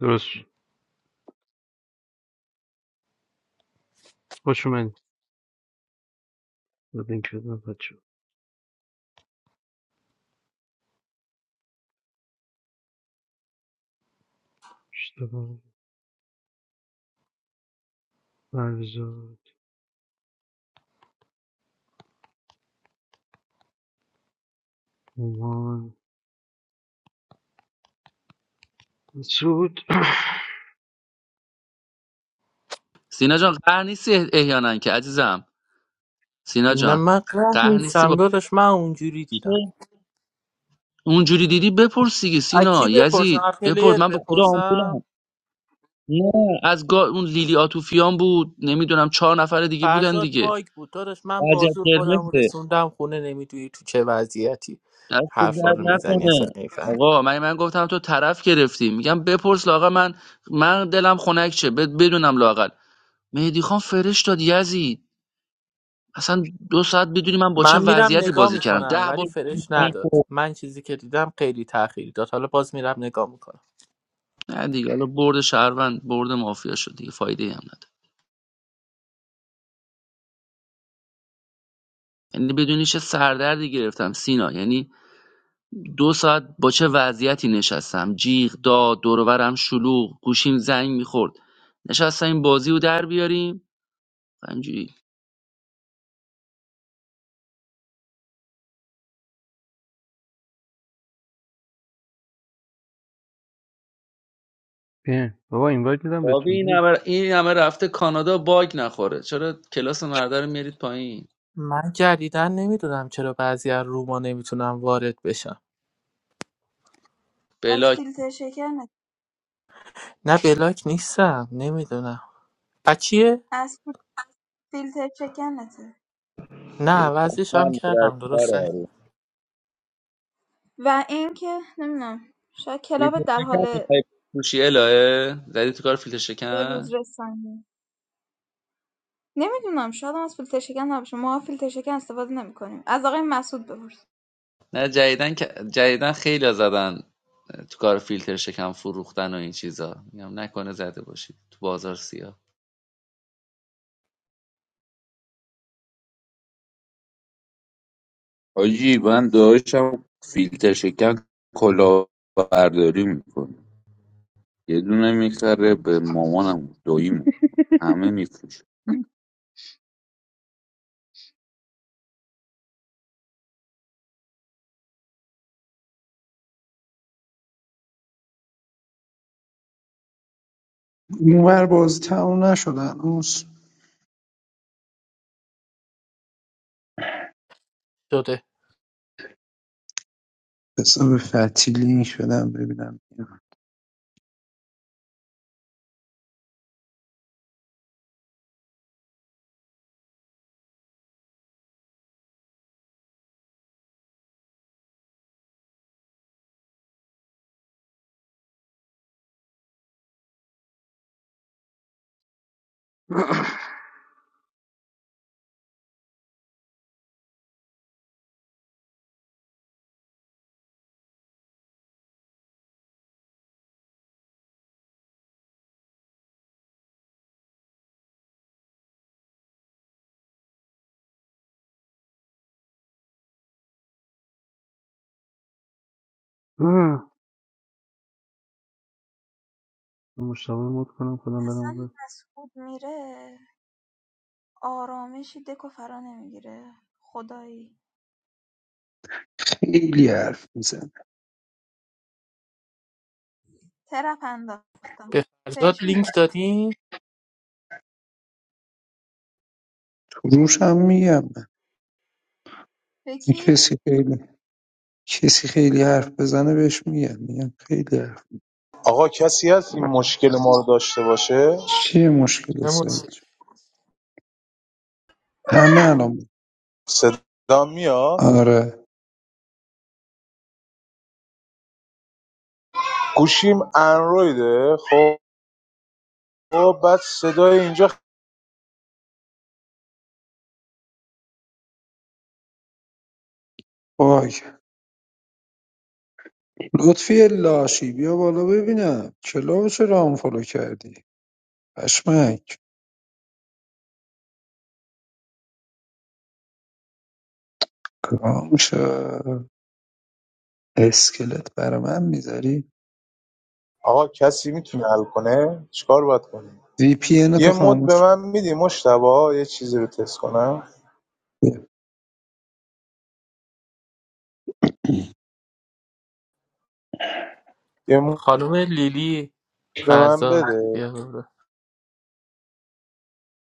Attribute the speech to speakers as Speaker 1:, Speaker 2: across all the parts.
Speaker 1: درست خوش اومد به این کردن بچه اشتباه فرزاد هومان سود
Speaker 2: سینا جان قهر نیستی اه- احیانا که عزیزم سینا
Speaker 3: نه
Speaker 2: جان
Speaker 3: من قهر
Speaker 2: قهر نیستی
Speaker 3: نیستم
Speaker 2: با
Speaker 3: داداش من اونجوری
Speaker 2: چه؟
Speaker 3: دیدم
Speaker 2: اونجوری دیدی بپرس دیگه
Speaker 3: از کی
Speaker 2: سینا
Speaker 3: بپرسم
Speaker 2: یزید
Speaker 3: از پلیر
Speaker 2: بپرس من به خدا
Speaker 3: بپرسم
Speaker 2: آمبولم نه از گا... اون لیلی آتوفیان بود نمیدونم چهار نفر دیگه بودن
Speaker 3: فرزاد
Speaker 2: دیگه
Speaker 3: باگ بود داداش من
Speaker 2: وضعیت
Speaker 3: بازور خودم رو
Speaker 2: قرمزه
Speaker 3: رسوندم خونه نمیدونی تو چه وضعیتی
Speaker 2: دست
Speaker 3: حرفا
Speaker 2: درد
Speaker 3: رو میزنی اصلا
Speaker 2: نکنه
Speaker 3: نمیفهم
Speaker 2: آقا من من گفتم تو طرف گرفتی میگم بپرس لاقا من من دلم خنک چه بد- بدونم لاقل مهدی خان فرش داد یزید اصلا دو ساعت بدونی من با چه
Speaker 3: من میرم
Speaker 2: وضعیتی
Speaker 3: نگاه
Speaker 2: بازی کردم
Speaker 3: میکنم
Speaker 2: ده
Speaker 3: ولی فرش نداد
Speaker 2: بار
Speaker 3: من چیزی که دیدم خیلی تاخیر داد حالا باز میرم نگاه میکنم
Speaker 2: نه دیگه حالا برد شهروند برد مافیا شد دیگه فایده هم نداره یعنی بدونی چه سردردی گرفتم سینا یعنی دو ساعت با چه وضعیتی نشستم جیغ داد دور دورورم شلوغ گوشیم زنگ میخورد نشستم این بازی رو در بیاریم اینجوری
Speaker 1: بیا بابا این باید میدم
Speaker 2: بابی
Speaker 1: بهتون
Speaker 2: این
Speaker 1: بیا
Speaker 2: همه, این همه رفته کانادا باگ نخوره چرا کلاس مرده رو میارید پایین
Speaker 3: من جدیدن نمیدونم چرا بعضی از روما نمیتونم وارد بشم
Speaker 4: از
Speaker 2: بلاک
Speaker 4: فیلتر شکنت
Speaker 3: نه بلاک نیستم نمیدونم بچیه؟
Speaker 4: از فی- فیلتر شکنته
Speaker 3: نه عوضش هم کردم درست
Speaker 4: و اینکه نمیدونم شاید
Speaker 2: فیلتر
Speaker 4: کلابت در
Speaker 2: شکم
Speaker 4: حال
Speaker 2: می‌خوای بپوشی الهه زدی تو کار فیلتر
Speaker 4: به
Speaker 2: شکم
Speaker 4: روز رسانی نمیدونم شاید هم از فیلتر شکن نباشه ما فیلتر شکن استفاده نمیکنیم از آقای مسعود بپرس
Speaker 2: نه جدیدن که جدیدن خیلی زدن تو کار فیلتر شکم فروختن و این چیزا میگم نکنه زده باشید تو بازار سیاه
Speaker 5: حاجی من داداشم فیلتر شکن کلاهبرداری میکنه یه دونه میخره به مامانم و داییمو همه میفروشه
Speaker 6: اونور بازی تموم نشدن هنوز
Speaker 3: شده
Speaker 6: حساب فتی لینک بدم ببینم
Speaker 1: آه، مشتبه مود کنم خودم برم
Speaker 4: اصلا
Speaker 1: اون
Speaker 4: مسعود میره آرامشی دکو فرا نمیگیره خدایی
Speaker 6: خیلی حرف میزن
Speaker 4: ترپ انداختم
Speaker 3: به فرزاد
Speaker 4: بهش میگم
Speaker 3: لینک دادی؟
Speaker 6: تو روش هم میگم
Speaker 4: به
Speaker 6: من
Speaker 4: کی
Speaker 6: کسی خیلی کسی خیلی حرف بزنه بهش میگم میگم خیلی حرف
Speaker 7: آقا کسی هست این مشکل ما رو داشته باشه
Speaker 6: چیه مشکل
Speaker 3: نموش.
Speaker 6: سعید جون؟ همه الان
Speaker 7: صدا میاد
Speaker 6: آره
Speaker 7: گوشیم اندرویده خب بعد صدای اینجا
Speaker 6: باگ لطفی لاشی بیا بالا ببینم کلاو چرا آنفالو کردی پشمک کام شد اسکلت برا من میذاری
Speaker 7: آقا کسی میتونه حل کنه چیکار باید کنیم
Speaker 6: وی پی
Speaker 7: یه
Speaker 6: تو
Speaker 7: مد به
Speaker 6: خاموش کن.
Speaker 7: من میدی مشتبه یه چیزی رو تست کنم
Speaker 6: بیا.
Speaker 7: یه مد
Speaker 3: خانم لیلی
Speaker 7: به من
Speaker 3: فرزاد
Speaker 7: بده
Speaker 3: بیا بالا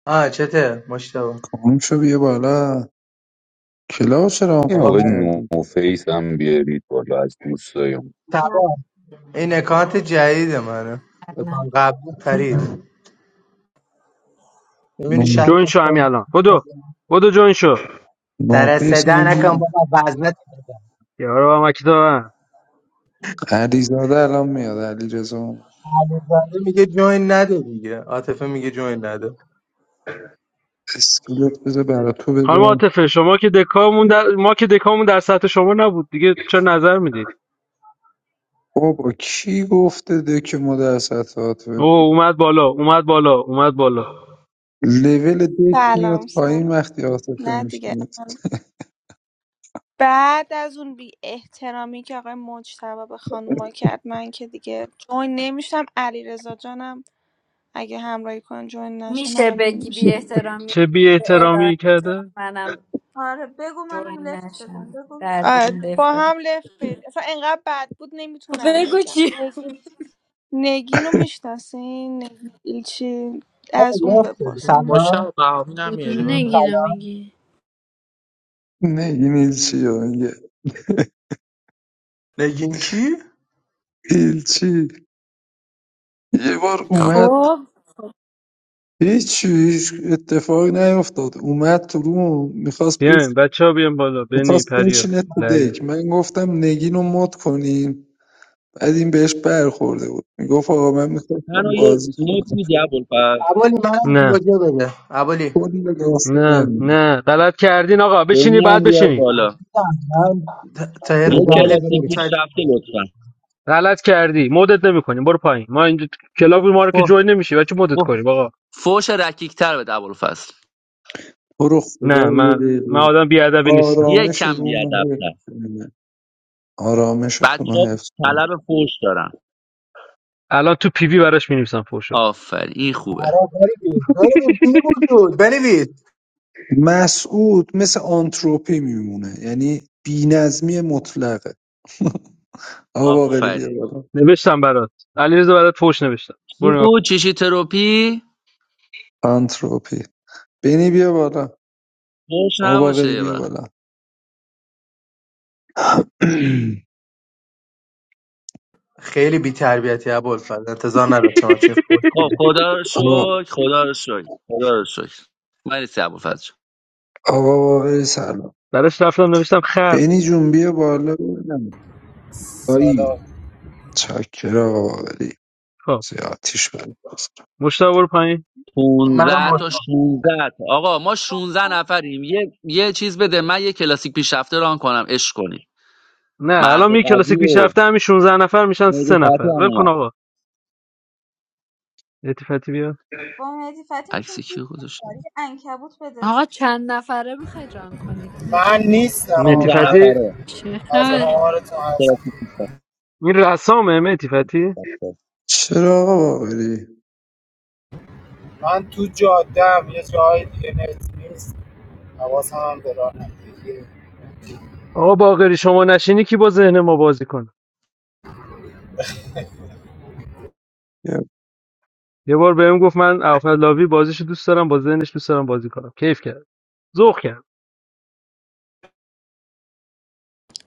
Speaker 8: آه چته مشتبه
Speaker 6: کام شو بیا بالا کلابو چرا
Speaker 5: این
Speaker 8: بابا
Speaker 6: آنفالو
Speaker 5: آقای
Speaker 8: من
Speaker 6: کردی؟
Speaker 5: نوفیس هم بیارید بالا از دوستایم
Speaker 9: Yeah,
Speaker 8: تبا این اکانت جدید منه
Speaker 10: کردم
Speaker 8: اکانت قبلی پرید ببین شهر
Speaker 1: جوین شو همین الان بدو بدو جوین شو
Speaker 6: نوفیس من
Speaker 8: ترسیده نکن
Speaker 6: نی-
Speaker 8: بابا وزنت بزن
Speaker 1: یارو با مکی دارن
Speaker 6: علیزاده الان میاد علیرضا اومد
Speaker 8: علیزاده میگه جوین نده دیگه عاطفه میگه جوین نده
Speaker 6: اسکلت بذار برا تو
Speaker 1: خانم
Speaker 6: بذارم
Speaker 1: عاطفه شما که دکامون در... ما که دکامون در سطح شما نبود دیگه چه نظر میدید
Speaker 6: بابا کی گفته دک ما در سطح عاطفه
Speaker 1: اوه اومد بالا اومد بالا اومد بالا
Speaker 6: لول دک میاد
Speaker 11: سلام
Speaker 6: پایین
Speaker 11: سلام
Speaker 6: وقتی عاطفه
Speaker 11: نه دیگه
Speaker 6: میشینه
Speaker 11: بعد از اون بی احترامی که آقای مجتبی به خانوما کرد من که دیگه جوین نمیشم علی رضا جانم اگه همراهی کن جوین نشه
Speaker 10: میشه
Speaker 11: ممنون
Speaker 10: بگی بی
Speaker 11: میشم
Speaker 10: احترامی
Speaker 1: چه بی
Speaker 10: به الهه
Speaker 1: احترامی
Speaker 10: جان
Speaker 1: کرده
Speaker 10: منم
Speaker 4: آره بگو منم
Speaker 10: جوین
Speaker 4: لفت بزن
Speaker 10: نشم
Speaker 4: بگو
Speaker 10: در
Speaker 4: سری
Speaker 11: آره،
Speaker 10: بیام دف
Speaker 4: بگو
Speaker 11: با
Speaker 10: بدم
Speaker 11: هم لفت بدید. اصلا انقدر بد بود
Speaker 10: خب
Speaker 11: نمیتونم
Speaker 10: بگو
Speaker 11: بگم
Speaker 10: چی
Speaker 11: نگین رو میشناسین نگین ایلچی از
Speaker 8: همین
Speaker 11: اون
Speaker 8: لفت شدی
Speaker 11: بپرسین
Speaker 8: سلام
Speaker 3: مشتاق بهامی نمیاری
Speaker 8: بگیم
Speaker 3: بالا
Speaker 8: سلام
Speaker 6: نه این ایلچی ها میگه
Speaker 8: نگین کی؟
Speaker 6: ایلچی یه بار اومد
Speaker 10: خب
Speaker 6: هیچ هیچ اتفاقی نیفتاد اومد تو روم میخواست
Speaker 1: بیاین بچه ها بیان بالا بنی
Speaker 6: میخواست
Speaker 1: پریا
Speaker 6: بشینه تو دک من گفتم نگین رو مد کنین بعد این بهش برخورده بود میگفت آقا من میخواستم
Speaker 2: منو یه
Speaker 6: بازی
Speaker 2: نوت
Speaker 6: کنم
Speaker 2: میدی ابوالفضل
Speaker 8: اولی منم
Speaker 1: نه
Speaker 8: گوجه بده ابولی
Speaker 6: کل داستان من
Speaker 1: نه
Speaker 6: بود.
Speaker 1: نه غلط کردین آقا بشینی
Speaker 2: دنیا
Speaker 1: بعد
Speaker 2: بیار
Speaker 1: بشینی
Speaker 2: بالا
Speaker 8: من ت- تایر
Speaker 2: یه
Speaker 8: بعد
Speaker 6: بابا
Speaker 2: کلاسیک پیش
Speaker 8: گرفتد
Speaker 2: رفته لطفا
Speaker 1: غلط کردی مدت نمیکنیم برو پایین ما اینجا تو کلاب ما رو که
Speaker 2: فو-
Speaker 1: جوین نمیشه بچه مدت
Speaker 2: فو-
Speaker 1: کنیم آقا
Speaker 2: فوش رکیکتر به ابوالفضل
Speaker 6: تو رو
Speaker 1: نه
Speaker 6: خدا یه
Speaker 1: من من
Speaker 6: دقیقه
Speaker 1: آدم بیادبی نیستم
Speaker 2: یه
Speaker 6: آرامش
Speaker 2: کم
Speaker 6: رومو حفظ
Speaker 2: بیادبتر
Speaker 6: کنه. آرامشتون رو
Speaker 2: بچه ها
Speaker 6: حفظ کنه.
Speaker 2: طلب فوش دارن
Speaker 1: الان تو پیوی براش مینویسم فوشو
Speaker 2: آفرین این خوبه
Speaker 8: بری دارم بی وجود بنویس
Speaker 6: مسعود مثل آنتروپی میمونه یعنی بینظمی مطلقه آقا باقری بیا
Speaker 2: آفرین
Speaker 6: بالا
Speaker 1: نوشتم برات علیرضا برات فوش نوشتم
Speaker 2: چی
Speaker 1: برو نگاه کن
Speaker 2: بود چیشی تروپی
Speaker 6: آنتروپی بینی بیا بالا
Speaker 2: فوش
Speaker 6: آقا
Speaker 2: نباشه
Speaker 6: باقری
Speaker 2: یه
Speaker 6: بیا
Speaker 2: وقت
Speaker 6: بالا
Speaker 8: خیلی بی تربیتی ابوالفضل انتظار نداشتم همچین فوری
Speaker 2: خب خدا رو
Speaker 6: آقا
Speaker 2: شکر خدا رو شکر خدا رو شکر من نیستی ابوالفضل جان.
Speaker 6: آقا باقری سلام
Speaker 1: براش رفتم نوشتم خر
Speaker 6: بینی جون بیا بالا ببینم. دایی
Speaker 12: سلام
Speaker 6: چاکر آقا باقری
Speaker 1: خب
Speaker 6: زیادیش بند
Speaker 1: مشتاق برو پایین
Speaker 8: منم
Speaker 2: 15 تا
Speaker 8: مطمئن-
Speaker 4: همینجوری
Speaker 2: 16 تا آقا ما 16 نفریم یه یه چیز بده من یه کلاسیک پیشرفته ران کنم عشق کنیم
Speaker 1: نه
Speaker 2: مرد
Speaker 1: الان می کلاسیک
Speaker 2: قوی
Speaker 1: پیش
Speaker 2: و
Speaker 1: رفته همین 16 نفر میشن
Speaker 2: مهدی
Speaker 1: سه
Speaker 2: فتحی
Speaker 1: نفر
Speaker 2: هم
Speaker 1: ول کن
Speaker 2: اومد
Speaker 1: آقا مهدی فتی بیا
Speaker 4: با مهدی فتی میشیم
Speaker 2: عکس
Speaker 4: دیپ
Speaker 2: کیو گذاشتم
Speaker 4: مقدار. یه عنکبوت بده
Speaker 10: آقا چند نفره میخوای ران کنید اینو
Speaker 12: من
Speaker 10: بگید
Speaker 4: به
Speaker 12: نیستم
Speaker 4: یک
Speaker 1: مهدی
Speaker 2: 16
Speaker 1: فتی
Speaker 4: پنج
Speaker 12: من
Speaker 2: نفره
Speaker 10: چه
Speaker 12: از
Speaker 10: خبر
Speaker 12: آمارتون هست
Speaker 2: کلاسیک
Speaker 1: این رسامه مهدی فتی
Speaker 2: پیشرفته
Speaker 6: چرا آقا باقری
Speaker 12: من تو جاده هم یه جای دیگه نت نیست حواسم هم به راه نمیگیره
Speaker 1: آقا باقری شما نشینی کی با ذهن ما بازی کنه
Speaker 6: یه
Speaker 1: یه بار بهم گفت من اوفلاوی بازیشو دوست دارم با ذهنش دوست دارم بازی کنم کیف کرد ذوق کرد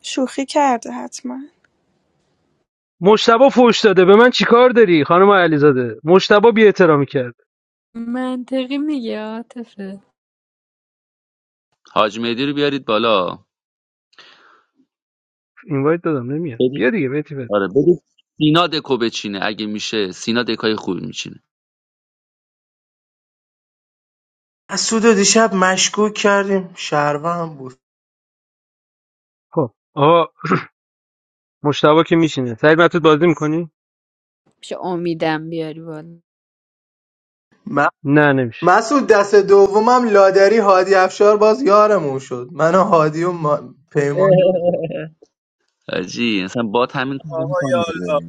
Speaker 11: شوخی کرده حتما
Speaker 1: مشتبه فوش داده به من چیکار داری خانم علیزاده مشتبه بی احترامی کرد
Speaker 10: منطقی میگه عاطفه
Speaker 2: حاج مهدی رو بیارید بالا
Speaker 1: اینوایت دادم نمیاد بیا
Speaker 2: بدید
Speaker 1: دیگه بهت
Speaker 2: آره بدید سینا دکو بچینه اگه میشه سینا دکای خوبی میچینه
Speaker 8: مسعود رو دیشب مشکوک کردیم شهروند بود
Speaker 1: خب آقا مشتبه که میشینه سعید مطرود بازی میکنی
Speaker 10: میشه امیدم بیاری بالا
Speaker 8: م-
Speaker 1: نه نمیشه
Speaker 8: مسعود دست دومم لادری هادی افشار باز یارمون شد من و هادی و ما... پیمان
Speaker 2: حاجی مثلا بات همین کارو
Speaker 13: Allah,
Speaker 2: میکنه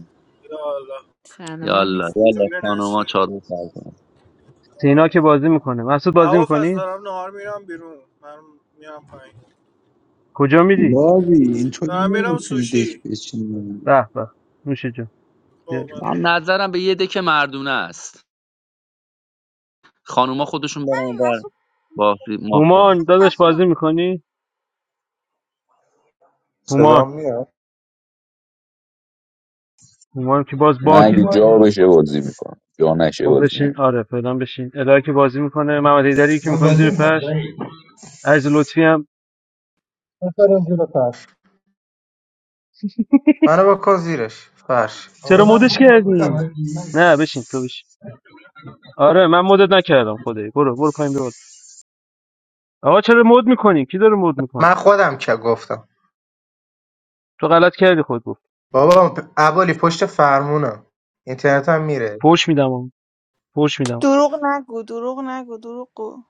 Speaker 13: Allah.
Speaker 10: سلام می
Speaker 2: یالا یالا
Speaker 13: Children, I
Speaker 2: خانوما
Speaker 13: see.
Speaker 2: چادر سر کنن.
Speaker 1: سینا که
Speaker 13: I
Speaker 1: بازی میکنه مسعود بازی
Speaker 13: was as
Speaker 1: میکنی
Speaker 13: the army. I'm biru. I'm near pain.
Speaker 1: کجا میری
Speaker 6: لاوی
Speaker 13: The
Speaker 6: اینطوری
Speaker 13: army. I'm
Speaker 6: نمیتونی
Speaker 13: sushi.
Speaker 6: دک بچینی
Speaker 1: به به نوش جون بیا.
Speaker 13: Oh my God.
Speaker 2: من نظرم به یه دک مردونه است خانوما خودشون برن
Speaker 4: همین
Speaker 2: اونور
Speaker 4: مسعود
Speaker 2: با فری- مافیا
Speaker 1: هومان داداش
Speaker 4: مسعود رو-
Speaker 1: بازی میکنی هومان
Speaker 7: صدا میاد
Speaker 1: هومان که باز
Speaker 5: من
Speaker 1: باگه
Speaker 5: اگه جا بشه بازی میکنم جا نشه
Speaker 1: خب
Speaker 5: بازی
Speaker 1: بشین
Speaker 5: نمیکنم
Speaker 1: آره فعلا بشین الهی که بازی میکنه محمد هیدری که میکنیم زیر فرش عرض لطفی هم
Speaker 8: بذاریم زیر فرش منو بکن زیرش فرش
Speaker 1: چرا مدش کردین نه بشین تو بشین آره من مدت نکردم خدایی برو برو پایین بیا بالا. آقا چرا مد میکنی کی داره مد میکنه
Speaker 8: من خودم که گفتم
Speaker 1: تو غلط کردی خود گفت
Speaker 8: بابا پ- ابولی پشت فرمونم اینترنت هم میره
Speaker 1: فوش میدم آم. فوش میدم
Speaker 11: دروغ نگو دروغ نگو دروغ گو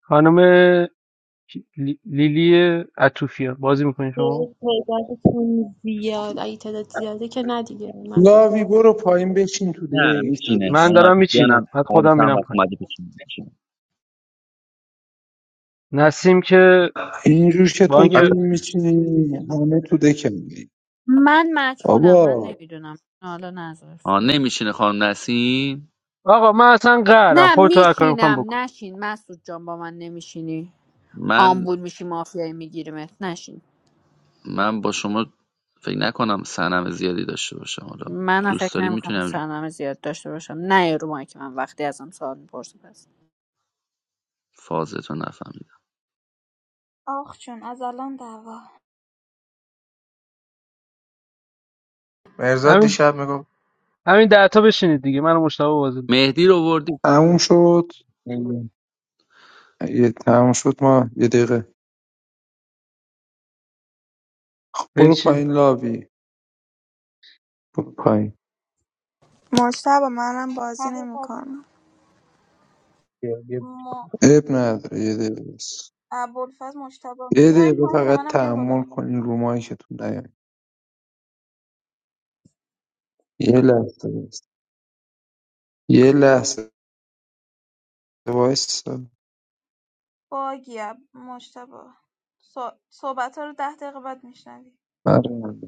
Speaker 1: خانم کی- لی- لیلی عطوفیان بازی میکنی
Speaker 9: because
Speaker 1: شما
Speaker 9: it's like there's so many ideas, so many
Speaker 6: لاوی برو
Speaker 9: things.
Speaker 6: پایین بچین تو
Speaker 2: نه
Speaker 6: دک
Speaker 2: میچینه
Speaker 1: من
Speaker 6: داداش
Speaker 2: خانم
Speaker 1: دارم
Speaker 2: عطوفیان
Speaker 1: میچینم
Speaker 2: هم
Speaker 1: بعد خودم
Speaker 2: بعدش هم
Speaker 1: میرم
Speaker 2: وقت
Speaker 1: پایین
Speaker 2: اومده بچینه می‌چینه.
Speaker 1: نسیم که
Speaker 6: اینجور که
Speaker 1: با
Speaker 6: تو
Speaker 2: دست
Speaker 6: داری
Speaker 1: اینکه
Speaker 8: حتی
Speaker 2: سفید.
Speaker 6: میچینی همه تو دک میری
Speaker 10: من مجهولم من
Speaker 6: بابا
Speaker 10: نمیدونم حالا نظر
Speaker 2: آه
Speaker 10: فعلا
Speaker 2: نمیشینه خانم نسیم
Speaker 1: آقا من اصلا قهرم
Speaker 10: نه
Speaker 1: خودت هر کاری میخوام
Speaker 10: میشینم
Speaker 1: بکن
Speaker 10: نشین مسعود جان با من نمیشینی
Speaker 2: من
Speaker 10: آمبول میشی مافیایی میگیریمت نشین
Speaker 2: من با شما فکر نکنم سنم زیادی داشته باشم حالا
Speaker 10: منم
Speaker 2: دوست
Speaker 10: فکر
Speaker 2: داری
Speaker 10: نمیکنم
Speaker 2: میتونم
Speaker 10: سرنامه زیاد داشته باشم نه رو که من وقتی ازم سوال میپرسی پس
Speaker 2: فازتو نفهمیدم
Speaker 4: آخ چون از الان دعوا
Speaker 8: مرزاد
Speaker 1: همین
Speaker 8: دیشب میگفت
Speaker 1: همین ده تا بشینید دیگه منو مشتاق بازی
Speaker 2: مهدی رو بردی
Speaker 6: تموم شد یه تموم شد ما یه دقیقه برو
Speaker 1: بچین
Speaker 6: پایین لاوی برو پایین
Speaker 11: مجتبی منم بازی
Speaker 4: حقیقت
Speaker 11: نمیکنم
Speaker 4: ما
Speaker 6: اب نداره یه دقیقه است.
Speaker 4: ابوالفضل مجتبی
Speaker 6: یه
Speaker 4: میایم
Speaker 6: دقیقه
Speaker 4: پایین یا
Speaker 6: فقط
Speaker 4: منم بیام بالا
Speaker 6: تحمل کنین رو مایکتون نیاین یه لحظه بس. یه لحظه وایسا
Speaker 4: باگی اب- مجتبی صحبت ها رو ده دقیقه بعد میشنوی
Speaker 6: آره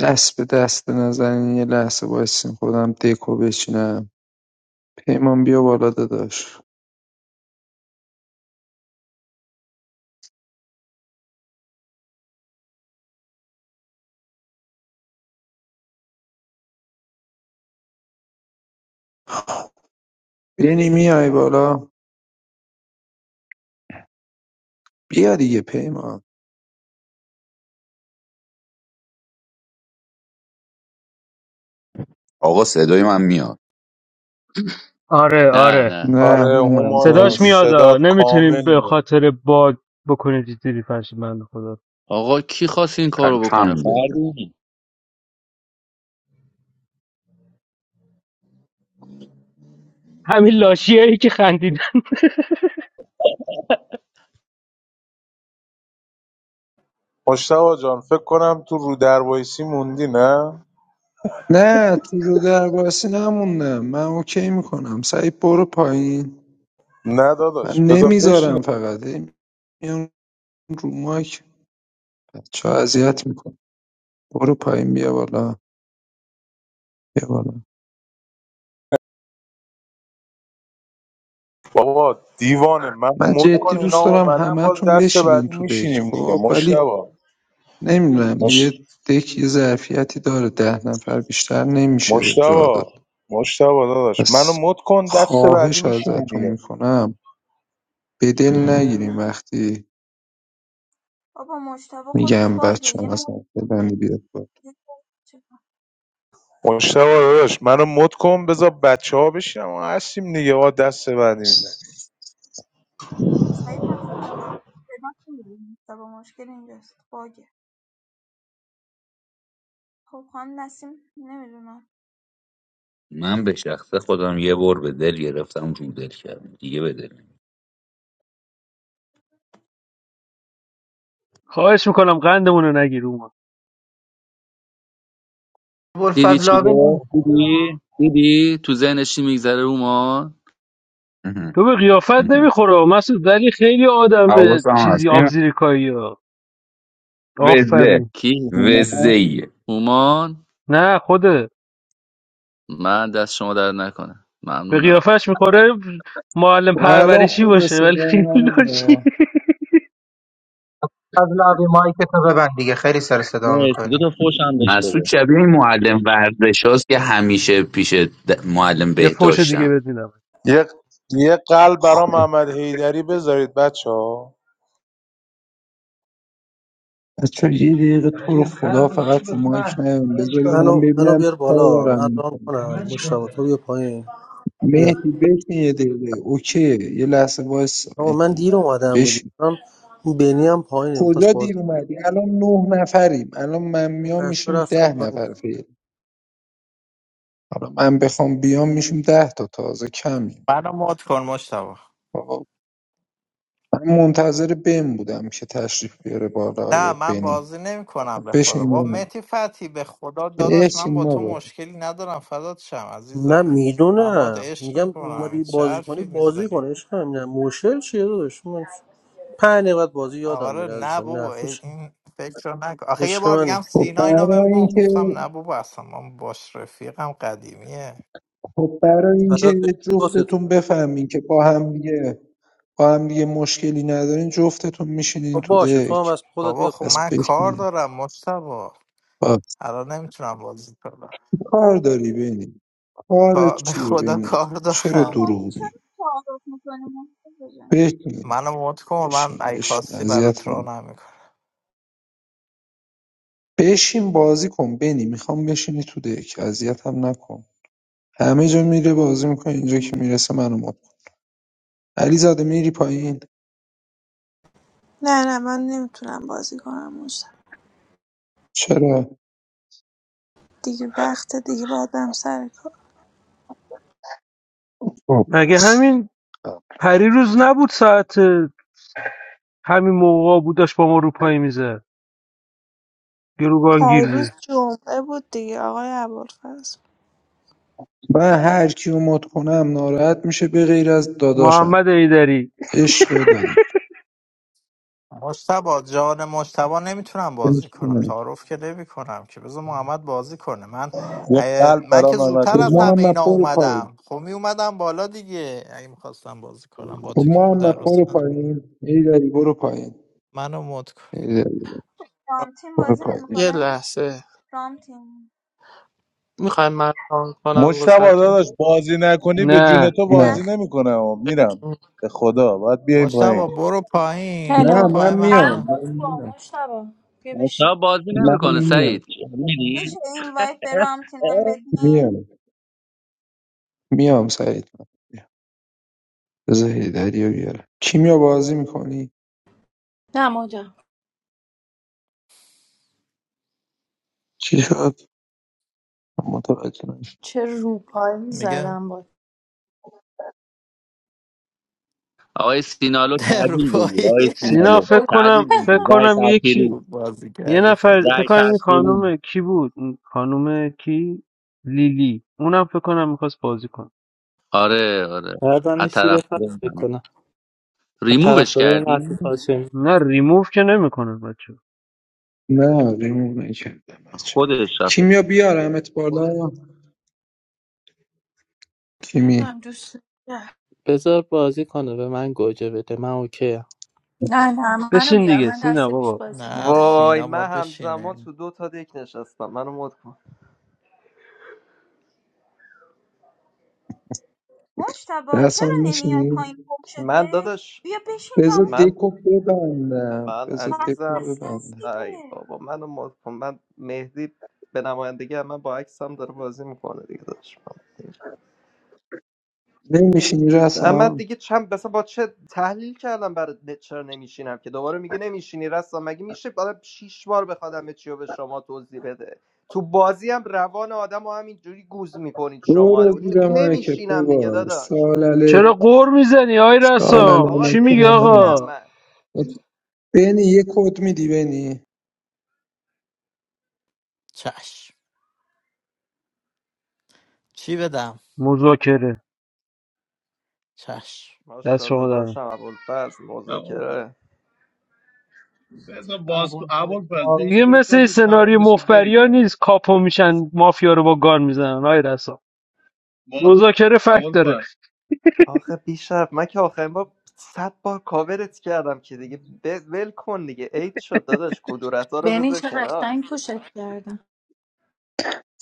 Speaker 6: دست به دست نزنین یه لحظه وایسین خودم دکو بچینم پیمان بیا بالا داداش بینی میای بالا بیا دیگه پیمان
Speaker 5: آقا صدای من میاد
Speaker 1: آره
Speaker 2: نه
Speaker 1: آره
Speaker 2: نه
Speaker 6: نه
Speaker 7: آره
Speaker 6: هومم
Speaker 7: هوما جان
Speaker 1: صداش
Speaker 6: باگی
Speaker 1: میاد
Speaker 7: صدات
Speaker 1: نمیتونیم
Speaker 7: کامل
Speaker 1: به
Speaker 7: میاد
Speaker 1: خاطر باد بکنید دیدی فرش بنده خدا
Speaker 2: آقا کی خواست این کارو بکنه
Speaker 5: الحمدلله
Speaker 2: فردی
Speaker 1: همین لاشیه ای که خندیدن
Speaker 7: مشتبه جان فکر کنم تو رو در وایسی موندی نه
Speaker 6: نه تو رو در باسی نموندم من اوکی میکنم سعید برو پایین
Speaker 7: نه
Speaker 6: من
Speaker 7: داداش بذار بشین
Speaker 6: نمیذارم فقط هی میان رو مایک بچه اذیت میکنم برو پایین بیا بالا بیا بالا
Speaker 7: بابا دیوانه من
Speaker 6: من
Speaker 7: مد
Speaker 6: جدی
Speaker 7: کن
Speaker 6: دوست
Speaker 7: اینا
Speaker 6: دارم
Speaker 7: اومدن باز
Speaker 6: همه‌تون
Speaker 7: دست
Speaker 6: بشینین
Speaker 7: بعدی
Speaker 6: تو دک
Speaker 7: میشینیم دیگه
Speaker 6: خب ولی
Speaker 7: مشتبا
Speaker 6: نمیدونم یه
Speaker 7: مش...
Speaker 6: دک یه ظرفیتی داره ده نفر بیشتر نمیشه جا
Speaker 7: مشتبا
Speaker 6: داد
Speaker 7: مشتبا داداش منو
Speaker 6: پس
Speaker 7: مد کن دست بعدی
Speaker 6: خواهش
Speaker 7: میشینیم
Speaker 6: ازتون
Speaker 7: دیگه
Speaker 6: میکنم به دل نگیریم وقتی
Speaker 4: بابا مجتبی خودش
Speaker 6: میگم
Speaker 4: باگه
Speaker 6: بچه ها
Speaker 4: یه مو-
Speaker 6: مثلا فلانی بیاد بالا.
Speaker 4: یه چه-
Speaker 7: مشتبا داداش منو مد کن بذار بچه ها بشینم ما هستیم دیگه آقا دست بعدی میزنیم
Speaker 4: سعید مسعود جان صدا نمی‌ره. مجتبی مشکل اینجاست باگه خب خانم نسیم نمیدونم
Speaker 5: من به شخصه خودم یه بار به دل گرفتم رو دل کردم دیگه به دل نمی‌گیرم.
Speaker 1: خواهش میکنم قندمون رو نگیر اوما
Speaker 2: دیدی چی
Speaker 8: ابوالفضلاوی نه
Speaker 2: گفت دیدی دیدی تو ذهنش چی میگذره اومان
Speaker 5: اها،
Speaker 1: تو به قیافت
Speaker 5: اها.
Speaker 1: نمیخوره مسعود ولی خیلی آدم
Speaker 5: حواسم هست
Speaker 1: چیزی
Speaker 5: این
Speaker 1: آبزیریکایی ها
Speaker 5: وزه
Speaker 1: آفرین
Speaker 2: کی هومان
Speaker 5: وزه
Speaker 2: هومان
Speaker 1: نه خوده
Speaker 2: من دست شما در نکنه
Speaker 1: به
Speaker 2: ممنونم
Speaker 1: قیافش میخوره معلم
Speaker 6: و الان
Speaker 1: پرورشی
Speaker 6: خوبه
Speaker 1: باشه ولی خیلی
Speaker 6: صدا
Speaker 1: لاشی
Speaker 8: فضلاوی مایک تو ببند دیگه خیلی سر صدا
Speaker 2: مرسی دو
Speaker 8: میکنی
Speaker 2: تا فوش هم بهش
Speaker 5: مسعود
Speaker 2: بده
Speaker 5: شبیه این معلم ورزش هاست که همیشه پیش د- معلم
Speaker 1: یه فوش دیگه
Speaker 5: بهداشتم
Speaker 1: بدینم
Speaker 7: یه یه قلب برا
Speaker 6: خب
Speaker 7: محمد حیدری بذارید بچه ها
Speaker 6: بچه یه دقیقه تو رو خدا فقط رو مایک نیایم بذارید من
Speaker 14: منو منو
Speaker 6: ببینم
Speaker 14: بیار
Speaker 6: چی کار
Speaker 14: بالا
Speaker 6: دارم
Speaker 14: من رام
Speaker 6: می‌کنم.
Speaker 14: کنم مشتبه تو بیا پایین بیا
Speaker 6: مهدی بشین یه دقیقه اوکی یه لحظه وایس
Speaker 14: آقا من
Speaker 6: مهدی
Speaker 14: دیر اومدم دیگه
Speaker 6: بشین
Speaker 14: من اون بینی هم پایینه میخواست
Speaker 6: کجا
Speaker 14: بازی
Speaker 6: دیر اومدی الان نه نفریم الان من
Speaker 14: کنه.
Speaker 6: میام
Speaker 14: بچه‌ها
Speaker 6: میشیم
Speaker 14: رفتم
Speaker 6: ده
Speaker 14: پایین
Speaker 6: نفر فعلا حالا من بخوام بیام میشیم ده تا تازه کمیم
Speaker 15: منو مد کن مشتبه
Speaker 6: آقا من منتظر بن بودم که تشریف بیاره بالا
Speaker 15: نه
Speaker 6: آیه
Speaker 15: من
Speaker 6: بنی
Speaker 15: بازی نمی
Speaker 6: خب
Speaker 15: کنم به خدا
Speaker 6: بشین
Speaker 15: با
Speaker 6: بنم
Speaker 15: متی فتی به خدا داداش من
Speaker 6: بشین
Speaker 15: با
Speaker 6: ما
Speaker 15: تو
Speaker 6: با
Speaker 15: مشکلی ندارم فدات شم
Speaker 14: نه
Speaker 15: عزیزم من با
Speaker 14: میدونم
Speaker 15: عشق
Speaker 14: میگم
Speaker 15: میکنم
Speaker 14: اومدی
Speaker 15: چه
Speaker 14: بازی کنی
Speaker 15: حرفی
Speaker 14: بازی
Speaker 15: میذاری
Speaker 14: کنه عشق من نه مشکل چیه داداش من پنج دقیقه بازی یادم
Speaker 15: آره
Speaker 14: میره
Speaker 15: نه
Speaker 14: عزیزم این
Speaker 15: بابا
Speaker 14: حرفا چیه
Speaker 15: این فکر رو نکن آخه یه
Speaker 14: عشق
Speaker 15: بار دیگه
Speaker 14: منی
Speaker 15: هم
Speaker 6: خب
Speaker 15: سینا اینو بهم
Speaker 6: برای
Speaker 15: گفت
Speaker 6: اینکه
Speaker 15: گفتم نه بابا اصلا من باش رفیقم قدیمیه
Speaker 6: خب برای اینکه
Speaker 14: برات بشه لطفت
Speaker 6: جفتتون
Speaker 14: کنم.
Speaker 6: بفهمین که با هم دیگه با هم دیگه مشکلی ندارین جفتتون
Speaker 14: خب
Speaker 6: میشینین تو
Speaker 14: باشه تو هم
Speaker 6: دک
Speaker 14: از خودت
Speaker 15: بابا
Speaker 14: بیا
Speaker 15: خب
Speaker 14: پایین
Speaker 15: من
Speaker 6: دست
Speaker 15: کار
Speaker 6: بشین
Speaker 15: دارم مشتبه
Speaker 6: با
Speaker 15: الان نمیتونم بازی کنم
Speaker 6: چی کار داری بینی کار
Speaker 15: کا- به
Speaker 6: چیه
Speaker 15: خدا
Speaker 6: بینی
Speaker 15: کار
Speaker 6: چرا
Speaker 15: دارم
Speaker 4: خب
Speaker 6: دروغ
Speaker 4: چرا
Speaker 6: میگی
Speaker 4: تعارف میکنی
Speaker 6: بشین
Speaker 15: منو مد کن من
Speaker 6: بشین
Speaker 15: ای
Speaker 6: بشین
Speaker 15: خواستی برات راه
Speaker 6: اذیتمون
Speaker 15: نمی‌کنم.
Speaker 6: بشین بازی کن بینی میخوام بشینی تو دک اذیتم نکن همه جا میره بازی میکنه اینجا که میرسه منو مات کن. علیزاده میری پایین
Speaker 11: نه نه من نمیتونم بازی کنم
Speaker 6: چرا
Speaker 11: دیگه وقت دیگه باید برم سر کار،
Speaker 6: خب
Speaker 1: مگه
Speaker 6: پس
Speaker 1: همین پریروز نبود ساعت همین موقعا بود داشت با ما روپایی میزد گروگانگیر
Speaker 11: پریروز
Speaker 1: بود
Speaker 11: جمعه بود دیگه آقای ابوالفضل.
Speaker 6: من هر کیو مد کنم ناراحت میشه به غیر از داداشم
Speaker 1: محمد ایدری
Speaker 6: عشق دادی
Speaker 15: مشتبا جان مشتبا نمیتونم بازی کنم تعارف که نمی کنم که بذار محمد بازی کنه من
Speaker 7: یه
Speaker 15: اه،
Speaker 7: قلب
Speaker 15: من
Speaker 7: برا
Speaker 15: که
Speaker 7: محمد
Speaker 15: زودتر
Speaker 6: خب
Speaker 15: از
Speaker 7: حیدری
Speaker 15: همه
Speaker 6: محمد
Speaker 15: اینا
Speaker 6: برو پایین
Speaker 15: اومدم خب می اومدم بالا دیگه اگه میخواستم بازی کنم با
Speaker 6: خب
Speaker 15: تو که رو
Speaker 6: محمد برو
Speaker 15: درست ندارم
Speaker 6: پایین ایداری برو پایین
Speaker 15: منو مد کن
Speaker 6: ایداری
Speaker 4: رامتین
Speaker 6: برو
Speaker 4: بازی
Speaker 6: پایین
Speaker 3: یه
Speaker 4: نمیکنه
Speaker 3: لحظه
Speaker 4: رامتین
Speaker 3: میخوای من ران کنم واسه
Speaker 7: مشتبا
Speaker 3: تو
Speaker 7: داداش بازی نکنی به جون
Speaker 1: نه
Speaker 7: تو بازی
Speaker 6: نه
Speaker 4: نخ
Speaker 7: نمیکنه میرم به خدا باید بیای
Speaker 15: مشتبا
Speaker 7: پایین
Speaker 15: برو پایین برو
Speaker 6: نه
Speaker 16: هلو
Speaker 15: پایین
Speaker 6: من
Speaker 15: من
Speaker 16: هم
Speaker 6: میام
Speaker 15: خودم
Speaker 6: من
Speaker 16: گفت با
Speaker 6: میام
Speaker 16: مشتبا بیا بشین
Speaker 2: شب بازی
Speaker 6: من
Speaker 2: نمیکنه
Speaker 6: میام
Speaker 2: سعید میدی
Speaker 4: میشه این وایت به رامتینم بدین
Speaker 6: میام میام سعید من میام بذار هیدری رو بیارم کیمیا بازی میکنی؟
Speaker 16: نه مادم
Speaker 6: چی شد؟ من متوجه نشدم.
Speaker 16: چه روپایی
Speaker 15: میگم
Speaker 16: زدم با
Speaker 2: آقای سینالو
Speaker 15: در رو
Speaker 2: تحویل بگیر
Speaker 15: پایی
Speaker 2: آقای
Speaker 1: سینا
Speaker 2: سینالو
Speaker 1: فکر
Speaker 2: تحویل
Speaker 1: کنم فکر
Speaker 2: بگیر رای
Speaker 1: کنم
Speaker 2: تأخیری
Speaker 1: یکی
Speaker 15: خوب بازی
Speaker 1: یه
Speaker 15: کردی
Speaker 1: نفر فکر
Speaker 2: رای
Speaker 1: کنم این
Speaker 15: خداییش
Speaker 2: تأخیری
Speaker 1: خانم کی بود این خانم کی لیلی اونم فکر کنم میخواست بازی کنه
Speaker 2: آره آره
Speaker 3: هر
Speaker 2: از
Speaker 3: دانش
Speaker 2: طرف
Speaker 3: سیر فرض
Speaker 2: منه.
Speaker 3: بکنم و طرف
Speaker 2: ریمووش
Speaker 3: داره این حرفی
Speaker 2: کردیم
Speaker 3: هاشمی
Speaker 1: نه ریموف که نمیکنه بچه
Speaker 6: نه ریمون نکردم بچه
Speaker 2: خود
Speaker 6: کیمیا بیارمت بالا کیمی
Speaker 16: نمیدونم دوست داری؟
Speaker 3: بذار بازی کنه به من گوجه بده من اوکی
Speaker 16: نه نه منو
Speaker 1: بشین
Speaker 16: بیار
Speaker 1: دیگه
Speaker 16: من
Speaker 1: سینا
Speaker 16: دست پیش
Speaker 1: بابا
Speaker 16: بازی
Speaker 15: نه
Speaker 16: کردم
Speaker 17: وای
Speaker 15: سینا
Speaker 17: من
Speaker 15: باد
Speaker 17: همزمان
Speaker 15: بشینه
Speaker 17: تو دو تا دک نشستم منو مد کن
Speaker 4: مشتبا چرا
Speaker 6: دستان
Speaker 4: نمیای
Speaker 6: میشینی؟
Speaker 4: پایین پشت
Speaker 17: من
Speaker 4: دک
Speaker 17: داداش
Speaker 4: بیا بشین
Speaker 6: بذار
Speaker 4: تموم
Speaker 17: من
Speaker 4: کن
Speaker 6: دکو ببندم
Speaker 17: من
Speaker 6: بذار دکو
Speaker 17: عزیزم
Speaker 4: بسته است
Speaker 6: ببندم
Speaker 17: ای
Speaker 4: دیگه
Speaker 17: بابا منو مد کن من مهدی به نمایندگی من با عکسم داره بازی میکنه دیگه داداش
Speaker 6: نمیشینی
Speaker 17: من من
Speaker 6: رسان؟
Speaker 17: دیگه چند مثلا با چه تحلیل کردم برای نه- چرا نمیشینم که دوباره میگه نمیشینی رستم مگه میشه بعد شیش بار بخواد همه چی رو به شما توضیح بده تو بازی هم روان آدم رو همینجوری گوز میکنید شما
Speaker 6: برو زیر مایکت
Speaker 17: نمیشینم دیگه
Speaker 6: بابا
Speaker 17: داداش
Speaker 1: چرا
Speaker 6: سالله
Speaker 1: قور میزنی آی
Speaker 6: سالله
Speaker 1: رسام
Speaker 17: آقا
Speaker 1: چی میگی
Speaker 6: نکرانه
Speaker 17: نمیشینم
Speaker 1: آقا
Speaker 17: من
Speaker 6: بینی یه کد میدی بینی
Speaker 15: چش چی بدم
Speaker 1: مذاکره
Speaker 15: چش
Speaker 1: دست شما
Speaker 17: ماشاءالله
Speaker 1: در نکنه.
Speaker 17: داشتم ابوالفضل مذاکره
Speaker 1: دیگه
Speaker 8: ابوالفضلاوی
Speaker 1: مثل این سناریو مفبریا نیست کاپو میشن مافیا رو با گان میزنن آی رسام مذاکره فکت داره
Speaker 17: آخه بیشرف من که آخرین بار صد بار کاورت کردم که دیگه ب- ول کن دیگه عید شد داداش کدورت ها رو
Speaker 16: بنی
Speaker 17: بذار
Speaker 16: چه
Speaker 17: کنار
Speaker 16: قشنگ پوشت کردم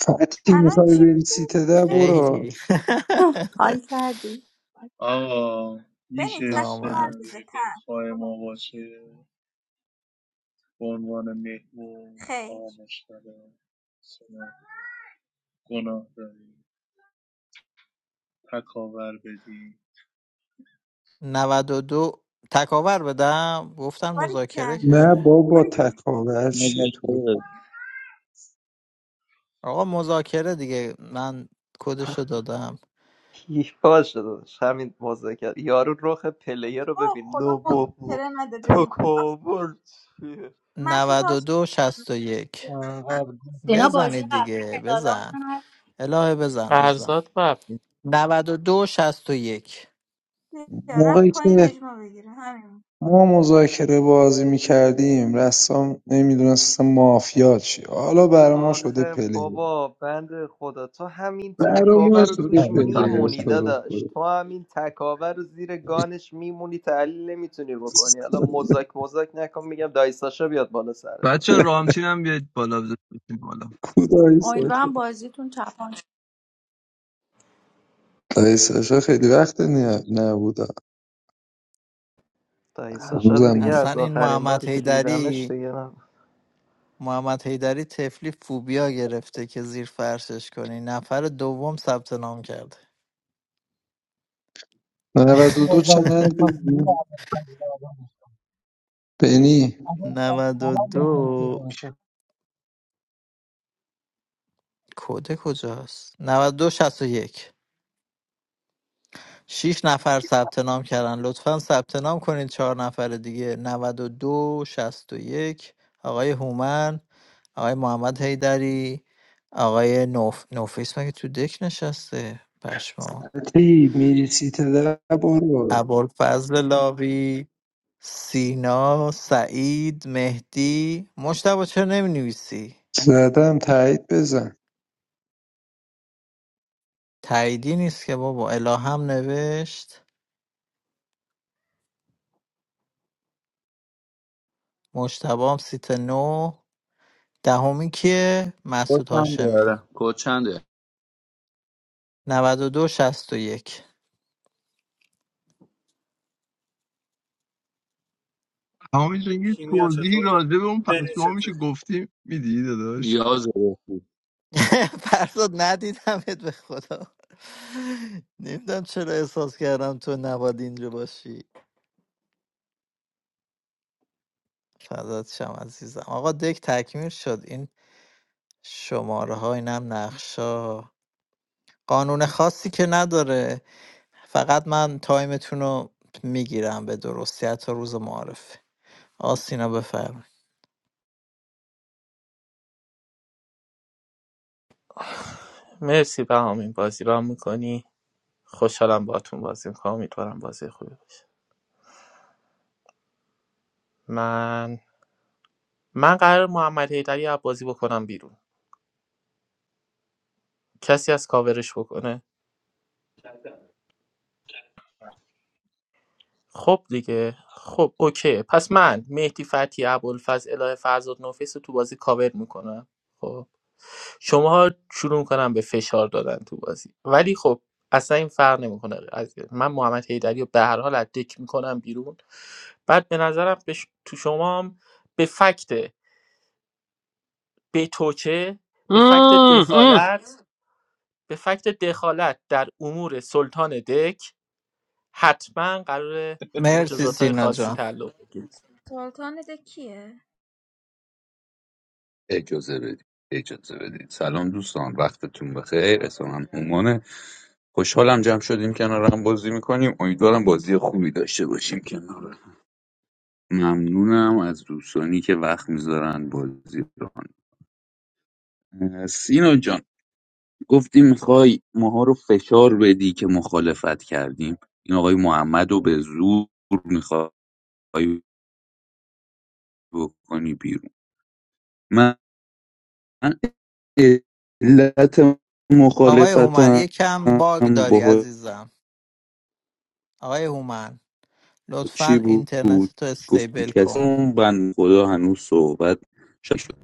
Speaker 6: فتی
Speaker 4: الان
Speaker 6: میخوای
Speaker 4: چی
Speaker 6: بری
Speaker 4: میدی
Speaker 6: سیت ده
Speaker 4: ب-
Speaker 6: برو
Speaker 15: خیلی
Speaker 16: حال کردی
Speaker 4: بنی تک به من
Speaker 15: نامرد
Speaker 4: بده تک خیر
Speaker 15: نود و دو تکاور بدم گفتن
Speaker 4: باری
Speaker 15: مذاکره
Speaker 4: کرد
Speaker 6: نه
Speaker 15: که
Speaker 4: مثلا
Speaker 6: بابا
Speaker 4: باری کرد
Speaker 6: تکاور چیه تو
Speaker 2: نگاش
Speaker 15: آقا مذاکره دیگه من کدشو دادم
Speaker 17: هیچ باشه داداش همین مذاکره یارو رخ پلیر رو
Speaker 4: او
Speaker 17: ببین
Speaker 4: خدا
Speaker 17: نو بابا
Speaker 4: مذاکره نده بنی آخ
Speaker 17: تکابر
Speaker 4: مسعود هاش
Speaker 15: 92 یک
Speaker 16: دینا بازی
Speaker 15: بزنید
Speaker 16: قبلی
Speaker 15: دیگه
Speaker 16: مدالا
Speaker 15: بزن
Speaker 16: من
Speaker 15: الهه بزن عزیزم
Speaker 3: فرزاد بب
Speaker 15: 92 یک.
Speaker 4: رفت
Speaker 6: موقعی
Speaker 4: پایین
Speaker 6: که
Speaker 4: اجما بگیره همین
Speaker 6: ما مذاکره بازی میکردیم رسام نمیدونست مافیا چی حالا برا ما شده
Speaker 17: آخه
Speaker 6: پلی
Speaker 17: بابا بند خدا تو همین
Speaker 6: برا ما
Speaker 17: تکاور رو
Speaker 6: شده
Speaker 17: توش
Speaker 18: آره، سلام
Speaker 6: پلیر
Speaker 17: میمونی
Speaker 6: تو
Speaker 18: سلام
Speaker 6: رو خدا.
Speaker 17: داداش تو همین تکاور رو زیر گانش میمونی تحلیل نمیتونی بکنی حالا مزاک مزاک نکن میگم دایی ساشا بیاد بالا سرتا
Speaker 18: بچه رامتین هم بیاید بالا بزنید بالا
Speaker 6: کودایی ساشا
Speaker 16: امیدوارم بازیتون تپان شد
Speaker 6: دایی ساشا خیلی وقت نی- نبود
Speaker 17: دایی ساشا رو
Speaker 6: هنوزم
Speaker 17: دیگه
Speaker 15: اصلا
Speaker 17: از
Speaker 15: این
Speaker 17: آخرین
Speaker 15: محمد
Speaker 17: باری که دیدمش
Speaker 15: حیدری
Speaker 17: دیگه
Speaker 15: محمد حیدری تفلی فوبیا گرفته که زیر فرشش کنی نفر دوم ثبت نام کرده
Speaker 6: نود و دو
Speaker 8: More votes that
Speaker 6: چند
Speaker 8: yeah,
Speaker 6: بینی؟ بینی
Speaker 8: no,
Speaker 15: 92
Speaker 8: sure.
Speaker 15: کد کجاست 92 یک. شیش نفر ثبت نام کردن لطفا ثبت نام کنید چهار نفر دیگه 92 یک آقای هومن آقای محمد حیدری آقای نوف نوفیس مگه تو دک نشسته پشما
Speaker 6: سطحی میریسی تده برو
Speaker 15: ابوالفضل لاوی سینا سعید مهدی مشتبه چرا نمی نویسی؟
Speaker 6: زدم تایید بزن
Speaker 15: تاییدی نیست که بابا الهام نوشت مشتبه هم سیت نو دهمی کیه مسعود
Speaker 2: کوچنده
Speaker 15: هاشمی
Speaker 2: آره کوچنده
Speaker 15: نود و دو شست و یک
Speaker 18: تمام جون یه
Speaker 13: Chemistry.
Speaker 18: توضیحی راجع به اون پشمام
Speaker 13: Chemistry.
Speaker 18: میشه گفتیم میدی داداش
Speaker 2: یازه
Speaker 15: فرزاد ندیدمت به خدا نمیدونم چرا احساس کردم تو نباید اینجا باشی فضاد شم عزیزم آقا دک تکمیل شد این شماره ها اینم نقشا قانون خاصی که نداره فقط من تایمتون رو میگیرم به درستی حتی روز معارفه آسینا بفرمایید
Speaker 3: مرسی بهامی بازی ران میکنی خوشحالم باهاتون بازی میکنم امیدوارم بازی خوبی باشه من من قرار محمد حیدری از بازی بکنم بیرون کسی از کاورش بکنه خب دیگه خب اوکی پس من مهدی فتی ابوالفضل الهه فرزاد نوفیس رو تو بازی کاور میکنم خب شماها شروع کنم به فشار دادن تو بازی ولی خب اصلا این فرق نمیکنه من محمد حیدری رو به هر حال از دک میکنم بیرون بعد به نظرم به ش- تو شما هم به فکت به توچه به فکت
Speaker 1: مم، مم.
Speaker 3: دخالت به فکت دخالت در امور سلطان دک حتما قرار
Speaker 15: مرسی
Speaker 3: مجازات های
Speaker 15: سینا
Speaker 3: خاصی
Speaker 15: جان
Speaker 3: تعلق بگیره.
Speaker 4: سلطان ده کیه
Speaker 5: اجازه بدید اجازه بدید سلام دوستان وقتتون بخیر اسمم هومانه خوشحالم جمع شدیم کنارم بازی میکنیم امیدوارم بازی خوبی داشته باشیم کنار هم. ممنونم از دوستانی که وقت میذارن بازی رو اه، سینا جان گفتی میخوای ماها رو فشار بدی که مخالفت کردیم این آقای محمد رو به زور میخوای بکنی بیرون من علت
Speaker 15: آقای هومن
Speaker 5: مخالفتم
Speaker 15: یکم باگ داری
Speaker 5: با
Speaker 15: عزیزم آقای هومن
Speaker 5: چی
Speaker 15: لطفا
Speaker 5: بود
Speaker 15: اینترنت تو
Speaker 5: گفتی
Speaker 15: استیبل
Speaker 5: کسی
Speaker 15: کن
Speaker 5: اون بند خدا هنوز صحبت شد شد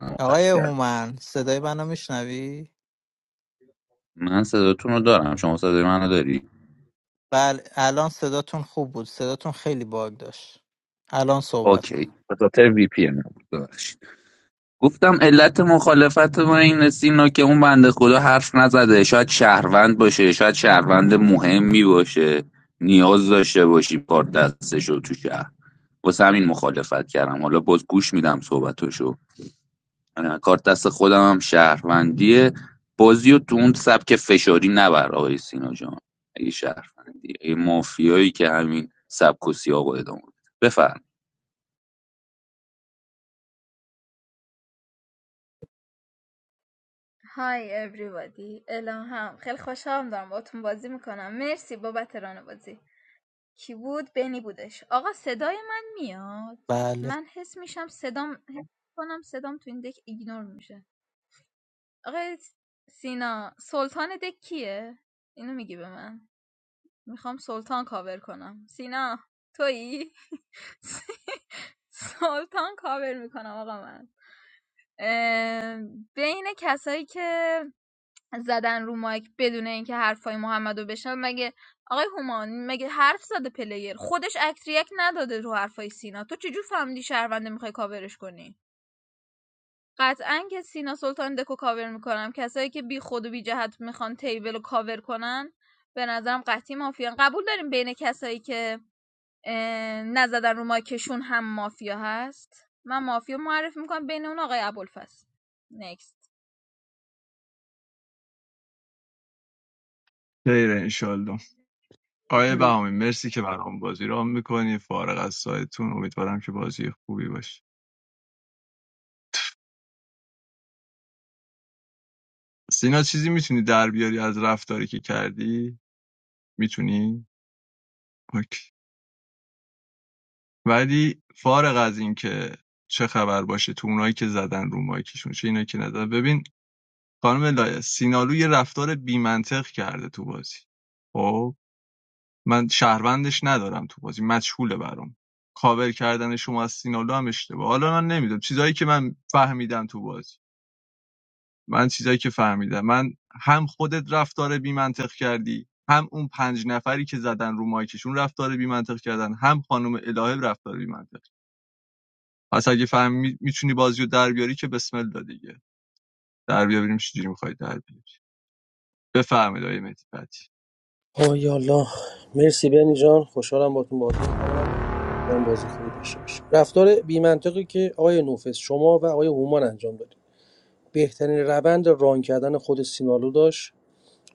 Speaker 5: قطع
Speaker 15: آقای
Speaker 5: کرد
Speaker 15: هومن صدای منو میشنوی؟
Speaker 5: من صداتون رو دارم شما صدای منو داری
Speaker 15: بله الان صداتون خوب بود صداتون خیلی باگ داشت الان صحبت کن
Speaker 5: اوکی به خاطر وی پی ان بود ببخشید گفتم علت مخالفت ما این سینا که اون بنده خدا حرف نزده شاید شهروند باشه شاید شهروند مهمی باشه نیاز داشته باشی کار دستش رو تو شهر واسه همین مخالفت کردم حالا باز گوش میدم صحبتشو اه، کار دست خودم هم شهروندیه بازی و تو اون سبک فشاری نبر آقای سینا جان اگه شهروندی اگه مافیایی که همین سبک و سیاق رو ادامه بده. بفرم
Speaker 4: های everybody الان هم خیلی خوشحالم دارم باتون بازی میکنم مرسی بابت ران بازی کی بود بنی بودش آقا صدای من میاد
Speaker 15: بله
Speaker 4: من حس میشم صدام حس کنم صدام تو این دک ایگنور میشه آقا سینا سلطان دک کیه اینو میگی به من میخوام سلطان کاور کنم سینا تویی سلطان کاور میکنم آقا من اه، بین کسایی که زدن رو مایک بدون اینکه حرفای محمدو بشنوه مگه آقای هومان مگه حرف زده پلیر خودش اکت ریاکت نداده رو حرفای سینا تو چجور فهمیدی شهرونده میخوای کاورش کنی قطعا که سینا سلطان دکو کاور میکنم کسایی که بی خود و بی جهت میخوان تیبل رو کاور کنن به نظرم قطعی مافیان قبول داریم بین کسایی که اه، نزدن رو مایکشون هم مافیا هست من مافیا معرفی میکنم بین اون آقای ابوالفضل نکست
Speaker 18: خیر انشالله آیه بهامی مرسی که برام بازی را میکنی فارغ از سایتون امیدوارم که بازی خوبی باشه سینا چیزی میتونی در بیاری از رفتاری که کردی میتونی اوکی. ولی فارغ از این که چه خبر باشه تو اونایی که زدن رو مایکشون چه اینایی که نزدن ببین خانم لاله سینالو یه رفتار بیمنطق کرده تو بازی خب من شهروندش ندارم تو بازی مجهوله برام کاور کردن شما از سینالو هم اشتباه حالا من نمیدونم چیزایی که من فهمیدم تو بازی من چیزایی که فهمیدم من هم خودت رفتار بیمنطق کردی هم اون پنج نفری که زدن رو مایکشون رفتار بیمنطق کردن هم خانم الهه رفتار بیمنطق پس اگه فهمی میتونی بازیو در بیاری که بسم الله دیگه در بیاریم بریم چجوری میخوای در بیاری بفرمایید آقای مهدی فتحی.
Speaker 14: آه یالا مرسی بنی جان خوشحالم باهاتون بازی می‌کنم. من بازی خوبی داشته باشیم رفتار بی‌منطقی که آقای نوفس شما و آقای هومان انجام دادید بهترین روند ران کردن خود سینالو داشت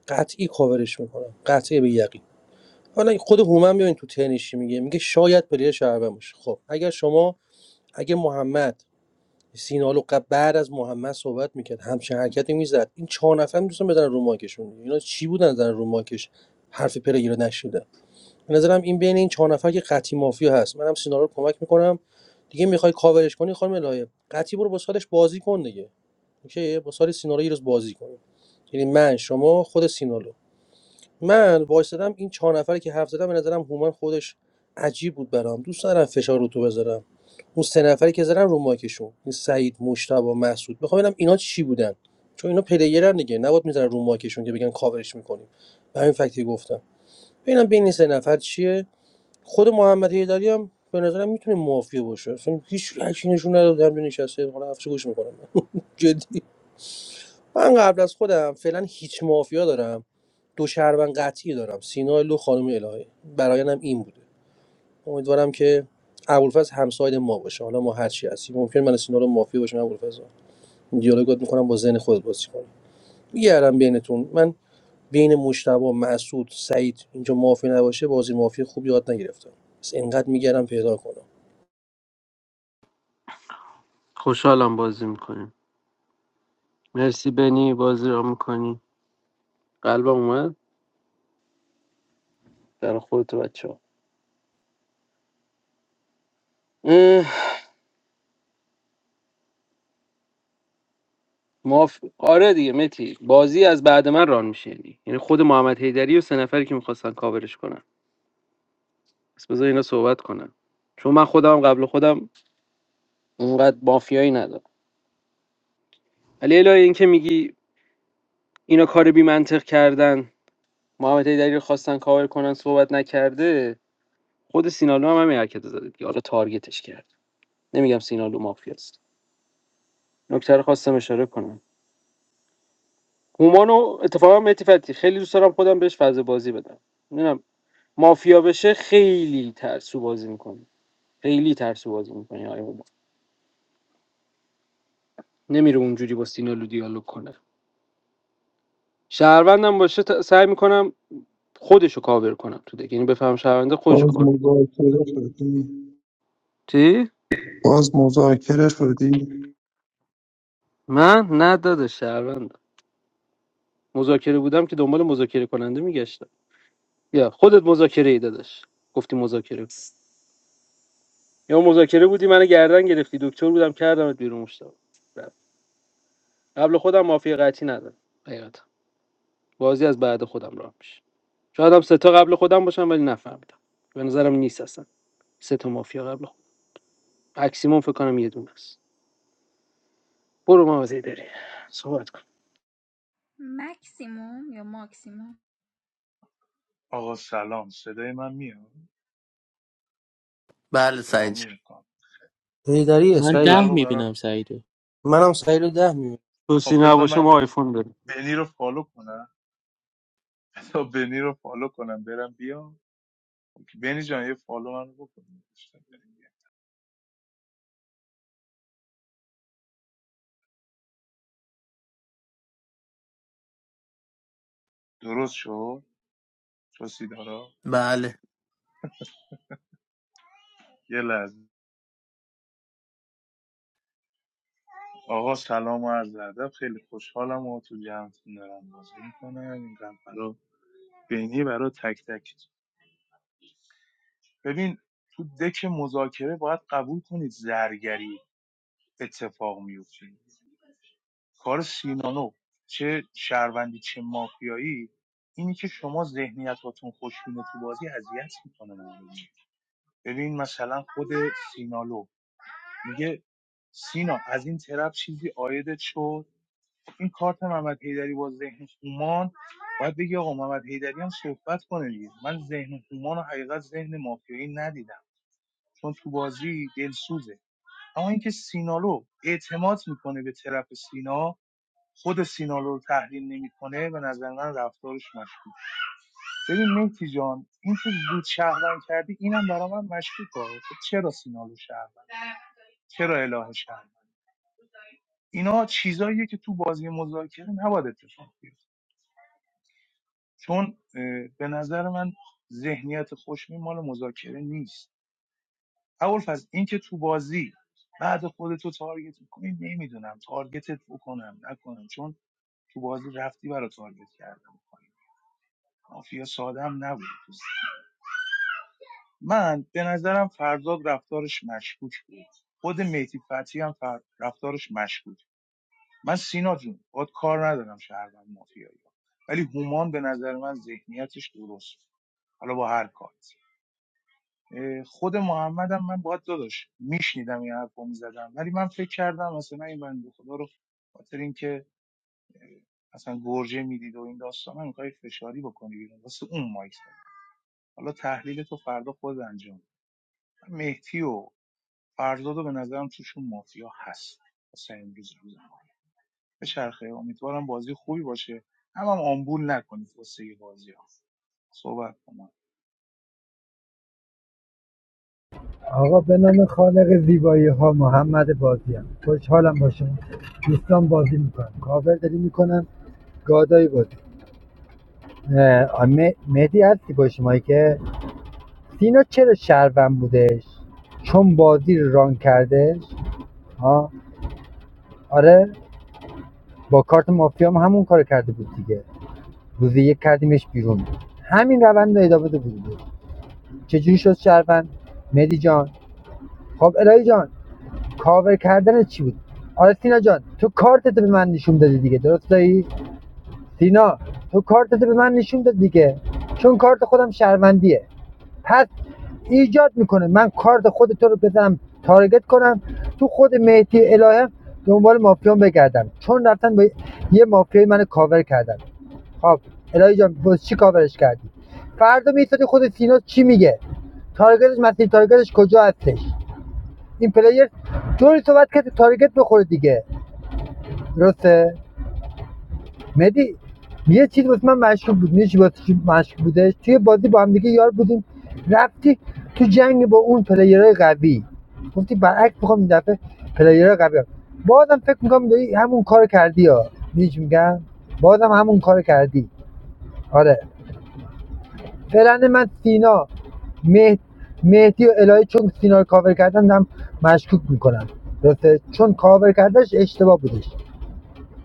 Speaker 14: قطعی کاورش میکنم قطعی به یقین حالا خود هومن بیاین تو تنشی میگه میگه شاید پلیر شهروند باشه خب اگر شما اگه محمد سینالو بعد از محمد صحبت میکرد همچین حرکتی میزد این چهار نفر میتونن بزنن رو ماکشون اینا چی بودن زدن رو ماکش حرف پلیر رو نشیدن به نظرم این بین این چهار نفر که قطعی مافیا هست منم سینا رو کمک میکنم دیگه میخوای کاورش کنی خانم الهه قطعی برو با سالش بازی کن دیگه اوکی با سال سینا رو یه روز بازی کن یعنی من شما خود سینالو من وایسادم این چهار نفری که حرف زدم به نظرم هومن خودش عجیب بود برام دوست ندارم فشار رو تو بذارم اون سه نفری که زدن رو ماکشون این سعید مشتبا مسعود میخوام ببینم اینا چی بودن چون اینا پلیرن دیگه نباید میذارن رو ماکشون که بگن کاورش میکنیم به همین فکتی گفتم ببینم بین این سه نفر چیه خود محمد هیدری هم به نظرم میتونه مافیا باشه اصلا هیچ لکی نشون نداده همینجا نشسته حالا افسه گوش میکنم جدی من قبل از خودم فعلا هیچ مافیا دارم دو شهروند قطعی دارم سینا لو خانم الهه برایانم این بوده امیدوارم که ابوالفضل همساید ما باشه حالا ما هر چی هستیم ممکن من و سینا رو مافیا باشیم ابوالفضل دیالوگات میکنم با ذهن خود بازی کنم میگردم بینتون من بین مشتبه مسعود سعید اینجا مافیا نباشه بازی مافیا خوب یاد نگرفتم بس انقدر میگردم پیدا کنم
Speaker 1: خوشحالم بازی میکنیم مرسی بنی بازی را میکنی قلبم اومد در خودت بچه ها ماف... آره دیگه متی بازی از بعد من ران میشه یعنی یعنی خود محمد حیدری و سه نفری که میخواستن کاورش کنن پس بذار اینا صحبت کنن چون من خودم قبل خودم اونقدر مافیایی ندارم ولی الهی این که میگی اینا کار بی منطق کردن محمد حیدری رو خواستن کاور کنن صحبت نکرده خود سینالو هم همین حرکت رو زده دیگه حالا تارگتش کرد نمیگم سینالو مافیاست نکته رو خواستم اشاره کنم هومانو اتفاقا مهدی خیلی دوست دارم خودم بهش فاز بازی بدم نمیدونم مافیا بشه خیلی ترسو بازی میکنه خیلی ترسو بازی میکنه آیا هومان نمیره اونجوری با سینالو دیالوگ کنه شهروندم باشه تا- سعی میکنم خودشو کاور کنم تو دیگه یعنی بفهم شهرونده خودشو
Speaker 6: باز
Speaker 1: کاور
Speaker 6: مذاکره شدی
Speaker 1: چی
Speaker 6: باز مذاکره شدی
Speaker 1: من نه داداش شهروندم مذاکره بودم که دنبال مذاکره کننده میگشتم یا خودت مذاکره ای داداش گفتی مذاکره یا مذاکره بودی منو گردن گرفتی دکتر بودم کردمت بیرون مشتاق رفت. قبل خودم مافیا قطعی ندارم حقیقتا بازی از بعد خودم راه میشه شاید هم سه تا قبل خودم باشم ولی نفهمیدم به نظرم نیست اصلا سه تا مافیا قبل خودم اکسیمون فکر کنم یه دونه است برو مغازه داری صحبت کن
Speaker 4: مکسیموم یا ماکسیموم
Speaker 15: بله سعید جان.
Speaker 14: حیدریه
Speaker 3: من
Speaker 14: سعید
Speaker 3: ده میبینم سعیدو
Speaker 14: منم سعید رو ده میبینم
Speaker 1: توسی نباشه ما آیفون داریم
Speaker 7: تا بنی رو فالو کنم برم بیام بنی جان یه فالو من رو بکنم درست شد؟ چو
Speaker 15: بله
Speaker 7: یه لحظه آقا سلام و عرض ادب خیلی خوشحالم و.
Speaker 19: آقا به نام خالق زیبایی ها محمد بازی‌ام خوشحالم با شما دوستان بازی میکنم کاور داری میکنم گادایی بازی اه، مه- مهدی هستی با شما که سینا چرا شهروند بودش چون بازی رو ران کردش ها آره با کارت مافیا هم همون کار کرده بود دیگه روزی یک کردیمش بیرون همین روند رو ادامه بده بود چجوری شد شهروند مهدی جان خب الهی جان کاور کردن چی بود آره سینا جان تو کارتتو به من نشون دادی دیگه درست دایی سینا تو کارتتو به من نشون دادی دیگه چون کارت خودم شرمندیه. پس ایجاد میکنه من کارت خود تو رو بزنم تارگت کنم تو خود مهدی الهه دنبال مافیان بگردم چون رفتن با یه مافیای من کاور کردن خب الهی جان باز چی کاورش کردی فردا میستادی خود سینا چی میگه تارگتش مسیر تارگتش کجا هستش این پلیر طوری صحبت کرد که تارگت بخوره دیگه درسته مدی یه چیز واسه من مشکوک بود میشه واسه چی مشکوک بودش توی بازی با هم دیگه یار بودیم رفتی تو جنگ با اون پلیرهای قوی گفتی برعکس میخوام این دفعه پلیرهای قوی بازم فکر میکنم داری همون کار کردی ها میگم بازم همون کار کردی آره فعلا من سینا، مه... مهدی و الهه چون سینا رو کاور کردن هم مشکوک میکنم درسته چون کاور کردنش اشتباه بودش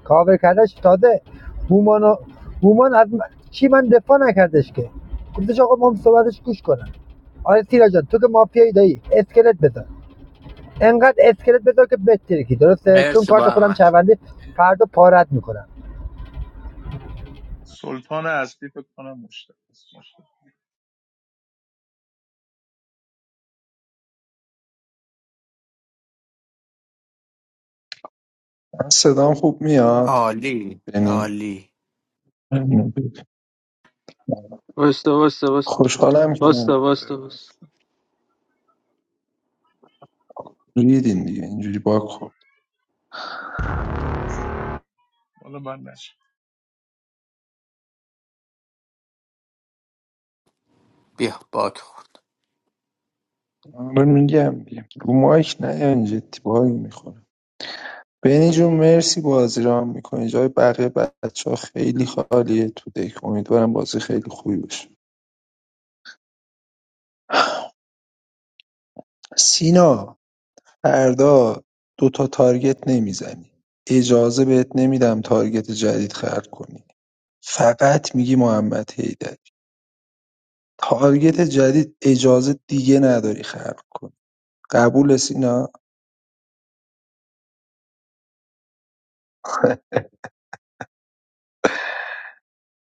Speaker 19: کاور کردنش تازه هومان و- هومان از چی من دفاع نکردش که گفتش آقا ما هم صحبتش گوش کنم آره سینا جان تو که مافیایی دایی اسکلت بذار انقدر اسکلت بذار که بترکی درسته چون
Speaker 15: مرسی با
Speaker 19: کارت خودم
Speaker 15: احمد
Speaker 19: شونده فردا پارت میکنم
Speaker 6: من صدام خوب میاد
Speaker 15: عالی
Speaker 6: بینی
Speaker 15: عالی
Speaker 1: واستا واستا واستا
Speaker 6: خوشحالم که نه
Speaker 1: واستا واستا واستا
Speaker 6: ریدین دیگه اینجوری باگ خورد
Speaker 15: بیا باگ خورد
Speaker 6: من میگم دیگه رو مایک نیاین جدی باگ میخوره بینی جون مرسی بازی را میکنی جای بقیه بچه ها خیلی خالیه تو دک امیدوارم بازی خیلی خوبی باشه سینا فردا دوتا تارگت نمیزنی اجازه بهت نمیدم تارگت جدید خلق کنی فقط میگی محمد حیدری تارگت جدید اجازه دیگه نداری خلق کنی قبول سینا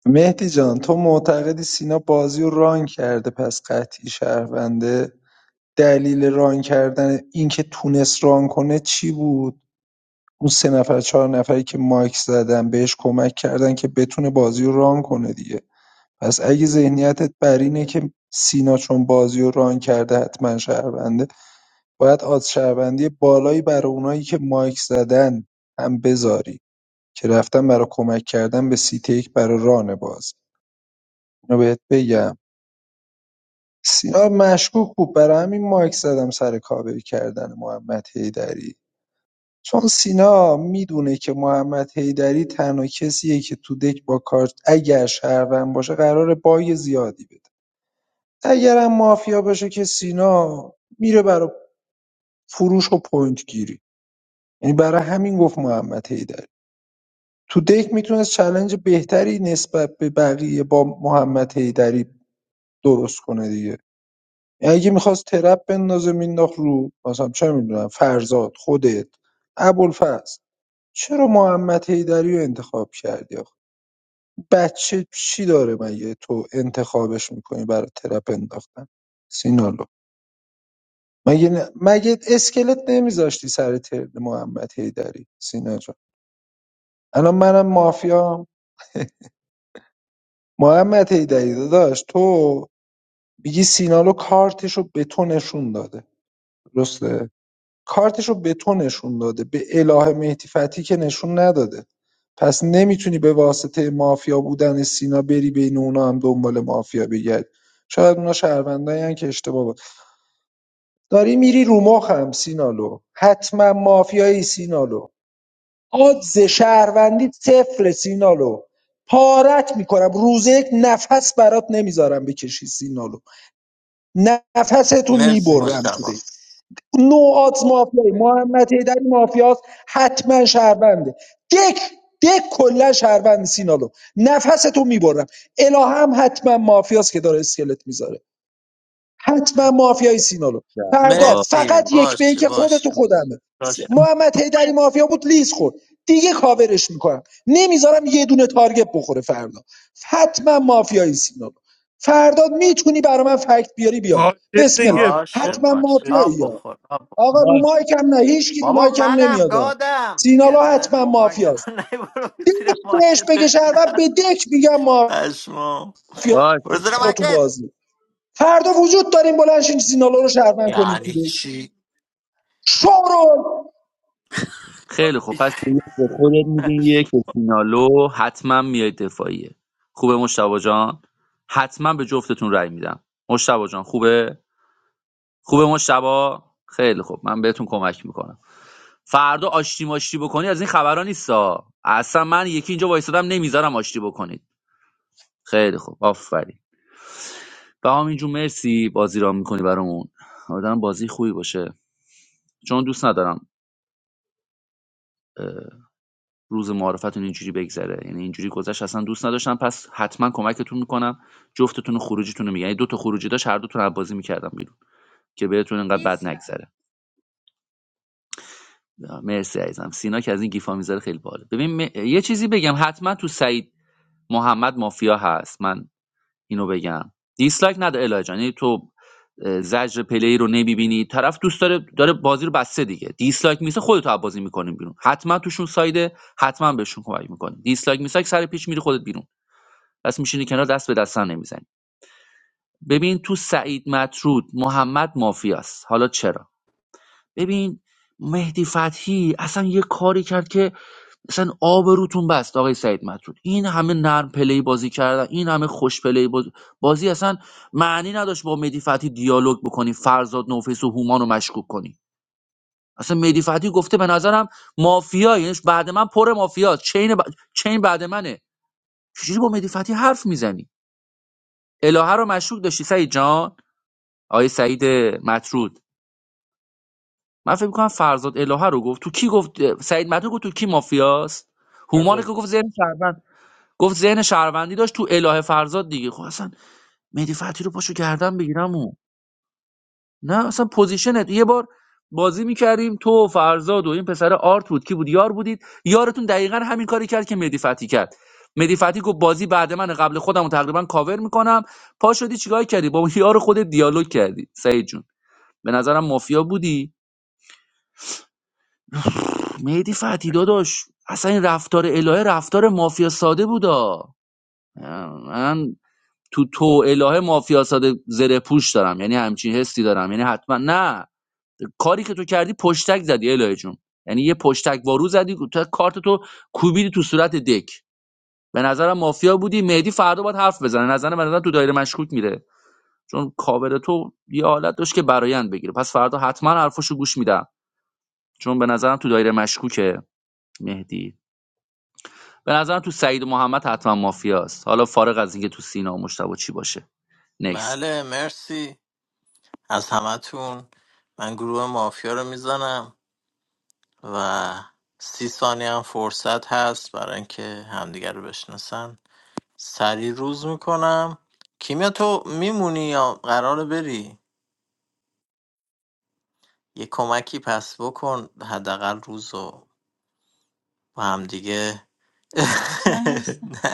Speaker 6: مهدی جان تو معتقدی سینا بازی رو ران کرده پس قطعی شهرونده دلیل ران کردن اینکه تونست ران کنه چی بود اون سه نفر چهار نفری که مایک زدن بهش کمک کردن که بتونه بازی رو ران کنه دیگه پس اگه ذهنیتت بر اینه که سینا چون بازیو ران کرده حتما شهرونده باید آدز شهروندی بالایی برای اونایی که مایک زدن هم بذاری که رفتن برای کمک کردن به سی یک برای ران بازی اینو بهت بگم سینا مشکوک بود برای همین مایک زدم سر کاور کردن محمد حیدری چون سینا میدونه که محمد حیدری تنها کسیه که تو دک با کارت اگر شهروند باشه قرار بای زیادی بده اگرم مافیا باشه که سینا میره برای فروش و پوینت گیری یعنی برای همین گفت محمد حیدری تو دک میتونست چلنج بهتری نسبت به بقیه با محمد حیدری درست کنه دیگه یعنی اگه میخواست ترپ بندازه مینداخت رو مثلا چه میدونم فرزاد خودت ابوالفضل چرا محمد حیدری رو انتخاب کردی آخه بچه چی داره مگه تو انتخابش میکنی برای ترپ انداختن سینا لو. مگه نه- مگه اسکلت نمیذاشتی سر ترن محمد حیدری سینا جان الان منم مافیا محمد حیدری داداش تو میگی سینا رو کارتش رو به تو نشون داده درسته کارتش رو به تو نشون داده به اله مهدی فتی که نشون نداده پس نمیتونی به واسطه مافیا بودن سینا بری بین اونا هم دنبال مافیا بگردی شاید اونا شهروندایی هن که اشتباه بود داری میری رو مخم سینالو حتما مافیایی سینالو آدز شهروندی صفر سینالو پارت میکنم روز یک نفس برات نمیذارم بکشی سینالو نفستو
Speaker 15: مرسی
Speaker 6: میبرم تو
Speaker 15: مشتبا
Speaker 6: دک نو آدز مافیایی محمد هیدری مافیاست حتما شهرونده دک دک کلا شهروند سینالو نفستو میبرم الهام حتما مافیاست که داره اسکلت میذاره حتما مافیای سینالو
Speaker 2: رسید
Speaker 6: فردا
Speaker 15: مرسی
Speaker 6: فقط یک به
Speaker 15: باشه
Speaker 6: یک خودتو
Speaker 15: باشه
Speaker 6: خودمه س-
Speaker 15: باشه
Speaker 6: محمد حیدری مافیا بود لیز خورد دیگه کاورش میکنم نمیذارم یه دونه تارگت بخوره فردا حتما مافیای سینالو فردا میتونی برا من فکت بیاری بیار
Speaker 14: باشه
Speaker 6: بسم الله
Speaker 14: دیگه
Speaker 15: باشه
Speaker 14: بابا
Speaker 6: حتما
Speaker 15: باشه
Speaker 6: مافیایی
Speaker 15: آب
Speaker 6: یا
Speaker 15: بخور آب بخور.
Speaker 6: آقا
Speaker 2: باش
Speaker 6: رومای کم نه هیچ کی
Speaker 15: بابا
Speaker 6: رومای کم
Speaker 15: منم
Speaker 6: نمیاد آ.
Speaker 15: گادم میگه
Speaker 6: سینالو
Speaker 15: من
Speaker 6: حتما
Speaker 15: رو مایک من
Speaker 6: مافیاست
Speaker 15: نی برو
Speaker 6: دک
Speaker 15: زیر
Speaker 6: بهش بگه
Speaker 15: مایک
Speaker 6: شهروند به دک میگم مافیا
Speaker 15: پشما
Speaker 2: باش
Speaker 15: برزر
Speaker 2: باش.
Speaker 6: تو
Speaker 15: مکت
Speaker 6: بازی فردا وجود داریم بلند سینالو رو شهروند کنید تو
Speaker 15: یعنی
Speaker 6: دک
Speaker 15: چی
Speaker 6: شورول
Speaker 2: خیلی خوب پس یک به خودت میده یک به فینالو حتما میای دفاعیه خوبه مشتبا جان حتما به جفتتون رأی میدم مشتبا جان خوبه خوبه مشتبا خیلی خوب من بهتون کمک میکنم فردا آشتی ماشتی بکنی از این خبرا نیستا اصلا من یکی اینجا وایسادم نمیذارم آشتی بکنید خیلی خوب آفرین بهام جون مرسی بازی را میکنی برامون آدم بازی خوبی باشه چون دوست ندارم روز معارفتون اینجوری بگذره یعنی اینجوری گذشت اصلا دوست نداشتم پس حتما کمکتون میکنم جفتتون و خروجیتون رو میگم یعنی دو تا خروجی داشت هر دوتون رو بازی میکردم بیرون که بهتون اینقدر بد
Speaker 4: دیس
Speaker 2: نگذره مرسی عزیزم سینا که از این گیفا میذاره خیلی باله ببین م- یه چیزی بگم حتما تو سعید محمد مافیا هست من اینو بگم دیسلایک نده الهه جان یعنی تو اه، زجر پلی رو نمیبینی طرف دوست داره داره بازی رو بسته دیگه دیسلایک میسه خودت رو بازی میکنیم بیرون حتما توشون سایده حتما بهشون کمک میکنیم دیسلایک میسه سر پیچ میری خودت بیرون پس میشینی کنار دست به دست نمیزنی ببین تو سعید مطرود محمد مافیاست حالا چرا ببین مهدی فتحی اصلا یه کاری کرد که اصلا آب روتون بست آقای سعید مطرود این همه نرم پلی بازی کردن این همه خوش پلی باز- بازی اصلا معنی نداشت با مهدی فتحی دیالوگ بکنی فرزاد نوفیس و هومان رو مشکوک کنی اصلا مهدی فتحی گفته به نظرم مافیا یعنی بعد من پر مافیا چین, ب... چین بعد منه چجوری با مهدی فتحی حرف میزنی الهه رو مشکوک داشتی سعید جان آقای سعید مطرود من فکر میکنم فرزاد الهه رو گفت تو کی گفت سعید مطرود گفت تو کی مافیاست هومان که
Speaker 14: فرزاد.
Speaker 2: گفت ذهن شهروند گفت ذهن شهروندی داشت تو الهه فرزاد دیگه خب اصلا مهدی فتحی رو پاشو گردن بگیرم او نه اصلا پوزیشنت یه بار بازی میکردیم تو و فرزاد و این پسر آرت بود کی بود یار بودید یارتون دقیقا همین کاری کرد که مهدی فتحی کرد مهدی فتحی گفت بازی بعد من قبل خودم رو تقریبا کاور میکنم پا شدی چیکار کردی با یار خودت دیالوگ کردی سعید جون به نظرم مافیا بودی مهدی فتی داداش اصلا این رفتار الهه رفتار مافیا ساده بودا من تو تو الهه مافیا ساده زره پوش دارم یعنی همچین حسی دارم یعنی حتما نه کاری که تو کردی پشتک زدی الهه جون یعنی یه پشتک وارو زدی تو کارت تو کوبیدی تو صورت دک به نظرم مافیا بودی مهدی فردا باید حرف بزنه نظر من نظرم تو دایره مشکوک میره چون کاور تو یه حالت داشت که برایند بگیره پس فردا حتما حرفشو گوش میدم چون به نظرم تو دایره مشکوکه مهدی به نظرم تو سعید و محمد حتما مافیاست حالا فارغ از اینکه تو سینا و مشتبه چی باشه نکست
Speaker 15: بله مرسی از همتون من گروه مافیا رو میزنم و سی ثانیه هم فرصت هست برای اینکه همدیگر رو بشناسن سری روز میکنم کیمیا تو میمونی یا قراره بری یه کمکی پس بکن حداقل روز رو با همدیگه
Speaker 16: من هستم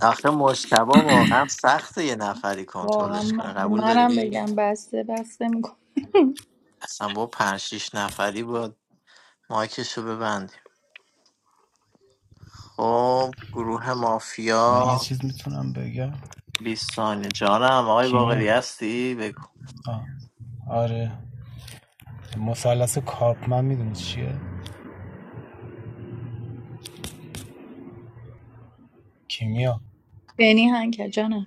Speaker 15: آخه مشتبه واقعا سخته یه نفری
Speaker 16: واقعا
Speaker 15: کنترلش کنه
Speaker 16: من-
Speaker 15: قبول
Speaker 16: منم
Speaker 15: داری؟
Speaker 16: بگم بسته بسته میکن
Speaker 15: اصلا با پنج شیش نفری با مایکشو ببندیم خب گروه
Speaker 12: من یه
Speaker 15: مافیا
Speaker 12: چیز میتونم بگم
Speaker 15: 20 ثانیه جانم آقای باقری
Speaker 12: کیمیا
Speaker 15: هستی بگو
Speaker 12: آه. آره مثلث کارپمن میدونی چیه کیمیا
Speaker 16: بنی هنگ جانم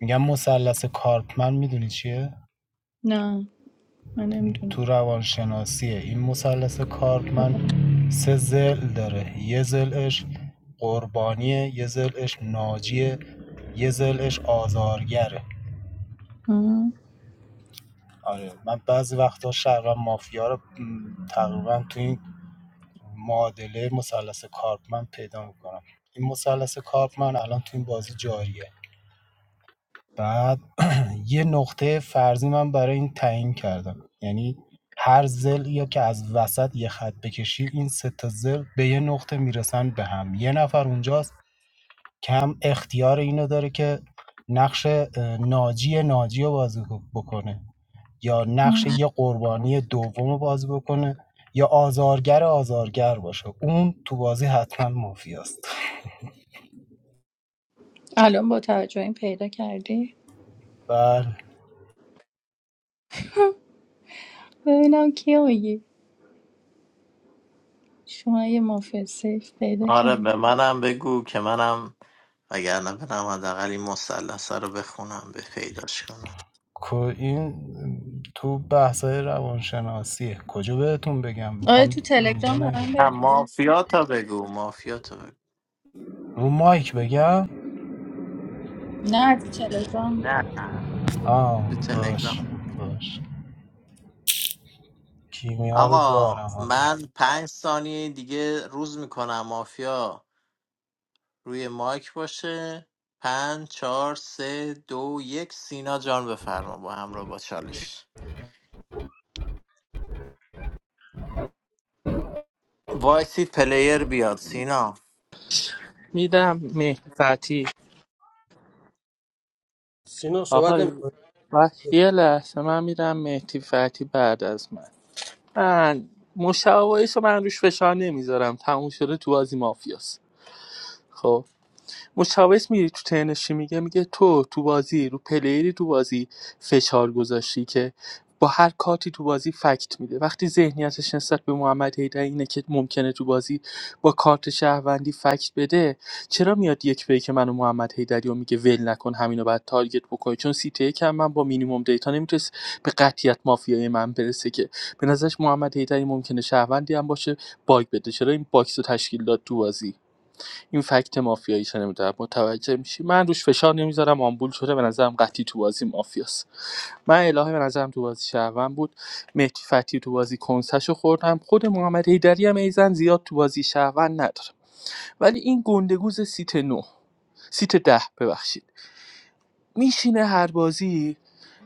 Speaker 12: میگم مثلث کارپمن میدونی چیه
Speaker 16: نه من
Speaker 12: تو
Speaker 16: نمیدونم
Speaker 12: روانشناسی این مثلث کارپمن سه ضلع داره یه ضلعش قربانیه یه ضلعش ناجیه یه ضلعش آزارگره آره من بعضی وقتا شهروند مافیا رو م، تقریبا تو این معادله مثلث کارپمن پیدا میکنم این مثلث کارپمن الان تو این بازی جاریه بعد یه نقطه فرضی من برای این تعیین کردم یعنی هر زل یا که از وسط یه خط بکشی این سه تا زل به یه نقطه میرسن به هم یه نفر اونجاست که هم اختیار اینو داره که نقش اه، ناجی ناجی رو بازی بکنه یا نقش یه قربانی دوم رو بازی بکنه یا آزارگر آزارگر باشه اون تو بازی حتما مافیاست
Speaker 16: الان با توجه به این پیدا کردی
Speaker 12: بله
Speaker 16: ببینم کی آیی شما یه مافیا سیف پیدا
Speaker 15: آره به
Speaker 16: کردی
Speaker 15: منم بگو که منم وگرنه برم حداقل این مثلثه رو بخونم به پیداش کنم
Speaker 12: کو- این تو بحثای روانشناسیه کجا بهتون بگم
Speaker 16: آره
Speaker 12: میخوام
Speaker 16: تو
Speaker 12: اینجا
Speaker 16: تلگرام برام
Speaker 12: نگم
Speaker 15: نه
Speaker 16: بگو
Speaker 15: مافیا تا بگو مافیا تا بگو
Speaker 12: رو مایک بگم
Speaker 16: نه تو تلگرام
Speaker 15: نه
Speaker 12: آه
Speaker 15: تو تلگرام
Speaker 12: باش باش کیمیا رو
Speaker 15: آقا
Speaker 12: دارم
Speaker 15: من پنج ثانیه دیگه روز میکنم مافیا روی مایک باشه پنج چهار سه دو یک سینا جان بفرما با همراه با چالش وایسی پلیر بیاد سینا
Speaker 3: میدم مهدی فتی
Speaker 14: سینا صحبت
Speaker 3: آقا
Speaker 14: نمیکنه
Speaker 3: بس یه لحظه من میدم مهدی فتی بعد از من من مشاوایش رو من روش فشار نمیذارم تموم شده تو بازی مافیاست خب مشاوس میری تو ترنش چی میگه میگه تو تو بازی رو پلیری تو بازی فشار گذاشتی که با هر کارتی تو بازی فکت میده وقتی ذهنیتش نسبت به محمد حیدر اینه که ممکنه تو بازی با کارت شهروندی فکت بده چرا میاد یک به که من محمد حیدری رو میگه ول نکن همینو بعد تارگت بکنی چون سی تی کم من با مینیمم دیتا نمیتونست به قطعیت مافیای من برسه که به نظرش محمد حیدری ممکنه شهروندی هم باشه باگ بده چرا این باکس رو تشکیل داد تو بازی این فکت مافیایی مافیاییشه نمیدونم متوجه میشی من روش فشار نمیذارم آمبول شده به نظرم قطعی تو بازی مافیاست من الهه به نظرم تو بازی شهروند بود مهدی فتی تو بازی کنسشو خوردم خود محمد حیدری هم ایزن زیاد تو بازی شهروند ندارم ولی این گندگوز سیت 9 سیت ده ببخشید میشینه هر بازی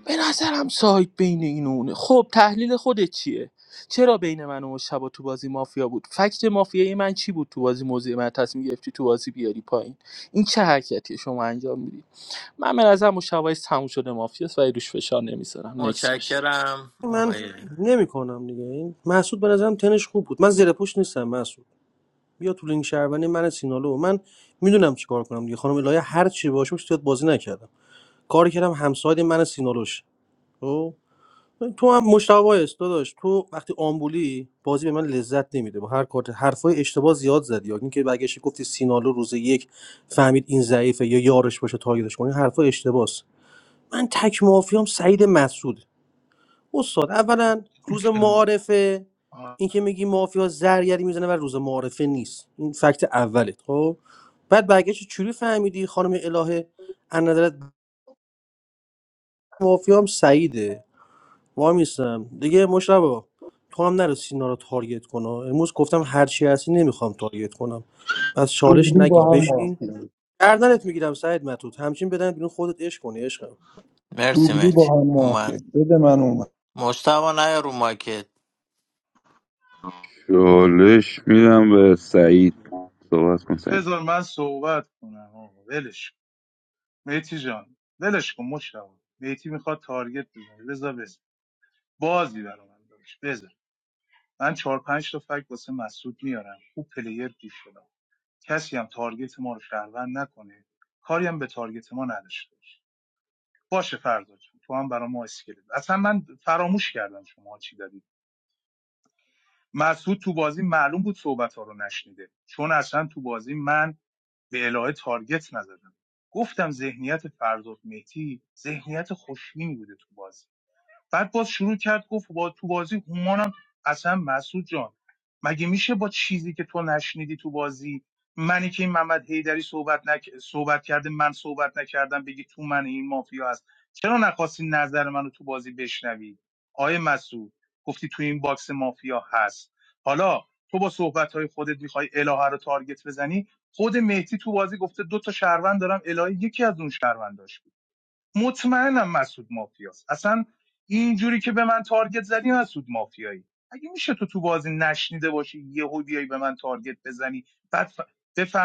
Speaker 3: به نظرم سایت بین این و اونه خب تحلیل خودت چیه چرا بین من و مشتبه تو بازی مافیا بود فکت مافیای من چی بود تو بازی موضع من تصمیم گرفتی تو بازی بیاری پایین این چه حرکتی شما انجام میدید من به نظر مشتبه تموم شده مافیاست و روش فشار نمیذارم نکس باشه
Speaker 15: متشکرم
Speaker 14: من
Speaker 15: آقای
Speaker 14: نمیکنم دیگه این محسود به نظرم تنش خوب بود من زیر پوش نیستم محسود بیا تو لینک شهروندی من سینالو من میدونم چیکار کنم دیگه خانم الهه هر چی باشم زیاد بازی نکردم کار کردم همساید من سینالوش تو هم مشتاق است داداش تو وقتی آمبولی بازی به من لذت نمیده با هر کارت حرفای اشتباه زیاد زدی یا اینکه برگشتی گفتی سینالو روز یک فهمید این ضعیفه یا یارش باشه تارگتش کنه این حرفای اشتباس من تک مافیام سعید مسعود استاد اولا روز معارفه اینکه میگی مافیا زرگری میزنه و روز معارفه نیست این فکت اولت خب بعد برگشت چوری فهمیدی خانم الهه از نظرت مافیام سعیده میستم دیگه مشتبه تو هم نرو سینا رو تارگت کنه امروز گفتم هر چی هستی نمیخوام تارگت کنم پس چالش
Speaker 6: دوبلی
Speaker 14: نگیر
Speaker 6: با هم
Speaker 14: بشین
Speaker 6: موافقه
Speaker 14: گردنت میگیرم سعید مطرود همچین بدن بیرون خودت عشق کنی عشقم
Speaker 15: مرسی
Speaker 6: دوبلی
Speaker 15: مهدی
Speaker 6: با هم
Speaker 15: اومد
Speaker 6: موافقه بده من اومد
Speaker 15: مشتبه نیا رو مایکت
Speaker 5: چالش میدم به سعید صحبت کن سعید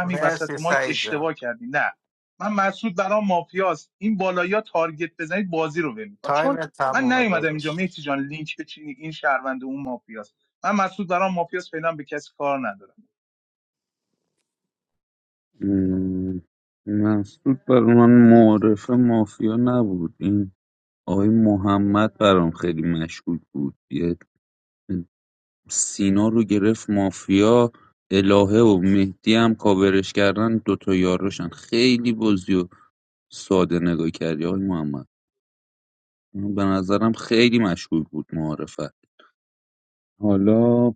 Speaker 15: مرسی سعید جان تایم تمومه داداش
Speaker 5: م، مسعود بر من معارف مافیا نبود این آقای محمد برام خیلی مشکوک بود یه سینا رو گرفت مافیا الهه و مهدی هم کاورش کردن دوتا یاروشن خیلی بازی و ساده نگاه کردی آقای محمد به نظرم خیلی مشکوک بود معارفت حالا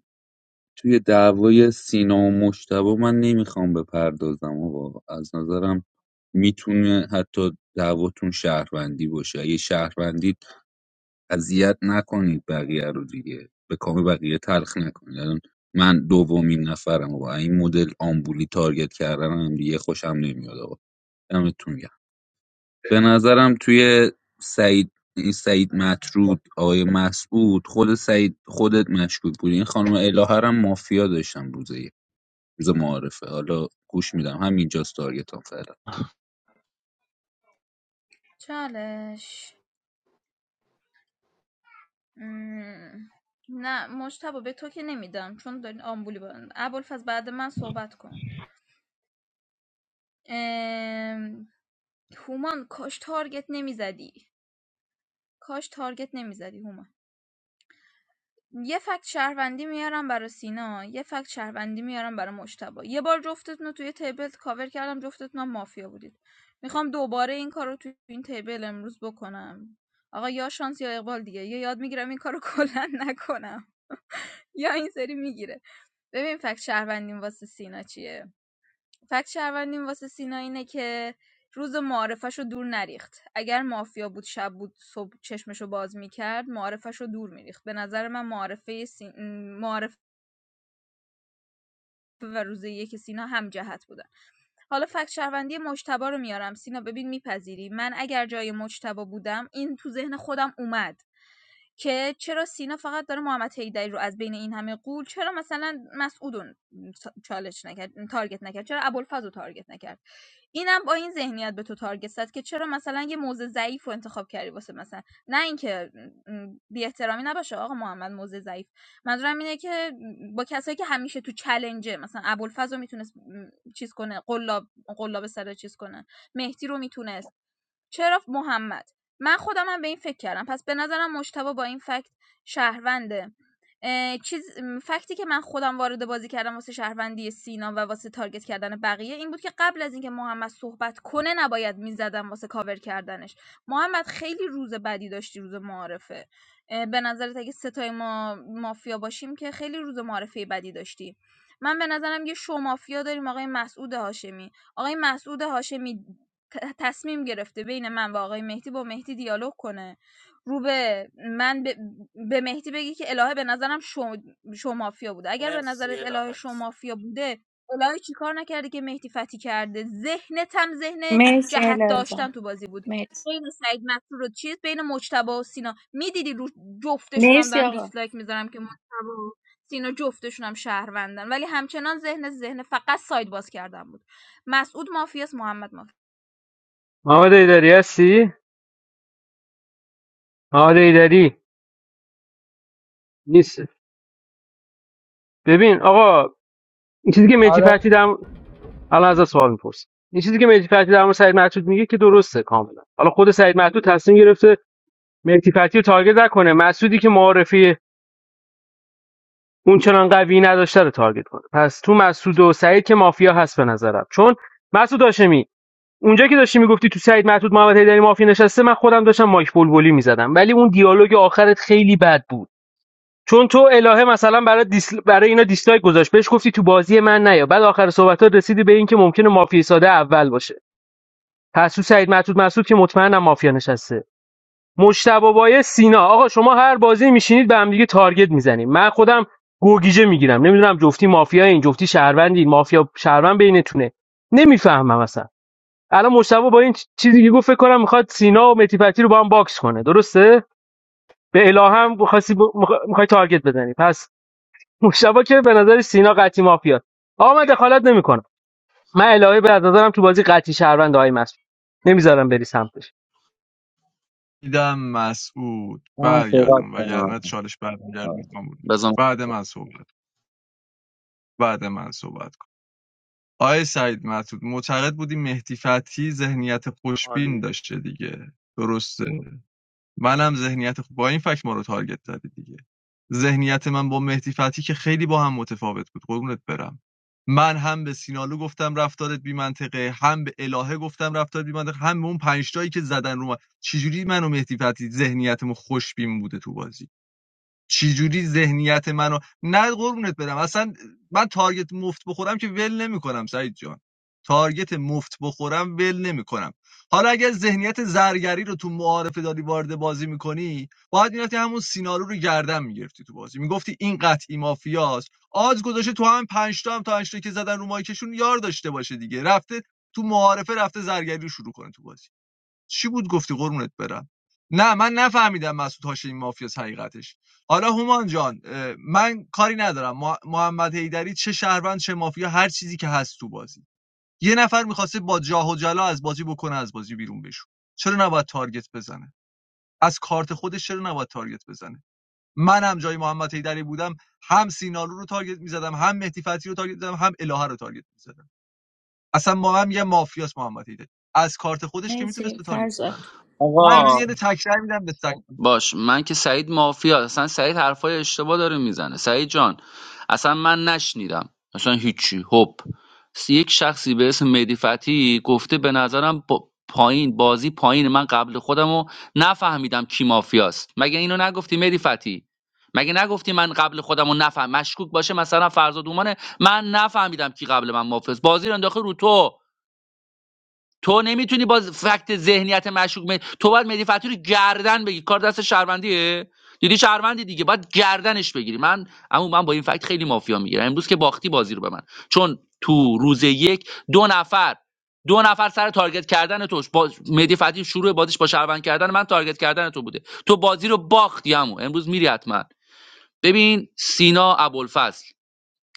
Speaker 5: توی دعوای سینا و مجتبی من نمیخوام بپردازم آقا از نظرم میتونه حتی دعواتون شهروندی باشه اگه شهروندید اذیت نکنید بقیه رو دیگه به کام بقیه تلخ نکنید الان من دومین نفرم و این مدل آمبولی تارگت کردن هم دیگه خوشم نمیاد آقا دمتون گرم به نظرم توی سعید این سعید مطرود آقای مسعود خود سعید خودت مشکوک بود این خانم الهه رو هم مافیا داشتم روزه روز معارفه حالا گوش میدم همینجاست تارگتم فعلا
Speaker 4: چالش مم. نه مجتبا به تو که نمیدم چون دارین آمبولی بارن ابوالفضل بعد من صحبت کن ام، هومان کاش تارگت نمیزدی کاش تارگت نمیزدی هومان یه فکت شهروندی میارم برای سینا یه فکت شهروندی میارم برای مشتبا یه بار جفتتون رو توی تیبل کاور کردم جفتتون هم مافیا بودید میخوام دوباره این کار رو توی این تیبل امروز بکنم آقا یا شانس یا اقبال دیگه یا یاد میگیرم این کار رو کلا نکنم یا این سری میگیره ببین فکت شهروندیم واسه سینا چیه فکت شهروندیم واسه سینا اینه که روز معارفش رو دور نریخت اگر مافیا بود شب بود صبح چشمشو باز میکرد معارفش رو دور میریخت به نظر من معارفه, سی... و روز یک سینا هم جهت بودن حالا فکت شهروندی مجتبی رو میارم سینا ببین میپذیری من اگر جای مجتبی بودم این تو ذهن خودم اومد که چرا سینا فقط داره محمد حیدری رو از بین این همه قول چرا مثلا مسعود چالش نکرد تارگت نکرد چرا ابوالفضل رو تارگت نکرد اینم با این ذهنیت به تو تارگت زد که چرا مثلا یه موزه ضعیف رو انتخاب کردی واسه مثلا نه اینکه بی احترامی نباشه آقا محمد موزه ضعیف منظورم اینه که با کسایی که همیشه تو چالنجه مثلا ابوالفضل رو میتونست چیز کنه قلاب قلاب سر چیز کنه مهدی رو میتونست چرا محمد من خودم خودمم به این فکر کردم پس به نظرم مجتبی با این فکت شهرونده چیز فکتی که من خودم وارد بازی کردم واسه شهروندی سینا و واسه تارگت کردن بقیه این بود که قبل از اینکه محمد صحبت کنه نباید میزدم واسه کاور کردنش محمد خیلی روز بدی داشتی روز معارفه به نظرت اگه ستای ما مافیا باشیم که خیلی روز معارفه بدی داشتی من به نظرم یه شو مافیا داریم آقای مسعود هاشمی آقای مسعود هاشمی ت- تصمیم گرفته بین من و آقای مهدی با مهدی دیالوگ کنه رو به من به, به مهدی بگی که الهه به نظرم شو, شو مافیا بوده اگر به
Speaker 15: مرسی
Speaker 4: نظرت الهه
Speaker 15: الهه.
Speaker 4: شو مافیا بوده الهه چیکار نکرده که مهدی فتی کرده ذهنت هم ذهن
Speaker 16: مرسی
Speaker 4: جهت
Speaker 16: الهه
Speaker 4: داشتن
Speaker 16: جان
Speaker 4: تو بازی بود
Speaker 16: مرسی
Speaker 4: بین سعید مسرور و چیز بین مجتبی و سینا میدیدی رو جفتشون هم
Speaker 16: مرسی
Speaker 4: دارم
Speaker 16: آقا
Speaker 4: دیسلایک میذارم که مجتبی و سینا جفتشون هم شهروندن ولی همچنان ذهن ذهن فقط ساید باز کردن بود مسعود مافیاس محمد مافیاس
Speaker 1: محمد ایداری هستی؟ محمد ایداری نیست ببین آقا این چیزی که میتی
Speaker 19: آره
Speaker 1: فتی الان از سوال میپرسم این چیزی که مهدی فتحی در مورد سعید معتود میگه که درسته کاملا حالا خود سعید معتود تصمیم گرفته مهدی فتحی رو تارگت نکنه مسعودی که معارفی اون چنان قوی نداشته رو تارگت کنه پس تو مسعود و سعید که مافیا هست به نظرم چون مسعود هاشمی اونجا که داشتی میگفتی تو سعید معتود محمد حیدری مافیا نشسته من خودم داشتم مایک بلبلی میزدم ولی اون دیالوگ آخرت خیلی بد بود چون تو الهه مثلا برای دیسل... برای اینا دیسلایک گذاشت بهش گفتی تو بازی من نیا بعد آخر صحبتات رسیدی به اینکه ممکنه مافیا ساده اول باشه پس تو سعید مطرود مسعود که مطمئنم مافیا نشسته مشتبه بایه سینا آقا شما هر بازی میشینید به هم دیگه تارگت میزنید من خودم گوگیجه میگیرم نمیدونم جفتی مافیا این جفتی شهروندی مافیا شهروند بینتونه نمیفهمم اصلا الان مشتبه با این چیزی که گفت فکر کنم میخواد سینا و متیفتی رو با هم باکس کنه درسته به الهام میخواستی ب... میخوای تارگت بزنی پس مشتبه که به نظر سینا قطعی مافیا آقا من دخالت نمیکنم من الهه به نظرم تو بازی قطعی شهروند آقای مسعود نمیذارم بری سمتش
Speaker 18: میدم مسعود
Speaker 2: من صحبت
Speaker 18: برگردون
Speaker 2: کنم
Speaker 18: وگرنه چالش برمیگردون من بود
Speaker 2: بزن
Speaker 18: بعد من صحبت بعد من صحبت کن آقای سعید مسعود معتقد بودی مهدی فتحی ذهنیت خوشبین داشته دیگه درسته منم ذهنیت خوب با این فکت ما رو تارگت زدی دیگه ذهنیت من با مهدی فتحی که خیلی با هم متفاوت بود قربونت برم من هم به سینالو گفتم رفتارت بی منطقه هم به الهه گفتم رفتارت بی منطقه هم به اون پنج تایی که زدن رو من چجوری من و مهدی فتحی ذهنیتمون خوشبین بوده تو بازی چجوری ذهنیت منو نه قربونت برم اصلا من تارگت مفت بخورم که ول نمیکنم سعید جان تارگت مفت بخورم ول نمیکنم حالا اگر ذهنیت زرگری رو تو معارفه داری وارد بازی میکنی باید میرفتی همون سینارو رو گردن میگرفتی تو بازی میگفتی این قطعی مافیاست آز گذاشته تو هم پنج تا هم تا پنج تا که زدن رو مایکشون یار داشته باشه دیگه رفته تو معارفه رفته زرگری رو شروع کنه تو بازی چی بود گفتی قرونت برم نه من نفهمیدم مسعود هاشمی مافیاس حقیقتش حالا هومان جان من کاری ندارم مح- محمد حیدری چه شهروند چه مافیا هر چیزی که هست تو بازی یه نفر میخواسته با جاه و جلا از بازی بکنه از بازی بیرون بشون چرا نباید تارگت بزنه از کارت خودش چرا نباید تارگت بزنه منم جای محمد حیدری بودم هم سینالو رو تارگت میزدم هم مهدی فتحی رو تارگت میزدم هم الهه رو تارگت میزدم اصلا ما هم یه مافیاس محمد حیدری از کارت خودش که
Speaker 16: مرسی
Speaker 18: میتونست تارگت
Speaker 16: فرزاد
Speaker 18: بزنه من امروز
Speaker 2: آقا
Speaker 18: یه
Speaker 16: مرسی
Speaker 18: تکرار میدم به سگ
Speaker 2: باش من که سعید مافیا اصلا سعید حرفای اشتباه داره میزنه سعید جان اصلا من نشنیدم اصلا هیچی هپ یک شخصی به اسم مهدی فتحی گفته به نظرم با پایین بازی پایین من قبل خودمو نفهمیدم کی مافیاست مگه اینو نگفتی مهدی فتحی مگه نگفتی من قبل خودمو نفهم مشکوک باشه مثلا فرزاد اومانه من نفهمیدم کی قبل من مافیاست بازی رو انداخته رو تو تو نمیتونی با فکت ذهنیت مشکوک می... تو باید مهدی فتحی رو گردن بگی کار دست شهروندیه دیدی شهروندی دیگه باید گردنش بگیری من اما من با این فکت خیلی مافیا میگیرم امروز که باختی بازی رو به من چون تو روز یک دو نفر دو نفر سر تارگت کردن تو با مهدی فتحی شروع بازیش با شهروند کردن من تارگت کردن تو بوده تو بازی رو باختی عمو امروز میری حتما ببین سینا ابوالفضل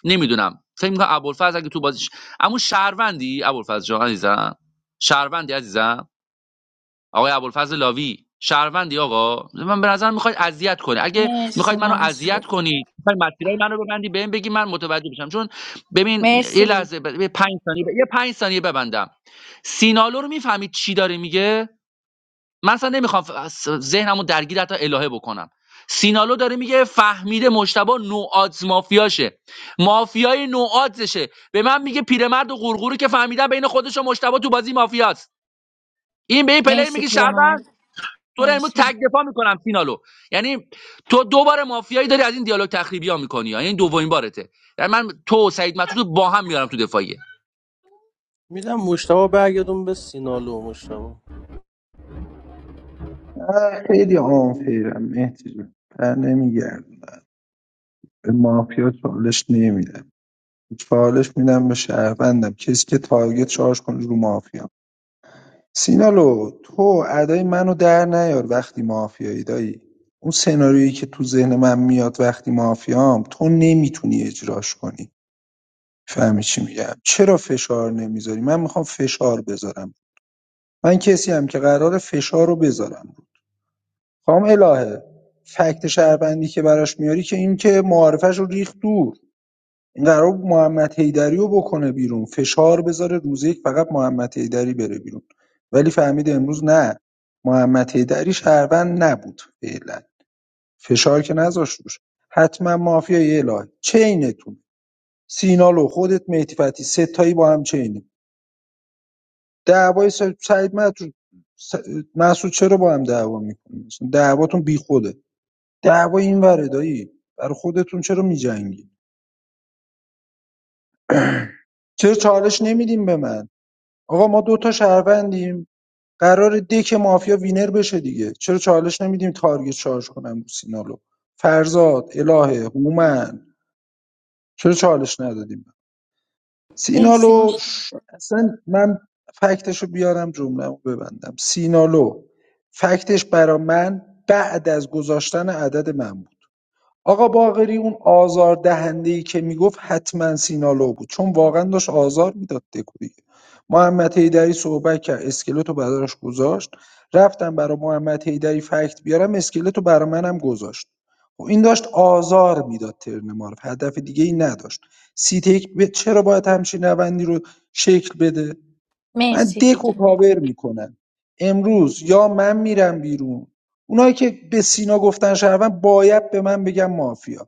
Speaker 2: نمیدونم فکر میکنم ابوالفضل اگه تو بازیش اما شهروندی ابوالفضل جان عزیزم شهروندی عزیزم آقای ابوالفضل لاوی شهروندی آقا من به نظر میخواید اذیت کنی اگه
Speaker 16: مرسی
Speaker 2: میخواید منو اذیت
Speaker 16: مسعود
Speaker 2: کنی میخواید مسیرای منو ببندی بهم بگی من متوجه بشم چون ببین یه
Speaker 16: مرسی
Speaker 2: لحظه ب... یه 5 ثانیه ب... یه 5 ثانیه ببندم سینالو رو میفهمید چی داره میگه من اصلا نمیخوام ف- ذهنمو درگیر حتی الهه بکنم سینالو داره میگه فهمیده مشتبه نوآدز مافیاشه مافیای نوآدزشه به من میگه پیرمرد و غرغوری که فهمیدن بین خودش و مشتبه تو بازی مافیاست این به این پلیر
Speaker 16: مرسی
Speaker 2: میگه شربن
Speaker 16: پیرمرد
Speaker 2: تو رو امروز تک
Speaker 16: مرسی
Speaker 2: دفاع میکنم سینالو یعنی تو دوباره مافیایی داری از این دیالوگ تخریبی ها میکنی یعنی این دومین بارته یعنی من تو و سعید مطرود رو با هم میارم تو دفاعیه
Speaker 14: میدم مشتبه برگردون به سینالو مشتبه
Speaker 6: خیلی آنفیرم مهدی جون در نمیگرد به مافیا چالش نمیدم چالش میدم به شهروندم کسی که تارگت چارج کنه رو مافیا سینالو تو ادای منو در نیار وقتی مافیایی دایی اون چیزی که تو ذهن من میاد وقتی ما تو نمیتونی اجراش کنی فهمی چی میگم چرا کار نمیخوام فشار بذارم من کسیم که قراره فشار رو بذارم خام الهه فکت شهروندی که براش میاری که این که معارفش رو ریخ دور این قرار بود محمد حیدری رو بکنه بیرون فشار بذاره روز یک فقط محمد حیدری بره بیرون ولی فهمید امروز نه محمد حیدری شهروند نبود فعلا فشار که نذاشت روش حتما مافیای الهه چینتون سینالو خودت مهدی فتی ستایی با هم چینی دعوای س- سعید مدرود مسعود چرا با هم دعوا میکنید دعواتون بیخوده دعوا اینوره دایی برا خودتون چرا میجنگی چرا چالش نمیدیم به من آقا ما دو تا شهروندیم قرار دک مافیا وینر بشه دیگه چرا چالش نمیدیم تارگت شارژ کنم سینالو فرزاد الهه هومن چرا چالش ندادیم
Speaker 16: مرسی
Speaker 6: سینالو
Speaker 16: مش
Speaker 6: ش- اصلا من فکتشو بیارم جمله‌مو ببندم سینالو فکتش برا من بعد از گذاشتن عدد معمول آقا باقری اون آزاردهنده‌ای که میگفت حتما سینالو بود چون واقعا داشت آزار میداد دکو دیگه محمد حیدری صحبت کرد اسکلت رو براش گذاشت رفتم برا محمد حیدری فکت بیارم اسکلت رو برا منم گذاشت خب این داشت آزار میداد ترن معرف هدف دیگه ای نداشت سیتیک به چرا باید همچین روندی رو شکل بده من
Speaker 16: مرسی
Speaker 6: دکو
Speaker 16: دیگه
Speaker 6: کاور میکنم امروز یا من میرم بیرون اونایی که به سینا گفتن شهروند باید به من بگن مافیا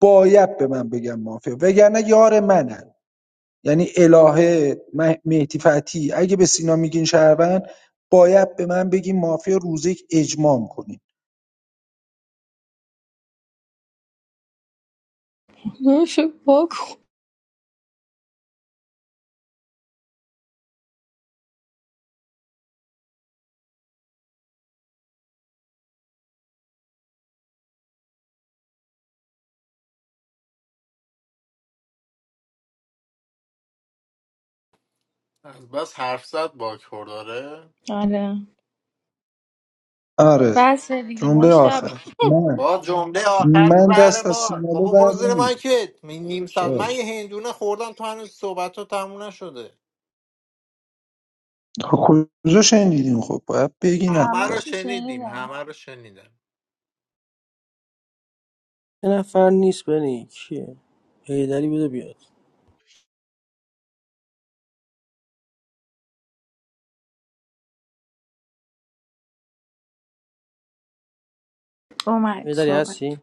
Speaker 6: باید به من بگن مافیا وگرنه یار منن یعنی الهه مه- مهدی فتحی اگه به سینا میگین شهروند باید به من بگین مافیا روز یک اجمام کنین
Speaker 16: نوش باکو
Speaker 15: بس حرف زد باک خورداره
Speaker 16: آره
Speaker 6: آره
Speaker 16: بس دیگه
Speaker 6: جمله
Speaker 16: مشتبه
Speaker 6: آخر من
Speaker 15: با جمله آخر
Speaker 6: من دست
Speaker 15: بعد
Speaker 6: از
Speaker 15: بار
Speaker 6: سینالو
Speaker 15: بابا برو
Speaker 6: بر
Speaker 15: زیر
Speaker 6: نمی‌دارم.
Speaker 15: مایکت می- نیم ساعت من
Speaker 6: باش
Speaker 15: یه هندونه خوردم تو هنوز صحبت ها تموم نشده
Speaker 6: خب کجا شنیدین خب باید بگین
Speaker 15: همه
Speaker 16: همه
Speaker 6: حتی
Speaker 15: رو
Speaker 16: شو
Speaker 15: شنیدیم
Speaker 16: شنیدم
Speaker 15: همه رو شنیدم
Speaker 14: یه نفر نیست بنی کیه هیدری بده بیاد
Speaker 16: اومد
Speaker 14: هیدری
Speaker 16: صحبت
Speaker 14: هستی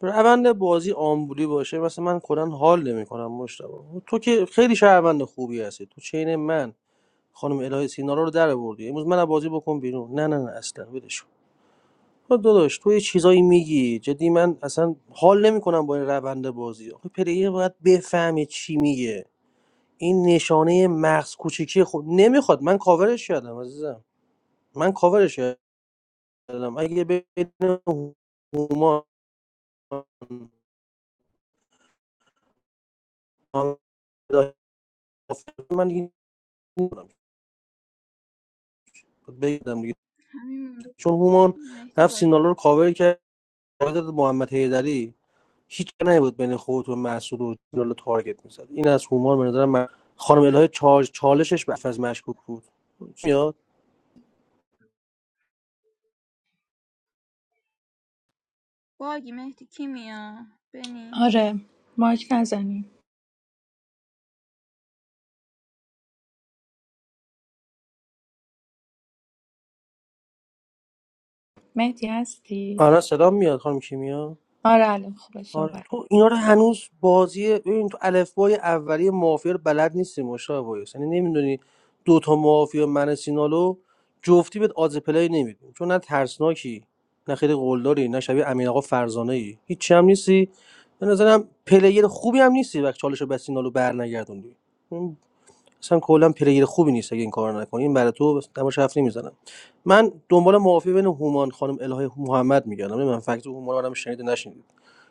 Speaker 14: روند بازی آمبولی باشه مثلا من کلا حال نمیکنم مشتبه تو که خیلی شهروند خوبی هستی تو چین من خانم الهی سینارا رو در آوردی امروز من بازی بکن بیرون نه نه نه اصلا ولش کن. داداش تو یه چیزایی میگی جدی من اصلا حال نمیکنم با این روند بازی آخه پلیر باید بفهمه چی میگه این نشانه مغز کوچیکی خود نمیخواد من کاورش کردم عزیزم من کاورش کردم اگه بین هومان من دیگه نمی‌دونم. بگم دیگه
Speaker 4: همین مونده
Speaker 14: چون هومان
Speaker 4: مهدی
Speaker 14: رفت
Speaker 4: باگ
Speaker 14: سینالو
Speaker 4: بود.
Speaker 14: رو کاور کرد وارد محمد حیدری هیچ جا بود بین خودت و مسعود و جلال تارگت میزد این از هومان به نظرم من خانم الهه چارج چالشش به از مشکوک بود چی میاد
Speaker 4: باگی مهدی کی میاد بنی
Speaker 16: آره مایک نزنی مهدی هستی؟
Speaker 14: آره سلام میاد خانم کیمیا
Speaker 16: آره الان خوبه
Speaker 14: آره
Speaker 16: صحبت
Speaker 14: تو اینا رو هنوز بازی ببین تو الفبای اولیه مافیا رو بلد نیستی مشتاق وایس یعنی نمیدونی دو تا مافیا من سینالو جفتی بهت آز پلی نمیدونی چون نه ترسناکی نه خیلی قلدری نه شبیه امین آقا فرزانه ای هیچ هم نیستی به نظرم پلیر خوبی هم نیستی وقتی چالش رو به سینالو برنگردوندی اصلا کلا پلیر خوبی نیست اگه این کار نکنی این برای تو تماش حرف نمیزنم من دنبال معافی بین هومان خانم الهه محمد میگردم من فکت هومان رو آدم شنیده نشنید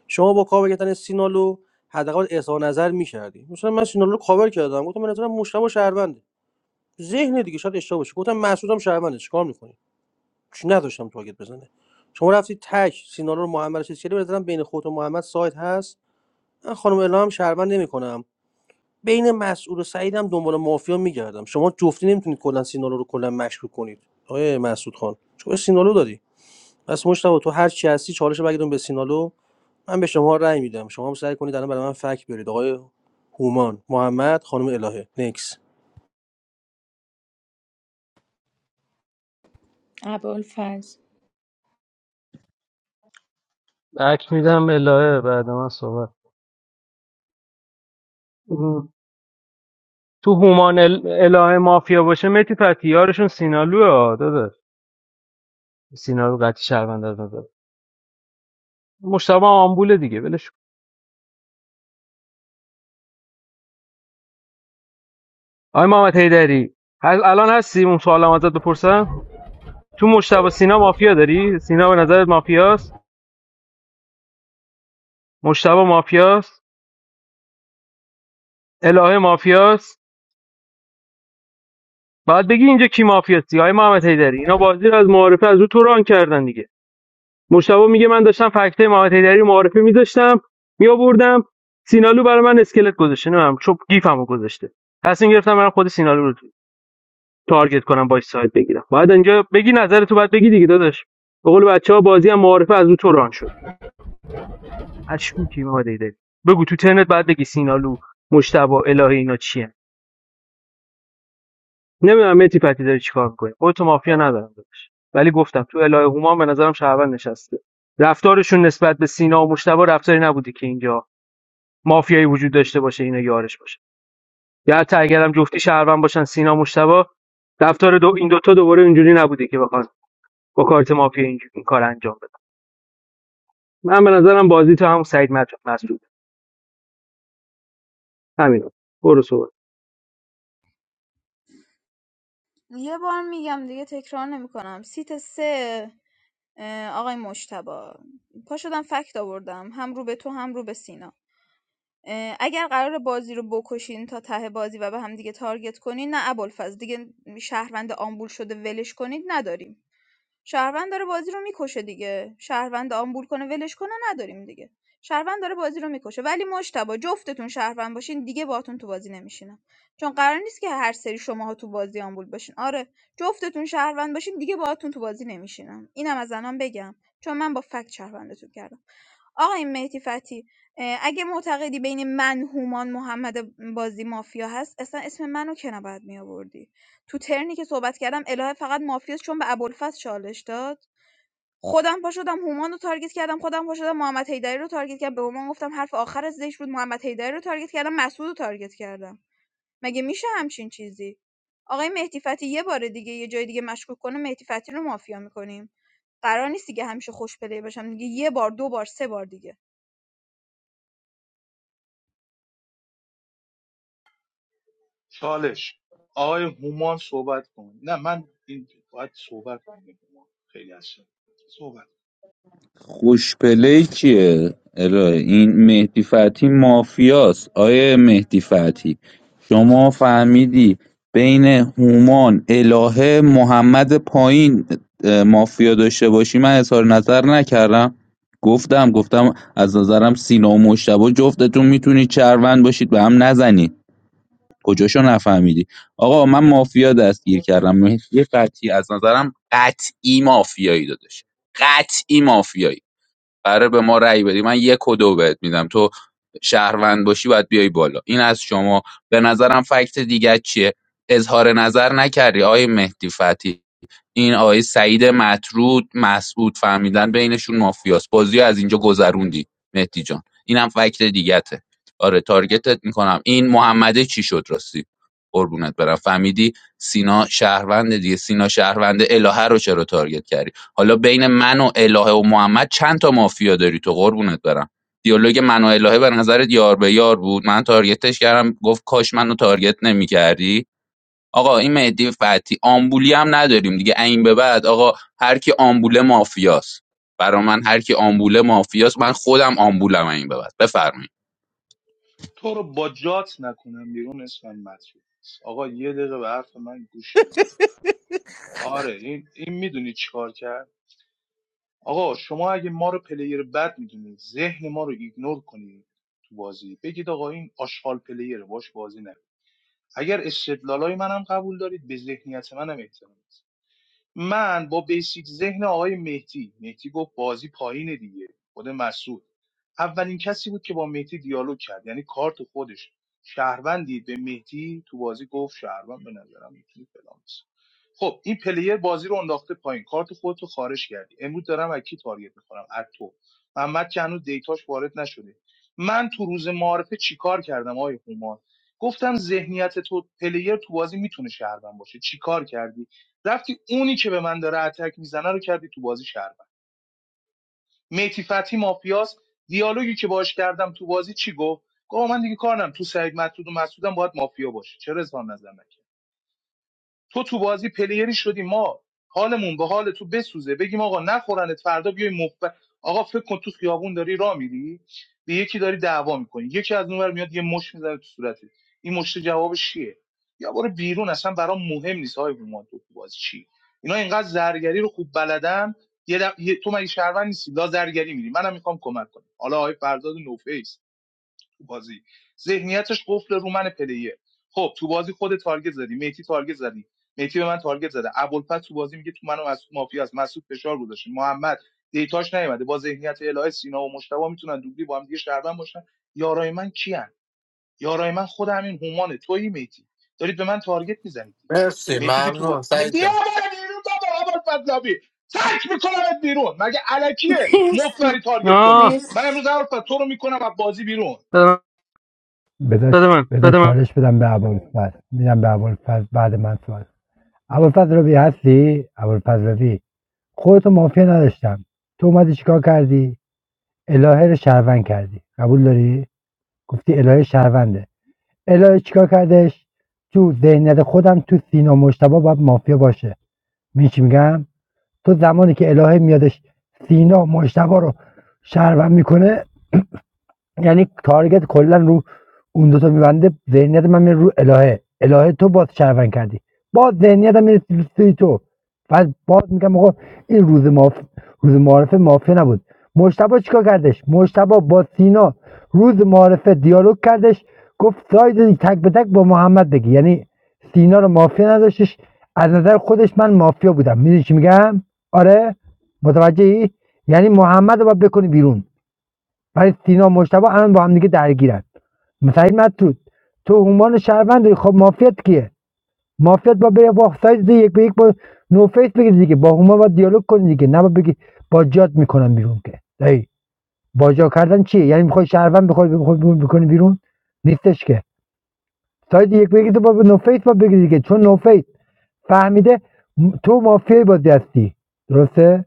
Speaker 14: شما با کاور کردن سینالو حداقل اظهار نظر میکردی مثلا من سینالو رو کاور کردم گفتم من نظرم مشتبه شهرونده ذهن دیگه شاید اشتباه باشه گفتم مسعودم شهرونده چیکار میکنی چی نداشتم تارگت بزنه شما رفتی تک سینالو رو محمد رو چیز کردی به نظرم بین خود و محمد سایت هست من خانم الهه هم شهروند نمیکنم بین مسعود و سعیدم دنبال مافیا میگردم شما جفتی نمیتونید کلا سینالو رو کلا مشکوک کنید آقای مسعود خان شما سینالو داری پس مشتاق تو هر چی هستی چالش بگیرم به سینالو من به شما رأی میدم شما هم سعی کنید الان برای من فک برید آقای هومان محمد خانم الهه نکس
Speaker 16: ابوالفضل
Speaker 1: بک میدم الهه بعد من صحبت تو هومان ال- الهه مافیا باشه متی پتیارشون سینالوه ها داده سینالو قطعی شهروند از نظر مشتبه هم آمبوله دیگه ولش کن. آقای محمد حیدری هل الان هستی اون سوالم ازت بپرسم تو مشتبه سینا مافیا داری سینا به نظرت مافیاست مشتبه مافیاست الهه مافیاست باید بگی اینجا کی مافیاستی آقای محمد حیدری اینا بازی رو از معارفه از رو تو ران کردن دیگه مشتبه میگه من داشتم فکته محمد حیدری رو معارفه میذاشتم میآوردم سینالو برای من اسکلت گذاشته نمیدونم چوب گیفمو گذاشته تصمیم گرفتم من خود سینالو رو تارگت کنم باش سایت بگیرم باید اینجا بگی نظر تو باید بگی دیگه داداش به قول بچه بازی هم معارفه از رو تو ران شد اشکوکی محمد حیدری بگو تو ترنت بعد بگی سینالو مشتبه الهه اینا چیه نمیدونم متی پتی داری چیکار میکنی تو مافیا ندارم داداش ولی گفتم تو الهه هما هم به نظرم شهروند نشسته رفتارشون نسبت به سینا و مشتبه رفتاری نبوده که اینجا مافیایی وجود داشته باشه اینا یارش باشه یا حتی اگرم جفتی شهروند باشن سینا مشتبه رفتار دو این دوتا دوباره اینجوری نبوده که بخوان با کارت مافیا اینجوری این کار انجام بدن من به نظرم بازی تو هم سعید مت- مسعود همین برو صحبت
Speaker 4: یه بار میگم دیگه تکرار نمیکنم سیت سه اه، آقای مشتبا پا شدم فکت آوردم هم رو به تو هم رو به سینا اگر قرار بازی رو بکشین تا ته بازی و به هم دیگه تارگت کنین نه ابوالفضل دیگه شهروند آمبول شده ولش کنید نداریم شهروند داره بازی رو میکشه دیگه شهروند آمبول کنه ولش کنه نداریم دیگه شهروند داره بازی رو میکشه ولی مشتبا جفتتون شهروند باشین دیگه باهاتون تو بازی نمیشینم چون قرار نیست که هر سری شماها تو بازی آمبول باشین آره جفتتون شهروند باشین دیگه باهاتون تو بازی نمیشینم اینم از الان بگم چون من با فکت شهروندتون کردم آقای مهدی فتی اه، اگه معتقدی بین من هومان محمد بازی مافیا هست اصلا اسم منو که نباید می آوردی تو ترنی که صحبت کردم الهه فقط مافیاست چون به ابوالفضل چالش داد خودم پا شدم هومان رو تارگت کردم خودم پا شدم محمد حیدری رو تارگت کردم به هومان گفتم حرف آخر زش بود محمد حیدری رو تارگت کردم مسعود رو تارگت کردم مگه میشه همچین چیزی آقای مهدی فتحی یه بار دیگه یه جای دیگه مشکوک کنه مهدی فتحی رو مافیا میکنیم قرار نیست دیگه همیشه خوش پلی باشم دیگه یه بار دو بار سه بار دیگه
Speaker 5: خوش پلی چیه الهه این مهدی فتحی مافیاست آیه مهدی فتحی شما فهمیدی بین هومان الهه محمد پایین اه، مافیا داشته باشی من اظهار نظر نکردم گفتم گفتم از نظرم سینا و مشتبه جفتتون میتونید چروند باشید به هم نزنید کجاشو نفهمیدی آقا من مافیا دستگیر کردم مهدی قطعی از نظرم قطعی مافیایی دادش قطعی مافیایی قراره به ما رأی بدی من یک و دو بهت میدم تو شهروند باشی باید بیای بالا این از شما به نظرم فکت دیگه چیه اظهار نظر نکردی آقای مهدی فتحی این آقای سعید مطرود مسعود فهمیدن بینشون مافیاست بازی از اینجا گذروندی مهدی جان اینم فکت دیگته آره تارگتت میکنم این محمده چی شد راستی قربونت برم فهمیدی سینا شهروند دیگه سینا شهروند الهه رو چرا تارگت کردی حالا بین من و الهه و محمد چند تا مافیا داری تو قربونت برم دیالوگ من و الهه به نظرت یار به یار بود من تارگتش کردم گفت کاش منو تارگت نمیکردی آقا این مهدی فتحی آمبولی هم نداریم دیگه این به بعد آقا هر کی آمبوله مافیاست برا من هر کی آمبوله مافیاست من خودم آمبولم این به بعد بفرمایید
Speaker 15: مرسی ممنون سعید جان
Speaker 16: مرسی
Speaker 1: آه
Speaker 16: مرسی
Speaker 1: داد
Speaker 19: بذار
Speaker 1: داد من
Speaker 19: بذار
Speaker 1: داد من
Speaker 19: چالش بدم به ابوالفضل میدم به ابوالفضل بعد من صحبت ابوالفضل ربی هستی؟ ابوالفضل ربی خودتو مافیا نداشتم تو اومدی چیکار کردی الهه رو شهروند کردی قبول داری گفتی الهه شهرونده الهه چیکار کردش تو ذهنیت خودم تو سینا مشتبا باید مافیا باشه می چی میگم تو زمانی که الهه میادش سینا مشتبا رو شهروند میکنه یعنی تارگت کلا رو اون دوتا میبنده ذهنیت من میره رو الهه الهه تو باز شرفن کردی باز ذهنیتم میره سوی تو بعد باز میگم آقا این روز ماف... روز معارفه مافیا نبود مشتبه چیکار کردش مشتبه با سینا روز معارفه دیالوگ کردش گفت ساید تک به تک با محمد بگی یعنی سینا رو مافیا نداشتش از نظر خودش من مافیا بودم میدونی چی میگم آره متوجهی یعنی محمد رو باید بکنی بیرون ولی سینا مشتبه الان با هم دیگه درگیرن سعید مطرود تو عنوان شهروند خب مافیات کیه مافیات با بره با سایز یک به یک با نو فیس بگیری دیگه با هما با دیالوگ کنی دیگه نه با بگی با جات میکنم بیرون که ای با جا کردن چیه یعنی میخوای شهروند بخوای بخوای بیرون بکنی بیرون نیستش که سایز یک به یک تو با نو فیس با بگیری دیگه چون نو فیس فهمیده تو مافیای بازی هستی درسته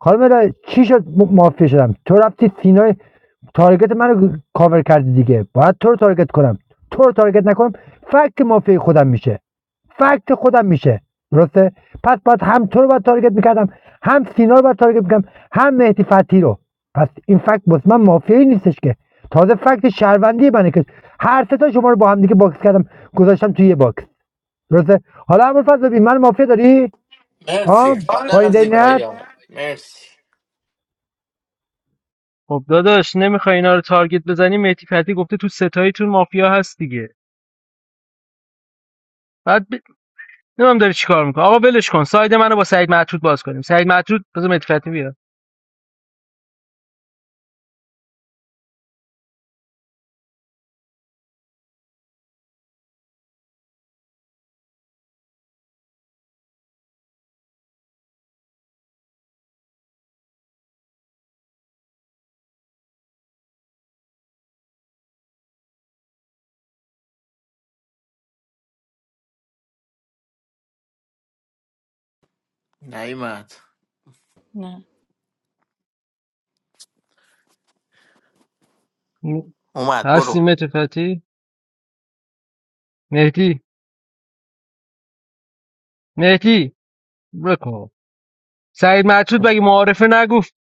Speaker 19: خانم الهی چی شد م- شدم تو رفتی سینای تارگت منو کاور کردی دیگه باید تو رو تارگت کنم تو رو تارگت نکنم فکت مافیا خودم میشه فکت خودم میشه درسته پس باید هم تو رو باید تارگت میکردم هم سینا رو باید تارگت میکردم هم مهدی فتی رو پس این فکت بس من مافیایی نیستش که تازه فکت شهروندی منه که هر سه تا شما رو با هم دیگه باکس کردم گذاشتم توی یه باکس درسته حالا امروز فضل من مافیا داری
Speaker 15: مرسی
Speaker 19: ها
Speaker 15: آره.
Speaker 19: با
Speaker 15: فارغ
Speaker 19: این
Speaker 15: از زیبایی
Speaker 19: ذهنیت
Speaker 15: ها مرسی
Speaker 1: خب داداش نمیخوای اینا رو تارگت بزنی مهدی فتی گفته تو ستاییتون مافیا هست دیگه بعد ب... نمیدونم داری چیکار میکنه آقا ولش کن ساید منو با سعید معتود باز کنیم سعید معتود بذار مهدی فتی بیاد
Speaker 15: نیمت
Speaker 16: نه
Speaker 1: م-
Speaker 15: اومد
Speaker 1: هستی
Speaker 15: برو
Speaker 1: مهدی فتی مهدی مهدی بکن سعید مطرود مگه معارفه نگفت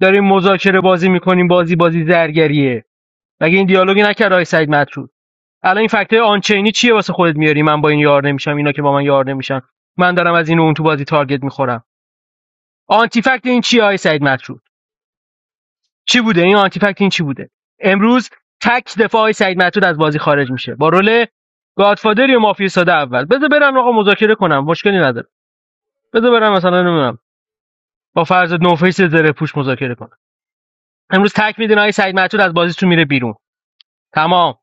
Speaker 1: داریم مذاکره بازی میکنیم بازی بازی زرگریه مگه این دیالوگی نکرد آقای سعید مطرود الان این فکتای آنچینی چیه واسه خودت میاری من با این یار نمیشم اینا که با من یار نمیشن من دارم از این و اون تو بازی تارگت میخورم آنتی فکت این چیه آقای سعید مطرود چی بوده این آنتی فکت این چی بوده امروز تک دفاع آقای سعید مطرود از بازی خارج میشه با رول گادفادر یا مافیا ساده اول بذار برم آقا مذاکره کنم مشکلی نداره بذار برم مثلا نمیدونم با فرض نوفیس زره پوش مذاکره کنم امروز تک میدین آقای سعید معتود از بازیتون میره بیرون تمام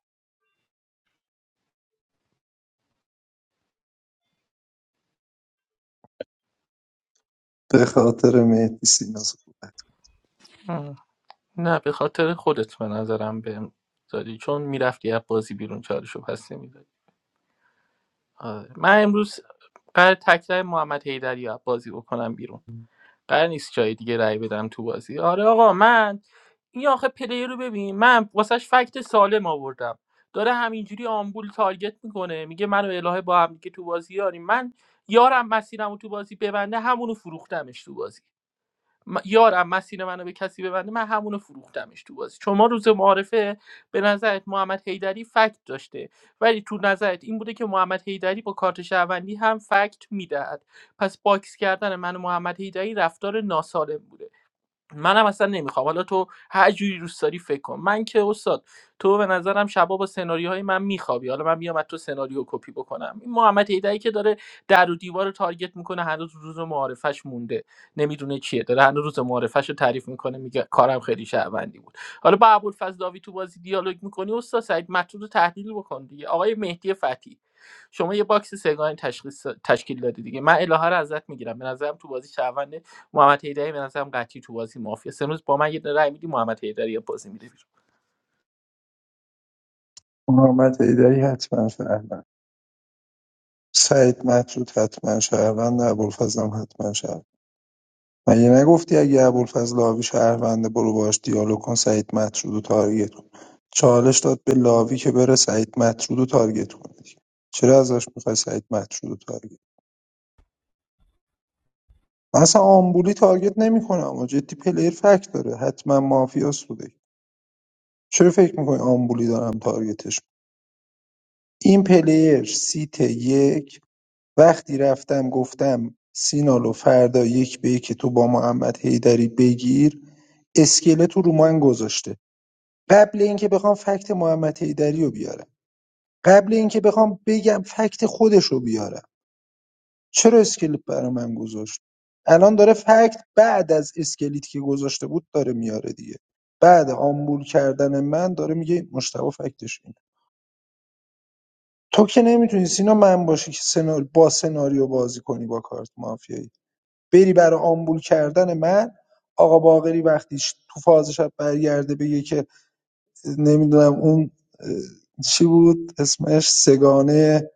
Speaker 3: آه، نه به خاطر خودت به نظرم بهم دادی چون میرفتی از بازی بیرون چارشو پس نمیدادی آره. من امروز قرار تکرار محمد حیدری رو از بازی بکنم بیرون قرار نیست جای دیگه رأی بدم تو بازی آره آقا من این آخه پلیر رو ببین من واسش فکت سالم آوردم داره همینجوری آمبول تارگت میکنه میگه منو الهه با هم دیگه تو بازی یاریم من یارم مسیرم رو تو بازی ببنده همونو فروختمش تو بازی م- یارم مسیر منو به کسی ببنده من همونو فروختمش تو بازی چون ما روز معارفه به نظرت محمد حیدری فکت داشته ولی تو نظرت این بوده که محمد حیدری با کارت شهروندی هم فکت میدهد پس باکس کردن من و محمد حیدری رفتار ناسالم بوده منم اصلا نمیخوام حالا تو هر جوری دوست داری فکر کن من که استاد تو به نظرم شبا با سناریوهای من میخوابی حالا من میام از تو سناریو کپی بکنم این محمد هیدری که داره در و دیوار رو تارگت میکنه هنوز روز معارفش مونده نمیدونه چیه داره هنوز روز معارفش رو تعریف میکنه میگه کارم خیلی شهروندی بود حالا با ابوالفضل داوی تو بازی دیالوگ میکنی استاد سعید مطلوب رو تحلیل بکن دیگه آقای مهدی فتی شما یه باکس سگانی تشخیص تشکیل دادی دیگه من الهه رو ازت میگیرم به نظرم تو بازی شهروند محمد حیدری به نظرم قطعی تو بازی مافیا است. امروز با من یه دونه رای میدی محمد حیدری یا بازی میره بیرون
Speaker 6: محمد حیدری حتما فهمه سعید مطرود حتما شهرونده ابوالفضل هم حتما شهروند مگه نگفتی اگه ابوالفضل لاوی شهرونده برو باش دیالوگ کن سعید مطرود و تارگت کن چالش داد به لاوی که بره سعید مطرود و تارگت کنه دیگه. چرا ازش میخوای سعید مطرود و تارگت من ساگت نمیکنم و جدی پلیر فکت داره حتما یا بوده. چرا فکر میکنی آمبولی دارم تارگتش این بر سیت یک وقتی رفتم گفتم سینالو فردا یک به یک تو با محمد هیدری بگیر اسکلت رو رو من گذاشته قبل اینکه بخوام فکت محمد حیدری رو بیارم قبل اینکه بخوام بگم فکت خودش رو بیارم چرا اسکلت برای من گذاشت الان داره فکت بعد از اسکلتی که گذاشته بود داره میاره دیگه بعد آمبول کردن من داره میگه مشتبه فکتش اینه تو که نمیتونی سینا من باشی که سنار... با سناریو بازی کنی با کارت مافیایی بری برای آمبول کردن من آقا وقتی شب برگرد که نمیدونم اون اه، چی بود اسمش سگانه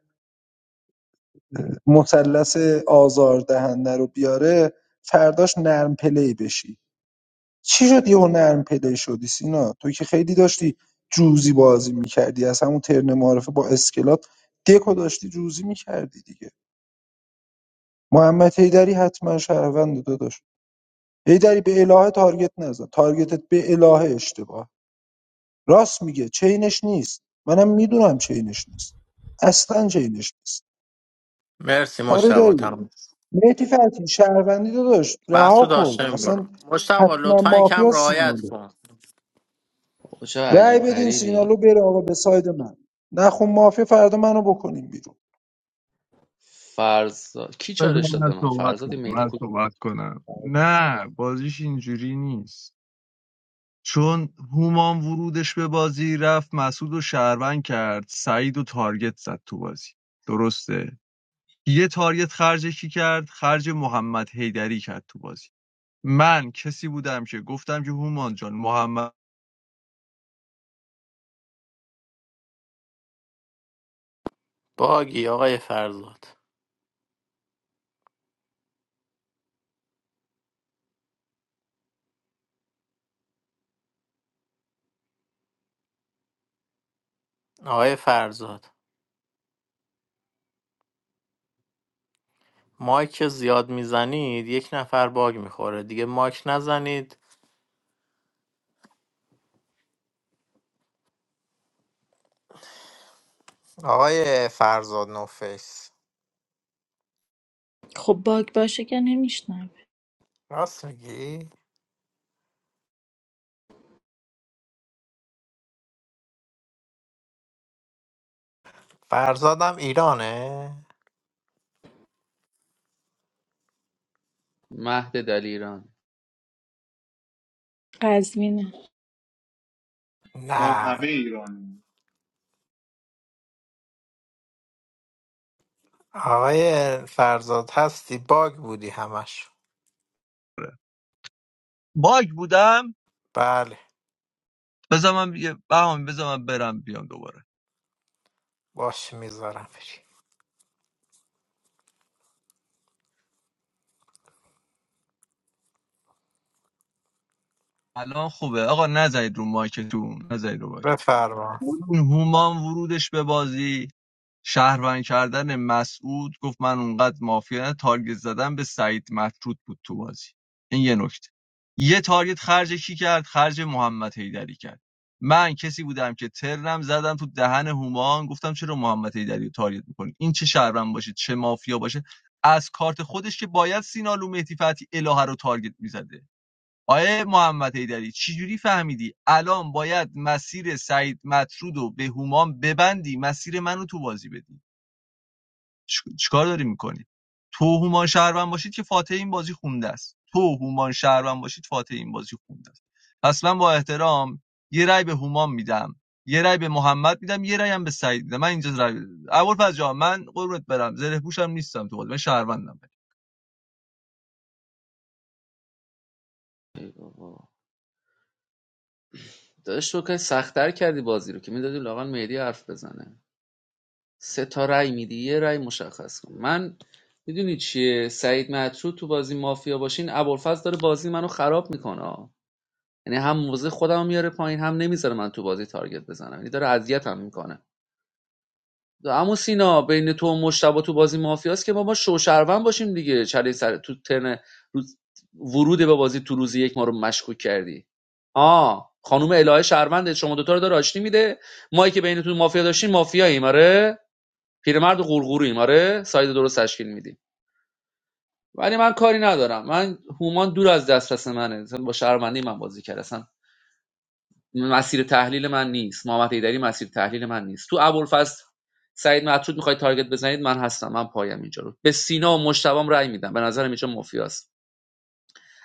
Speaker 6: مثلث آزاردهنده رو بیاره فرداش نرم پلی بشی چی شد یهو نرم پلی شدی سینا تو که خیلی داشتی جوزی بازی میکردی از همون ترن معارفه با اسکلات دکو داشتی جوزی میکردی دیگه محمد هیدری حتما شهروند داداش هیدری به الهه تارگت نزن تارگتت به الهه اشتباه راست میگه چینش نیست منم میدونم چینش نیست اصلا چینش نیست
Speaker 15: مرسی
Speaker 6: آره
Speaker 15: مشتبه
Speaker 6: دایی
Speaker 15: تمام
Speaker 6: مهدی فتحی شهروندی داداش رها
Speaker 15: محسود
Speaker 6: کن
Speaker 15: هاشم
Speaker 6: اصلا
Speaker 15: برو مشتبه
Speaker 6: حتما
Speaker 15: لطفا کم
Speaker 6: مافیا
Speaker 15: رعایت
Speaker 6: سینالو
Speaker 15: کن
Speaker 2: خب چه
Speaker 6: رأی
Speaker 2: عجیب
Speaker 6: بدین
Speaker 2: غریبی
Speaker 6: سینالو بره آقا به ساید من نخون مافیا فردا منو بکنیم بیرون
Speaker 2: فرزاد کی
Speaker 18: بذار
Speaker 2: چالش داد به
Speaker 18: من
Speaker 2: من
Speaker 18: صحبت
Speaker 2: فرزاد
Speaker 18: کنم من صحبت کنم نه بازیش اینجوری نیست چون هومان ورودش به بازی رفت مسعود و شهروند کرد سعید و تارگت زد تو بازی درسته یه تارگت خرج کی کرد خرج محمد حیدری کرد تو بازی من کسی بودم که گفتم که هومان جان محمد
Speaker 15: باگی آقای فرزاد آقای فرزاد مایک که زیاد میزنید یک نفر باگ میخوره دیگه مایک نزنید آقای فرزاد نوفیس
Speaker 16: خب باگ باشه که نمیشنوه
Speaker 15: راست میگی؟ فرزادم ایرانه؟
Speaker 2: مهد دلیران
Speaker 16: قزوینه
Speaker 15: نه آقای فرزاد هستی باگ بودی همش
Speaker 18: باگ بودم
Speaker 15: بله
Speaker 18: بذار من بیا- بهام بذار من برم بیام دوباره
Speaker 15: باش میذارم بری
Speaker 18: الان خوبه آقا نزنید رو مایکتون نزنید رو مایکتون.
Speaker 15: بفرما
Speaker 18: این هومان ورودش به بازی شهروند کردن مسعود گفت من اونقدر مافیا نه تارگت زدن به سعید مطرود بود تو بازی این یه نکته یه تارگت خرج کی کرد خرج محمد حیدری کرد من کسی بودم که ترنم زدم تو دهن هومان گفتم چرا محمد حیدری رو تارگت میکنید این چه شهروند باشه چه مافیا باشه از کارت خودش که باید سینا لومهدی فتی الهه رو تارگت میزده آیه محمد حیدری چجوری فهمیدی الان باید مسیر سعید مطرود رو به هومان ببندی مسیر منو تو بازی بدی چ- چیکار داری میکنی تو هومان شهروند باشید که فاتح این بازی خونده است تو هومان شهروند باشید فاتح این بازی خونده است پس من با احترام یه رای به هومان میدم یه رای به محمد میدم یه رأی هم به سعید میدم من اینجا رأی اول فاز جان من قربت برم زره پوشم نیستم تو بازی من شهروندم
Speaker 2: ای بابا داداش تو که سختتر کردی بازی رو که میدادی لاغن مهدی حرف بزنه سه تا رأی میدی یه رأی مشخص کن من میدونی چیه سعید مطرود تو بازی مافیا باشین ابوالفضل داره بازی منو خراب میکنه یعنی هم موزه خودم میاره پایین هم نمیذاره من تو بازی تارگت بزنم یعنی داره اذیتم میکنه اما سینا بین تو و مشتبه تو بازی مافیاست که ما با شوشروان باشیم دیگه چلین سر تو ترن ورود به بازی تو روز یک ما رو مشکوک کردی آه خانم الهه شهروند شما دوتا رو داره آشتی میده ما که بینتون مافیا داشتیم مافیاییم آره پیرمرد و قورقوریم آره ساید درست تشکیل میدیم ولی من کاری ندارم من هومان دور از دسترس منه با شهروندی من بازی کرد اصلا مسیر تحلیل من نیست محمد حیدری مسیر تحلیل من نیست تو ابوالفضل سعید مطرود میخواید تارگت بزنید من هستم من پایم اینجا رو به سینا و مشتبام رأی میدم به نظرم اینجا مافیاست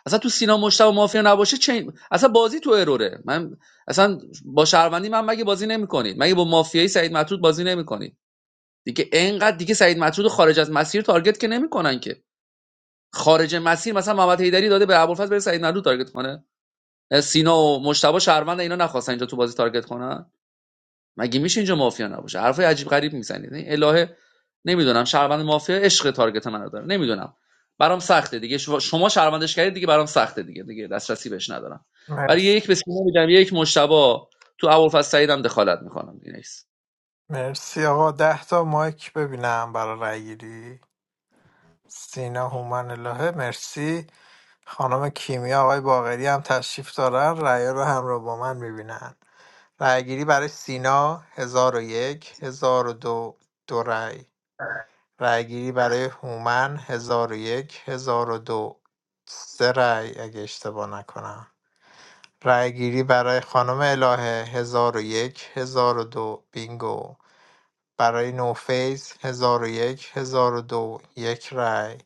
Speaker 2: اصلا تو سینا مشتبه مافیا نباشه چه اصلا بازی تو اروره من اصلا با شهروندی من مگه بازی نمیکنید مگه با مافیایی سعید مطرود بازی نمیکنید دیگه اینقدر دیگه سعید مطرود خارج از مسیر تارگت که نمیکنن که خارج مسیر مثلا محمد حیدری داده به ابوالفضل بره سعید مطرود تارگت کنه سینا و مشتبه شهروند اینا نخواستن اینجا تو بازی تارگت کنن مگه میشه اینجا مافیا نباشه حرف عجیب غریب میزنید این الهه نمیدونم شهروند مافیا عشق تارگت منو داره نمیدونم برام سخته دیگه شما شما شهروندش کردید دیگه برام سخته دیگه دیگه دسترسی بهش ندارم ولی
Speaker 15: مرسی
Speaker 2: یک به سینا میدم یک مشتبا تو ابوالفضل سعیدم دخالت میکنم دیگه نیست
Speaker 15: مرسی آقا ده تا مایک ببینم برای رای گیری سینا هومن الهه مرسی خانم کیمیا آقای باقری هم تشریف دارن رأیا رو همراه با من میبینن رأیگیری برای سینا هزار و یک هزار و دو دو رأی رأیگیری برای هومن هزار هزار و یک هزار و دو سه رأی اگه اشتباه نکنم رأیگیری برای خانم الهه هزار و یک، هزار و دو بینگو برای نوفیس هزار و یک هزار و دو. یک رأی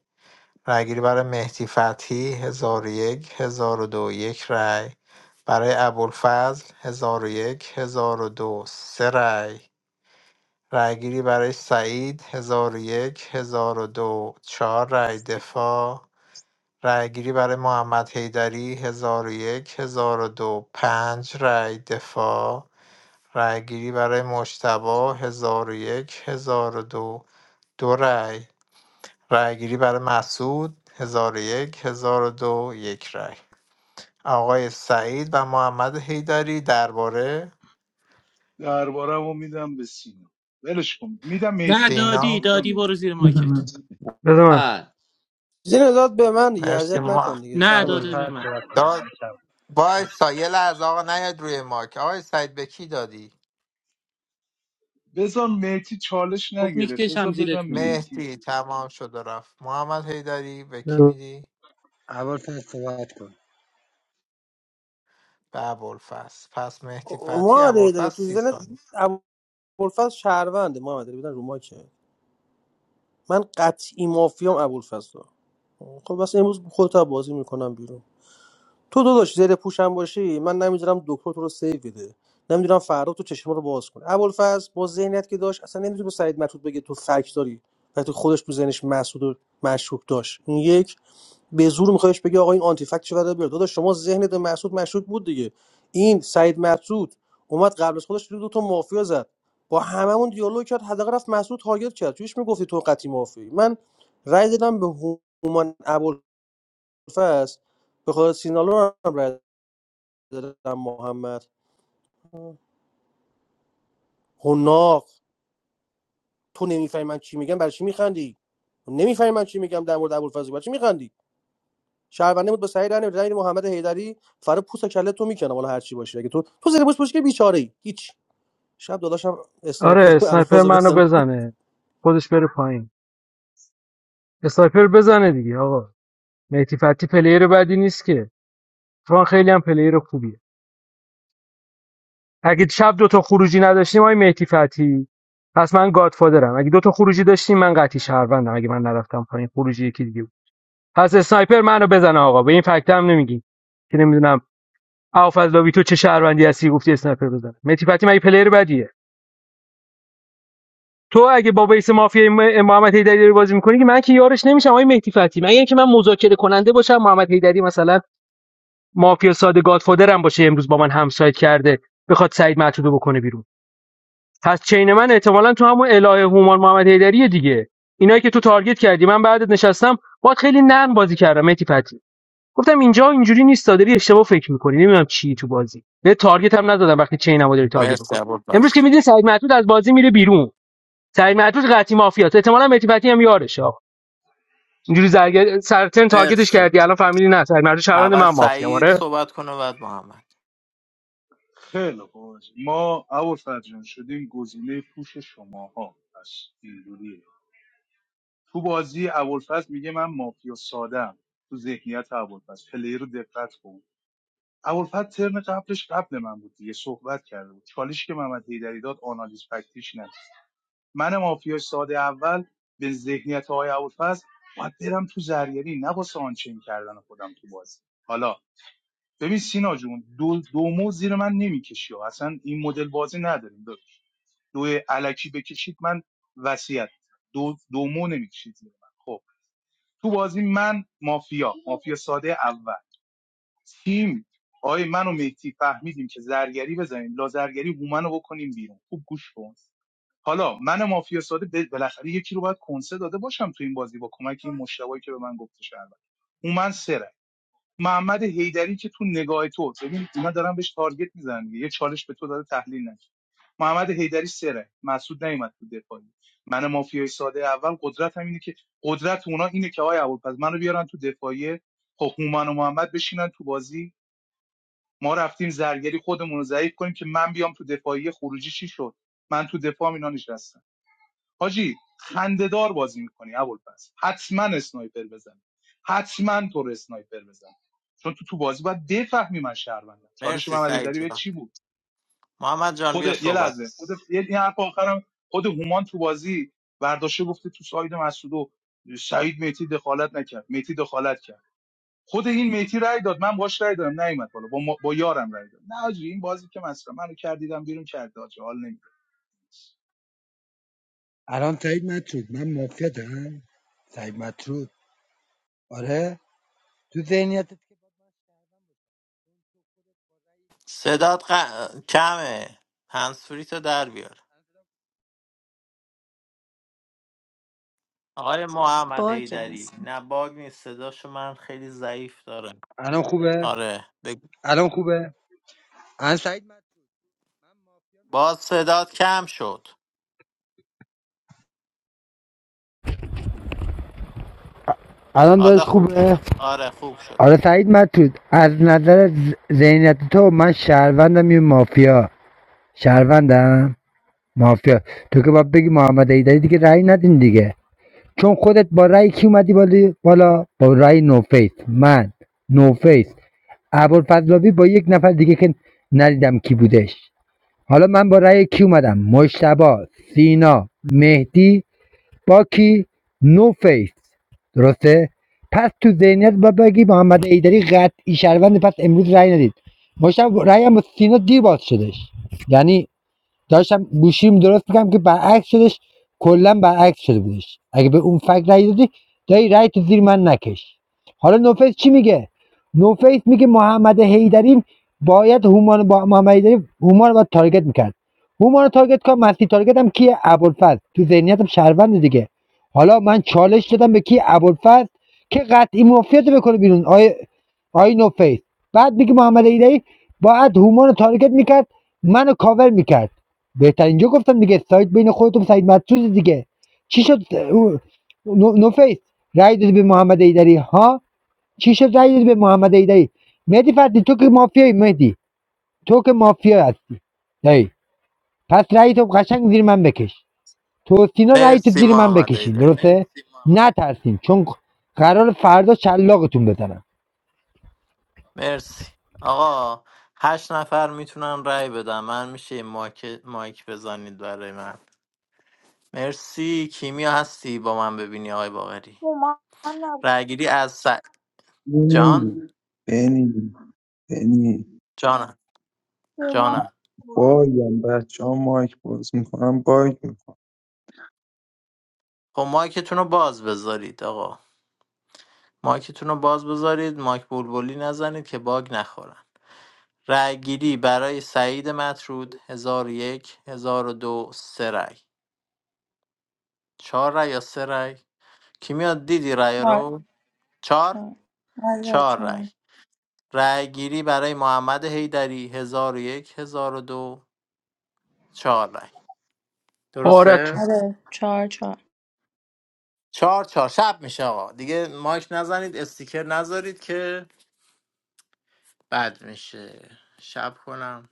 Speaker 15: رأیگیری برای مهدی فتحی هزار ۱۰۰۲ یک هزار و دو یک رأی برای ابوالفضل ۱۰۰۱ دو سه رأی رأیگیری برای سعید ۱۰۰۱ دو چهار رأی دفاع رأیگیری برای محمد حیدری ۱۰۰۱ دو پنج رأی دفاع رأیگیری برای مجتبی ۱۰۰۱ ۱۰۰۲ دو دو رأی رأیگیری برای مسعود ۱۰۰۱ ۱۰۰۲ یک هزار و دو، یک رأی. آقای سعید و محمد حیدری درباره
Speaker 3: نه دادی
Speaker 15: سینا
Speaker 3: دادی برو زیر ماکت
Speaker 1: بده من
Speaker 2: آه.
Speaker 14: زین داد به من دیگه
Speaker 15: مرسی
Speaker 14: اذیت
Speaker 15: ما
Speaker 14: نکن دیگه
Speaker 3: نه داده
Speaker 14: سینالو
Speaker 3: به من
Speaker 15: داد وایسا یه لحظه آقا نیاد روی ماک آقای سعید به کی دادی
Speaker 3: خب میکشم زیرت میدی
Speaker 15: مهدی تمام شد و رفت محمد حیدری به کی میدی به ابوالفضل پس مهدی فتی
Speaker 14: محمد
Speaker 15: ابوالفضل
Speaker 14: داره تو
Speaker 15: سی
Speaker 14: زنت
Speaker 15: ثانیه
Speaker 14: ابوالفضل شهرونده محمد حیدری بودن رو ما که من قطعی مافیام ابوالفضل خب بس امروز خودت بازی میکنم بیرون تو داداش زیر پوشم باشی من نمیدونم دکتر تو رو سیو بده نمیدونم فردا تو چشم رو باز کنه ابوالفضل با ذهنیت که داشت اصلا نمیتونه به سعید مطلوب بگه تو فک داری وقتی خودش تو ذهنش مسعود و مشکوک داشت این یک به زور میخواهش بگه آقا این آنتی فکت چه برای بیاد داداش شما ذهنت به مسعود مشکوک بود دیگه این سعید مسعود اومد قبل از خودش دو تا مافیا زد با هممون دیالوگ کرد حداقل رفت مسعود تارگت کرد توش میگفتی تو قطعی مافیا من رأی دادم به هومان ابوالفضل به خدا سینالو هم رأی دارم محمد حناق تو نمیفهمی من چی میگم برای چی میخندی نمیفهمی من چی میگم در مورد ابوالفضل برای چی میخندی شهرونده بود به سعید رنه رنگ محمد حیدری فرا پوست و کله تو میکنم حالا هر چی باشه اگه تو تو زیر پوست باشه که بیچاره ای هیچ شب داداشم اسنایپر
Speaker 1: آره اسنایپر
Speaker 14: ابوالفضل
Speaker 1: منو
Speaker 14: بزنه
Speaker 1: بزنه خودش بره پایین اسنایپر بزنه دیگه آقا مهدی فتی پلیر بدی نیست که فان خیلی هم پلیر خوبیه اگه شب دوتا خروجی نداشتیم آقای مهدی فتی پس من گادفادرم اگه دوتا خروجی داشتیم من قطعی شهروندم اگه من نرفتم پایین خروجی یکی دیگه بود پس اسنایپر منو بزنه آقا به این فکت هم نمیگی که نمیدونم آفضلاوی تو چه شهروندی هستی گفتی اسنایپر بزنه مهدی فتی مگه پلیر بدیه تو اگه با بیس مافیا محمد حیدری داری بازی میکنی که من که یارش نمیشم آقای مهدی فتی مگر اینکه من مذاکره کننده باشم محمد حیدری مثلا مافیا ساده گادفادرم باشه امروز با من همسایت کرده بخواد سعید معتوبه بکنه بیرون پس چین من احتمالا تو همون الهه هومان محمد حیدری دیگه اینایی که تو تارگت کردی من بعدت نشستم باید خیلی نرم بازی کردم مهدی فتی گفتم اینجا اینجوری نیست داری اشتباه فکر میکنی نمیدونم چی تو بازی به تارگت هم ندادم وقتی چینمو داری تارگت
Speaker 15: مرسی
Speaker 1: میکنی امروز که
Speaker 15: ابوالفضل
Speaker 1: میدین سعید معتود از بازی میره بیرون سعید معطوف قطعی مافیاست احتمالاً مهدی فتحی هم یارشه آقا اینجوری زرگ سرتن تارگتش
Speaker 15: مرسی
Speaker 1: کردی الان فهمیدی نه سعید معطوف شهروند
Speaker 15: اول
Speaker 1: من مافیا
Speaker 15: سعید
Speaker 1: آره
Speaker 15: صحبت کنه بعد محمد مرسی سعید محمد جان بیا صحبت صدات ق- کمه هنسفری تو در بیار آقای محمد
Speaker 16: باگ هست
Speaker 15: حیدری نه باگ نیست صداشو من خیلی ضعیف دارم
Speaker 19: الان خوبه
Speaker 15: آره بگو.
Speaker 19: الان خوبه الان سعید مطرود من مافیا
Speaker 15: باز صدات کم شد
Speaker 19: الان
Speaker 15: حالا
Speaker 19: داشت
Speaker 15: خوب
Speaker 19: خوبه
Speaker 15: شد آره خوب شد
Speaker 19: آره سعید مطرود از نظر ز- ذهنیت تو من شهروندم یه مافیا شهروندم مافیا تو که باید بگی محمد ایدری دیگه رأی ندین دیگه چون خودت با رأی کی اومدی بالا بالا با رأی نوفیس من نوفیس ابوالفضلاوی با یک نفر دیگه که ندیدم کی بودش حالا من با رأی کی اومدم مشتبا سینا مهدی با کی نوفیس درسته پس تو ذهنیت با بگی محمد ایدری قطعی شهروند پس امروز رأی ندید مشتاق رأی هم با سینا دیر باز شدش یعنی داشتم گوشیم درست میکنم که برعکس شدش کلا برعکس شده بودش اگه به اون فکر رای دادی دایی رای تو زیر من نکش حالا نوفیس چی میگه نوفیس میگه محمد حیدری باید هومان با محمد حیدری هومان رو باید تارگت میکرد هومان رو تارگت کن مسیح تارگت هم کیه ابوالفضل تو ذهنیتم شهروند دیگه حالا من چالش دادم به کی ابوالفضل که قطعی مافیات رو بکنه بیرون آیه آی نوفیس بعد میگه محمد ایدهی باید هومان رو تارگت میکرد منو کاور میکرد بهترین جا گفتم دیگه سایت بین خودتون سعید مطرود دیگه چی شد نو- نوفیس رای دادی به محمد ایدری ها چی شد رای دادی به محمد ایدری مهدی فردی تو که مافیایی مهدی تو که مافیا هستی دایی پس رای تو قشنگ زیر من بکش تو سینا رای تو
Speaker 15: مرسی
Speaker 19: زیر من
Speaker 15: محمد
Speaker 19: بکشین
Speaker 15: حیدری
Speaker 19: درسته نترسین چون قرار فردا شلاقتون بزنم
Speaker 15: مرسی آقا هشت نفر میتونن رأی بدن من میشه یه مایک, مایک بزنید برای من مرسی کیمیا هستی با من ببینی آقای باقری
Speaker 4: هومان نبود
Speaker 15: رأیگیری از س... جان
Speaker 6: بنی بنی بنی
Speaker 15: جانم
Speaker 4: هومان
Speaker 15: جانم
Speaker 4: بود
Speaker 6: بایم بچه ها مایک باز میکنم باگ میکنم
Speaker 15: خب مایکتون رو باز بذارید آقا مایکتون رو باز بذارید مایک بلبلی نزنید که باگ نخورن رأی گیری برای سعید مطرود هزار و یک هزار و دو سه رأی چهار رأی یا سه رأی کی میاد دیدی رأی
Speaker 16: چهار
Speaker 15: رو چهار
Speaker 16: چهار آره
Speaker 15: چهار رأی
Speaker 16: چهار
Speaker 15: رأی گیری برای محمد حیدری هزار و یک هزار و دو چهار رأی
Speaker 1: آرتون
Speaker 15: درسته
Speaker 16: آره چهار چهار
Speaker 15: چهار چهار شب میشه آقا دیگه مایک نزنید استیکر نذارید که بد میشه شب کنم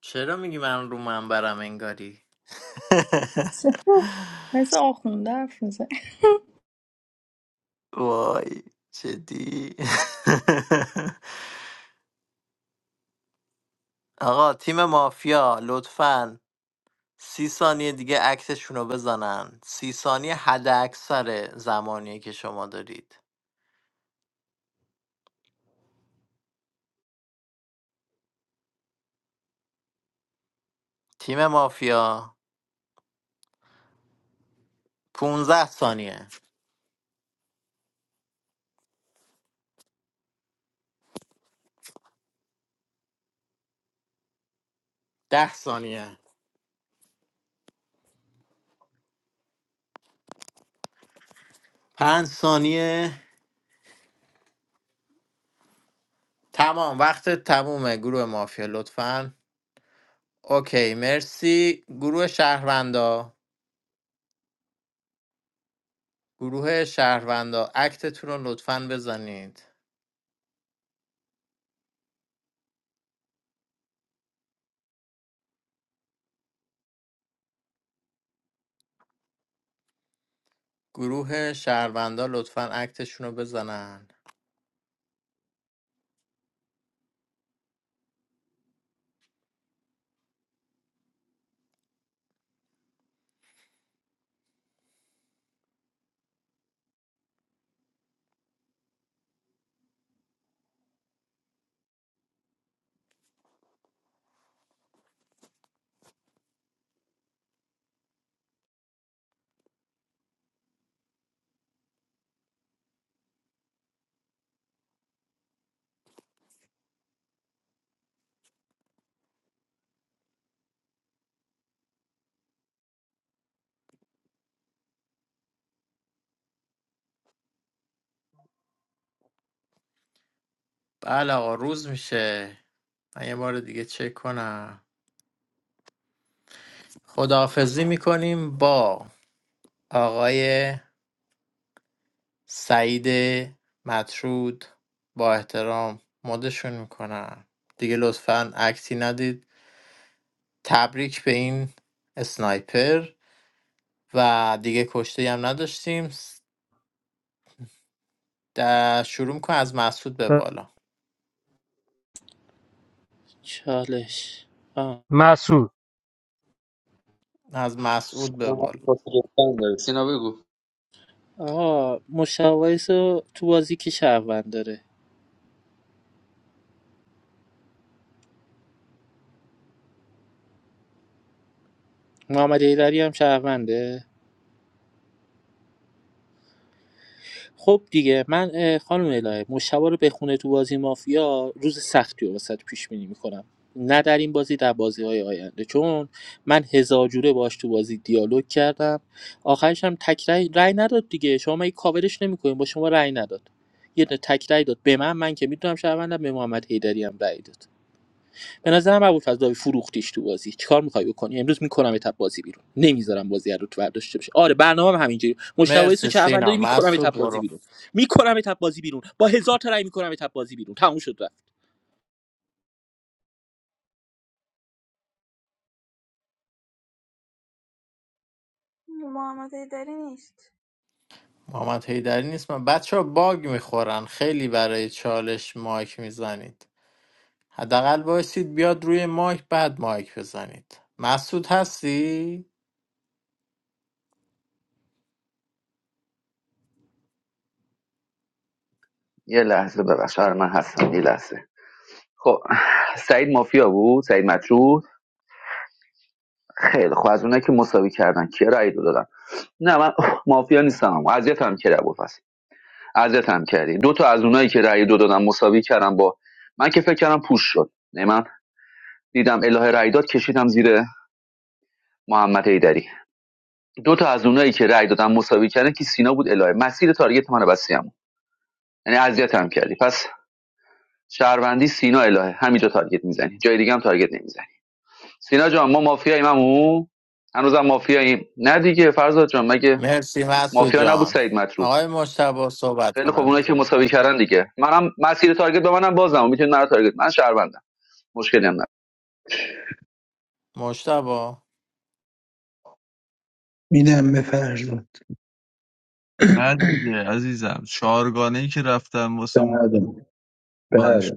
Speaker 15: چرا میگی من رو منبرم انگاری
Speaker 16: سه. مثل آخونده حرف می‌زنه.
Speaker 15: وای جدی آقا تیم مافیا لطفا سی ثانیه دیگه عکسشون رو بزنن سی ثانیه حد اکثر زمانیه که شما دارید تیم مافیا 15 ثانیه ده ثانیه 5 ثانیه تمام وقت تمومه گروه مافیا لطفا اوکی مرسی گروه شهروندا گروه شهروندا اکتتون رو لطفا بزنید گروه شهروندا لطفا اکتشون رو بزنن بله آقا روز میشه من یه بار دیگه چک کنم خداحافظی میکنیم با آقای سعید مطرود با احترام مدشون میکنم دیگه لطفا اکتی ندید تبریک به این اسنایپر و دیگه کشته هم نداشتیم در شروع میکنم از مسعود به بالا
Speaker 3: چالش آه.
Speaker 1: مسعود
Speaker 15: از مسعود به بالا
Speaker 2: سینا بگو
Speaker 3: آقا مشاویس رو تو بازی که شهروند داره محمد ایدری هم شهرونده خب دیگه من اه، خانم الهه مشتبه رو بخونه تو بازی مافیا روز سختی رو واسه پیش بینی میکنم نه در این بازی در بازی های آینده چون من هزار جوره باش تو بازی دیالوگ کردم آخرش هم تک رای, رای نداد دیگه شما مگه کاورش نمیکنین با شما رای نداد یه دونه تک رای داد به من من که میدونم شهروندم به محمد حیدری هم رای داد به نظرم ابوالفضلاوی فروختیش تو بازی چیکار میخوای بکنی امروز میکنم تپ بازی بیرون نمیذارم بازی رو تو برداشته بشه آره برنامه هم همینجوری مشتاق سو
Speaker 15: مرسی
Speaker 3: چهروند داری
Speaker 15: سینا
Speaker 3: میکنم
Speaker 15: مسعود
Speaker 3: تپ بازی
Speaker 15: برو
Speaker 3: بیرون میکنم تپ بازی بیرون با هزار تا رای میکنم تپ بازی بیرون تموم شد رفت
Speaker 4: محمد ایدری نیست
Speaker 15: محمد حیدری نیست من بچه ها باگ میخورن خیلی برای چالش مایک میزنید حداقل بایستید بیاد روی مایک بعد مایک بزنید مسعود هستی؟
Speaker 2: یه لحظه ببخش آره من هستم یه لحظه خب سعید مافیا بود سعید مطرود خیلی خب از اونایی که مساوی کردن کیا رأی دو دادن نه من اوه، مافیا نیستم اذیتم کرده بود. اذیت هم کردی دو تا از اونایی که رأی دو دادم مساوی کردم با من که فکر کردم پوش شد نه من دیدم الهه رأی داد کشیدم زیر محمد ایدری دو تا از اونایی که رأی دادم مساوی کردن که سینا بود الهه مسیر تارگت منو بسیام یعنی اذیت هم کردی پس شهروندی سینا الهه همینجا تارگت میزنی جای دیگه هم تارگت نمیزنی سینا جان ما مافیاییم همو هنوزم مافیاییم نه دیگه فرزاد جان مگه
Speaker 15: مرسی مسعود
Speaker 2: مافیا نبود
Speaker 15: جان
Speaker 2: سعید مطرود
Speaker 15: آقای مشتبا صحبت
Speaker 2: خیلی خب اونایی که
Speaker 15: کنن
Speaker 2: مساوی کردن دیگه منم مسیر تارگت به منم بازم میتونید مرا تارگت من شهروندم مشکلی هم ندارم
Speaker 15: مشتبا
Speaker 6: میدم به فردا
Speaker 18: نه دیگه عزیزم چهارگانه ای که رفتم واسه مختار
Speaker 6: بله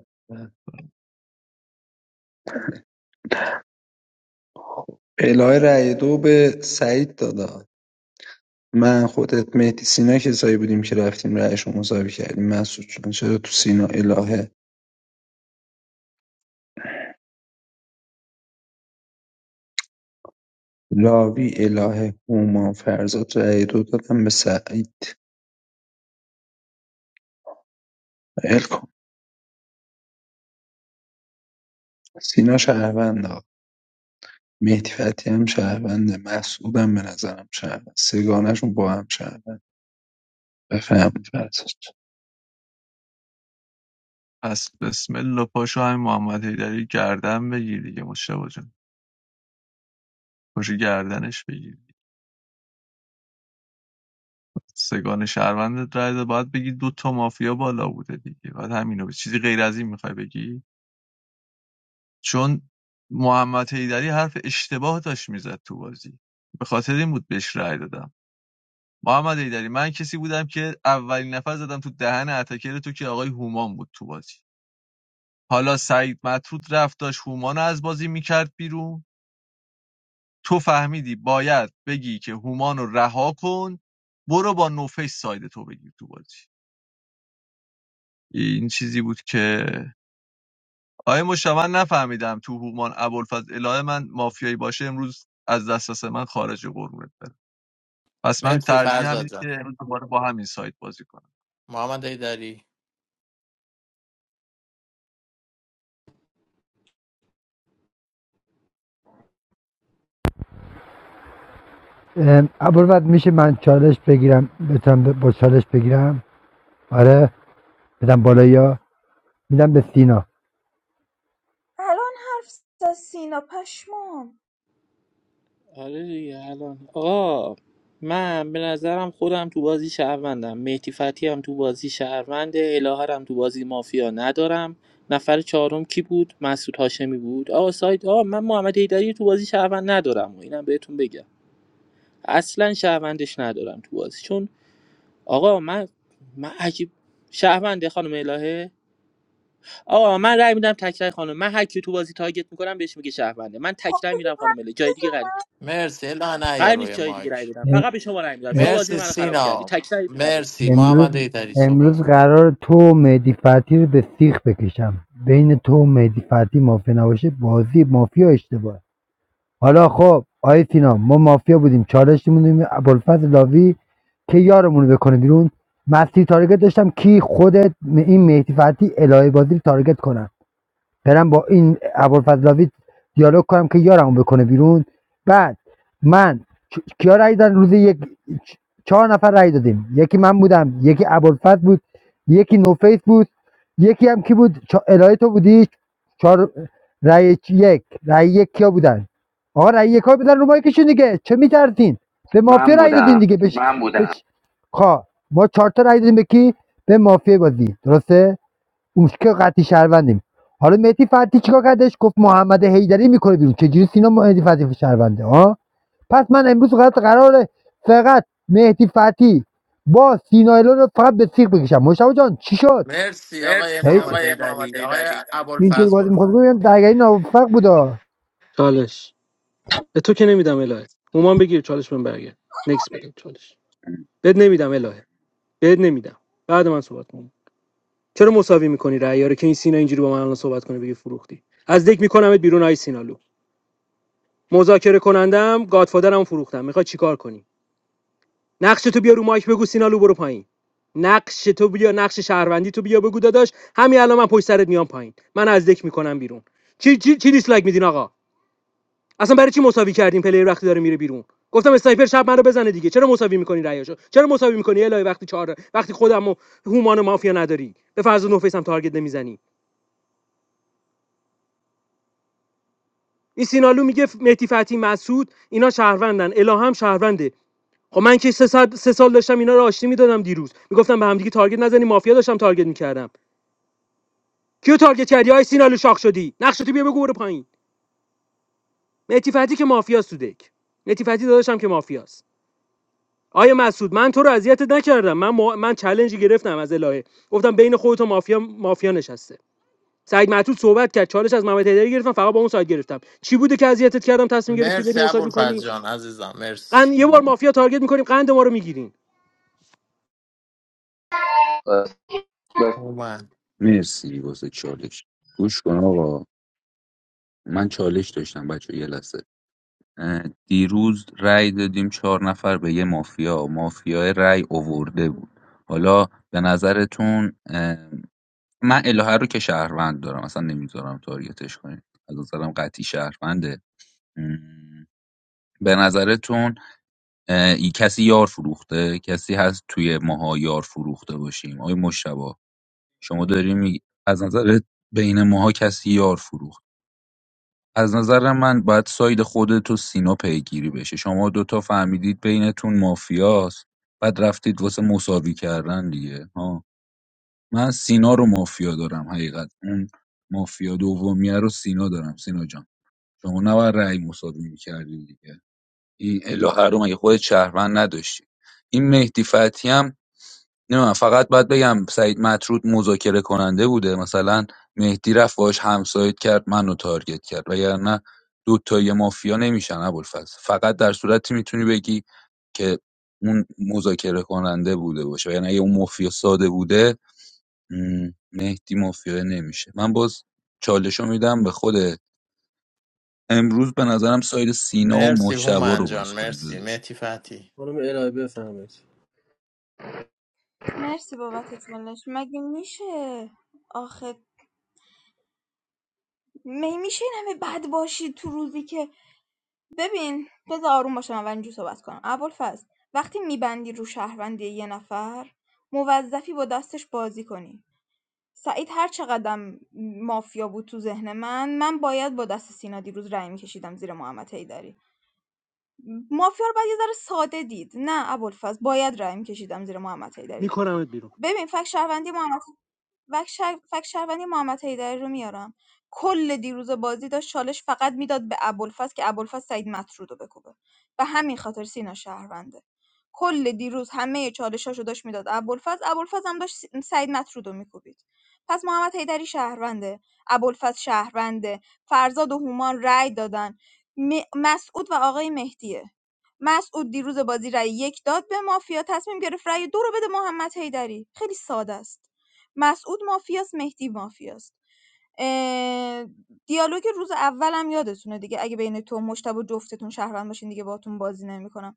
Speaker 6: الهه رأی دو به سعید دادم من خودت مهدی سینا کسایی بودیم که رفتیم رأیشو مساوی کردیم مسعود جان چرا تو سینا الهه لاوی اله هومان فرزاد رای دو دادن به سعید ول کن سینا شهرونده مهدی فتحی هم شهرونده مسعودم به نظرم شهرونده سگانشون با هم شهروند بفهمید فرزاد
Speaker 18: از بسم الله پاشو همین محمد حیدری گردن بگیر دیگه مشتبه جان پاشو گردنش بگیر سگان شهروندت رای داد، باید بگی دو تا مافیا بالا بوده دیگه باید همینو بگی. چیزی غیر از این میخوای بگی چون محمد حیدری حرف اشتباه داشت میزد تو بازی به خاطر این بود بهش رای دادم محمد حیدری من کسی بودم که اولین نفر زدم تو دهن اتکر تو که آقای هومان بود تو بازی حالا سعید مطرود رفت داشت هومان رو از بازی میکرد بیرون تو فهمیدی باید بگی که هومانو رها کن برو با نوفش ساید تو بگیر تو بازی این چیزی بود که آیه مشا من نفهمیدم تو هومان ابوالفضل الهه من مافیایی باشه امروز از دسترس من خارج قرونت بره پس من
Speaker 15: مرسی
Speaker 18: ترجیح
Speaker 15: فرزاد
Speaker 18: همینه
Speaker 15: جان
Speaker 18: که امروز دوباره با همین سایت بازی کنم
Speaker 15: محمد حیدری
Speaker 19: اول بعد میشه من چالش بگیرم بتونم با چالش بگیرم آره بدم بالا یا میدم به سینا
Speaker 4: الان حرف زد سینا پشمام
Speaker 3: آره دیگه الان آقا من به نظرم خودم تو بازی شهروندم مهدی فتی هم تو بازی شهرونده الهه هم تو بازی مافیا ندارم نفر چهارم کی بود مسعود هاشمی بود آقا سایت آقا من محمد ایدری تو بازی شهروند ندارم و اینم بهتون بگم اصلا شهروندش ندارم تو بازی چون آقا من من عجیب شهرونده خانم الهه آقا من رأی میدم تکرای خانم من هر کی تو بازی تارگت میکنم بهش میگه شهرونده من
Speaker 4: خب
Speaker 3: تکرای میرم خانم الهه جای
Speaker 4: بزن.
Speaker 3: دیگه قرار
Speaker 15: مرسی الا نه یا
Speaker 3: قرار نیست
Speaker 15: روی
Speaker 3: جای دیگه رأی
Speaker 15: مایک
Speaker 3: بدم
Speaker 19: اه
Speaker 3: فقط به شما رأی میدم
Speaker 19: اه
Speaker 3: شما بازی
Speaker 15: مرسی
Speaker 3: منو خراب کردی
Speaker 15: سینا
Speaker 3: تکرای میدم به تو
Speaker 15: مرسی
Speaker 19: امروز
Speaker 15: محمد حیدری صحبت کن
Speaker 19: امروز قرار تو و مهدی فتحی رو به سیخ بکشم بین تو و مهدی فتحی مافیا نباشه بازی مافیا اشتباه حالا خب آی سینا ما مافیا بودیم چالش بودیم ابوالفضل لاوی که یارمون رو بکنه بیرون مستی تارگت داشتم کی خودت این مهدی فتحی الهه بازی رو تارگت کنن برم با این ابوالفضلاوی دیالوگ کنم که یارمو بکنه بیرون بعد من کی- کیا رأی دادن روز یک چهار نفر رای دادیم یکی من بودم یکی ابوالفضل بود یکی نوفیس بود یکی هم کی بود چا... الهه تو بودی چهار رای یک رای یک کیا بودن آقا رای یک ها بودن رو مایکشون دیگه چه میترسین به مافیا
Speaker 2: من
Speaker 19: رای دادین
Speaker 2: بودم
Speaker 19: دیگه بش من بودم بش خب ما چهار تا رای دادیم به کی به مافیا بازی درسته اون که قطعی شهروندیم حالا مهدی فتی چیکار کردش گفت محمد حیدری میکنه بیرون چجوری سینا مهدی فتی شهرونده ها پس من امروز فقط قراره فقط مهدی فتی با سینا الون رو فقط به سیخ بکشم مشتاق جان چی شد
Speaker 15: مرسی آقای
Speaker 19: هی-
Speaker 15: محمد حیدری آقای
Speaker 19: اینطوری
Speaker 15: ابوالفضل
Speaker 19: بازی
Speaker 15: برو
Speaker 19: میخواد بگم درگری نافق بودا
Speaker 1: چالش به تو که نمیدم الهه هومان بگیر چالش من برگرد نکس بده چالش بد نمیدم الهه بد نمیدم بعد من صحبت کنم چرا مساوی میکنی رعیا رو که این سینا اینجوری با من الان صحبت کنه بگی فروختی از دک میکنمت بیرون آی سینالو مذاکره کنندم گادفادرم فروختم میخوای چیکار کنی نقش تو بیا رو مایک بگو سینالو برو پایین نقش تو بیا نقش شهروندی تو بیا بگو داداش همین الان من پشت سرت میام پایین من از دک میکنم بیرون چی چی چی دیسلایک میدین آقا اصلا برای چی مساوی کردیم پلیر وقتی داره میره بیرون گفتم استایپر شب منو بزنه دیگه چرا مساوی میکنی رایاشو چرا مساوی میکنی الهی وقتی چهار وقتی خودم و هومان مافیا نداری به فرض و نوفیس هم تارگت نمیزنی این سینالو میگه مهدی فتی مسعود اینا شهروندن اله شهرونده خب من که سه, سال داشتم اینا رو آشتی میدادم دیروز میگفتم به همدیگه تارگت نزنی مافیا داشتم تارگت میکردم کیو تارگت کردی آی سینالو شاخ شدی نقشتو بیا بگو برو پایین مهدی فتحی که مافیاست تو دک مهدی فتحی داداشم که مافیاست آیا مسعود من تو رو اذیتت نکردم من ما من چالنجی گرفتم از الهه گفتم بین خودت و مافیا مافیا نشسته سعید معتود صحبت کرد چالش از محمد حیدری گرفتم فقط با اون سایت گرفتم چی بوده که اذیتت کردم تصمیم گرفتی بری
Speaker 15: مرسی
Speaker 1: مساوی
Speaker 15: ابوالفضل
Speaker 1: کنی
Speaker 15: جان عزیزم مرسی
Speaker 1: قند یه بار مافیا تارگت میکنیم قند ما رو میگیرین
Speaker 2: بس بس
Speaker 15: هومن
Speaker 5: مرسی واسه چالش گوش کن آقا من چالش داشتم بچه یه لحظه اه، دیروز رأی دادیم چهار نفر به یه مافیا مافیا رأی اوورده بود حالا به نظرتون اه، من الهه رو که شهروند دارم اصلا نمیذارم تارگتش کنید از نظرم قطعی شهرونده به نظرتون ای- کسی یار فروخته کسی هست توی ماها یار فروخته باشیم آقای مشتبا شما داری میگی از نظر بین ماها کسی یار فروخت از نظر من باید ساید خودت و سینا پیگیری بشه شما دوتا فهمیدید بینتون مافیاست بعد رفتید واسه مساوی کردن دیگه ها من سینا رو مافیا دارم حقیقت اون مافیا دومیه رو سینا دارم سینا جان شما نباید رأی مساوی میکردی دیگه این الهه رو مگه خودت شهروند نداشتی این مهدی فتحی هم نمیدونم فقط باید بگم سعید مطرود مذاکره کننده بوده مثلا مهدی رفت باش همسایت کرد منو تارگت کرد وگرنه دو تای مافیا نمیشن ابوالفضل فقط در صورتی میتونی بگی که اون مذاکره کننده بوده باشه یعنی اگه اون مافیا ساده بوده م، مهدی مافیا نمیشه من باز چالشو میدم به خود. امروز به نظرم ساید سینا و
Speaker 15: مرسی
Speaker 5: مجتبی
Speaker 15: هومن
Speaker 5: رو
Speaker 15: جان
Speaker 5: باز
Speaker 15: مرسی
Speaker 5: کنیم
Speaker 15: مهدی فتی
Speaker 14: خانم الهی بفهمید
Speaker 4: مرسی بابت چالش مگه میشه آخه می میشه این همه بد باشی تو روزی که ببین بذار آروم باشم اول اینجور صحبت کنم ابوالفضل وقتی میبندی رو شهروندی یه نفر موظفی با دستش بازی کنی سعید هر چقدرم مافیا بود تو ذهن من من باید با دست سینا دیروز رأی میکشیدم زیر محمد حیدری مافیا رو باید یه ذره ساده دید نه ابوالفضل باید رأی میکشیدم زیر محمد حیدری
Speaker 1: میکنمت بیرون
Speaker 4: ببین فکت شهروندی محمد فکت شهر- فکت شهروندی محمد حیدری رو میارم کل دیروز بازی داشت چالش فقط میداد به ابوالفضل که ابوالفضل سعید مطرود رو بکوبه و همین خاطر سینا شهرونده کل دیروز همه چالشاشو داشت میداد ابوالفضل ابوالفضل هم داشت س- سعید مطرود رو میکوبید پس محمد حیدری شهرونده ابوالفضل شهرونده فرزاد و هومان رأی دادن م- مسعود و آقای مهدیه مسعود دیروز بازی رای یک داد به مافیا تصمیم گرفت رأی دو رو بده محمد حیدری خیلی ساده است مسعود مافیاست مهدی مافیاست اه، دیالوگ روز اولم یادتونه دیگه اگه بین تو مشتبه جفتتون شهروند باشین دیگه باهاتون بازی نمیکنم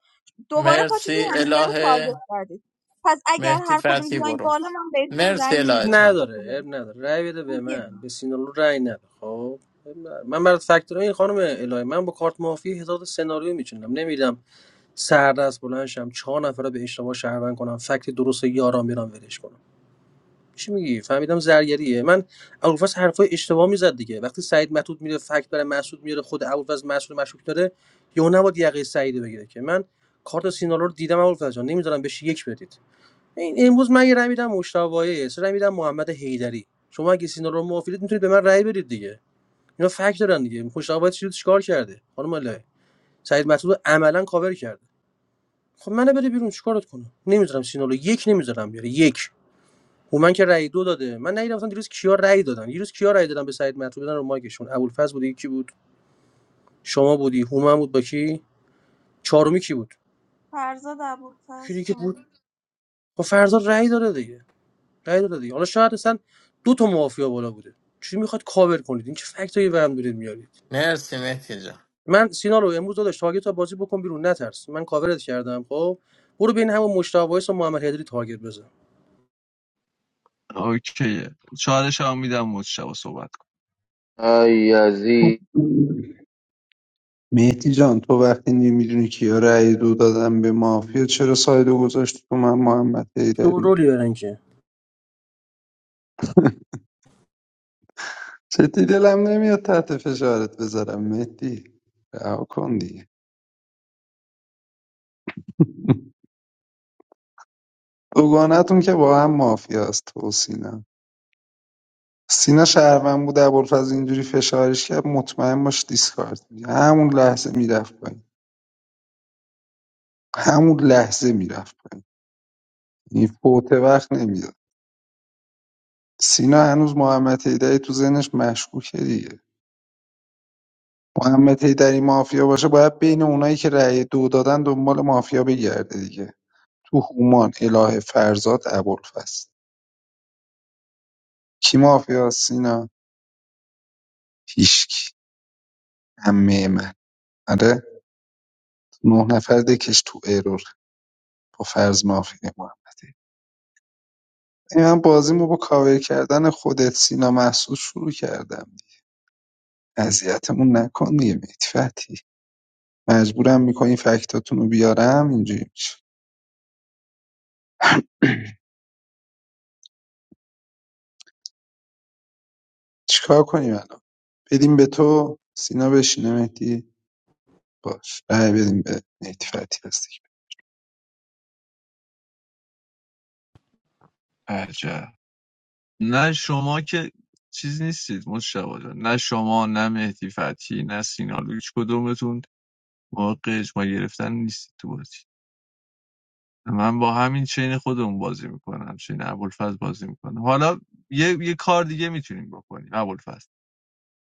Speaker 4: دوباره پاشیدین
Speaker 15: مرسی
Speaker 4: همدیگه رو تارگت
Speaker 15: اله
Speaker 4: کردید پس اگر
Speaker 15: مهدی
Speaker 4: هر کدوم
Speaker 15: فتی
Speaker 4: بیاین
Speaker 15: برو
Speaker 4: بالا من بهتون
Speaker 15: مرسی
Speaker 4: رای
Speaker 15: اله
Speaker 4: میدم
Speaker 15: جان
Speaker 14: نداره عیب نداره رای بده به من به سینالو رای نده خب من برات فکتور این خانم الهی من با کارت مافی هزار تا سناریو میچینم نمیدم سردست بلند شم چهار نفر رو به اشتباه شهروند کنم فکت درست یاران بیارم ولش کنم چی میگی فهمیدم زرگریه من ابوالفضل حرفای اشتباه میزد دیگه وقتی سعید مطرود میره فکت برای مسعود میاره خود ابوالفضل مسعود مشکوک داره یا نباید یقه سعید رو بگیره که من کارت سینالو رو دیدم ابوالفضل جان نمیذارم بهش یک بدید این امروز من یه رای میدم مشتاق وایس رای میدم محمد حیدری شما اگه سینالو رو موافقت میتونید به من رای بدید دیگه اینا فکت دارن دیگه مشتاق وایس چی- چیکار کرده خانم لاله سعید مطرود عملا کاور کرده خب منو بده بیرون چیکارت کنم نمیذارم سینالو یک نمیذارم بیاره یک هومن که رأی دو داده من ندیدم مثلا دیروز کیا رأی دادن دیروز کیا رأی دادن به سعید مطلوب بدن رو مایکشون ابوالفضل بودی کی بود شما بودی هومن بود با کی چهارمی کی بود
Speaker 4: فرزاد
Speaker 14: کی
Speaker 4: ابوالفضل
Speaker 14: دیگه بود
Speaker 4: هومن
Speaker 14: خب فرزا رأی داده دیگه رأی داده دیگه حالا شاید اصلا دو تا مافیا بالا بوده چی میخواد کاور کنید این چه فکتایی برام دارید میارید
Speaker 15: مرسی مهدی جان
Speaker 14: من سینالو رو امروز داداش تارگت تا بازی بکن بیرون نترس من کاورت کردم خب برو بین همون مشتاق وایس و محمد هدری تارگت بزن
Speaker 18: اوکیه چالش هم میدم مجتبی صحبت کن
Speaker 2: آی
Speaker 6: مهدی جان تو وقتی نمیدونی کیا رأی دو دادن به مافیا چرا سایدو گذاشتی تو من محمد حیدری
Speaker 14: شورولی برن که
Speaker 6: جدی دلم نمیاد تحت فشارت بذارم مهدی رها کن دیگه دوگانتون که با هم مافیاست تو و سینا سینا شهروند بود ابوالفضل اینجوری فشارش کرد مطمئن باش دیسکارد می‌دی. همون لحظه میرفت پایین همون لحظه میرفت پایین این فوت وقت نمیداد سینا هنوز محمد حیدری تو ذهنش مشکوکه دیگه محمد حیدری مافیا باشه باید بین اونایی که رأی دو دادن دنبال مافیا بگرده دیگه تو هومان اله فرزاد ابوالفضل کی مافیا سینا هیشکی همه من آره نه نفر دکش تو ارور با فرض مافیا محمد حیدری. یعنی من بازیمو با کاور کردن خودت سینا محسود شروع کردم اذیتمون نکن دیگه مهدی فتحی مجبورم میکنی فکتاتون رو بیارم اینجوری میشه چیکار کنیم الان بدیم به تو سینا بشینه مهدی باش رأی بدیم به مهدی فتحی هستی
Speaker 18: عجب نه شما که چیز نیستید مجتبی جان. نه شما نه مهدی فتحی نه سینا هیچ کدومتون حق اجماع گرفتن نیست تو بازی من با همین چین خودمون بازی میکنم چین ابوالفضل بازی میکنم حالا یه, یه کار دیگه میتونیم بکنیم ابوالفضل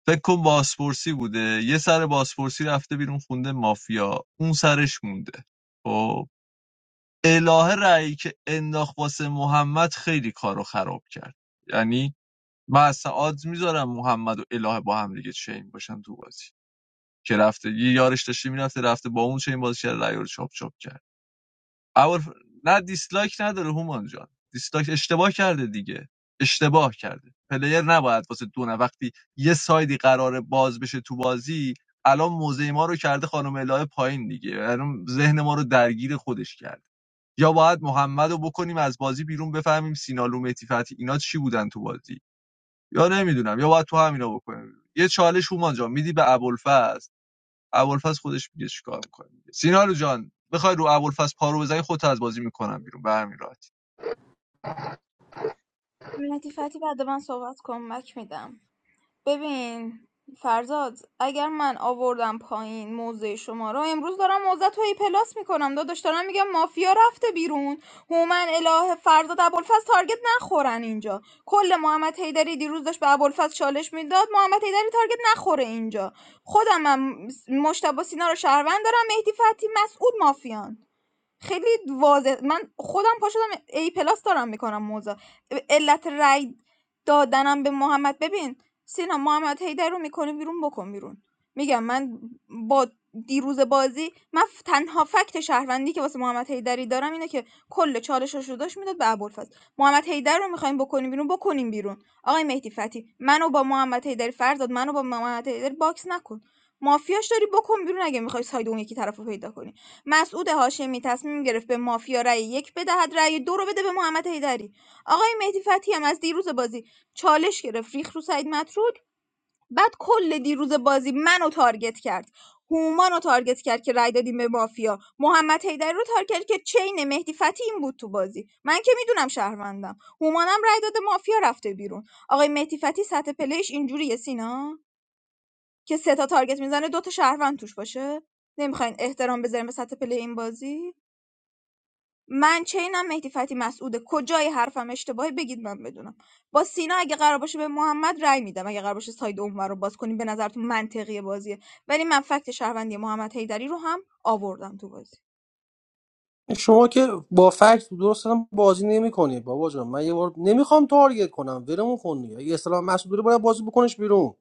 Speaker 18: فکر کن باسپورسی بوده یه سر باسپورسی رفته بیرون خونده مافیا اون سرش مونده خب الهه رأیی که انداخت واسه محمد خیلی کارو خراب کرد یعنی من اصلا آدز میذارم محمد و الهه با هم دیگه چین باشن تو بازی که رفته یه یارش داشته میرفته رفته با اون چین بازی کرد رأی رو چاپ چاپ کرد اول نه دیسلایک نداره هومان جان دیسلایک اشتباه کرده دیگه اشتباه کرده پلیر نباید واسه دو نفر- وقتی یه سایدی قراره باز بشه تو بازی الان موزه ما رو کرده خانم الهه پایین دیگه الان ذهن ما رو درگیر خودش کرد. یا باید محمد رو بکنیم از بازی بیرون بفهمیم سینالو متیفتی اینا چی بودن تو بازی یا نمیدونم یا باید تو همینا بکنیم یه چالش هومان جان میدی به ابوالفضل ابوالفضل خودش میگه چیکار میکنه سینالو جان بخوای رو ابوالفضل پارو بزنی خودت از بازی میکنم بیرون به همین راحتی
Speaker 4: مهدی فتی بعد من صحبت کن مک میدم ببین فرزاد اگر من آوردم پایین موضع شما را امروز دارم موضع تو ای پلاس میکنم داداش دارم میگم مافیا رفته بیرون هومن اله فرزاد ابوالفضل تارگت نخورن اینجا کل محمد حیدری دیروز داشت به ابوالفضل چالش میداد محمد حیدری تارگت نخوره اینجا خودم هم مشتبه سینا رو شهروند دارم مهدی فتی مسعود مافیان خیلی واضح من خودم پا شدم ای پلاس دارم میکنم موضع علت رأی دادنم به محمد ببین سینا محمد هیدر رو میکنه بیرون بکن بیرون میگم من با دیروز بازی من ف- تنها فکت شهروندی که واسه محمد هیدری دارم اینه که کل چالشش رو داشت میداد به ابوالفضل محمد هیدر رو میخوایم بکنیم بیرون بکنیم بیرون آقای مهدی فتی منو با محمد هیدری فرزاد منو با محمد هیدری باکس نکن مافیاش داری بکن بیرون اگه میخوای ساید اون یکی طرف رو پیدا کنی مسعود هاشمی تصمیم گرفت به مافیا رأی یک بدهد رأی دو رو بده به محمد حیدری آقای مهدی فتحی هم از دیروز بازی چالش گرفت ریخ رو سعید مطرود بعد کل دیروز بازی منو تارگت کرد هومان رو تارگت کرد که رأی دادیم به مافیا محمد حیدری رو تارگت کرد که چین مهدی فتحی این بود تو بازی من که میدونم شهروندم هومانم رأی داده مافیا رفته بیرون آقای مهدی فتحی سطح پلیش اینجوریه سینا که سه تا تارگت میزنه دو تا شهروند توش باشه نمیخواین احترام بذاریم به سطح پلی این بازی من چینم مهدی فتحی مسعوده کجای حرفم اشتباهه بگید من بدونم با سینا اگه قرار باشه به محمد رأی میدم اگه قرار باشه ساید اونور رو باز کنیم به نظرتون منطقی بازیه ولی من فکت شهروندی محمد حیدری رو هم آوردم تو بازی
Speaker 14: شما که با فکت درست هم بازی نمیکنی بابا جان من یه بار نمیخوام تارگت کنم ولمون کن دیگه اگه اسلام مسعود داره باید بازی بکنش بیرون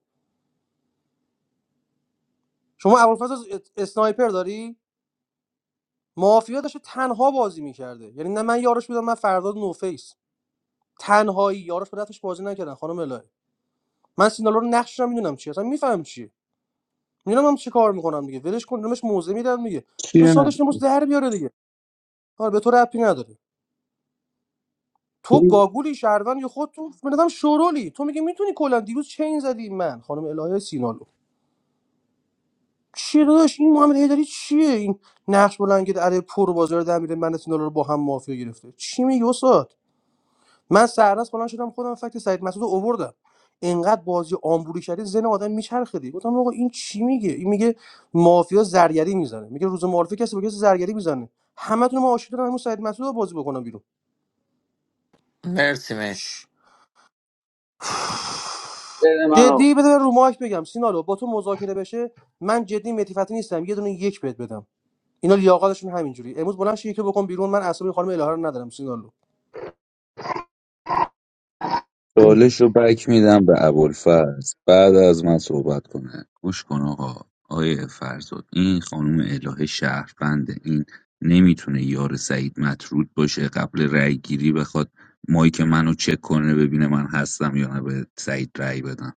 Speaker 14: شما ابوالفضل از- اسنایپر داری مافیا داشته تنها بازی میکرده یعنی نه من یارش بودم نه فرداد نوفیس تنهایی یارش به دستش بازی نکردن خانم الهی من سینالو رو نقش میدونم چی اصلا میفهمم چیه میدونم هم چی کار میکنم دیگه ولش کن دمش موزه میدم دیگه به
Speaker 6: چیه نه
Speaker 14: سادش نموز در بیاره دیگه آره به تو ربطی نداره تو گاگولی شهروند یا خود تو به نظرم شورولی تو میگه میتونی کلا دیروز چین زدی من خانم الهه سینالو چیه داداش این محمد هیدری چیه این نقش بلند که علی پر بازار در میره من سینالو رو با هم مافیا گرفته چی میگی استاد من سرراست بلند شدم خودم فکت سعید مسعود رو آوردم اینقدر بازی آمبولی کردی زن آدم میچرخه دیگه گفتم آقا این چی میگه این میگه مافیا زرگری میزنه میگه روز معارفه کسی به کسی زرگری میزنه همتون ما عاشق دارم همون سعید مسعود رو بازی بکنم بیرون
Speaker 15: مرسی مهدی
Speaker 2: من آقا.
Speaker 14: جدی بده رو ماک بگم سینالو با تو مذاکره بشه من جدی متیفتی نیستم یه دونه یک بهت بدم اینا لیاقتشون همینجوری امروز بلند شو یکی بکن بیرون من اصلا خانم الهه رو ندارم سینالو
Speaker 5: چالش رو بک میدم به ابوالفضل بعد از من صحبت کنه گوش کن آقا آقای فرزاد این خانم الهه شهربنده این نمیتونه یار سعید مطرود باشه قبل رأی گیری بخواد مایک منو چک کنه ببینه من هستم یا نه به سعید رأی بدم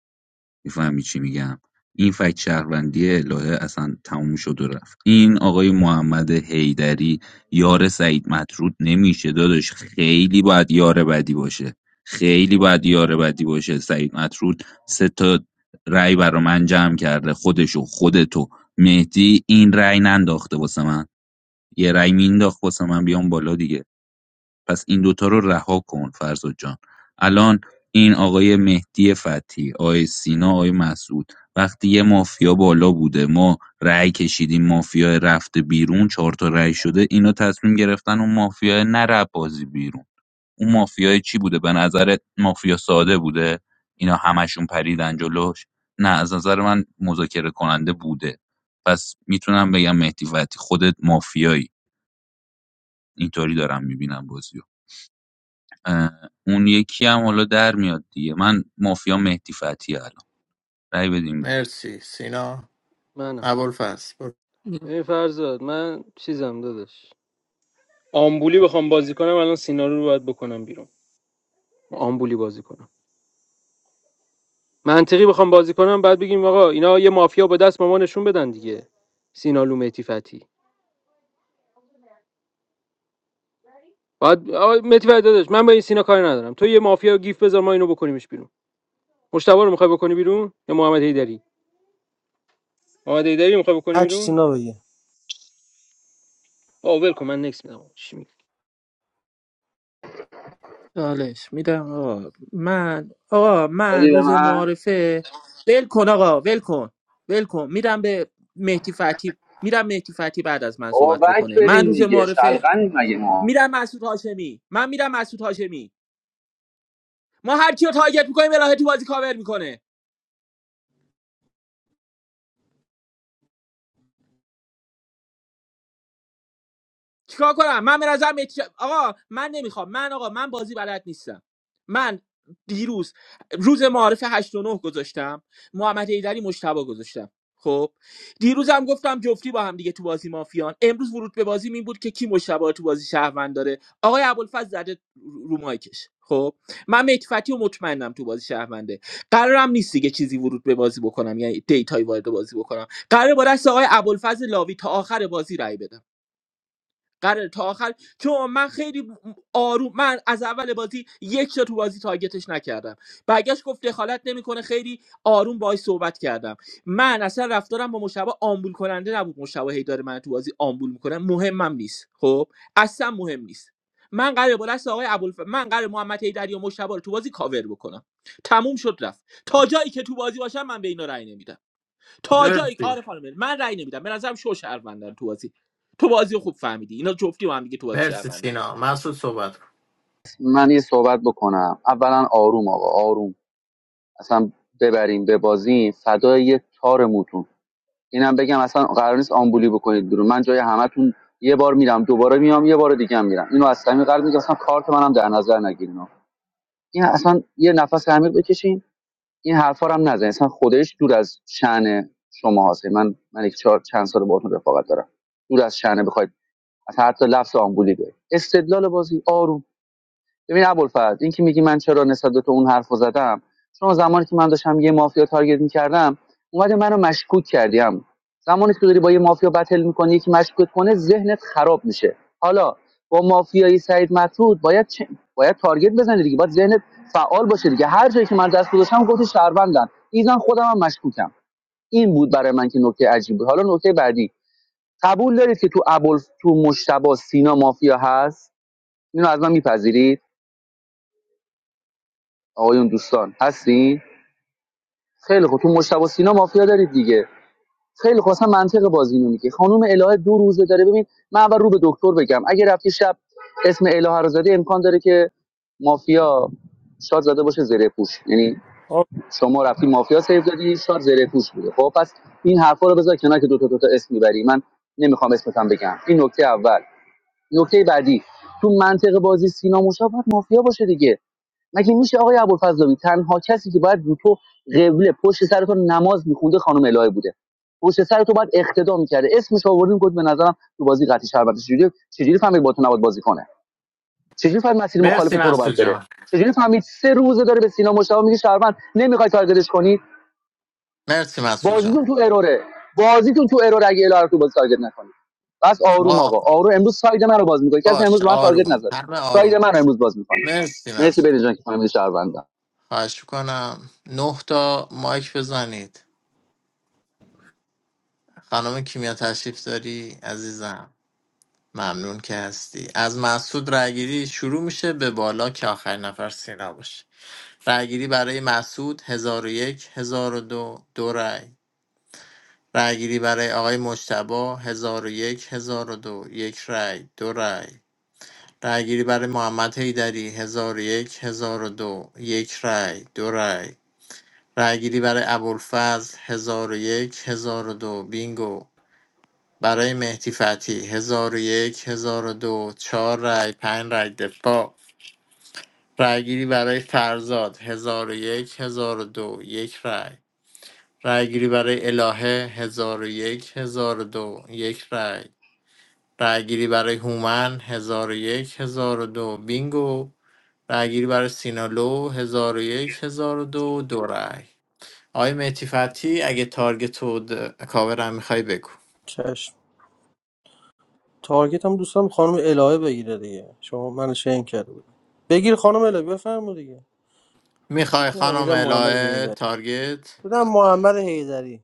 Speaker 5: میفهمی چی میگم این فکت شهروندی الهه اصلا تموم شد و رفت این آقای محمد حیدری یار سعید مطرود نمیشه داداش خیلی باید یار بدی باشه خیلی باید یار بدی باشه سعید مطرود سه تا رأی برا من جمع کرده خودشو خودتو مهدی این رأی ننداخته واسه من یه رأی مینداخت واسه من بیام بالا دیگه پس این دوتا رو رها کن فرزاد جان الان این آقای مهدی فتحی آقای سینا آقای مسعود وقتی یه مافیا بالا بوده ما رأی کشیدیم مافیا رفته بیرون چهار تا رأی شده اینا تصمیم گرفتن اون مافیا نره بازی بیرون اون مافیای چی بوده به نظر مافیا ساده بوده اینا همشون پریدن جلوش نه از نظر من مذاکره کننده بوده پس میتونم بگم مهدی فتحی خودت مافیایی اینطوری دارم میبینم بازی اه، اون یکی هم حالا در میاد دیگه من مافیا مهدی فتحی الان رأی بدیم بده
Speaker 15: مرسی سینا
Speaker 1: منم
Speaker 15: ابوالفضل برو.
Speaker 1: این فرزاد من چیزم داداش آمبولی بخوام بازی کنم الان سینا رو باید بکنم بیرون آمبولی بازی کنم منطقی بخوام بازی کنم بعد بگیم آقا اینا یه مافیا با دست ما نشون بدن دیگه سینالو لو مهدی فتی بعد آقا مهدی فتی داداش من با این سینا کاری ندارم تو یه مافیا گیف بذار ما اینو بکنیمش بیرون مشتبه رو میخوای بکنی بیرون یا محمد هیدری محمد هیدری میخوای بکنی
Speaker 14: هرچی
Speaker 1: بیرون
Speaker 14: سینا بگه
Speaker 1: آ ول کن من نکس میدم چی میگی
Speaker 3: چالش میدم آقا من آقا من
Speaker 2: دادی به
Speaker 3: روز
Speaker 2: من
Speaker 3: معارفه ول کن آقا ول کن ول کن میرم به مهدی فتی میرم مهدی فتی بعد از من
Speaker 2: بابا
Speaker 3: صحبت
Speaker 2: بک
Speaker 3: بکنه من
Speaker 2: برین
Speaker 3: روز
Speaker 2: دیگه
Speaker 3: معارفه
Speaker 2: شلغنی مگه ما
Speaker 3: میرم مسعود هاشمی من میرم مسعود هاشمی ما هر کیو تارگت میکنیم الهه تو بازی کاور میکنه چیکار کنم من به نظر آقا من نمیخوام من آقا من بازی بلد نیستم من دیروز روز معارف هشت و نه گذاشتم محمد ایدری مشتبه گذاشتم خب دیروزم گفتم جفتی با هم دیگه تو بازی مافیان امروز ورود به بازی این بود که کی مشتبه رو تو بازی شهروند داره آقای ابوالفضل زده رو مایکش خب من متفتی و مطمئنم تو بازی شهرونده قرارم نیست دیگه چیزی ورود به بازی بکنم یعنی دیتای وارد بازی بکنم قرار با دست آقای ابوالفضل لاوی تا آخر بازی رای بدم قراره تا آخر چون من خیلی آروم من از اول بازی یک جا تو بازی تارگتش نکردم برگشت گفت دخالت نمیکنه خیلی آروم باهاش صحبت کردم من اصلا رفتارم با مشابه آمبول کننده نبود مشابه هی داره من تو بازی آمبول میکنه مهمم نیست خب اصلا مهم نیست من قراره با دست آقای ابوالف من قراره محمد هیدری و مشابه رو تو بازی کاور بکنم تموم شد رفت تا جایی که تو بازی باشم من به اینا رأی نمیدم تا جایی
Speaker 15: مرسی
Speaker 3: آره خانم من رأی نمیدم به نظرم شو شهروندن تو بازی تو بازی رو خوب فهمیدی اینا جفتی با هم دیگه تو بازی
Speaker 15: مرسی
Speaker 3: شهروندن
Speaker 15: سینا مسعود صحبت کن.
Speaker 2: من یه صحبت بکنم اولا آروم آقا آروم اصلا ببریم ببازیم فدای یه تار موتون اینم بگم اصلا قرار نیست آمبولی بکنید بیرون من جای همتون یه بار میرم دوباره میام یه بار دیگه هم میرم اینو از صمیم قلب میگم اصلا کارت منم در نظر نگیرین آقا. این اصلا یه نفس عمیق بکشین این حرفا رو هم نزن اصلا خودش دور از شأن شما هست من من یک چهار چند سال باهاتون رفاقت دارم دور از شأن بخواید حتی لفظ آمبولی بیاید استدلال بازی آروم ببین ابوالفضل این که میگی من چرا نسبت به تو اون حرفو زدم چون زمانی که من داشتم یه مافیا تارگت میکردم اومده منو مشکوک کردیم زمانی که داری با یه مافیا بتل میکنی یکی مشکوک کنه ذهنت خراب میشه حالا با مافیای سعید مطرود باید چه؟ باید تارگت بزنی دیگه باید ذهنت فعال باشه دیگه هر جایی که من دست گذاشتم گفت شهروندن ایزن خودم هم مشکوکم این بود برای من که نکته عجیب بود حالا نکته بعدی قبول دارید که تو ابوالف تو مشتبه سینا مافیا هست اینو از من میپذیرید آقایون دوستان هستین خیلی خوب تو مشتبه سینا مافیا دارید دیگه خیلی خوب اصلا منطق بازی اینو میگه خانم الهه دو روزه داره ببین من اول رو به دکتر بگم اگه رفتی شب اسم الهه رو زدی امکان داره که مافیا شاد زده باشه زره پوش یعنی
Speaker 14: آه،
Speaker 2: شما رفتی مافیا سیو دادی شاد زره پوش بوده خب پس این حرفا رو بذار کنار که دو تا دو تا اسم میبری من نمیخوام اسمتم بگم این نکته اول نکته بعدی تو منطق بازی سینا موشا باید مافیا باشه دیگه مگه میشه آقای ابوالفضلاوی تنها کسی که باید رو تو قبله پشت سر تو نماز میخونده خانم الهه بوده پشت سر تو باید اقتدا میکرده اسمش آوردیم گفت به نظرم تو بازی قطعی شربت چجوری چجوری فهمید با تو نباید بازی کنه چجوری فهمید مسیر مخالف
Speaker 15: مرسی
Speaker 2: تو رو
Speaker 15: مسعود
Speaker 2: باید بره
Speaker 15: جان
Speaker 2: چجوری فهمید سه روزه داره به سینا مشتاق میگه شربت نمیخوای تارگتش کنی
Speaker 15: مرسی مسعود
Speaker 2: بازیتون تو اروره بازیتون تو ارور اگه الهه تو بازی تارگت نکنی بس آروم
Speaker 15: جان
Speaker 2: آقا آروم امروز ساید من رو باز میکنی کسی امروز
Speaker 15: باش
Speaker 2: من تارگت
Speaker 15: آروم
Speaker 2: نزد
Speaker 15: همه
Speaker 2: ساید
Speaker 15: آروم
Speaker 2: من
Speaker 15: باشیم
Speaker 2: امروز باز میکنی
Speaker 15: مرسی
Speaker 2: مرسی
Speaker 15: مسعود
Speaker 2: بریم که فهمیدی شهروندم.
Speaker 15: خواهش کنم نه تا مایک بزنید خانم کیمیا تشریف داری عزیزم ممنون که هستی از مسعود رأیگیری شروع میشه به بالا که آخرین نفر سینا باشه رأیگیری برای مسعود 1001 1002 دو دو رأی رأیگیری برای آقای مجتبی 1001 1002 یک هزار و دو. یک رأی دو رأی رأیگیری برای محمد حیدری 1001 1002 یک هزار و دو یک رأی دو رأی رأیگیری برای ابوالفضل 1001 1002 بینگو برای مهدی فتحی 1001 1002 چهار رأی پنج رأی دفاع رأیگیری برای فرزاد 1001 1002 یک هزار و دو یک رأی رأیگیری برای الهه 1001 1002 یک هزار و دو یک رأی رأیگیری برای هومن 1001 1002 بینگو رأیگیری برای سینالو 1001 1002 دو دو رأی آقای مهدی فتحی اگه تارگت و د- کاور هم میخوای بگو
Speaker 14: چشم تارگت هم دوستم خانم الهه بگیره دیگه شما من شین کرده بود بگیر خانم الهه بفرمایید دیگه
Speaker 15: میخوای
Speaker 14: نه
Speaker 15: خانم
Speaker 14: میدم محمد
Speaker 15: الهه
Speaker 14: حیدری
Speaker 15: تارگت
Speaker 14: میدم محمد حیدری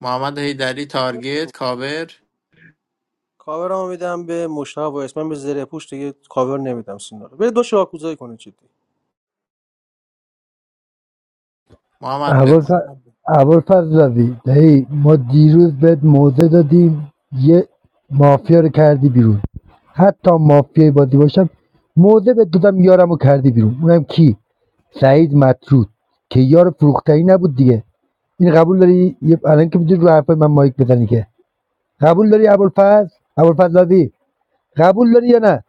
Speaker 15: محمد حیدری تارگت کاور
Speaker 14: کاور هم میدم به مشتاق و اسمم به زره پوش دیگه کاور نمیدم سینا رو بده دو شاکوزایی کنه جدی
Speaker 15: محمد بگو
Speaker 19: ابوالف- ابوالفضل ابوالفضلاوی دایی ما دیروز بهت موضع دادیم یه مافیا رو کردی بیرون حتی مافیای بازی باشم موضع بهت دادم یارم رو کردی بیرون اونم کی سعید مطرود که یار فروختنی نبود دیگه این قبول داری یه- الان که میتونی رو حرفای من مایک بزنی که قبول داری ابوالفضل ابوالفضلاوی قبول داری یا نه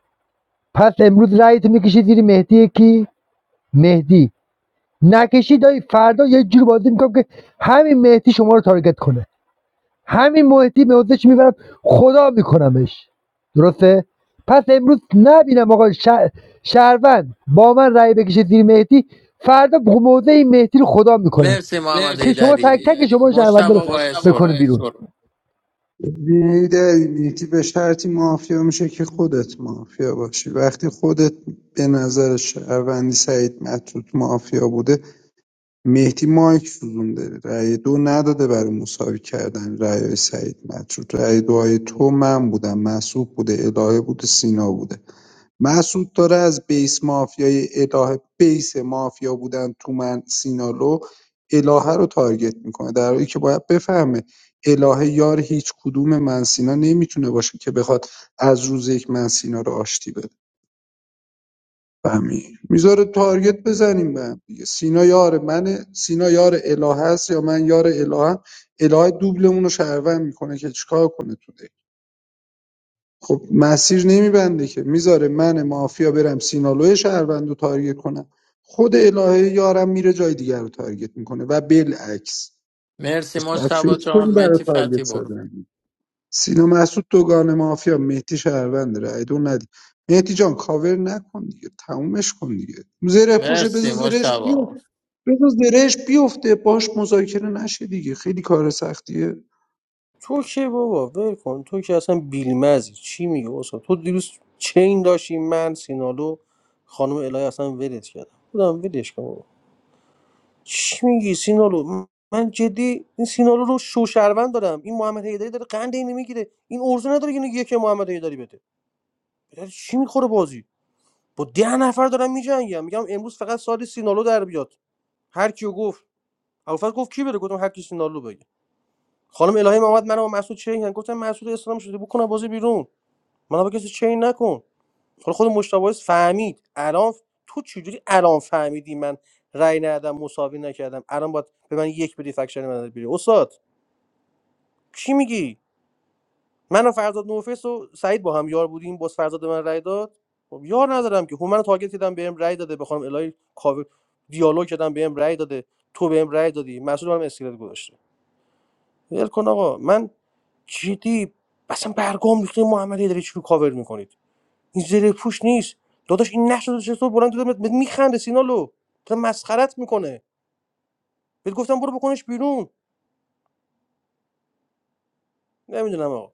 Speaker 19: پس امروز رأیت میکشی زیر مهدی کی مهدی نکشی دایی فردا یه جور بازی میکنم که همین مهدی شما رو تارگت کنه همین مهدی به حوزش میبرم خدا میکنمش درسته پس امروز نبینم آقا شهر- شهروند با من رأی بکشه زیر مهدی فردا موضع این مهدی رو خدا میکنم
Speaker 15: مرسی
Speaker 19: که
Speaker 15: محمد
Speaker 19: شما تک تک
Speaker 15: حیدری
Speaker 19: شما
Speaker 15: مشتبه
Speaker 19: شهرونده رو
Speaker 15: وایس
Speaker 19: بکنه
Speaker 15: برو
Speaker 19: بیرون
Speaker 6: ببین میتی به شرطی مافیا میشه که خودت مافیا باشی وقتی خودت به نظر شهروندی سعید مطرود مافیا بوده مهدی مایک سوزونده رای دو نداده برا مساوی کردن رایای سعید مطرود رای دوهای تو من بودم مسعود بوده الهه بوده سینا بوده مسعود داره از بیس مافیای الهه بیس مافیا بودن تو من سینالو الهه رو تارگت میکنه در حالی که باید بفهمه الهه یار هیچ کدوم من سینا نمیتونه باشه که بخواد از روز یک من سینا رو آشتی بده فهمی میذاره تارگت بزنیم به هم دیگه سینا یار منه سینا یار اله است یا من یار الهه اله دوبلمون رو شهروند میکنه که چیکار کنه تو دی خب مسیر نمیبنده که میذاره من مافیا برم سینالوی شهروند رو تارگت کنم خود الهه یارم میره جای دیگر رو تارگت میکنه و بالعکس
Speaker 15: مرسی
Speaker 6: پس باید
Speaker 15: مشتبه
Speaker 6: فکر کنی
Speaker 15: جان
Speaker 6: برای
Speaker 15: مهدی فتحی
Speaker 6: تارگت
Speaker 15: برو
Speaker 6: زدن سینا مسعود دوگانه مافیا مهدی شهرونده رای دو ندی مهدی جان کاور نکن دیگه تمومش کن دیگه زره پوشه بذار
Speaker 15: مرسی
Speaker 6: زرهش
Speaker 15: مشتبه
Speaker 6: بیفته بذار زرهش بیفته باش مذاکره نشه دیگه خیلی کار سختیه
Speaker 14: تو که بابا ول کن تو که اصلا بیلمزی چی میگی اصلا تو دیروز چین داشتی من سینالو خانم الهی اصلا ولت کردم بودم ولش کن بابا چی میگی سینالو م- من جدی این سینالو رو شوشروند دارم این محمد حیدری داره قند اینو میگیره این ارزو نداره که اینو یک محمد حیدری بده بداری چی میخوره بازی با ده نفر دارم میجنگم میگم امروز فقط سال سینالو در بیاد هر کیو گفت اول گفت کی بره گفتم هر کی سینالو بگه خانم الهی محمد منو با مسعود چه گفتم مسعود اسلام شده بکنم بازی بیرون من با کسی چین نکن حالا خود مشتاق فهمید الان تو چجوری الان فهمیدی من رأی ندادم مساوی نکردم الان باید به من یک بدی فکشن من بری استاد چی میگی من و فرزاد نوفیس و سعید با هم یار بودیم باز فرزاد به من رأی داد خب یار ندارم که هومن تارگت دیدم بهم رأی داده بخوام الهی کاور دیالوگ کردم بهم رأی داده تو بهم رأی دادی مسعود برام اسکلت گذاشته ول کن آقا من جدی اصلا برگام ریخته محمدی داری چی رو کاور میکنید این زره پوش نیست داداش این نقش رو چطور بلند دادم بهت میخنده سینالو داره مسخرت میکنه بهت گفتم برو بکنش بیرون نمیدونم آقا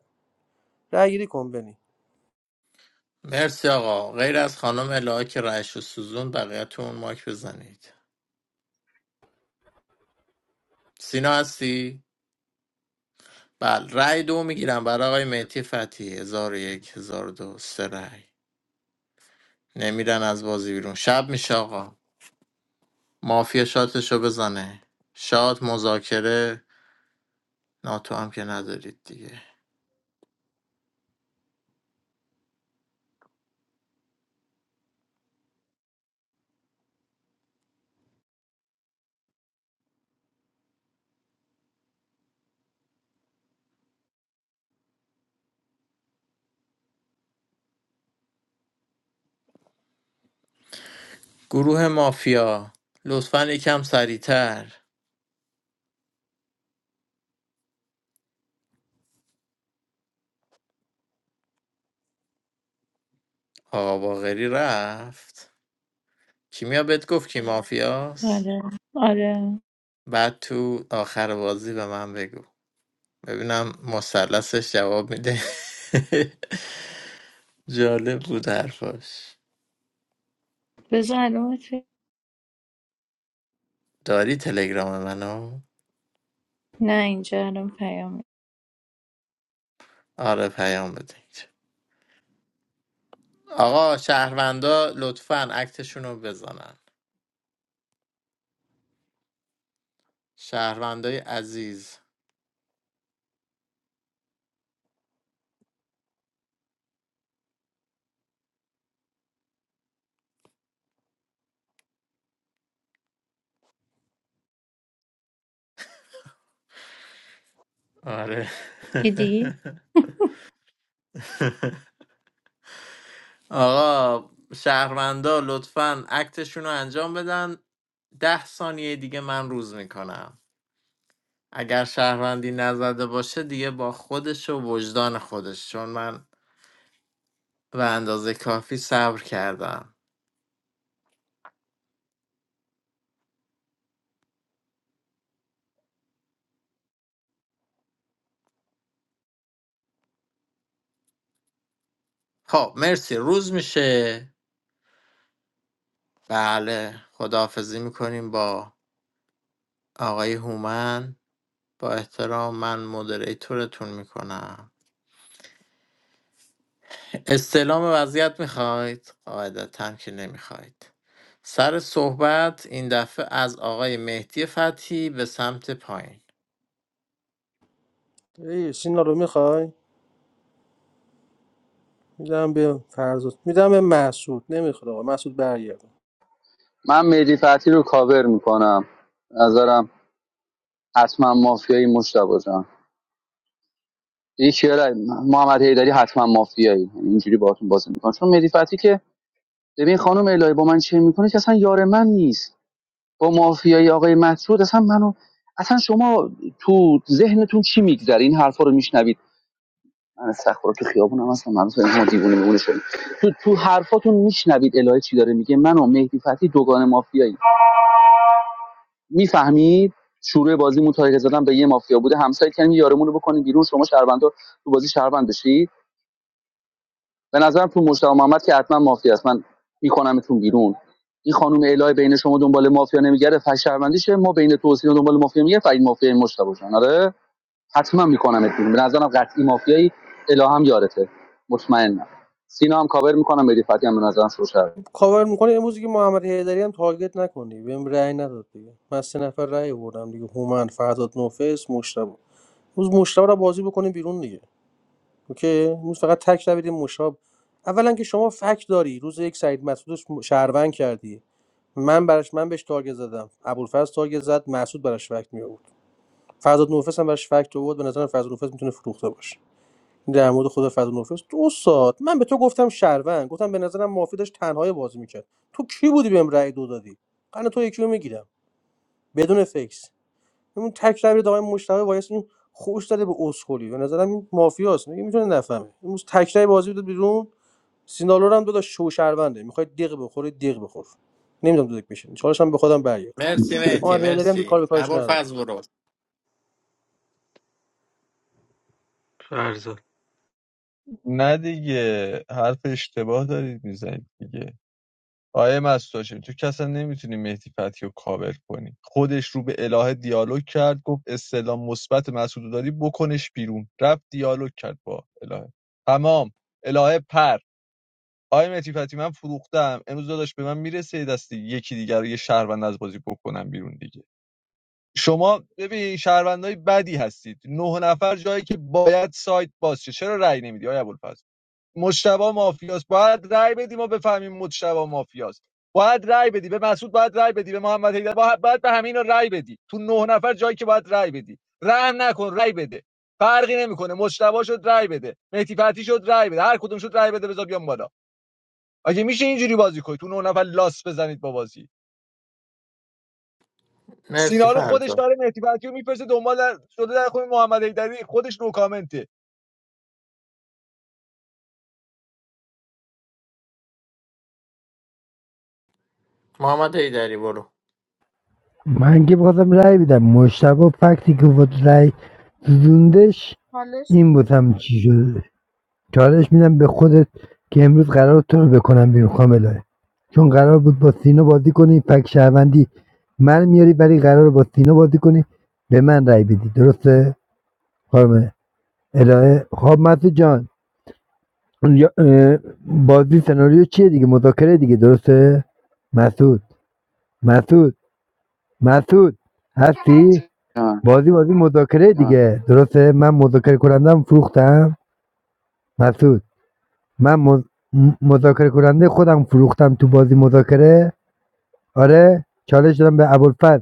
Speaker 14: رأی گیری کن بنی
Speaker 15: مرسی آقا غیر از خانم الهه که رأیش رو سوزون بقیه‌تون ماک بزنید سینا هستی؟ بله رأی دو میگیرم برای آقای مهدی فتحی هزار و یک هزار و دو سه رأی نمیرن از بازی بیرون شب میشه آقا مافیا شاتشو بزنه شات مذاکره ناتو هم که ندارید دیگه گروه مافیا لطفا یکم سریعتر آقا باغری رفت کیمیا بهت گفت کی مافیاست
Speaker 16: آره آره
Speaker 15: بعد تو آخر بازی به من بگو ببینم مثلثش جواب میده جالب بود حرفاش
Speaker 16: بذار الان چه-
Speaker 15: داری تلگرام منو
Speaker 16: نه اینجا الان پیام
Speaker 15: آره پیام بدید آقا شهروندا لطفا عکسشون رو بزنن شهروندای عزیز آره
Speaker 16: دیدی؟
Speaker 15: آقا شهروندا لطفا عکتشون رو انجام بدن ده ثانیه دیگه من روز میکنم اگر شهروندی نزده باشه دیگه با خودش و وجدان خودش چون من به اندازه کافی صبر کردم خب مرسی روز میشه بله خداحافظی میکنیم با آقای هومن با احترام من مدریتورتون میکنم استلام وضعیت میخواید قاعدتا که نمیخواید سر صحبت این دفعه از آقای مهدی فتحی به سمت پایین
Speaker 14: ای سینالو میخوای میدم به فرزاد میدم به محسود نمیخواد آقا محسود برگرد
Speaker 2: من مهدی فتحی رو کاور میکنم نظرم حتما مافیایی مشتبه جان یکی محمد حیدری حتما مافیایی یعنی اینجوری باهاتون بازی میکنم چون مهدی فتحی که ببین خانم الهی با من چه میکنه که اصلا یار من نیست با مافیایی آقای مسعود اصلا منو اصلا شما تو ذهنتون چی میگذره این حرفا رو میشنوید من استخبار تو خیابونم اصلا من اصلا دیوونه میمونه شدیم تو تو حرفاتون میشنوید الهی چی داره میگه منو مهدی فتحی دوگان مافیایی میفهمید شروع بازی متارکه زدن به یه مافیا بوده همسایه کردیم یارمون رو بکنیم بیرون شما شهروندا تو بازی شهروند بشی به نظرم تو مجتمع محمد که حتما مافیا است من میکنمتون بیرون این خانم الهی بین شما دنبال مافیا نمیگره فش شهروندیشه ما بین تو و سینا دنبال مافیا میگه فرید مافیا این مجتمع جان آره حتما میکنمت بیرون به نظرم قطعی مافیایی اله هم یارته مطمئنم سینا هم کاور میکنم بری فتی هم به نظرم شوشر
Speaker 14: کاور میکنه امروز که محمد حیدری هم تارگت نکنی بهم رأی نداد دیگه من سه نفر رأی بردم دیگه هومن فرزاد نوفس مشتبه روز مشتبه رو بازی بکنیم بیرون دیگه اوکی امروز فقط تک نبید مشاب اولا که شما فک داری روز یک سعید مسعود رو شهروند کردی من براش من بهش تارگت زدم ابوالفضل تارگت زد مسعود براش فکت می آورد فرزاد نوفس هم براش فکت آورد به نظرم فرزاد نوفس میتونه فروخته باشه این در مورد خود فرزاد نوفس تو استاد من به تو گفتم شهروند گفتم به نظرم مافی داشت تنهای بازی میکرد تو کی بودی بهم رأی دو دادی قن تو یکی رو میگیرم بدون فکس اون تک ربیر آقای مشتبه وایس این خوش داده به اسکلی به نظرم این مافیاست میگه میتونه نفهمه امروز تک ربیر بازی بده بیرون سینالو رو هم دو تا شو شهرونده میخواد دیق بخوره دیق بخور نمیدونم دو دک بشه چالش هم به خودم برگرد
Speaker 15: مرسی مهدی
Speaker 14: محمد هیدری هم بیکار
Speaker 15: مرسی
Speaker 14: به کارش
Speaker 15: عبال
Speaker 14: ندارم
Speaker 15: فرز برو
Speaker 18: نه دیگه حرف اشتباه دارید میزنید دیگه آیه مستاشم تو که نمیتونی مهدی فتحی رو کاور کنی خودش رو به الهه دیالوگ کرد گفت استعلام مثبت مسعود داری بکنش بیرون رفت دیالوگ کرد با الهه تمام الهه پر آیه مهدی فتحی من فروختم امروز داداش به من میرسه دستی یکی دیگر رو یه شهروند از بازی بکنم بیرون دیگه شما ببین شهروندای بدی هستید نه نفر جایی که باید سایت باز شه چرا رأی نمیدی آیا ابوالفضل مشتبه مافیاست باید رأی بدی ما بفهمیم مشتبه مافیاست باید رأی بدی به مسعود باید رأی بدی به محمد حیدر باید, باید به همین رأی بدی تو نه نفر جایی که باید رأی بدی رحم نکن رأی بده فرقی نمیکنه مشتبه شد رأی بده مهدی فتی شد رأی بده هر کدوم شد رأی بده بذار بیام بالا اگه میشه اینجوری بازی کنی تو نه نفر لاس بزنید با بازی
Speaker 15: مرسی
Speaker 18: سینا رو خودش
Speaker 15: فرزا
Speaker 18: داره مهدی فتحی رو میفرسته دنبال در- شده در خود محمد ایدری خودش رو کامنته
Speaker 15: محمد ایدری برو
Speaker 19: من که بخواستم رأی بدم مشتبه فکتی که بود رأی زوندش این بودم هم چی شده چالش میدم به خودت که امروز قرار تو رو بکنم بیرون خاملای چون قرار بود با سینا بازی کنی فک شهروندی من میاری ولی قرار با سینا بازی کنی به من رای بدی درسته خانم الهه خب مسعود جان بازی سناریو چیه دیگه مذاکره دیگه درسته مسعود مسعود مسعود هستی بازی بازی مذاکره جان دیگه درسته من مذاکره کنندم فروختم مسعود من مذ- مذاکره کننده خودم فروختم تو بازی مذاکره آره چالش دادم به ابوالفضل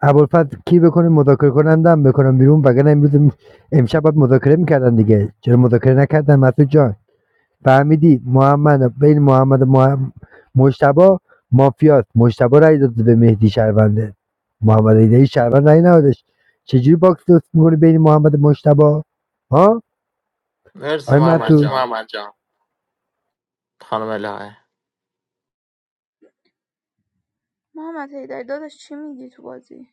Speaker 19: ابوالفضل کی بکنه مذاکره کنندم بکنم بیرون وگرنه امروز م- امشب باید مذاکره میکردن دیگه چرا مذاکره نکردن مسعود جان فهمیدی محمد بین محمد و مح- مجتبی مافیاست مجتبی رای داده به مهدی شهرونده محمد ایدهی شهروند رای ندادش چجوری باکس درست میکنه بین محمد و مجتبی ها
Speaker 15: مرسی
Speaker 19: آی مسعود،
Speaker 15: محمد
Speaker 19: مرسی
Speaker 15: جان خانم الهه
Speaker 4: محمد حیدری داداش چی میگی تو بازی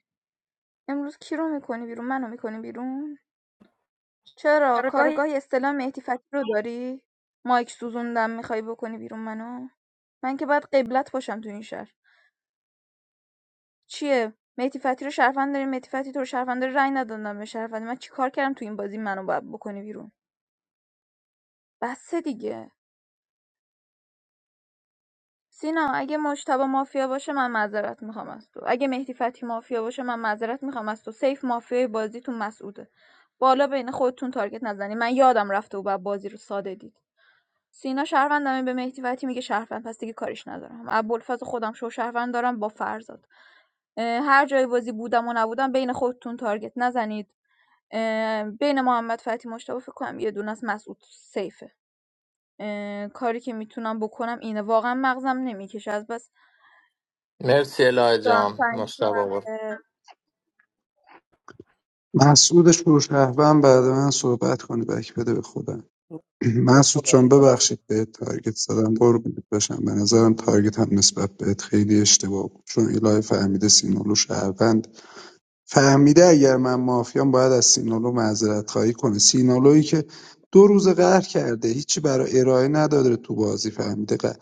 Speaker 4: امروز کی رو میکنی بیرون منو میکنی بیرون چرا کارگاه استلام مهدی فتحی رو داری مایک سوزوندم میخوای بکنی بیرون منو من که باید قبلت باشم تو این شهر چیه مهدی فتی رو شهروند داری مهدی فتی تو رو شهروند داره رأی ندادم به شهروند من چیکار کردم تو این بازی منو باید بکنی بیرون بس دیگه سینا اگه مشتبه مافیا باشه من معذرت میخوام از تو اگه مهدی فتحی مافیا باشه من معذرت میخوام از تو سیف مافیای بازیتون مسعوده بالا بین خودتون تارگت نزنی من یادم رفته و بعد بازی رو ساده دید سینا شهروندمه به مهدی فتحی میگه شهروند پس دیگه کاریش ندارم ابوالفضل خودم شو شهروند دارم با فرزاد اه، هر جای بازی بودم و نبودم بین خودتون تارگت نزنید اه، بین محمد فتحی مشتبه فکر کنم یه دونه از مسعود سیفه اه، کاری که میتونم بکنم اینه واقعا مغزم نمیکشه از بس
Speaker 15: مرسی الهه
Speaker 4: دارم
Speaker 15: جان
Speaker 4: سعی
Speaker 15: مشتبه
Speaker 4: میکنم
Speaker 15: برو
Speaker 4: که
Speaker 6: مسعودش رو شهروند بعد من صحبت کنه بک بده به خودم
Speaker 14: به
Speaker 6: مسعود
Speaker 14: خودم.
Speaker 6: جان
Speaker 14: آره.
Speaker 6: ببخشید بهت تارگت زدم قربونت باشم به نظرم تارگت هم نسبت بهت خیلی اشتباه بود چون الهه فهمیده سینالو شهروند فهمیده اگر من مافیام باید از سینالو معذرت خواهی کنه سینالویی که دو روز قهر کرده هیچی برای ارائه نداره تو بازی فهمیده قهر.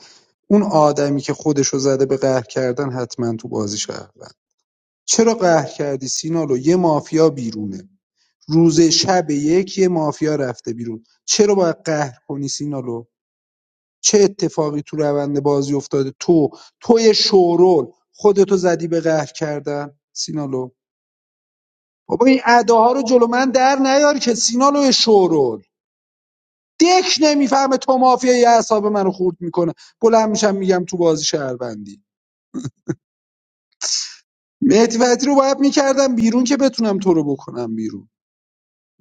Speaker 6: اون آدمی که خودشو زده به قهر کردن حتما تو بازی شهروند چرا قهر کردی سینالو یه مافیا بیرونه روز شب یک یه مافیا رفته بیرون چرا باید قهر کنی سینالو چه اتفاقی تو روند بازی افتاده تو توی شورول خودتو زدی به قهر کردن سینالو بابا این اداها رو جلو من در نیار که سینالو شورول دک نمیفهمه تو مافیا یه اعصاب منو خورد میکنه بلند میشم میگم تو بازی شهروندی مهدی فتحی رو باید میکردم بیرون که بتونم تو رو بکنم بیرون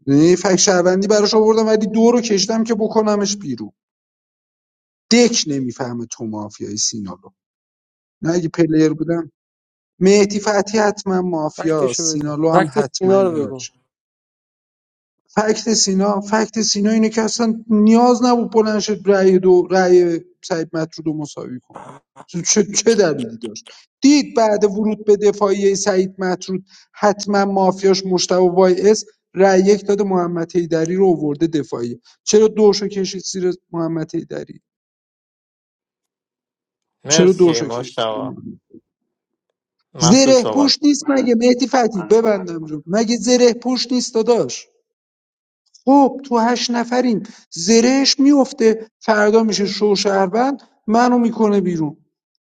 Speaker 6: یعنی فک شهروندی براش آوردم ولی دو رو کشتم که بکنمش بیرون دک نمیفهمه تو مافیای سینالو نه اگه پلیر بودم مهدی فتحی حتما مافیاست
Speaker 14: بگو
Speaker 6: سینالو هم
Speaker 14: فکت
Speaker 6: حتما
Speaker 14: سینا رو بگو
Speaker 6: یارش فکت سینا فکت سینا اینه که اصلا نیاز نبود بلند شد رأی دو رأی سعید مطرود رو مساوی کنه چه, چه دلیلی داشت دید بعد ورود به دفاعی سعید مطرود حتما مافیاش مشتبه وای اس رأی یک داد محمد حیدری رو آورده دفاعی چرا دوشو کشید زیر محمد حیدری چرا
Speaker 15: مرسی
Speaker 6: دوشو کشید زیر
Speaker 15: مشتبه
Speaker 6: محمد
Speaker 15: مسعود
Speaker 6: زره
Speaker 15: صحبت
Speaker 6: پوش نیست
Speaker 2: من
Speaker 6: مگه مهدی فتحی
Speaker 2: من صحبت
Speaker 6: ببندم
Speaker 2: کنم
Speaker 6: رو مگه زره پوش نیست داداش خب تو هشت نفریم زرهش میفته فردا میشه شو شهروند منو میکنه بیرون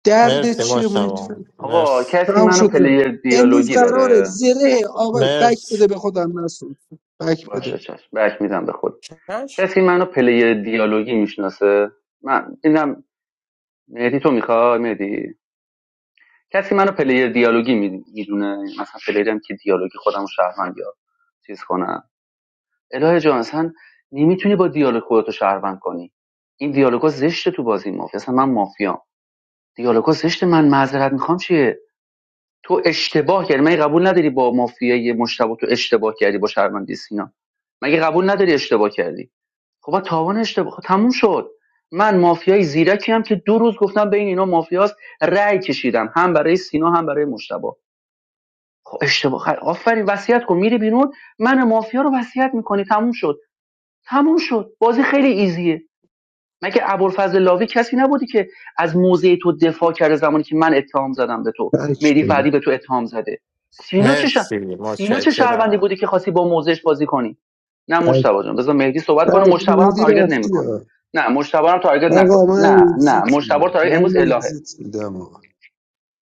Speaker 6: دردت
Speaker 15: مرسی
Speaker 6: چیه مهدی
Speaker 15: مشتبا
Speaker 6: فتحی
Speaker 2: آقا
Speaker 15: مرسی
Speaker 2: کسی
Speaker 6: تمام
Speaker 2: منو
Speaker 6: شد
Speaker 2: پلیر
Speaker 6: رفت امروز
Speaker 2: دیالوگی
Speaker 6: قراره
Speaker 2: داره
Speaker 6: زره آقا بک بده
Speaker 15: مرسی
Speaker 6: به خودم نسون بک
Speaker 2: باشه
Speaker 6: بده
Speaker 2: چشم بک میدم به خود
Speaker 14: چش
Speaker 2: کسی منو پلیر دیالوگی میشناسه من اینم مهدی تو میخوای مهدی کسی منو پلیر دیالوگی می- میدونه مثلا پلیرم که دیالوگی خودمو شهروند یا چیز کنم الهه جان اصلا نمیتونی با دیالوگ خودتو شهروند کنی این دیالوگا زشته تو بازی مافیا اصلا من مافیام دیالوگا زشته من معذرت میخوام چیه تو اشتباه کردی مگه قبول نداری با مافیای مشتبه تو اشتباه کردی با شهروندی سینا مگه قبول نداری اشتباه کردی خب با تاوان اشتباه خب تموم شد من مافیای زیرکی هم که دو روز گفتم بین اینا مافیاست رأی کشیدم هم برای سینا هم برای مشتبه خب اشتباه خ- آفرین وصیت کن میری بیرون من مافیا رو وصیت میکنی تموم شد تموم شد بازی خیلی ایزیه مگه ابوالفضل لاوی کسی نبودی که از موضع تو دفاع کرده زمانی که من اتهام زدم به تو
Speaker 6: بک
Speaker 2: مهدی
Speaker 6: بده
Speaker 2: فردی به تو اتهام زده سینا چه شد؟
Speaker 15: مرسی
Speaker 2: سینا چه شهروندی
Speaker 15: متشکرم
Speaker 2: بودی که خاصی با موضعش بازی کنی نه
Speaker 6: بک,
Speaker 2: مشتبه جان بذار مهدی صحبت کنه
Speaker 6: بک
Speaker 2: مشتبه هم
Speaker 6: ندی
Speaker 2: تارگت
Speaker 6: رفتی
Speaker 2: نمیکنه
Speaker 6: ها.
Speaker 2: نه مشتبه هم تارگت نکن
Speaker 6: آقا من
Speaker 2: نه نه
Speaker 6: اگزیت
Speaker 2: مشتبه
Speaker 6: میدم
Speaker 2: تارگت
Speaker 6: من
Speaker 2: امروز الهه
Speaker 6: اگزیت میدم آقا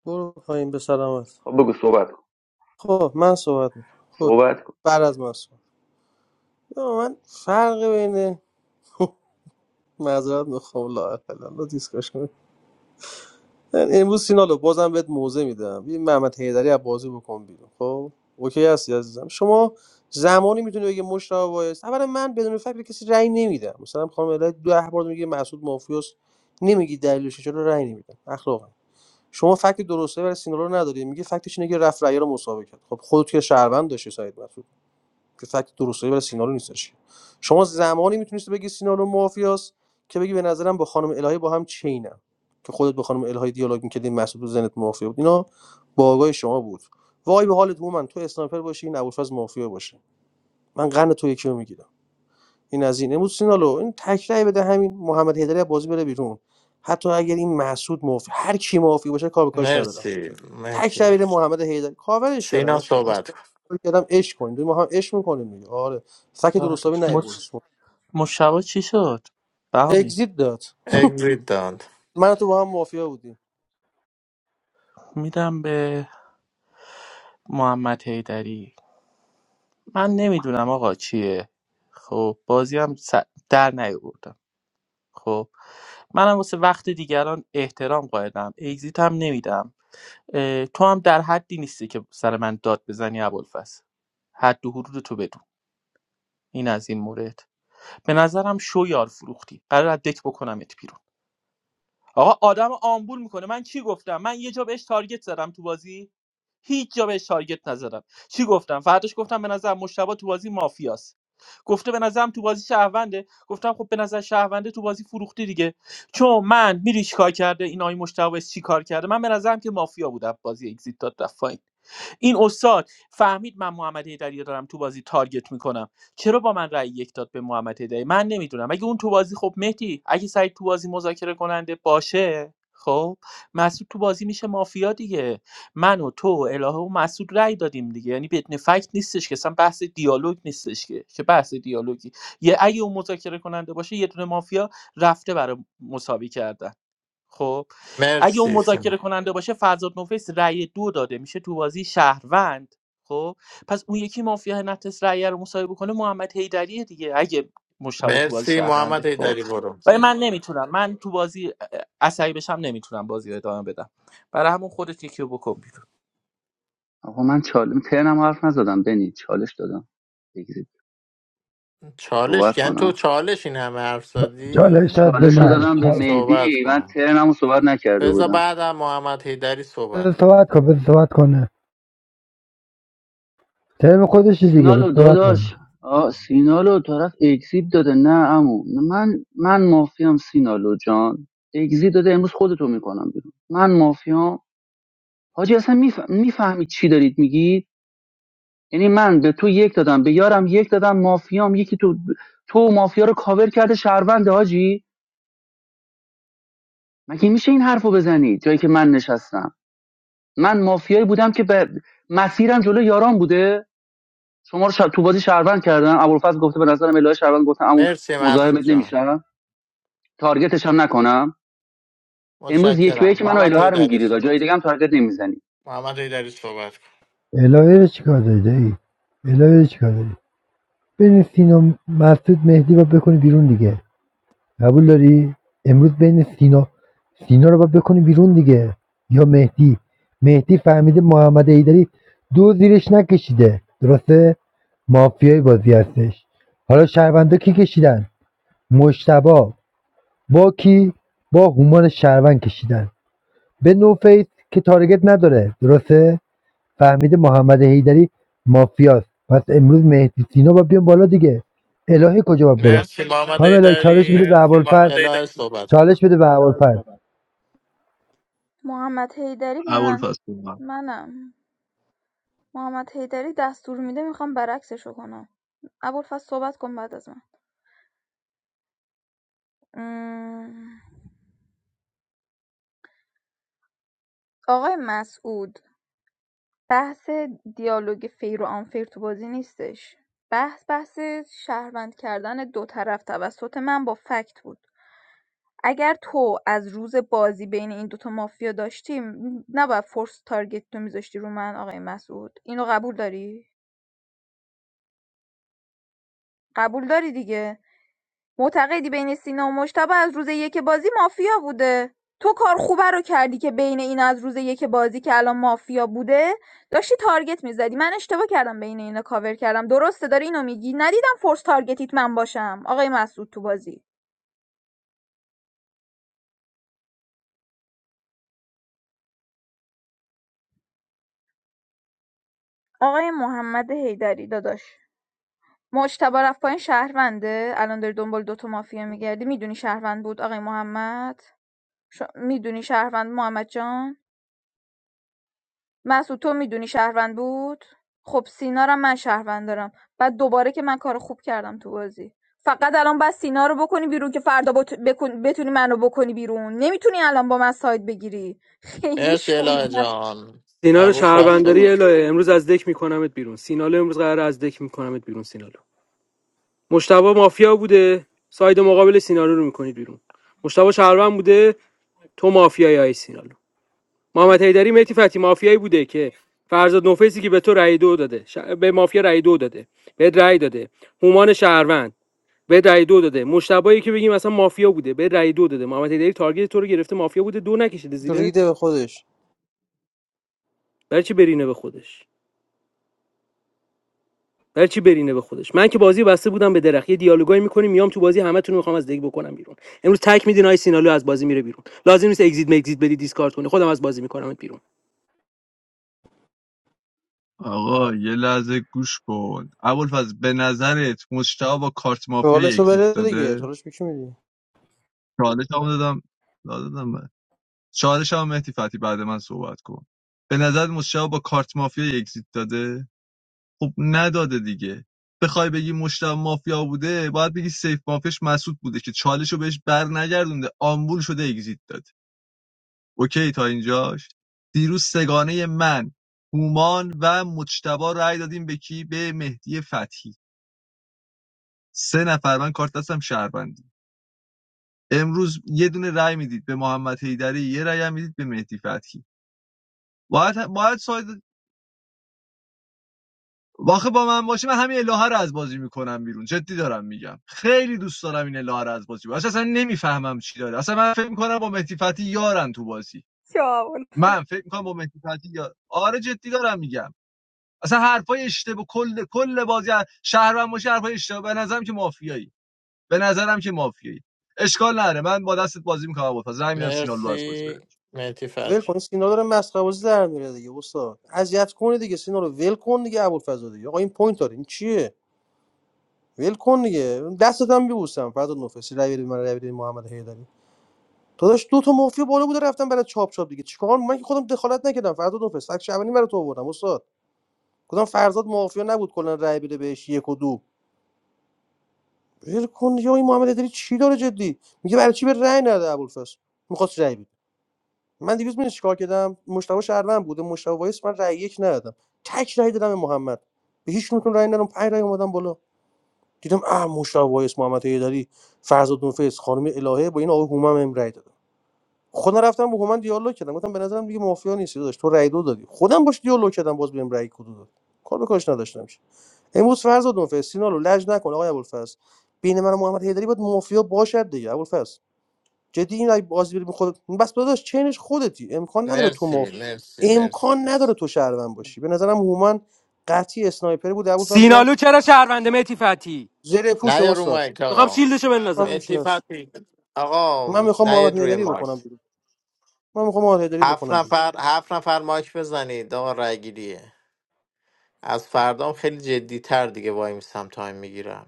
Speaker 14: برو پایین به سلامت
Speaker 2: خب بگو صحبت کن
Speaker 14: خب من صحبت میکنم خب
Speaker 2: صحبت کن
Speaker 14: بعد از من صحبت یا من فرق بین معذرت میخوام لا اله الا الله دیسکشن امروز سینالو بازم بهت موزه میدم این محمد حیدری از بازی بکن بیرون خب اوکی هستی عزیزم شما زمانی میتونی بگی مشتاق وایس اولا من بدون فکر به کسی رأی نمیدم مثلا خانم الهی دو بار میگه مسعود مافیوس نمیگی دلیلش چیه، چرا رأی نمیدم اخلاقا شما فکت درسته برای سینالو رو نداری میگه فکتش اینه که رفت رأی رو مسابقه کرد خب خودت که شهروند داشتی سعید مسعود. که فکت درستایی برای سینالو نیستش شما زمانی میتونید بگی سینالو مافیاست که بگی به نظرم با خانم الهی با هم چینم که خودت با خانم الهی دیالوگ میکردی مسعود تو زنت مافیا بود اینا باگای شما بود وای به حالت من تو اسنایپر باشی این ابوالفضل مافیا باشه من قرن تو یکی رو میگیرم این از این امروز سینالو این تکرای بده همین محمد هدری بازی بره بیرون حتی اگر این محسود مافی هر کی مافی باشه کار به کارش ندارم
Speaker 15: مرسی
Speaker 14: تک
Speaker 15: مهدی
Speaker 14: دبیر محمد حیدر کاورش کردم
Speaker 15: سینا
Speaker 14: عشقم
Speaker 15: صحبت
Speaker 14: مثلا
Speaker 15: کن
Speaker 14: فکر کردم عشق کنیم دو ما هم عشق میکنیم دیگه آره فک درستابی
Speaker 3: چالش
Speaker 14: نیاورد
Speaker 3: مش... مشتبه چی شد بهامی
Speaker 14: اگزیت داد
Speaker 15: اگزیت داند
Speaker 14: من تو با هم مافیا بودیم
Speaker 3: میدم به محمد حیدری من نمیدونم آقا چیه خب بازی هم س- در نیاوردم خب منم واسه وقت دیگران احترام قائلم اگزیت هم نمیدم اه، تو هم در حدی نیستی که سر من داد بزنی ابوالفضل حد و حدود تو بدون این از این مورد به نظرم شو یار فروختی قرار از دک بکنمت بیرون آقا آدم آمبول میکنه من چی گفتم من یه جا بهش تارگت زدم تو بازی هیچ جا بهش تارگت نزدم چی گفتم فرداش گفتم به نظر مشتبه تو بازی مافیاست گفته به نظرم تو بازی شهرونده گفتم خب به نظر شهرونده تو بازی فروختی دیگه چون من میری چیکار کرده این آقای مشتبه چیکار کرده من به نظرم که مافیا بودم بازی اگزییت داد رفت پایین. این استاد فهمید من محمد هیدری رو دارم تو بازی تارگت میکنم چرا با من رأی یک داد به محمد هیدری من نمیدونم اگه اون تو بازی خب مهدی اگه سعید تو بازی مذاکره کننده باشه خب مسعود تو بازی میشه مافیا دیگه من و تو و الهه و مسعود رأی دادیم دیگه یعنی بدون فکت نیستش که اصلا بحث دیالوگ نیستش که چه بحث دیالوگی یه اگه اون مذاکره کننده باشه یه دونه مافیا رفته برای مساوی کردن خب اگه اون
Speaker 15: مرسی سینا.
Speaker 3: مذاکره کننده باشه فرزاد نوفیس رأی دو داده میشه تو بازی شهروند خب پس اون یکی مافیا نتس رأی رو مصاحبه کنه محمد حیدری دیگه اگه مشتبه تو بازی
Speaker 15: مرسی محمد
Speaker 3: شهرونده خب
Speaker 15: ایدری برو
Speaker 3: ولی من نمیتونم من تو بازی عصبی بشم نمیتونم بازی رو ادامه بدم برای همون خودت یکیو بکن بیرون
Speaker 2: آقا من چالش ترنم حرف نزدم بنی چالش دادم بگیرید صحبت
Speaker 15: چالش یعنی تو
Speaker 2: کنم
Speaker 15: چالش این همه حرف
Speaker 19: چالش
Speaker 15: زدی
Speaker 19: داد به
Speaker 2: چالش رو
Speaker 19: من
Speaker 2: دادم به
Speaker 15: صحبت
Speaker 2: مهدی من
Speaker 15: کن
Speaker 2: ترنم رو صحبت نکرده
Speaker 15: بذار
Speaker 2: بودم
Speaker 15: بعدم محمد هیدری
Speaker 19: بذار
Speaker 15: صحبت کن
Speaker 19: صحبت کن بذار صحبت کنه ترم خودش دیگه بذار
Speaker 2: سینالو
Speaker 19: صحبت کن
Speaker 2: داداش آ سینالو طرف اگزیب داده نه امو من من مافیام سینالو جان اگزیب داده امروز خودتو میکنم بیرون من مافیام حاجی اصلا میفهمی چی دارید میگید یعنی من به تو یک دادم به یارم یک دادم مافیام یکی تو تو و مافیا رو کاور کرده شهروند حاجی مگه میشه این حرفو بزنی جایی که من نشستم من مافیایی بودم که به مسیرم جلو یاران بوده شما رو ش... تو بازی شهروند کردم ابوالفضل گفته به نظرم الهه شهروند گفتم عمو
Speaker 15: مرسی
Speaker 2: مزاحمت
Speaker 15: مسعود جان
Speaker 2: نمیشم تارگتش هم نکنم امروز یک به یک
Speaker 15: متشکرم
Speaker 2: منو
Speaker 15: محمد
Speaker 2: الهه رو
Speaker 15: هیدری
Speaker 2: میگیرید جای
Speaker 15: صحبت کن.
Speaker 2: دیگه هم تارگت نمیزنی
Speaker 15: محمد هیدری صحبت کن
Speaker 19: الهی رو چیکار داری دایی الهی رو چیکار داری بین سینا مسعود مهدی رو بکنی بیرون دیگه قبول داری امروز بین سینا سینا رو باید بکنی بیرون دیگه یا مهدی مهدی فهمیده محمد ایدری دو زیرش نکشیده درسته مافیای بازی هستش حالا شهروندا کی کشیدن مشتبا با کی با هومان شهروند کشیدن به نوفیس که تارگت نداره درسته فهمیده محمد حیدری مافیاست پس امروز مهدی سینا با بیان بالا دیگه الهی کجا باید بره
Speaker 15: مرسی محمد
Speaker 19: خانم الهی چالش بده
Speaker 15: هیدری
Speaker 19: به ابوالفضل
Speaker 15: الهه صحبت کن
Speaker 19: چالش بده به ابوالفضل
Speaker 4: محمد حیدری به من-
Speaker 18: ابوالفضل
Speaker 4: منم محمد حیدری دستور میده میخوام برعکسشو کنم ابوالفضل صحبت کن بعد از من ام، آقای مسعود بحث دیالوگ فیر و آنفیر تو بازی نیستش بحث بحث شهروند کردن دو طرف توسط من با فکت بود اگر تو از روز بازی بین این دوتا مافیا داشتی م- نباید فورس تارگت تو میذاشتی رو من آقای مسعود اینو قبول داری قبول داری دیگه معتقدی بین سینا و مشتبه از روز یک بازی مافیا بوده تو کار خوبه رو کردی که بین این از روز یک بازی که الان مافیا بوده داشتی تارگت میزدی من اشتباه کردم بین اینا کاور کردم درسته داری اینو میگی ندیدم فورس تارگتیت من باشم آقای مسعود تو بازی آقای محمد هیدری داداش مجتبی رفت پایین شهرونده الان داری دنبال دوتا مافیا میگردی میدونی شهروند بود آقای محمد ش میدونی شهروند محمد جان مسعود تو میدونی شهروند بود خب سینا رو من شهروند دارم بعد دوباره که من کار خوب کردم تو بازی فقط الان باید سینا رو بکنی بیرون که فردا بت... بکن... بتونی منو بکنی بیرون نمیتونی الان با من ساید بگیری خیلی
Speaker 15: مرسی
Speaker 4: شوی
Speaker 15: الهه جان
Speaker 1: سینا رو
Speaker 15: عبود فرد
Speaker 1: شهرونداری
Speaker 4: خیلی
Speaker 15: صحبت
Speaker 1: الهه امروز از دک میکنمت بیرون سینالو امروز قرار از دک میکنمت بیرون سینالو مشتبه مافیا بوده ساید مقابل سینالو رو میکنید بیرون مشتبه شهروند بوده تو مافیای آی سینا محمد حیدری مهدی فتی مافیایی بوده که فرزاد نوفیسی که به تو رأی دو داده ش... به مافیا رأی دو داده به رأی داده هومان شهروند به رأی دو داده مشتبایی که بگیم مثلا مافیا بوده به رأی دو داده محمد حیدری تارگت تو رو گرفته مافیا بوده دو نکشیده
Speaker 14: تو ریده
Speaker 1: زیرت
Speaker 14: به خودش
Speaker 1: برای چی برینه به خودش برای چی برینه به خودش من که بازی بسته بودم به درخت یه دیالوگایی میکنیم میام تو بازی همتون رو میخوام از دیگ بکنم بیرون امروز تک میدین آی سینالو از بازی میره بیرون لازم نیست اگزییت مگزییت بدی دیسکارد کنی خودم از بازی میکنم بیرون
Speaker 18: آقا یه لحظه گوش کن ابوالفضل به نظرت مشتاق با کارت مافیا
Speaker 14: چالشو
Speaker 18: اگزیت
Speaker 14: بره دیگه
Speaker 18: داده
Speaker 14: چالش میکی میدی
Speaker 18: چالش هم دادم دادم من چالش هم مهدی فتی بعد من صحبت کن به نظر مشتاق با کارت مافیا اگزیت داده خب نداده دیگه بخوای بگی مشتاق مافیا بوده باید بگی سیف مافیاش مسعود بوده که چالش رو بهش بر نگردونده آمبول شده اگزیت داده اوکی تا اینجاش دیروز سگانه من هومان و مجتبا رأی دادیم به کی به مهدی فتحی سه نفر من کارت دستم شهروندی امروز یه دونه رأی میدید به محمد حیدری یه رأی هم میدید به مهدی فتحی باید باید ساید واخه با من باشه من همین الهه رو از بازی میکنم بیرون جدی دارم میگم خیلی دوست دارم این الهه رو از بازی بیرون اصلا نمیفهمم چی داره اصلا من فکر میکنم با مهدی فتحی یارن تو بازی
Speaker 4: چاول
Speaker 18: من فکر میکنم با مهدی فتحی یار آره جدی دارم میگم اصلا حرفای اشتباه کل کل بازی شهروند باشه حرفای اشتباه به نظرم که مافیایی به نظرم که مافیایی اشکال نداره من با دستت بازی میکنم با پس میدم سینالو از بازی
Speaker 15: مرسی
Speaker 18: بره
Speaker 15: مهتی
Speaker 14: ول
Speaker 15: فتی
Speaker 14: کن سینا داره مسخره‌بازی در میره دیگه استاد اذیت کنه دیگه سینا رو ول کن دیگه ابوالفضل دیگه آقا این پوینت داره این چیه ول کن دیگه دستت هم میبوسم فردا نفسی رای بدید من رای بدید محمد حیدری داداش دو تا مافیا بالا بوده رفتم برای چاپ چاپ دیگه چیکار من که خودم دخالت نکردم فرزاد اون فست اکش اولین برای تو آوردم استاد گفتم فرزاد مافیا نبود کلا رأی بده بهش یک و دو ول کن یا این محمد داری چی داره جدی میگه برای چی به رأی نده ابوالفضل میخواست رأی بده من دیروز من چیکار کردم مشتبه شهروند بوده مشتبه وایس من رأی یک ندادم تک رأی دادم به محمد به هیچ نتون رأی ندادم پنج رأی اومدم بالا دیدم اه مشتبه وایس محمد داری فرزاد اون فست خانم الهه با این آقای هومم هم رأی دادن. خودم رفتم با هومن دیالوگ کردم گفتم به نظرم دیگه مافیا نیستی داشت تو رای دو دادی خودم باش دیالوگ کردم باز بهم رای کدو داد کار به کارش نداشتم چی امروز فرض دون فر سینالو لج نکن آقای ابوالفضل بین من و محمد حیدری باید مافیا باشد دیگه ابوالفضل جدی این اگه بازی بری خودت بس داداش چینش خودتی امکان نداره تو
Speaker 15: مرسی
Speaker 14: ماف
Speaker 15: مرسی مرسی
Speaker 14: امکان نداره
Speaker 15: مرسی
Speaker 14: تو شهروند باشی به نظرم هومن قطعی اسنایپر بود ابوالفضل جان
Speaker 1: سینالو چرا شهرونده متی فتی
Speaker 14: زره پوش
Speaker 15: نه یا رو
Speaker 14: استاد
Speaker 15: مایک آقا
Speaker 1: شیلدشو بندازم
Speaker 14: همین چی
Speaker 15: مهتی
Speaker 14: هست
Speaker 15: فتی آقا
Speaker 14: من میخوام
Speaker 15: نه
Speaker 14: محمد
Speaker 15: یاد روی
Speaker 14: حیدری
Speaker 15: مایک
Speaker 14: بکنم بیرون من میخوام محمد حیدری
Speaker 15: هفت
Speaker 14: بکنم بیرون
Speaker 15: نفر هفت نفر مایک بزنید آقا رای گیریه از فردام خیلی جدی تر دیگه وای میسم تایم میگیرم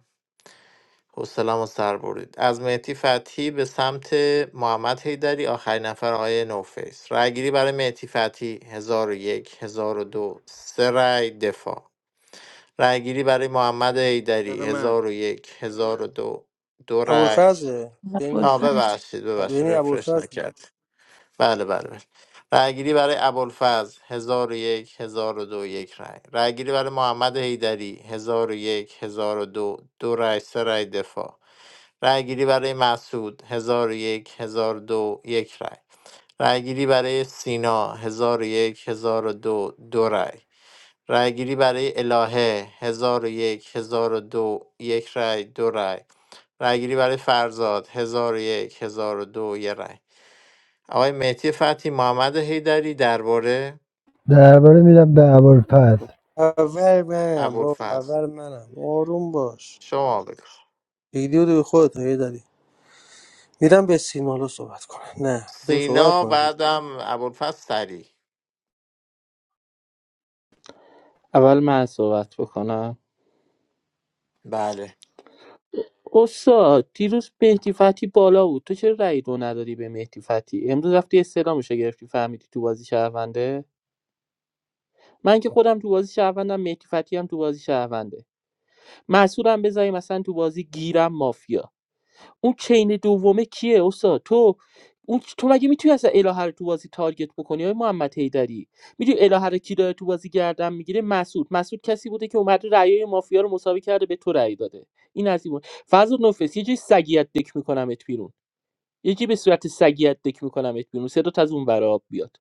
Speaker 15: حوصله‌مو سر برید از مهدی فتحی به سمت محمد حیدری آخرین نفر آقای نوفیس رأی گیری برای مهدی فتحی 1001 1002 سه رأی دفاع رأی گیری برای محمد حیدری
Speaker 1: برای من
Speaker 15: 1001 1002 دو دو رأی
Speaker 14: ابوالفضل یعنی
Speaker 15: آ
Speaker 16: ابوالفضل.
Speaker 15: ببخشید ببخشید
Speaker 14: بینی
Speaker 15: رفرش
Speaker 14: ابوالفضل
Speaker 15: نکرد بله بله بله رأیگیری برای ابوالفضل هزار و یک هزار و دو یک رأی رأیگیری برای محمد حیدری هزار و یک هزار و دو دو رأی سه رأی دفاع رأیگیری برای مسعود هزار و یک هزار و دو یک رأی رأیگیری برای سینا هزار و یک هزار و دو دو رأی رأیگیری برای الهه هزار و یک هزار و دو، یک رأی دو رأی رأیگیری برای فرزاد هزار و یک هزار و دو، یک رأی آقای مهدی فتحی محمد حیدری درباره
Speaker 19: درباره میدم به ابوالفضل
Speaker 14: اول منم با
Speaker 15: ابوالفضل
Speaker 14: اول منم آروم باش
Speaker 15: شما بگو
Speaker 14: ویدیو رو به خودت هی داری میرم به سینالو صحبت کنم نه بذاری صحبت
Speaker 15: سینا
Speaker 14: کنم دیگه.
Speaker 15: بعدم ابوالفضل سری
Speaker 3: اول من صحبت بکنم
Speaker 15: بله
Speaker 3: استاد دیروز مهدی فتی بالا بود تو چرا رأی دو ندادی به مهدی فتی امروز رفتی استعلامش رو گرفتی فهمیدی تو بازی شهرونده من که خودم تو بازی شهروندم مهدی فتی هم تو بازی شهرونده مسعودم بذاریم مثلا تو بازی گیرم مافیا اون چین دومه کیه استاد تو اون تو مگه میتونی اصلا الهه رو تو بازی تارگت بکنی های محمد حیدری میدونی الهه رو کی داره تو بازی گردن میگیره مسعود مسعود کسی بوده که اومده رأیای مافیا رو مساوی کرده به تو رأی داده این از این بود. فضل نفس یه جای سگیت دک میکنمت بیرون یکی به صورت سگیت دک میکنمت بیرون صدات از اون ورا آب بیاد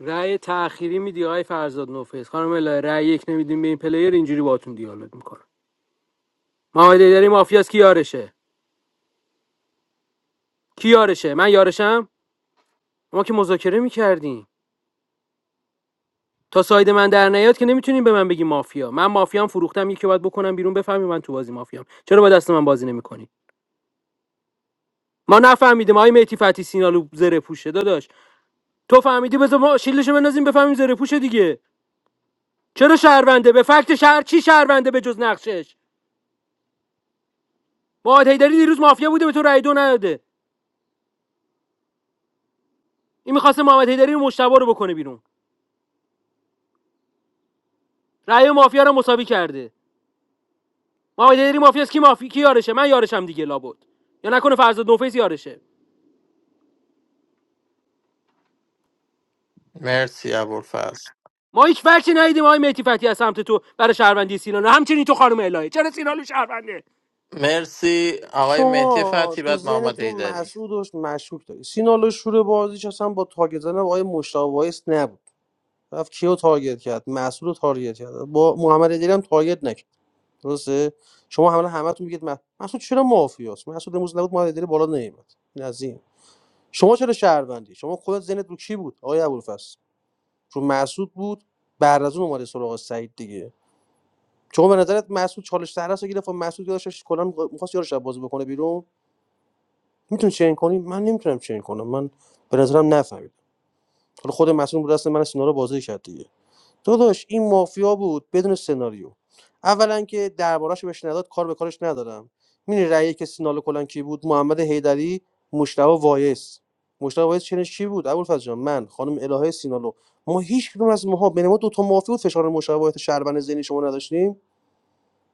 Speaker 1: رأی تأخیری میدی آقای فرزاد نوفیس خانم الهه رأی یک نمیدیم به این پلیر اینجوری باهاتون دیالوگ میکنه محمد ایدری مافیاس کی یارشه کی یارشه من یارشم ما که مذاکره میکردیم تا ساید من در نیاد که نمیتونین به من بگی مافیا من مافیام فروختم یکی باید بکنم بیرون بفهمی من تو بازی مافیام چرا با دست من بازی نمیکنی ما نفهمیدیم آقای میتی فتی سینالو زره پوشه داداش تو فهمیدی بذار ما شیلدشو بندازیم بفهمیم زره پوشه دیگه چرا شهرونده به فکت شهر چی شهرونده به جز نقشش ما هیدری دیروز مافیا بوده به تو رأی دو نداده این میخواسته محمد حیدری مشتبه رو بکنه بیرون رأی مافیا رو مساوی کرده محمد حیدری مافیاست کی مافی کی یارشه من یارشم دیگه لابد یا نکنه فرزاد نوفیس یارشه
Speaker 15: مرسی ابوالفضل
Speaker 1: ما هیچ فکری ندیدیم آقای مهدی فتی از سمت تو برای شهروندی سینالو همچنین تو خانم الهه چرا سینالو شهرونده
Speaker 15: مرسی آقای مهدی
Speaker 14: شما
Speaker 15: فتحی
Speaker 14: تو
Speaker 15: بعد محمد
Speaker 14: ذهنتون
Speaker 15: حیدری
Speaker 14: مسعودش مشکوک داری سینالو شروع بازیش اصلا با تارگت زدن آقای مشتاق وایس نبود رفت کیو تارگت کرد مسعود رو تارگت کرد با محمد ادری هم تارگت نکرد درسته شما حالا همتون میگید مس- مسعود چرا مافیاست مسعود امروز نبود محمد ادری بالا نمیاد این از این شما چرا شهروندی شما خودت ذهنت رو کی بود آقای ابوالفضل چون مسعود بود بعد از اون اومده سراغ سعید دیگه چون به نظرت مسعود چالش سهرس رو گرفت و مسعود یادش کلا میخواست یارو شب بازی بکنه بیرون میتونی چین کنی من نمیتونم چین کنم من به نظرم نفهمیدم حالا خود مسعود بود دست من سینا رو بازی کرد دیگه. داداش این مافیا بود بدون سناریو اولا که درباراشو بهش نداد کار به کارش ندارم میری رأی که سینالو کلان کی بود محمد حیدری مشتبه وایس مشتبه وایس چنش کی بود ابوالفضل جان من خانم الهه سینالو ما هیچ کدوم از ماها بین ما دو تا مافیا بود فشار مشابهت شربن ذهنی شما نداشتیم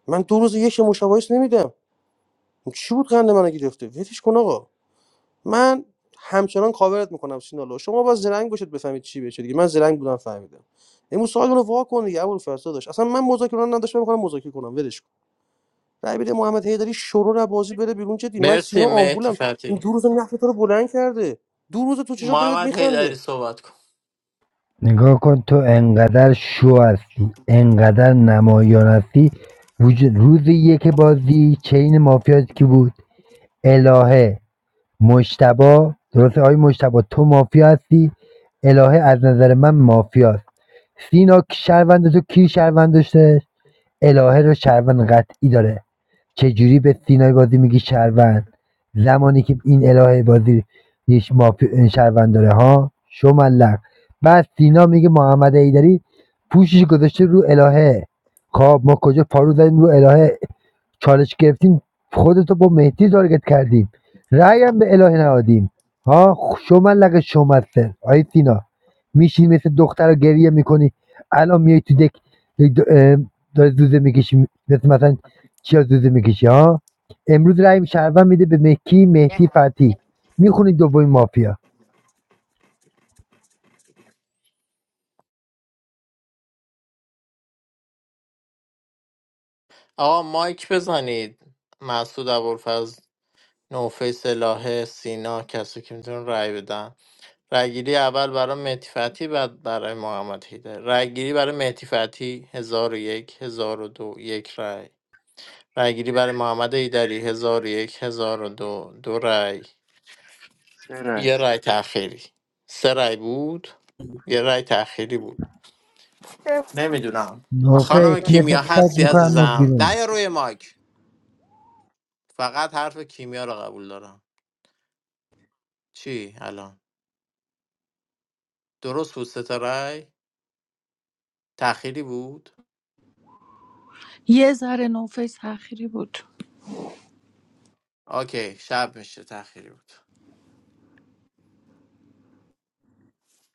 Speaker 14: من دو روز یک مشابهت نمیدم چی بود قند منو گرفته ولش کن آقا من همچنان کاورت میکنم سینالو شما باز زرنگ باشید بفهمید چی بشه دیگه من زرنگ بودم فهمیدم امروز سوال رو وا کن دیگه ابوالفضل داشت اصلا من مذاکره نداشتم میخوام مذاکره کنم ولش کن رای بده محمد حیدری شروع بازی بره بیرون جدی من سینا
Speaker 15: مرسی مهدی
Speaker 14: آمبولم این
Speaker 15: فتحی
Speaker 14: دو روز نفر تو رو بلند کرده دو روز تو چشات داره بهت
Speaker 15: محمد حیدری
Speaker 14: میخنده
Speaker 15: صحبت کن
Speaker 19: نگاه کن تو انقدر شو هستی انقدر نمایان هستی وجود روز یک بازی چین مافیا کی بود الهه مجتبی درسته آقای مجتبی تو مافیا هستی الهه از نظر من مافیاست سینا کی شهروند تو کی شهروند داشته الهه رو شهروند قطعی داره چجوری به سینای بازی میگی شهروند زمانی که این الهه بازی یک مافیا شهروند داره ها شملق بعد سینا میگه محمد ایدری پوشش گذاشته رو الهه خب ما کجا پارو زدیم رو الهه چالش گرفتیم خودتو با مهدی تارگت کردیم رأی هم به الهه نهادیم ها شما لگه شما سر آی سینا میشی مثل دختر رو گریه میکنی الان میای تو دک اه، داری زوزه میکشی مثل مثلا چیا زوزه میکشی ها امروز رأی شهروند میده به مکی مهدی فتی میخونی دومین مافیا
Speaker 15: آقا مایک بزنید مسعود ابوالفضل نوفیس الهه سینا کسی که میتونه رای بدن رأیگیری اول برای مهدی فتحی بعد برای محمد حیدر رأیگیری برای مهدی فتحی 1001 1002 یک هزار و دو، یک رأی رأیگیری برای محمد حیدری 1001 1002 دو دو رأی
Speaker 2: چرا
Speaker 15: یه رأی تأخیری سه رأی بود یه رأی تأخیری بود نمیدونم خانم
Speaker 19: نوفیت مثل
Speaker 15: کیمیا
Speaker 19: سگ
Speaker 15: هستی
Speaker 19: میکنم از
Speaker 15: عزیزم نه
Speaker 19: بیرون
Speaker 15: یا روی مایک فقط حرف کیمیا رو قبول دارم چی الان درست بود سه تا رأی تأخیری بود
Speaker 16: یه ذره نوفیس تأخیری بود
Speaker 15: اوکی شب میشه تأخیری بود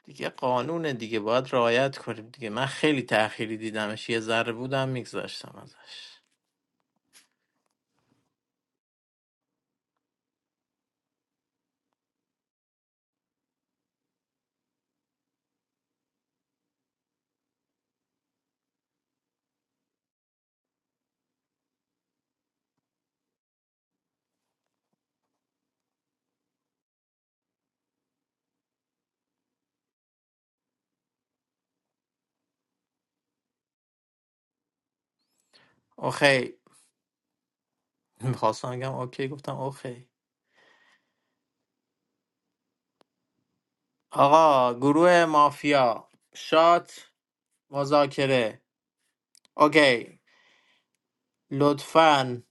Speaker 15: دیگه قانونه دیگه باید رعایت کنیم دیگه من خیلی تأخیری دیدمش یه ذره بودم میگذاشتم ازش اوکی میخواستم بگم اوکی گفتم اوکی آقا گروه مافیا شات مذاکره اوکی لطفا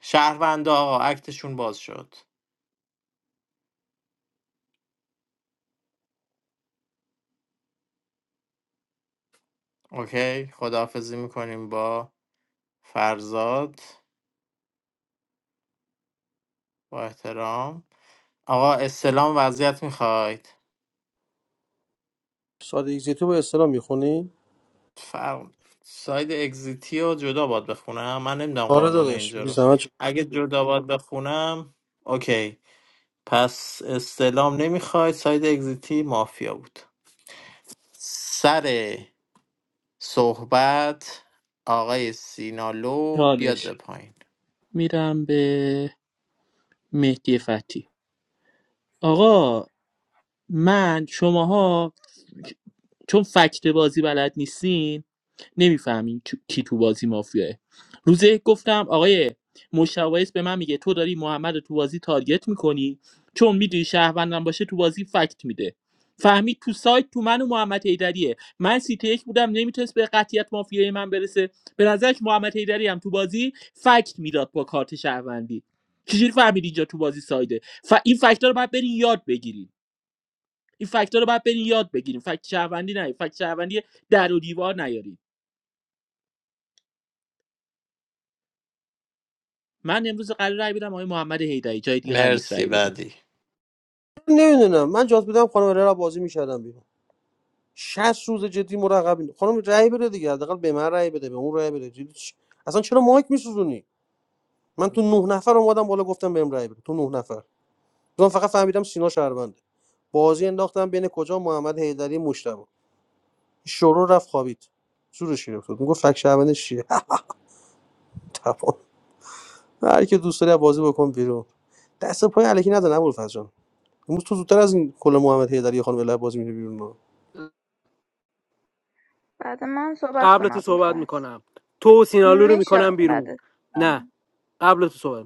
Speaker 15: شهروندا آقا اکتشون باز شد اوکی خداحافظی میکنیم با فرزاد با احترام آقا استلام وضعیت میخواید
Speaker 14: ساده ایگزیتو با اصطلاح میخونی
Speaker 15: فرق ساید اگزیتی رو جدا باید بخونم من نمیدونم
Speaker 14: آره
Speaker 15: قانون
Speaker 14: داداش
Speaker 15: اینجا
Speaker 14: بی
Speaker 15: رو
Speaker 14: زحمت
Speaker 15: اگه جدا باید بخونم اوکی پس استلام نمیخوای ساید اگزیتی مافیا بود سر صحبت آقای سینالو بیاد به
Speaker 3: چالش
Speaker 15: پایین
Speaker 3: میرم به مهدی فتی آقا من شماها چون فکت بازی بلد نیستین نمیفهمین کی تو بازی مافیاه روزه گفتم آقای مشاورس به من میگه تو داری محمد رو تو بازی تارگت میکنی چون میدونی شهروندم باشه تو بازی فکت میده فهمید تو سایت تو من و محمد ایدریه من سیتی یک بودم نمیتونست به قطیت مافیای من برسه به نظرش محمد ایدری هم تو بازی فکت میداد با کارت شهروندی چجوری فهمید اینجا تو بازی سایده ف... این فکت‌ها رو باید برین یاد بگیرید این فکت‌ها رو باید برین یاد بگیریم فکت شهروندی نه فکت شهروندی در و دیوار نیارید من امروز قرار رای بدم آقای محمد هیدری جای دیگه قرار نیست
Speaker 15: مرسی
Speaker 3: رای بدم
Speaker 15: بعدی
Speaker 14: نمیدونم من جات بودم خانم رای را بازی میکردم بیرون 60 روز جدی مرقب خانم رای بده دیگه حداقل به من رای بده به اون رای بده اصلا چرا مایک میسوزونی من تو نه نفر اومدم بالا گفتم بهم رای بده تو نه نفر من فقط فهمیدم سینا شهرونده بازی انداختم بین کجا محمد حیدری مشتبه شروع رفت خوابید زورش گرفت بود میگفت فک شهروندش چیه تمام هر کی دوست داری بازی بکن بیرون دست و پای الکی نزن ابوالفضل جان امروز تو زودتر از این کل محمد حیدری خانم لب بازی میره بیرون
Speaker 4: بعد من صحبت
Speaker 1: قبل
Speaker 4: کنم
Speaker 1: تو صحبت
Speaker 4: ابوالفضل
Speaker 1: میکنم تو سینالو رو
Speaker 4: میشه
Speaker 1: میکنم بیرون
Speaker 4: بعد
Speaker 1: نه قبل تو صحبت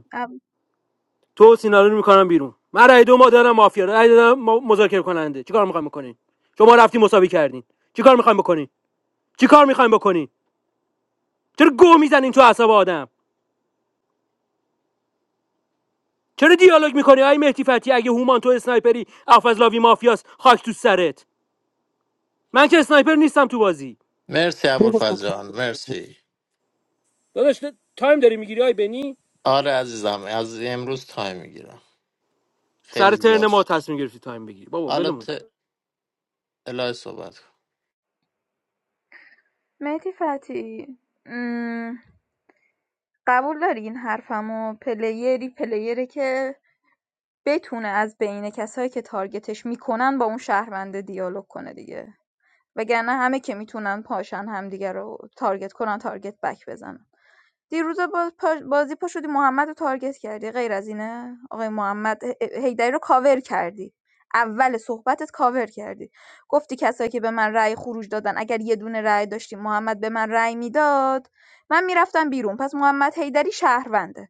Speaker 1: تو سینالو رو میکنم بیرون من رأی دو ما دادم مافیا رأی دادم ما- مذاکره کننده چیکار میخوام بکنین شما رفتین مساوی کردین چیکار میخوایم بکنین چیکار میخوایم بکنین چرا گو میزنین تو اعصاب آدم چرا دیالوگ میکنی آی مهدی فتی اگه هومان تو اسنایپری افزلاوی مافیاس خاک تو سرت من که اسنایپر نیستم تو بازی
Speaker 15: مرسی
Speaker 14: کی گفت
Speaker 15: ابوالفضل مرسی
Speaker 1: داداش تایم داری میگیری آی بنی
Speaker 15: آره عزیزم از امروز تایم میگیرم خیلی
Speaker 1: سر ترن
Speaker 15: زیاد
Speaker 1: ما
Speaker 15: شد
Speaker 1: تصمیم گرفتی تایم بگیری بابا
Speaker 15: حالا
Speaker 1: ولمون کن.
Speaker 15: ت... الهه صحبت کن
Speaker 4: مهدی فتی قبول داری این حرفمو پلیری پلیره که بتونه از بین کسایی که تارگتش میکنن با اون شهرونده دیالوگ کنه دیگه وگرنه همه که میتونن پاشن همدیگه رو تارگت کنن تارگت بک بزنن دیروز باز پا- بازی پا شدی محمد رو تارگت کردی غیر از اینه آقای محمد ه- رو کاور کردی اول صحبتت کاور کردی گفتی کسایی که به من رأی خروج دادن اگر یه دونه رأی داشتی محمد به من رأی میداد من میرفتم بیرون پس محمد هیدری شهرونده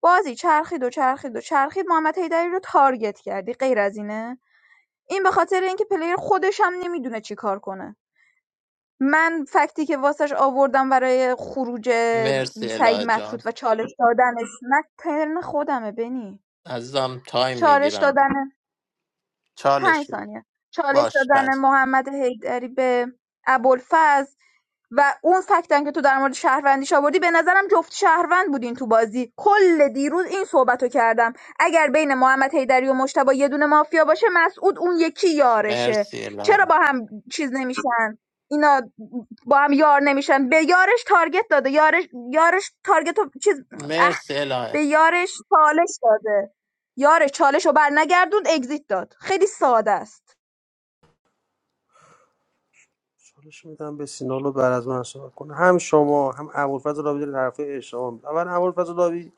Speaker 4: بازی چرخید و چرخید و چرخید محمد هیدری رو تارگت کردی غیر از اینه این به خاطر اینکه پلیر خودش هم نمیدونه چی کار کنه من فکتی که واسش آوردم برای خروج
Speaker 15: مرسی
Speaker 4: سعید
Speaker 15: الهه جان
Speaker 4: مطرود و چالش دادنش نه ترن خودمه بنی
Speaker 15: عزیزم تایم
Speaker 4: چالش
Speaker 15: میگیرم
Speaker 4: دادن پنج
Speaker 15: چالش بگیر.
Speaker 4: ثانیه چالش
Speaker 15: باش
Speaker 4: دادن
Speaker 15: پنج
Speaker 4: محمد حیدری به ابوالفضل و اون فکتن که تو در مورد شهروندیش آوردی به نظرم جفت شهروند بودین تو بازی کل دیروز این صحبتو کردم اگر بین محمد حیدری و مشتبه یه دونه مافیا باشه مسعود اون یکی یارشه
Speaker 15: مرسی
Speaker 4: چرا
Speaker 15: الهه
Speaker 4: با هم چیز نمیشن اینا با هم یار نمیشن به یارش تارگت داده یارش یارش تارگت رو چیز اه
Speaker 15: مرسی
Speaker 4: به
Speaker 15: الهه
Speaker 4: یارش چالش داده یارش چالشو رو بر نگردوند اگزیت داد خیلی ساده است
Speaker 14: چالش میدم به سینالو بعد از من صحبت کنه هم شما هم ابوالفضل لاوی دارید حرفای اشتباه می‌زنید. اول ابوالفضل لاوی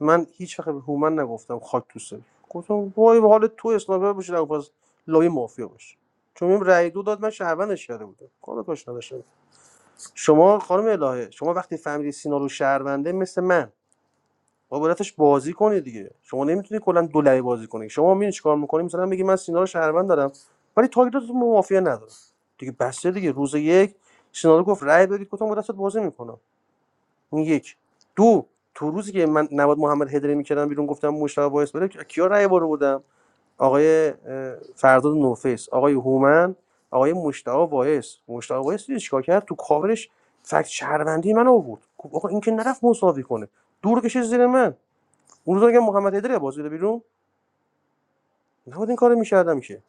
Speaker 14: من هیچ وقت به هومن نگفتم خاک تو سر گفتم وای به حال تو اسنایپر باشی ابوالفضل لاوی مافیا باشه چون این رأی دو داد من شهروندش کرده بودم کار کاش نداشتم شما خانم الهه شما وقتی فهمیدی سینالو شهرونده مثل من با بلتش بازی کنید دیگه شما نمیتونید کلا دو بازی کنید. شما میری چیکار میکنی مثلا میگی من سینا رو شهروند دارم ولی تارگتتون به مافیا ندارم دیگه بسته دیگه روز یک سینا رو گفت رأی بدید گفتم با دستت بازی میکنم این یک دو تو روزی که من نواد محمد هدری میکردم بیرون گفتم مشتاق باعث بره کیا رأی بارو بودم آقای اه، فرداد نوفیس آقای هومن آقای مشتاق وایس مشتاق وایس دیدی چیکار کرد تو کاورش فکت شهروندی من آورد گفت آقا این که نرفت مساوی کنه دور کشید زیر من اون روز که محمد هیدری بازی بده بیرون نباید این کارو می‌کردم که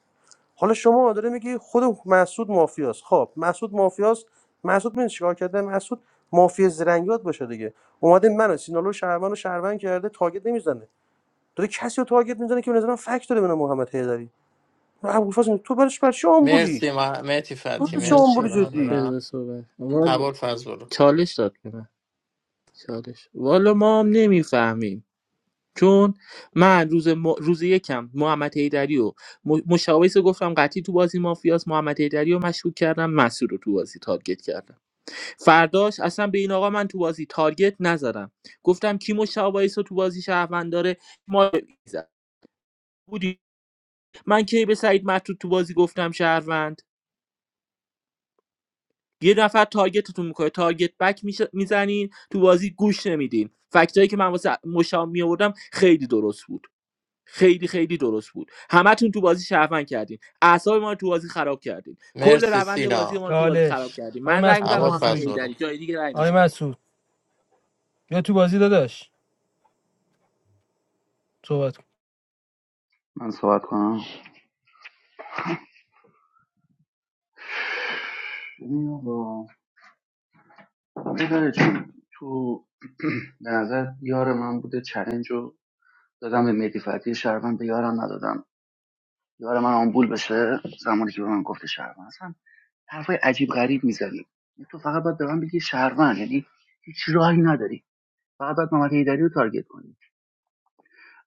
Speaker 14: حالا شما داره میگی خود مسعود مافیاست خب مسعود مافیاست مسعود من چیکار کرده مسعود مافیا زرنگیات باشه دیگه اومده منو سینالو شهروند و شهروند کرده تاگت نمیزنه داره کسی رو تاگت میزنه که به نظرم فکت داره بنا محمد هیدری ابوالفضل میگه، تو برش بر آمبولی
Speaker 15: مرسی مهتی
Speaker 14: تو
Speaker 15: فتی
Speaker 14: برای چه
Speaker 15: مرسی
Speaker 14: آمبولی
Speaker 3: آچه،
Speaker 14: جدی
Speaker 15: ممنونم
Speaker 3: بذار صحبت والا
Speaker 15: عبال برو
Speaker 3: چالش داد به من چالش والا ما هم نمیفهمیم چون من روز, م... روز یکم محمد حیدری و م... مشاویس رو گفتم قطعی تو بازی مافیاس محمد حیدری رو مشکوک کردم مسعود رو تو بازی تارگت کردم فرداش اصلا به این آقا من تو بازی تارگت نزدم گفتم کی مشاویس رو تو بازی شهروند داره ما زد. بودی من کی به سعید مطرود تو بازی گفتم شهروند یه نفر تارگتتون میکنه تارگت بک میزنین تو بازی گوش نمیدین فکتایی که من واسه مشا میآوردم خیلی درست بود خیلی خیلی درست بود همتون تو بازی شهروند کردین اعصاب ما رو تو بازی خراب کردین کل
Speaker 15: مرسی
Speaker 3: روند بازی
Speaker 15: سینا
Speaker 3: ما رو تو بازی خراب
Speaker 1: چالش
Speaker 3: کردین
Speaker 1: آقای
Speaker 3: من رأی
Speaker 1: مسعود
Speaker 3: میدم
Speaker 15: عبال
Speaker 1: چالش
Speaker 3: محمد
Speaker 1: بگیر
Speaker 3: حیدری
Speaker 15: برو
Speaker 3: جای دیگه رأی
Speaker 1: آقای
Speaker 3: نمیدم
Speaker 1: مسعود یا تو بازی داداش صحبت کن
Speaker 2: من صحبت کنم نداره چون تو به نظر یار من بوده چلنج رو دادم به مهدی فتحی شهروند به یارم ندادم یار من آمبول بشه زمانی که به من گفته شهروند اصلا حرفای عجیب غریب میزنی تو فقط باید به من بگی شهروند یعنی هیچ راهی نداری فقط باید محمد حیدری رو تارگت کنی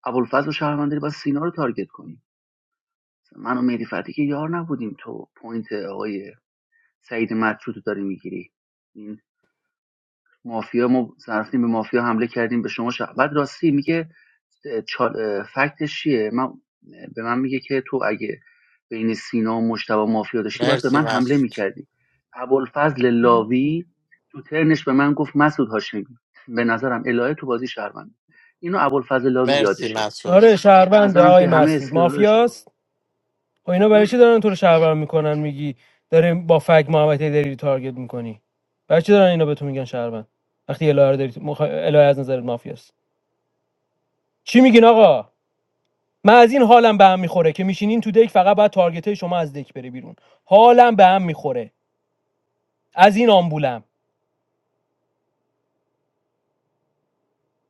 Speaker 2: ابوالفضل و شهروند داری باید سینا رو تارگت کنی من و مهدی فتحی که یار نبودیم تو پوینت آقای سعید مدرو تو داری میگیری این مافیا ما رفتیم به مافیا حمله کردیم به شما ش... بعد راستی میگه چال... فکتش چیه من... به من میگه که تو اگه بین سینا و مشتبه مافیا داشتی باید به
Speaker 15: مرسی
Speaker 2: من حمله
Speaker 15: مسعود
Speaker 2: میکردی ابوالفضل لاوی تو ترنش به من گفت مسعود هاشمی به نظرم الهه تو بازی شهروند اینو ابوالفضل لاوی
Speaker 15: مرسی
Speaker 2: یادشه
Speaker 15: مسعود
Speaker 1: آره
Speaker 2: پس به
Speaker 1: شهرونده
Speaker 2: نظرم
Speaker 1: آقای
Speaker 2: که همه
Speaker 1: مسعود
Speaker 2: استدلال
Speaker 1: مافیاست
Speaker 2: اشتباه
Speaker 1: و اینا برای چی دارن تو رو شهروند میکنن میگی داره با فگ محمد حیدری داری تارگت میکنی برای چی دارن اینا به تو میگن شهروند وقتی الهه رو داری تو- مخ... الهه از نظر مافیاست چی میگین آقا من از این حالم به هم میخوره که میشینین تو دک فقط بعد تارگت شما از دک بره بیرون حالم به هم میخوره از این آمبولم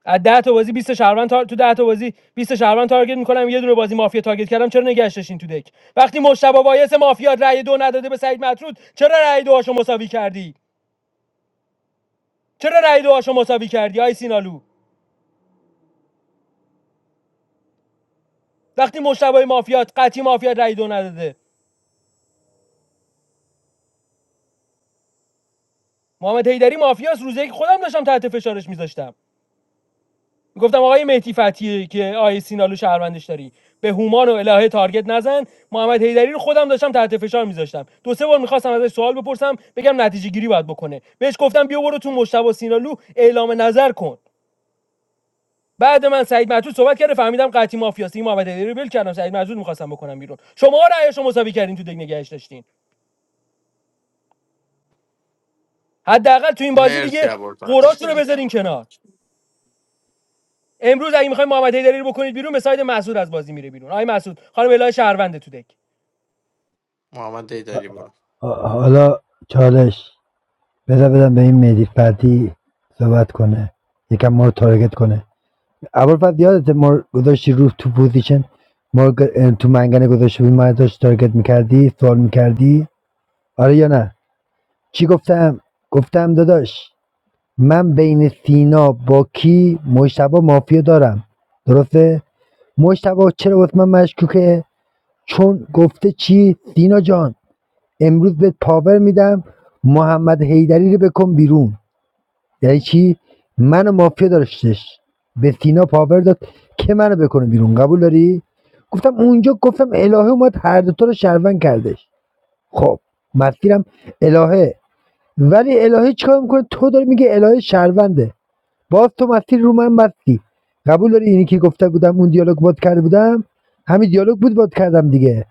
Speaker 1: از 10 تا بازی 20 شهروند تار... تو 10 تا بازی 20 شهروند تارگت میکنم یه دونه بازی مافیا تارگت کردم چرا نگشتشین تو دک وقتی مشتبه وایس مافیا رأی دو نداده به سعید مطرود چرا رأی دوهاشو مساوی کردی چرا رای دوهاشو مساوی کردی آی سینالو وقتی مشتبه مافیات قطعی مافیات رای دو نداده محمد حیدری مافیاست روزی که خودم داشتم تحت فشارش میذاشتم میگفتم آقای مهدی فتیه که آی سینالو شهروندش داری به هومان و الهه تارگت نزن محمد حیدری رو خودم داشتم تحت فشار میذاشتم دو سه بار میخواستم ازش سوال بپرسم بگم نتیجه گیری باید بکنه بهش گفتم بیا برو تو مشتبه سینالو اعلام نظر کن بعد من سعید معتود صحبت کرده فهمیدم قطعی مافیاست این محمد علی رو ول کردم سعید معتود میخواستم بکنم بیرون شما رأیشو مساوی کردین تو دگ نگهش داشتین حداقل تو این بازی
Speaker 15: مرسی
Speaker 1: دیگه
Speaker 15: عبال
Speaker 1: قراتون رو
Speaker 15: فضلو،
Speaker 1: بذارین کنار امروز اگه میخواین محمد حیدری رو بکنید بیرون به ساید مسعود از بازی میره بیرون آقای مسعود خانم الهه شهرونده تو دک
Speaker 15: محمد دیداری برو
Speaker 19: حالا چالش بذار بدم به این مهدی فتی صحبت کنه یکم ما رو تارگت کنه اول فقط یادت ما رو گذاشتی رو تو پوزیشن ما تو منگنه گذاشتی بود ما رو داشت تارگت میکردی سوال میکردی آره یا نه چی گفتم گفتم داداش من بین سینا با کی مشتبه مافیا دارم درسته مشتبه چرا واسه من مشکوکه چون گفته چی سینا جان امروز بهت پاور میدم محمد حیدری رو بکن بیرون یعنی چی منو مافیا داشتش به سینا پاور داد که منو بکنه بیرون قبول داری گفتم اونجا گفتم الهه اومد هر دو تا رو شهروند کردش خب مسیرم الهه ولی الهه چیکار میکنه تو داری میگه الهه شهرونده باز تو مسیر رو من بستی قبول داری اینی که گفته بودم اون دیالوگ بود کرده بودم همین دیالوگ بود بود کردم دیگه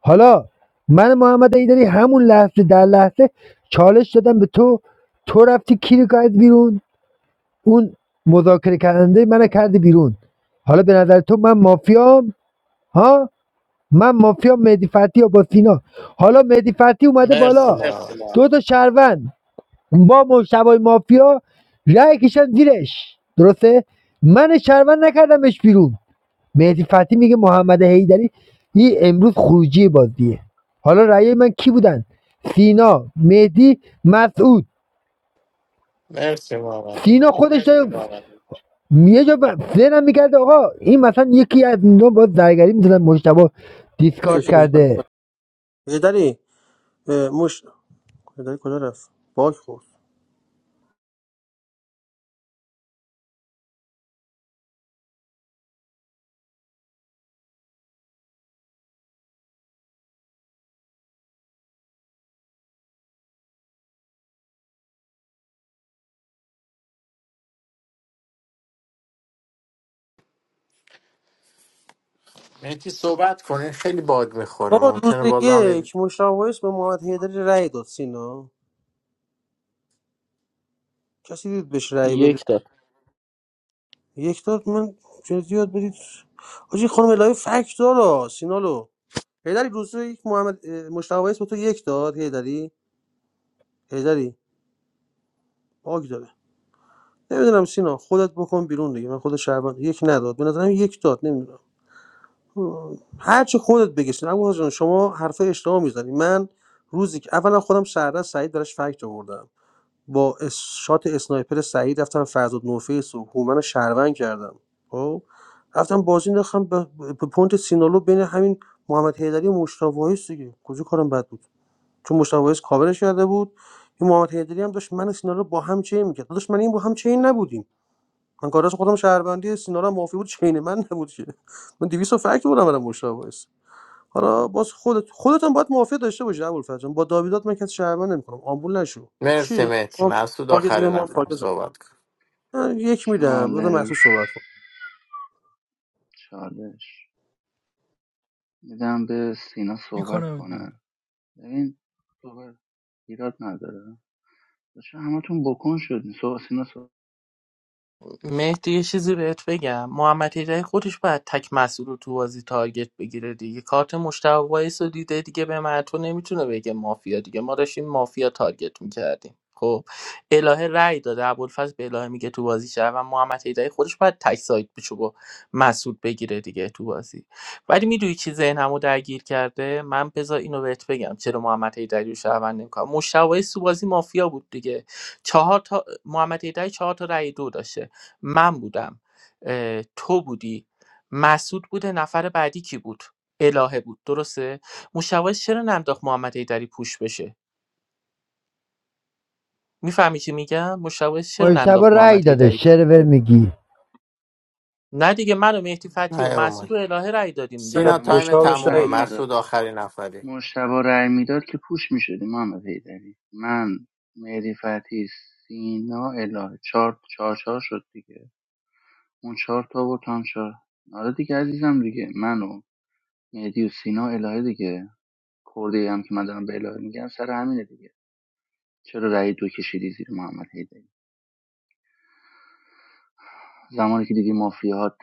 Speaker 19: حالا من محمد ایدری همون لحظه در لحظه چالش دادم به تو تو رفتی کی رو کرد بیرون اون مذاکره کننده من کرده بیرون حالا به نظر تو من مافیام ها من مافیا مهدی فتی با سینا حالا مهدی فتی اومده
Speaker 15: مرسی
Speaker 19: بالا
Speaker 15: محمد
Speaker 19: دو تا شهروند با مشتبه مافیا رای کشن زیرش درسته من شهروند نکردمش بیرون مهدی فتی میگه محمد حیدری این امروز خروجی بازیه حالا رای من کی بودن سینا مهدی مسعود
Speaker 15: مرسی محمد
Speaker 19: سینا خودش مرسی یه جا ب- ذهنم میگرد آقا این مثلا یکی از اینا با زرگری میزدن مشتبه دیسکارد
Speaker 14: لیش کن
Speaker 19: کرده
Speaker 14: هیدری مش هیدری کجا رفت باک خورد
Speaker 15: مهتی صحبت کنین خیلی باگ میخوره
Speaker 14: آقا روز
Speaker 15: ممکنه بازم یه-
Speaker 14: یک مشاویس به محمد هیدری رأی داد سینا کسی دید بهش رأی بده
Speaker 3: یک
Speaker 14: یک داد من جدی یاد بدید آجی خانم الهی فک داره سینالو هیدری روز یک محمد اه، مشتاق وایس به تو یک داد هیدری هیدری باگ داره نمیدونم سینا خودت بکن بیرون دیگه من خود شعبان یک نداد به نظرم یک داد نمیدونم هر چی خودت بگی سینا ابوالفضل جان شما حرف اشتباه میزنی من روزی که اولا خودم سردار سعید براش فکت آوردم با اس- شات اسنایپر سعید رفتم فرزاد نوفیس و هومن رو شهروند کردم خب رفتم بازی نخم به به پونت سینالو بین همین محمد حیدری و مشتاق وایس دیگه کجا کارم بد بود چون مشتاق وایس کاورش کرده بود این محمد حیدری هم داشت من و سینالو با هم چین میکرد داشت من این با هم چین نبودیم من کاراش خودم شهروندی سینا رو هم معافی بود چین من نبود که من 200 و فکت بودم برای مشتاق وایس حالا باز خودت خودت هم باید معافی داشته باشی ابوالفضل جان. با داویدات من کسی شهروند نمیکنم آمبول نشو
Speaker 15: مرسی
Speaker 14: چی
Speaker 15: مهتی
Speaker 14: ما
Speaker 15: مسعود
Speaker 14: پاکت زدیم
Speaker 15: آخرین
Speaker 14: ما
Speaker 15: نفر
Speaker 14: پاکت زدیم.
Speaker 15: صحبت کن
Speaker 14: من یک میدم بعد
Speaker 2: چالش
Speaker 14: محسوس صحبت کن
Speaker 2: چالش میدم به سینا صحبت
Speaker 1: میکنم
Speaker 2: کنه
Speaker 1: بیرون
Speaker 2: ببین صحبت ایراد نداره باشه همتون بکن شدین سو سینا سو...
Speaker 3: مهدی یه چیزی بهت بگم محمد هیدری خودش باید تک مسئول رو تو بازی تارگت بگیره دیگه کارت مشتبه وایس رو دیده دیگه به من تو نمیتونه بگه مافیا دیگه ما داشتیم مافیا تارگت میکردیم خب الهه رأی داده ابوالفضل به الهه میگه تو بازی شهر و محمد هیدری خودش باید تک سایت بشه با مسعود بگیره دیگه تو بازی ولی میدونی چی ذهنمو درگیر کرده من بذار اینو بهت بگم چرا محمد هیدری رو شهروند نمیکنم مشتبه وایس تو بازی مافیا بود دیگه چهار تا محمد هیدری چهار تا رأی دو داشته من بودم اه، تو بودی مسعود بوده نفر بعدی کی بود الهه بود درسته مشوش چرا ننداخت محمد هیدری پوش بشه میفهمی چی میگم مشوش چرا
Speaker 19: مشتبه
Speaker 3: ننداخت
Speaker 19: رای
Speaker 3: محمد
Speaker 19: داده
Speaker 3: هیدری پوش
Speaker 19: شرور
Speaker 3: بشه؟
Speaker 19: میگی
Speaker 3: نه دیگه من و مهدی فتی و
Speaker 15: نه
Speaker 3: مسعود و الهه رأی دادیم
Speaker 2: نه
Speaker 14: نه
Speaker 15: سینا
Speaker 3: دیگه
Speaker 15: تایم
Speaker 2: مشتبا
Speaker 14: مشتاقش
Speaker 15: تمومه
Speaker 2: رأی
Speaker 14: ندیدم
Speaker 2: نداد
Speaker 15: مسعود آخرین نفری
Speaker 2: مشتبا رأی میداد که پوش میشدیم محمد حیدری من مهدی فتی سینا اله چهار چهار چهار شد دیگه اون چهار تا بود هم چهار آره دیگه عزیزم دیگه من و مهدی و سینا الهه دیگه کرده هم که من دارم به الهه میگم سر همینه دیگه چرا رأی دو کشیدی زیر محمد حیدری زمانی که دیدی مافیاهات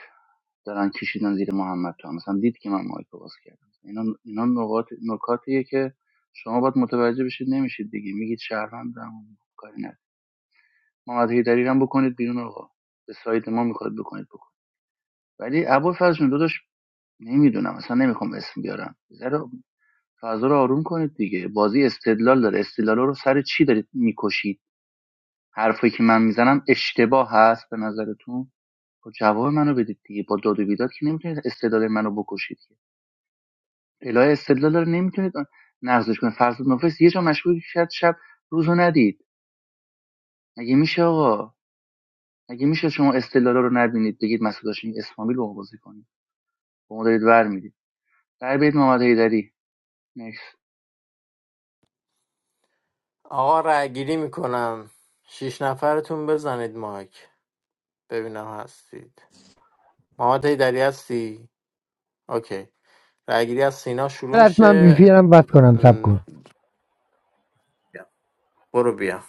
Speaker 2: دارن کشیدن زیر محمد تو هم. مثلا دید که من مایکو باز کردم اینا اینا نقاط نکاتیه که شما باید متوجه بشید نمیشید دیگه میگید شهروندم کاری نداره محمد حیدری رو بکنید بیرون آقا به سایت ما میخواد بکنید بکنید ولی ابوالفضل جون داداش نمیدونم اصلا نمیخوام اسم بیارم ذره فضا رو آروم کنید دیگه بازی استدلال داره استدلال رو سر چی دارید میکشید حرفی که من میزنم اشتباه هست به نظرتون خب جواب منو بدید دیگه با داد و بیداد که نمیتونید استدلال منو بکشید که الا استدلال رو نمیتونید نقضش کنید فرض نفس یه جا مشغول شد شب روزو ندید مگه میشه آقا مگه میشه شما استدلال رو نبینید بگید مسعود هاشمی اسلامی رو بازی کنید با ما دارید ور میدید در بیت محمد حیدری نکس
Speaker 15: آقا رای گیری میکنم شیش نفرتون بزنید مایک ببینم هستید محمد هیدری هستی؟ اوکی رای گیری از سینا شروع
Speaker 19: حتما
Speaker 15: میشه
Speaker 19: بیفیرم بس کنم سب
Speaker 15: م،
Speaker 19: کن
Speaker 15: برو بیا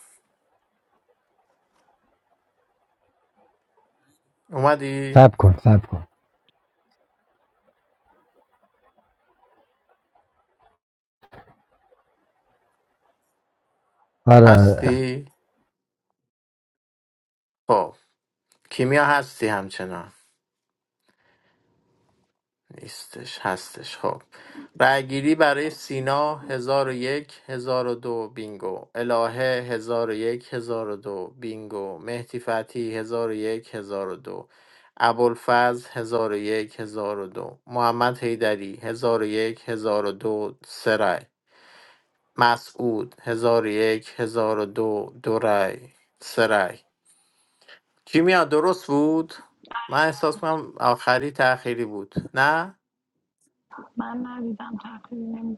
Speaker 15: اومدی؟
Speaker 19: سب کن سب کن آره آره
Speaker 15: هستی؟ خب کیمیا هستی همچنان نیستش هستش خب رأیگیری برای سینا هزار و یک هزار و دو بینگو الهه هزار و یک هزار و دو بینگو مهدی فتحی هزار و یک هزار و دو ابوالفضل هزار و یک هزار و دو محمد حیدری هزار و یک هزار و دو سه رأی مسعود هزار و یک هزار و دو دو رأی سه رأی کیمیا درست بود؟ من احساس کنم آخری تأخیری بود نه؟
Speaker 16: من ندیدم تقریبا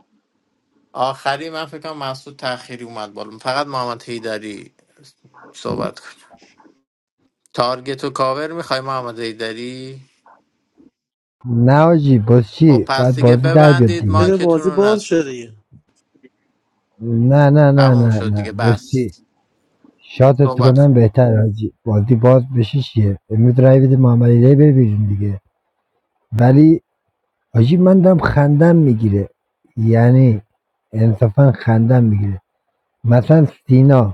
Speaker 15: آخری من فکر کنم محسود تأخیری اومد بالا فقط محمد حیدری صحبت کنه تارگت و کاور میخوای محمد حیدری
Speaker 19: نه آجی باز
Speaker 15: خب
Speaker 19: چی
Speaker 15: پس
Speaker 19: بعد
Speaker 15: دیگه
Speaker 19: بازی در بیاد
Speaker 15: ببندید
Speaker 14: بده
Speaker 19: دیگه
Speaker 15: مایکتون
Speaker 14: بازی
Speaker 15: رو
Speaker 14: باز شه
Speaker 15: نسوزون
Speaker 14: دیگه
Speaker 19: نه نه نه
Speaker 15: تموم
Speaker 19: نه
Speaker 15: شد
Speaker 19: نه
Speaker 15: دیگه
Speaker 19: باز
Speaker 15: بس
Speaker 19: چی شاتت
Speaker 15: صحبت
Speaker 19: کنم
Speaker 15: کن
Speaker 19: بهتر آجی بازی باز بشه چیه امروز رأی بده محمد ایده بره بیرون دیگه ولی آجی من دارم خندم میگیره یعنی انصافا خندم میگیره مثلا سینا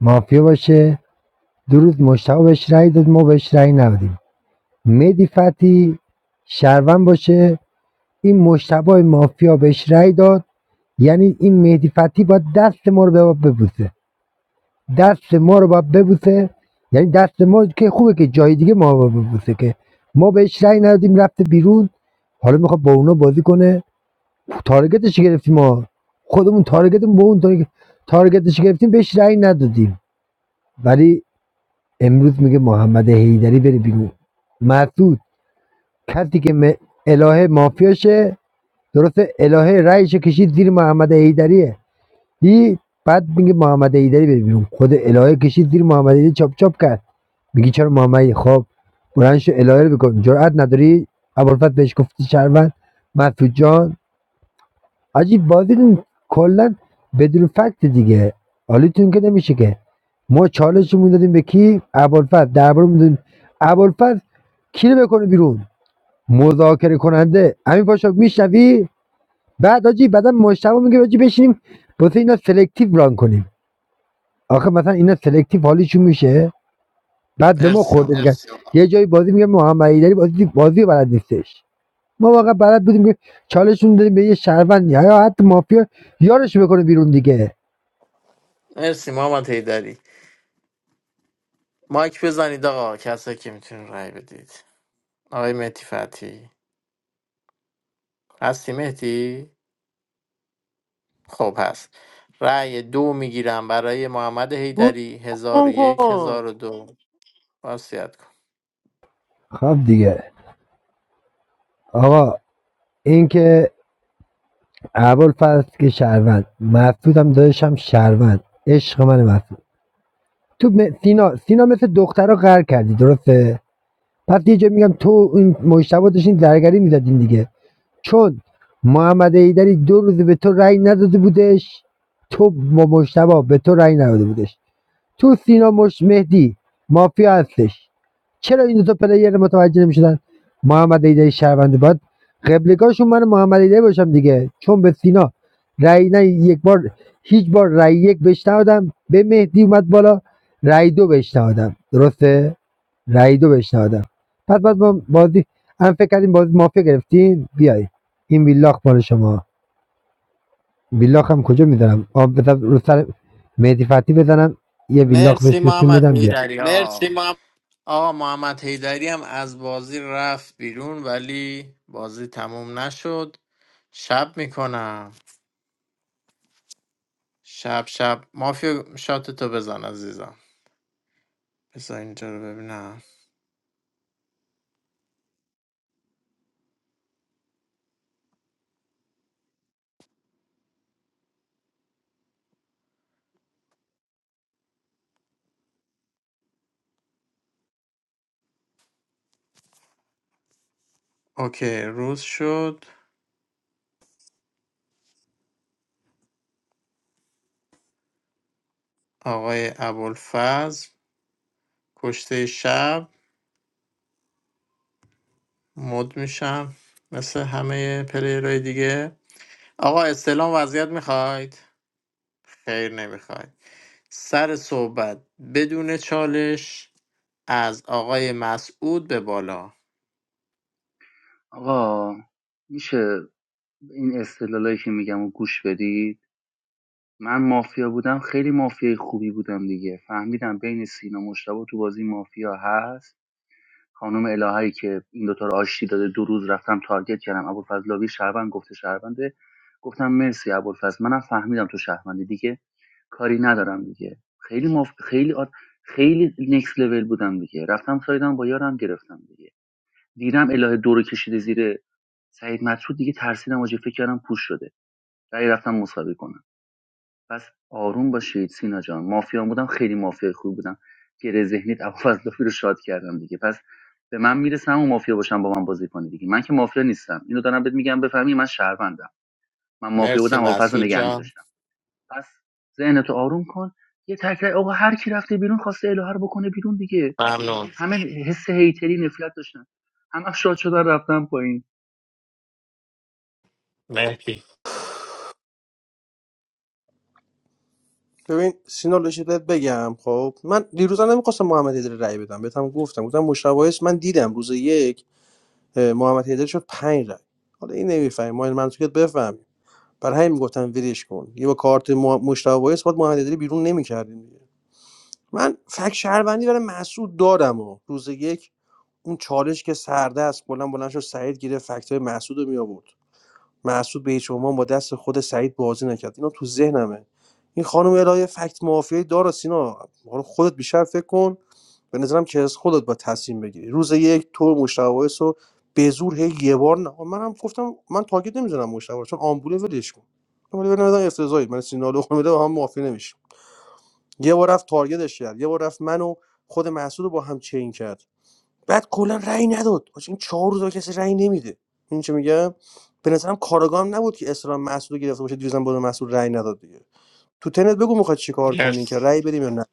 Speaker 19: مافیا باشه دو روز مشتاق بهش رأی داد ما بهش رأی ندادیم مهدی فتی شهروند باشه این مشتبه مافیا بهش رأی داد یعنی این مهدی فتی باید دست ما رو باید ببوسه دست ما رو باید ببوسه یعنی دست ما که خوبه که جای دیگه ما رو ببوسه که ما بهش رأی ندادیم رفته بیرون حالا میخواد با اونا بازی کنه تارگتش گرفتیم ما خودمون تارگتمون با اون تارگت- تارگتش گرفتیم بهش رأی ندادیم ولی امروز میگه محمد حیدری بره بیرون مسعود کسی که م- الهه مافیاشه درسته الهه رایش کشید زیر محمد حیدریه هی بعد میگه محمد حیدری بره بیرون خود الهه کشید زیر محمد حیدری چاپ چاپ کرد میگی چرا محمد خب بلند شو الهه رو بکن جرأت نداری ابوالفضل بهش گفتی شهروند مسعود جان عجیب بازی کلا بدون فکت دیگه حالیتون که نمیشه که ما چالش رو دادیم به کی ابوالفضل درباره میدون کی رو بکنه بیرون مذاکره کننده امین پاشا میشنوی بعد آجی بعدا مشتبه میگه آجی بشینیم واسه اینا سلکتیو ران کنیم آخه مثلا اینا سلکتیو حالیشون میشه بعد به ما
Speaker 15: مرسی
Speaker 19: خورده میگن
Speaker 15: محمد
Speaker 19: یه جایی بازی میگه محمدی داری بازی بازی رو بلد نیستش ما واقعا بلد بودیم که چالشون دادیم به یه شهروند یا حتی مافیا یارش بکنه بیرون دیگه
Speaker 15: مرسی محمد حیدری مایک بزنید آقا کسایی که میتونید رای بدید آقای مهدی فتی هستی مهدی خب هست رأی دو میگیرم برای محمد
Speaker 14: رو
Speaker 15: حیدری هزار و
Speaker 14: کن
Speaker 15: یک
Speaker 14: کن.
Speaker 15: هزار و دو وصیت کن.
Speaker 19: خب دیگه آقا این که اول فصل که شهروند مسعود هم داداشم شهروند عشق من مسعود تو م- سینا سینا مثل دخترا غر کردی درسته پس یه جا میگم تو این مجتبا داشتین زرگری میزدین دیگه چون محمد ایدری دو روز به تو رأی نداده بودش تو با مجتبا به تو رأی نداده بودش تو سینا مش مهدی مافیا هستش چرا این دو تا پلیر متوجه نمیشدن محمد ایدری شهروند باید قبلگاهشون من محمد ایدری باشم دیگه چون به سینا رأی نه یک بار هیچ بار رأی یک بهش ندادم به مهدی اومد بالا رأی دو بهش ندادم درسته رأی دو بهش ندادم پس بعد ما بازی هم فکر کردیم بازی مافیا گرفتین بیای این بیلاخ مال شما بیلاخ هم کجا میذارم آب بذار رو سر مهدی فتی بزنم یه بیلاخ بهش
Speaker 15: مرسی
Speaker 19: بشون
Speaker 15: محمد
Speaker 19: بدم بیا
Speaker 15: حیدری آقا آقا محمد حیدری هم از بازی رفت بیرون ولی بازی تموم نشد شب میکنم شب شب مافیا شاتتو بزن عزیزم بذار اینجا رو ببینم اوکی روز شد آقای ابوالفضل کشته شب مد میشم مثل همه پلیرهای دیگه آقا استلام وضعیت میخواید خیر نمیخواید سر صحبت بدون چالش از آقای مسعود به بالا
Speaker 2: آقا میشه این استدلالایی که میگم رو گوش بدید من مافیا بودم خیلی مافیای خوبی بودم دیگه فهمیدم بین سینا مشتبه تو بازی مافیا هست خانم الههایی که این دوتا رو آشتی داده دو روز رفتم تارگت کردم ابوالفضلاوی شهروند گفته شهرونده گفتم مرسی ابوالفضل منم فهمیدم تو شهروندی دیگه کاری ندارم دیگه خیلی مف... خیلی آد... خیلی نکس لول بودم دیگه رفتم سایدم با یارم گرفتم دیگه دیدم اله دو رو کشیده زیر سعید مطرود دیگه ترسیدم واجه فکر کردم پوش شده دیگه رفتم مساوی کنم پس آروم باشید سینا جان مافیا بودم خیلی مافیا خوب بودم گره ذهنیت ابوالفضلاوی رو شاد کردم دیگه پس به من میرسم و مافیا باشم با من بازی کنی دیگه من که مافیا نیستم اینو دارم بهت میگم بفهمی من شهروندم من مافیا بودم
Speaker 15: مرسی
Speaker 2: ابوالفضل رو
Speaker 15: مسعود
Speaker 2: نگه
Speaker 15: جان
Speaker 2: می‌داشتم پس ذهنتو آروم کن یه تکرار آقا هر کی رفته بیرون خواسته الهه رو بکنه بیرون دیگه
Speaker 15: ممنون
Speaker 2: همه حس هیتری نفلت داشتن همه شاد شدن رفتن پایین
Speaker 15: مرسی
Speaker 14: ببین سینا لشیدت بگم خب من دیروز هم نمیخواستم محمد ایدری رای بدم بهتم گفتم گفتم مشاویس من دیدم روز یک اه، محمد حیدری شد 5 رای حالا این نمیفهمیم ما این منطقیت بفهمیم برای همین میگفتم ولش کن یه با کارت مو- مشتاق وایس باید محمد حیدری بیرون نمی‌کردیم. دیگه من فک شهروندی برای مسعود دارم و روز یک اون چالش که سرده است بلند بلند شد سعید گیره فکت مسعود رو می آورد محسود به هیچ عنوان با دست خود سعید بازی نکرد اینا تو ذهنمه این خانم الهه فکت مافیایی داره سینا حالا خودت بیشتر فکر کن به نظرم که از خودت با تصمیم بگیری روز یک تو مشتوایس رو به زور هی یه بار نه منم گفتم من تاگت نمیزنم مشتوایس چون آمبوله ولش کن ولی به نظرم افتضاحی من سینا لقمه با هم موافی نمیشه یه بار رفت تارگتش کرد یه بار رفت منو خود محسود رو با هم چین کرد بعد کلا رأی نداد باشه این چهار روز کسی رأی نمیده این چه میگم به نظرم کاراگام نبود که اسلام مسعود رو گرفته باشه دیروزم بود مسعود رأی نداد دیگه تو تنت بگو میخواد چیکار کنی که
Speaker 15: مرسی
Speaker 14: رأی بدیم یا نه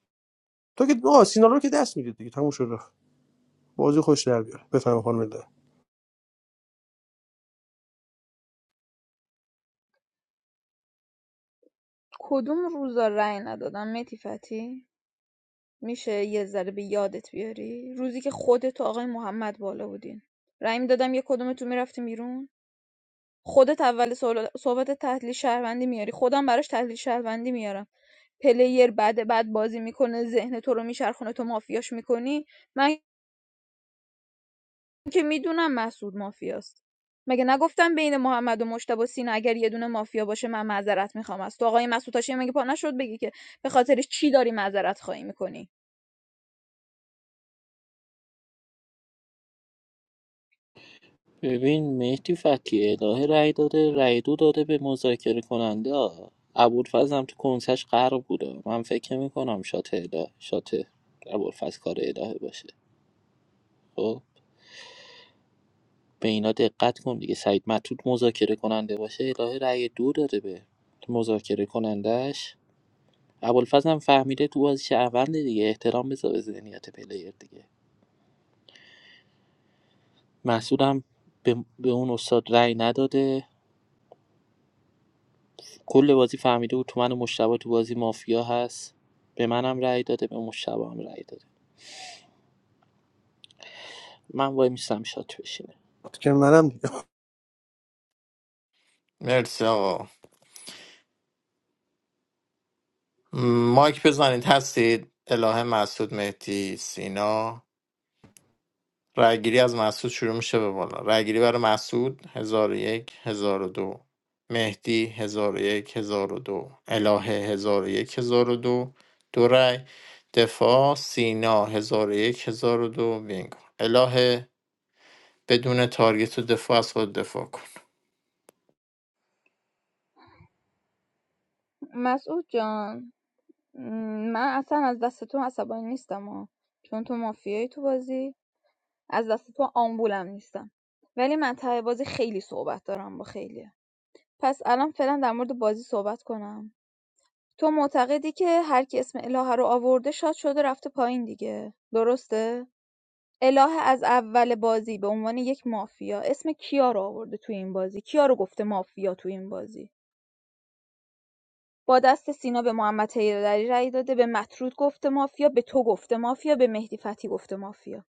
Speaker 14: تو که آه سینا رو که دست میدید دیگه تموم شد رفت بازی خوش در بیار بفهم خانم ده
Speaker 4: کدوم روزا رأی ندادم متی فتی میشه یه ذره به یادت بیاری روزی که خودت و آقای محمد بالا بودین رأی میدادم یه کدومتون میرفتیم بیرون خودت اول سوال- صحبت تحلیل شهروندی میاری خودم براش تحلیل شهروندی میارم پلیر بعد بعد بازی میکنه ذهن تو رو میچرخونه تو مافیاش میکنی من که میدونم مسعود مافیاست مگه نگفتم بین محمد و مشتبه سینا اگر یه دونه مافیا باشه من معذرت میخوام از تو آقای مسعود هاشمی مگه پا نشد بگی که به خاطرش چی داری معذرت خواهی میکنی
Speaker 3: ببین مهدی فتی الهه رأی داده رأی دو داده به مذاکره کننده ها ابوالفضل هم تو کنسش غرق بوده من فکر میکنم شات اله شات ابوالفضل کار الهه باشه خب به اینا دقت کن دیگه سعید مطرود مذاکره کننده باشه الهه رأی دو داره به مذاکره کنندش ابوالفضل هم فهمیده تو بازی شهرونده دیگه احترام بذار به ذهنیت پلیر دیگه محسود هم به, به اون استاد رأی نداده کل بازی فهمیده بود تو من و مشتبه تو بازی مافیا هست به منم رأی داده به مشتبه هم رأی داده من وای میستم شات بشینه
Speaker 14: که منم دیگه
Speaker 15: مرسی آقا م، مایک بزنید هستید اله مسعود مهدی سینا رأیگیری از مسعود شروع میشه به بالا رأیگیری برای مسعود 1001 1002 مهدی 1001 1002 الهه 1001 1002 دو دو دو رأی دفاع سینا 1001 1002 بینگو الهه بدون تارگت و دفاع از خود دفاع کن
Speaker 4: مسعود جان م، من اصلا از دست تو عصبانی نیستم ها. چون تو مافیایی تو بازی از دست تو آمبولم نیستم ولی منطقه بازی خیلی صحبت دارم با خیلیه پس الان فعلا در مورد بازی صحبت کنم تو معتقدی که هر کی اسم الهه رو آورده شاد شده رفته پایین دیگه درسته الهه از اول بازی به عنوان یک مافیا اسم کیا رو آورده تو این بازی کیا رو گفته مافیا تو این بازی با دست سینا به محمد حیدری رأی داده به مطرود گفته مافیا به تو گفته مافیا به مهدی فتی گفته مافیا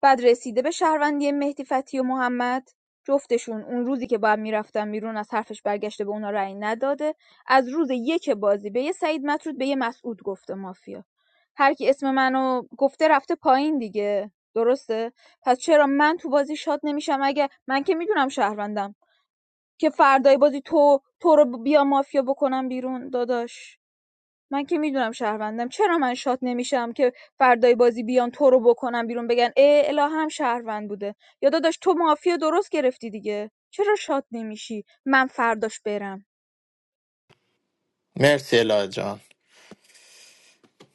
Speaker 4: بعد رسیده به شهروندی مهدی فتی و محمد جفتشون اون روزی که باید میرفتن بیرون از حرفش برگشته به اونا رأی نداده از روز یک بازی به یه سعید مطرود به یه مسعود گفته مافیا هر کی اسم منو گفته رفته پایین دیگه درسته پس چرا من تو بازی شاد نمیشم اگه من که میدونم شهروندم که فردای بازی تو تو رو بیا مافیا بکنم بیرون داداش من که میدونم شهروندم چرا من شات نمیشم که فردای بازی بیان تو رو بکنم بیرون بگن ای الا هم شهروند بوده یا داداش تو مافیا درست گرفتی دیگه چرا شات نمیشی من فرداش برم
Speaker 15: مرسی الهه جان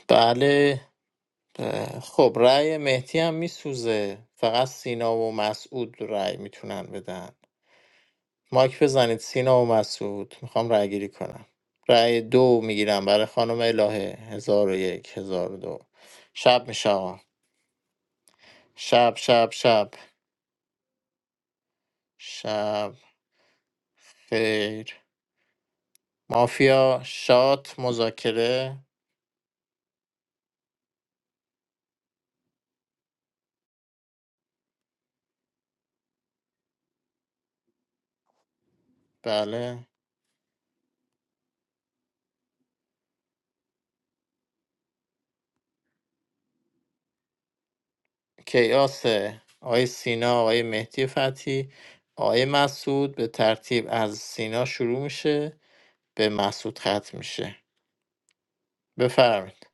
Speaker 15: بله اه، خب رأی مهدی هم میسوزه فقط سینا و مسعود رأی میتونن بدن مایک بزنید سینا و مسعود میخوام رأی گیری کنم رأی دو میگیرم برای خانم الهه هزار و یک هزار و دو شب میشه آقا. شب شب شب شب خیر مافیا شات مذاکره بله کیاسه آقای سینا آقای مهدی فتحی آقای مسعود به ترتیب از سینا شروع میشه به مسعود ختم میشه بفرمایید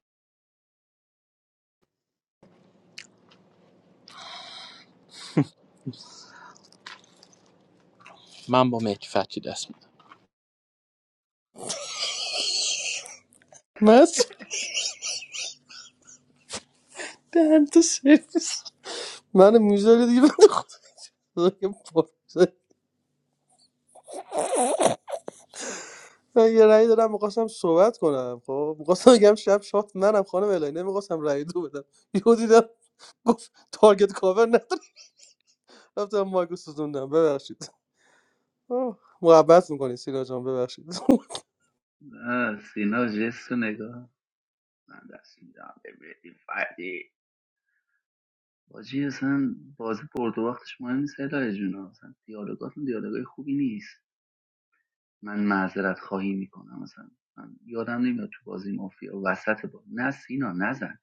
Speaker 3: من با مهدی فتحی دست میدم
Speaker 14: مسعود دهنتو سرویس من میذاره دیگه بنده خدا که پرسه. من یه رأی دارم میخواستم صحبت کنم خب میخواستم بگم شب شات منم خانم الهی نمیخواستم رأی دو بدم یهو دیدم گفت تارگت کاور ندارم رفتم مایکو سوزوندم ببخشید آه، محبت میکنی سینا جان ببخشید
Speaker 2: سینا جست و نگاه من دست میدم به مهدی فتی. بازی اصلا بازی برد و وقتش مهم نیست الهه جون اصلا دیالوگاتون دیالوگای خوبی نیست من معذرت خواهی میکنم مثلا من یادم نمیاد تو بازی مافیا وسط با نه سینا نزن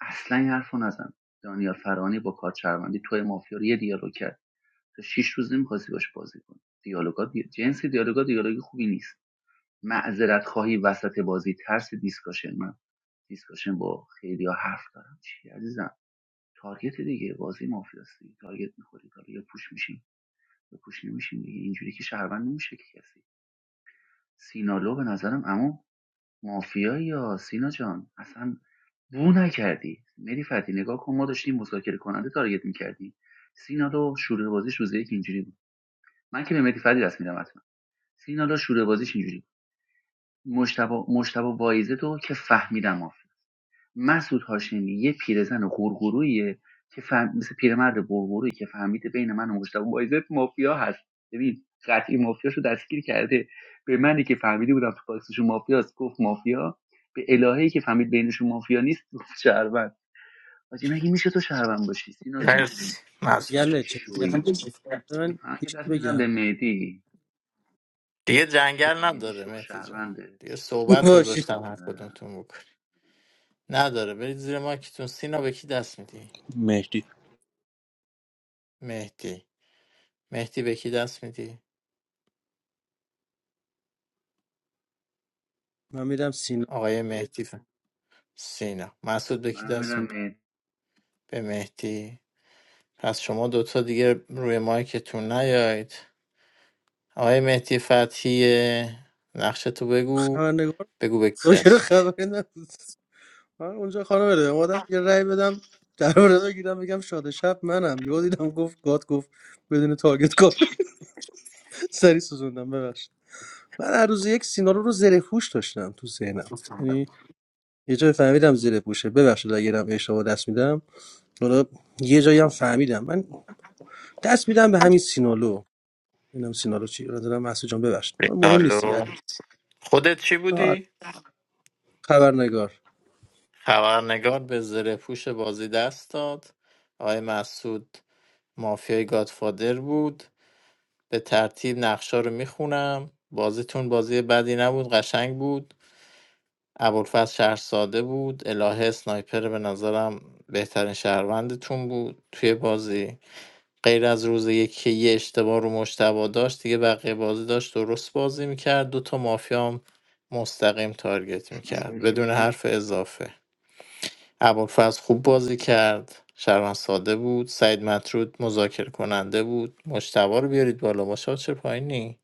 Speaker 2: اصلا این حرفو نزن دانیال فرانی با کارت شهروندی توی مافیا رو یه دیالوگ کرد تو شش روز نمیخواستی باش بازی کنی دیالوگات دی... جنس دیالوگا دیالوگ خوبی نیست معذرت خواهی وسط بازی ترس دیسکاشن من دیسکاشن با خیلی ها حرف دارم چی عزیزم تارگت دیگه بازی مافیاستی تارگت میخوری حالا یا پوش میشیم یا پوش نمیشیم دیگه اینجوری که شهروند نمیشه که کسی سینالو به نظرم اما مافیایی یا سینا جان اصلا بو نکردی مری فتی نگاه کن ما داشتیم مذاکره کننده تارگت میکردی. سینالو شروع بازیش روز یک اینجوری بود من که به مری فتی دست میدم حتما سینالو شروع بازیش اینجوری بود مشتبه مشتبه وایزه تو که فهمیدم مافیا. مسعود هاشمی یه پیرزن غورغورویه که فهم... مثل پیرمرد غورغورویی که فهمیده بین من و مجتبی وایزت مافیا هست ببین قطعی مافیاشو دستگیر کرده به منی که فهمیده بودم تو باکسشون مافیاست گفت مافیا به الهه‌ای که فهمید بینشون مافیا نیست گفت شهروند حاجی مگه میشه تو شهروند باشی سینا جون
Speaker 15: مرسی مسعود
Speaker 2: خیلی شوی
Speaker 14: من
Speaker 2: من یه دست میدم به مهدی
Speaker 15: دیگه جنگل
Speaker 2: مهدی
Speaker 15: نداره
Speaker 2: شو
Speaker 15: مهدی جان
Speaker 2: شهرونده
Speaker 15: دیگه صحبت گذاشتم هر
Speaker 2: آره.
Speaker 15: کدومتون بکنی نداره برید زیر ماکتون سینا به کی دست میدی
Speaker 3: مهدی
Speaker 15: مهدی مهدی به کی دست میدی
Speaker 14: من میدم سینا
Speaker 15: آقای مهدی ف- سینا مسعود به کی
Speaker 2: من
Speaker 15: دست
Speaker 2: میدم
Speaker 15: میدی
Speaker 2: مهدی
Speaker 15: به مهدی پس شما دوتا دیگه روی مایکتون نیاید آقای مهدی فتحی نقشه تو بگو
Speaker 14: خبرنگار
Speaker 15: بگو به کی
Speaker 14: داشته
Speaker 15: دست میدی
Speaker 14: خبری نبود من اونجا خانم بده اومدم یه رأی بدم در رو بگیرم بگم شاد شب منم یهو دیدم گفت گاد گفت بدون تارگت کار سری سوزوندم ببخشید من هر روز یک سینا رو رو زره پوش داشتم تو ذهنم یعنی یه جایی فهمیدم زیر پوشه ببخشید اگرم اشتباه دست میدم حالا یه جایی هم فهمیدم من دست میدم به همین سینالو ببینم سینالو چی دارم محسو جان ببخشید حالا مهم نیست دیگه
Speaker 15: الو خودت چی
Speaker 14: آره
Speaker 15: بودی
Speaker 14: خبرنگار
Speaker 15: خبرنگار به زره پوش بازی دست داد آقای مسعود مافیای گادفادر بود به ترتیب نقشا رو میخونم بازیتون بازی بدی نبود قشنگ بود ابوالفضل شهر ساده بود الهه سنایپر به نظرم بهترین شهروندتون بود توی بازی غیر از روز یک که یه اشتباه رو مشتبا داشت دیگه بقیه بازی داشت درست بازی میکرد دوتا مافیام مستقیم تارگت میکرد
Speaker 2: اسنایپر کی
Speaker 15: بدون
Speaker 2: بود
Speaker 15: حرف اضافه ابوالفضل خوب بازی کرد شرمن ساده بود سعید مطرود مذاکره کننده بود مجتبا رو بیارید بالا ماشا چه پایینی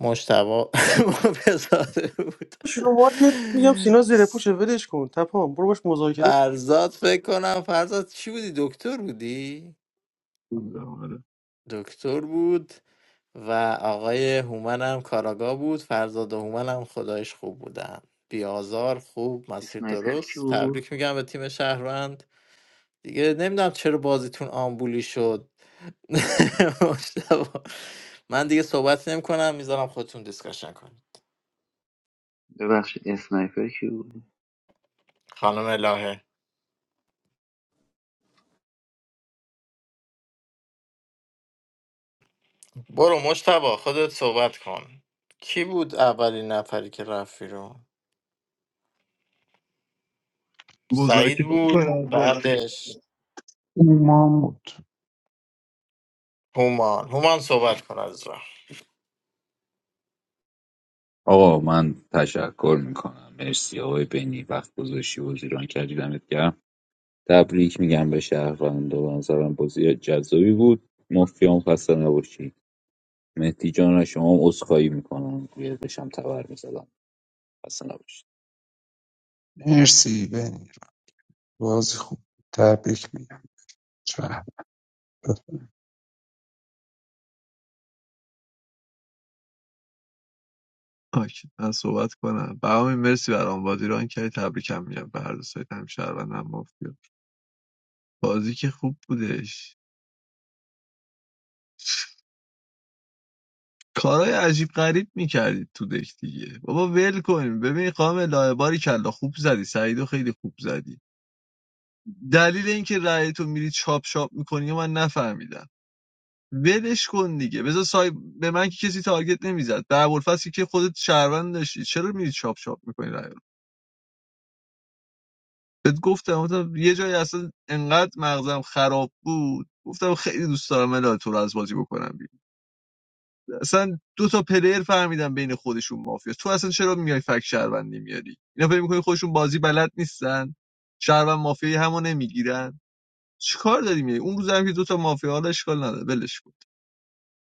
Speaker 15: مجتبا بزاده بود
Speaker 14: شما که میگم سینا زیر پوشه ولش کن تپان برو باش مذاکره کن
Speaker 15: فرزاد فکر کنم فرزاد چی بودی دکتر بودی دکتر بود و آقای هومن هم کاراگا بود فرزاد و هومن هم خدایش خوب بودن بیازار خوب مسیر
Speaker 2: اسنایپر کی
Speaker 15: درست تبریک میگم به تیم شهروند دیگه نمیدونم چرا بازیتون آمبولی شد مشتبه. من دیگه صحبت نمی کنم میذارم خودتون دیسکشن کنید.
Speaker 2: ببخشید اسنایپر کی
Speaker 15: خانم الهه برو مشتبه خودت صحبت کن کی بود اولین نفری که رفت رو سعید
Speaker 18: مذاکره
Speaker 15: بود
Speaker 18: کننده
Speaker 15: بعدش
Speaker 6: اومان بود
Speaker 15: هومان هومان صحبت کن از
Speaker 5: آقا من تشکر میکنم مرسی آقای بنی وقت گذاشتی و زیران کردی دمت گرم تبریک میگم به شهروندا به نظرم بازی جذابی بود مافیام خسته نباشی مهدی جان از شما هم عذرخواهی میکنم روی داشتم تبر میزدم خسته نباشی
Speaker 6: مرسی بنی بازی خوب بود تبریک میگم شهر
Speaker 18: آکی من صحبت کنم برام مرسی برام بازی ران کردی تبریکم میگم به هر دو سایت هم شهروند هم مافیا بازی که خوب بودش کارهای عجیب غریب میکردید تو دک دیگه بابا ول کن ببین خانم لاهباری کلا خوب زدی سعیدو خیلی خوب زدی دلیل اینکه رأی تو میری چاپ چاپ میکنی من نفهمیدم ولش کن دیگه بذار سایب، به من که کسی تارگت نمیزد به ابوالفضل که خودت شهروند داشتی چرا میری چاپ چاپ میکنی رأی رو بهت گفتم گفتم یه جایی اصلا انقدر مغزم خراب بود گفتم خیلی دوست دارم الهی تو رو از بازی بکنم بیرون اصلا دو تا پلیر فهمیدم بین خودشون مافیا تو اصلا چرا میای فک شهروندی میاری اینا فکر میکنی خودشون بازی بلد نیستن شهروند مافیایی همو نمیگیرن چیکار داریم یعنی اون روزم که دوتا مافیا حالا اشکال نداره ولش بود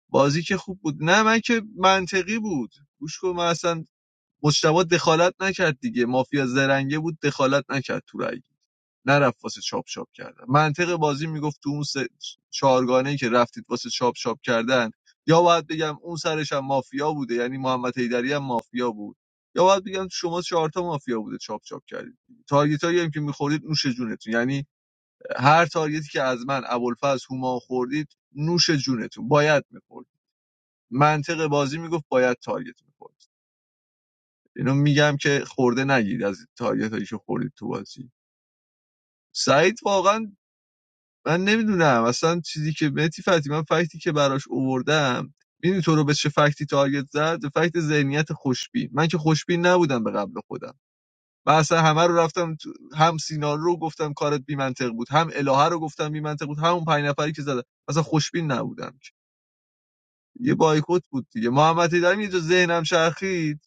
Speaker 18: بازی که خوب بود نه من که منطقی بود گوش کن من اصلا مجتبی دخالت نکرد دیگه مافیا زرنگه بود دخالت نکرد تو رأی نرفت واسه چاپ چاپ کردن منطق بازی میگفت تو اون سه چهارگانه ای که رفتید واسه چاپ چاپ کردن یا باید بگم اون سرش هم مافیا بوده یعنی محمد حیدری هم مافیا بود یا باید بگم شما چهارتا مافیا بوده چاپ چاپ کردید تارگیت هم که میخورید نوش جونتون یعنی هر تارگتی که از من ابوالفضل هومان خوردید نوش جونتون باید میخورد منطق بازی میگفت باید تارگت میخورد اینو میگم که خورده نگیرید از تارگت هایی که خوردید تو بازی سعید واقعا من نمیدونم اصلا چیزی که متی فتی من فکتی که براش اووردم میدونی تو رو به چه فکتی تارگت زد به فکت ذهنیت خوشبین من که خوشبین نبودم به قبل خودم من اصلا همه رو رفتم تو- هم سینا رو گفتم کارت بی منطق بود هم الهه رو گفتم بی منطق بود همون پنج نفری که زدن اصلا خوشبین نبودم که. یه بایکوت بود دیگه محمد هیدری یه جا ذهنم شرخید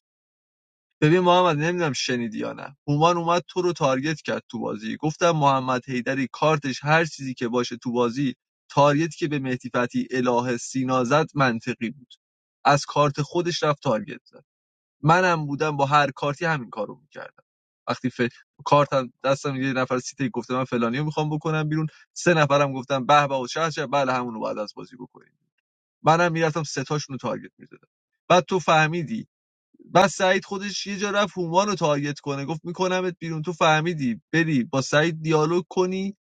Speaker 18: ببین محمد نمیدونم شنیدی یا نه هومان اومد تو رو تارگت کرد تو بازی گفتم محمد هیدری کارتش هر چیزی که باشه تو بازی تارگت که به مهدی فتی الهه سینا زد منطقی بود از کارت خودش رفت تارگت زد. منم بودم با هر کارتی همین کارو میکردم وقتی ف... کارتم دستم یه نفر سیتی گفته من فلانیو میخوام بکنم بیرون سه نفرم گفتم به به و چه چه بله همونو بعد از بازی بکنیم منم میرفتم سه تاشون تارگت میزدم بعد تو فهمیدی بعد سعید خودش یه جا رفت هومان رو تارگت کنه گفت میکنمت بیرون تو فهمیدی بری با سعید دیالوگ کنی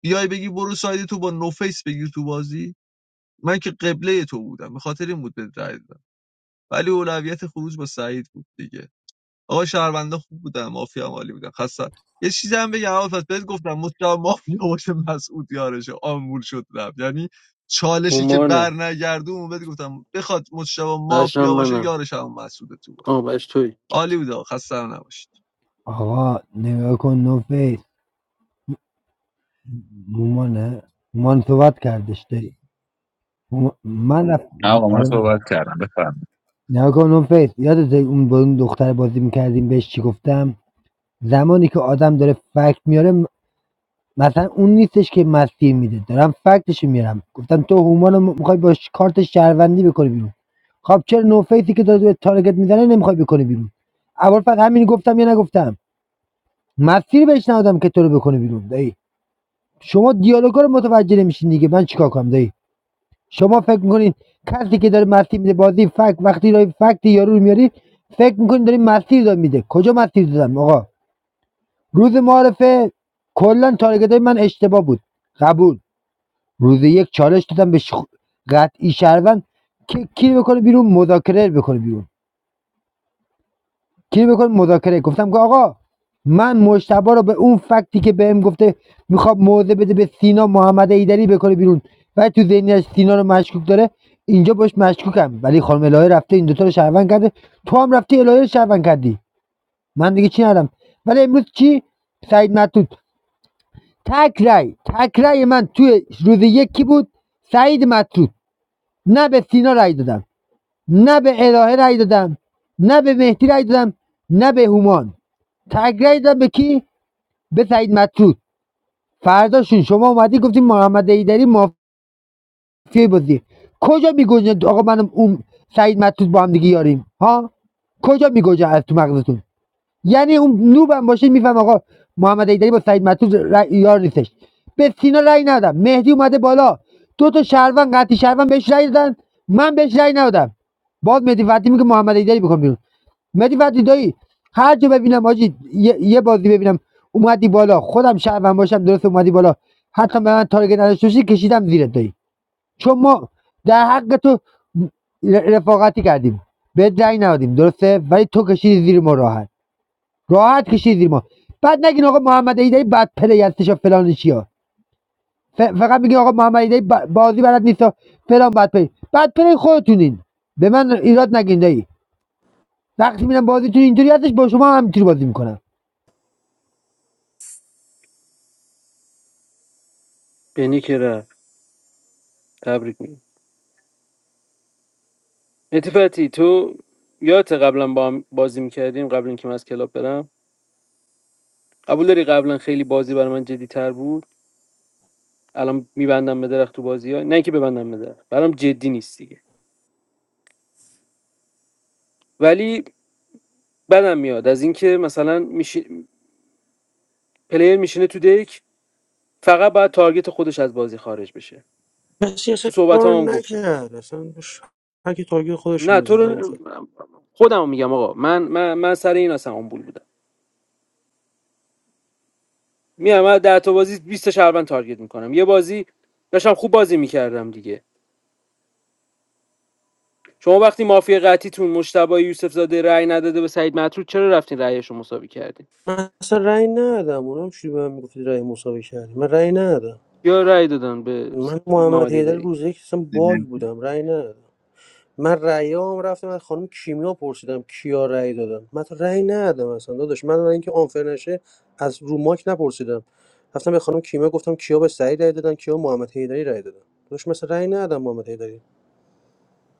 Speaker 18: بیای بگی برو سعید تو با نوفیس بگیر تو بازی من که قبله تو بودم به خاطر این بود به رای دادم، ولی اولویت خروج با سعید بود دیگه آقا شهرونده خوب بودن مافیا هم عالی بودن خسته یه چیزی هم بگم اول پس بهت گفتم مطلق مافیا باشه مسعود یارشه آمبول شد رفت یعنی چالشی که بر نگردون بهت گفتم بخواد مطلق مافیا باشه یارش هم مسعود تو بود عالی بود آقا خسته هم نباشید
Speaker 19: آقا نگاه کن نوفل مامانه مامان صحبت کردش داری مامان- من رفت
Speaker 5: نه آقا من
Speaker 19: آره
Speaker 5: صحبت
Speaker 19: می‌فهم.
Speaker 5: کردم بفرمایید
Speaker 19: نگاه کن اون فیس یادت اون با اون دختر بازی میکردیم بهش چی گفتم زمانی که آدم داره فکت میاره م- مثلا اون نیستش که مسیر میده دارم فکتش میارم گفتم تو هومان رو میخوای با ش- کارت شهروندی بکنی بیرون خب چرا نو فیسی که داره به تارگت میزنه نمیخوای بکنی بیرون اول فقط همین گفتم یا نگفتم مسیر بهش ندادم که تو رو بکنه بیرون دایی شما دیالوگا رو متوجه نمیشین دیگه من چیکار کنم دایی شما فکر میکنین کسی که داره مسیر میده بازی فکت وقتی داری فکت یارو رو میاری فکر میکنین داری مسیر داد میده کجا مسیر دادم آقا روز معارفه کلا تارگت های من اشتباه بود قبول روز یک چالش دادم به شخ... قطعی شهروند که کی بکنه بیرون مذاکره بکنه بیرون کی بکن مذاکره گفتم که آقا من مشتبه رو به اون فکتی که بهم گفته میخواد موضع بده به سینا محمد ایدری بکنه بیرون و تو ذهنیش سینا رو مشکوک داره اینجا باش مشکوکم ولی خانم الهه رفته این دوتا رو شهروند کرده تو هم رفتی الهه رو شهروند کردی من دیگه چی ندارم ولی امروز چی سعید مطرود تک رای تک رای من توی روز یکی بود سعید مطرود نه به سینا رای دادم نه به الهه رای دادم نه به مهدی رای دادم نه به هومان تگرگ داد به کی به سعید مطرود فرداشون شما اومدی گفتی محمد ایدری مافیای بازی کجا میگوجه آقا منم اون سعید مطرود با هم دیگه یاریم ها کجا میگوجه از تو مغزتون یعنی اون نوبم باشه میفهم آقا محمد ایدری با سعید مطرود ر- یار نیستش به سینا رأی ندادم مهدی اومده بالا دو تا شهروند قطعی شهروند بهش رأی دادن من بهش رأی ندادم باز مهدی فتی میگه محمد ایدری بکن بیرون مدی وقتی دایی هر جا ببینم آجی یه, یه بازی ببینم اومدی بالا خودم شهرم باشم درست اومدی بالا حتی به من تارگت نداشته باشی کشیدم زیرت دایی چون ما در حق تو ر- رفاقتی کردیم به رأی ندادیم درسته ولی تو کشیدی زیر ما راحت راحت کشیدی زیر ما بعد نگین آقا محمد ایدی بد پلی هستش و فلان چیا ف- فقط میگین آقا محمد ایدی بازی بلد نیست فلان بد پلی بد پلی خودتونین به من ایراد نگین دایی وقتی میرم بازیتون اینطوری هستش با شما هم اینطوری بازی میکنم
Speaker 1: یعنی که رفت تبریک میگم اتفاقی تو یادت قبلا با هم بازی میکردیم قبل اینکه من از کلاب برم قبول داری قبلا خیلی بازی برای من جدی تر بود الان میبندم به درخت تو بازی ها نه اینکه ببندم به درخت برام جدی نیست دیگه ولی بدم میاد از اینکه مثلا میشی... پلیر میشینه تو دک فقط باید تارگت خودش از بازی خارج بشه
Speaker 14: کسی
Speaker 1: تو
Speaker 14: اصلا
Speaker 1: صحبت
Speaker 14: کار
Speaker 1: هم, گفتم
Speaker 14: نکرد اصلا بش- هر کی تارگت خودش
Speaker 1: نه تو
Speaker 14: میزد اون
Speaker 1: رو
Speaker 14: فقط
Speaker 1: خودم میگم آقا من من من سر این اصلا آمبول بودم میام من در تا بازی 20 تا شهروند تارگت میکنم یه بازی داشتم خوب بازی میکردم دیگه شما وقتی مافیا قطیتون مشتبه یوسف زاده رأی نداده به سعید مطرود چرا رفتین رأیش رو مساوی کردین
Speaker 14: من اصلا رأی ندادم اونم چی به من میگفتی رأی مساوی کردی من رأی ندادم
Speaker 1: یا رأی دادن به
Speaker 14: من محمد
Speaker 1: محمد
Speaker 14: حیدر
Speaker 1: دری
Speaker 14: روز یک اصلا باگ بودم رأی ندادم من رأیام رفتم از خانم کیمیا پرسیدم کیا رأی دادم من تو رأی ندادم اصلا داداش من برای اینکه آنفر نشه از رو ماک نپرسیدم رفتم به خانم کیمیا گفتم کیا به سعید رأی دادن کیا محمد حیدری رأی دادن داداش مثلا رأی ندادم محمد حیدری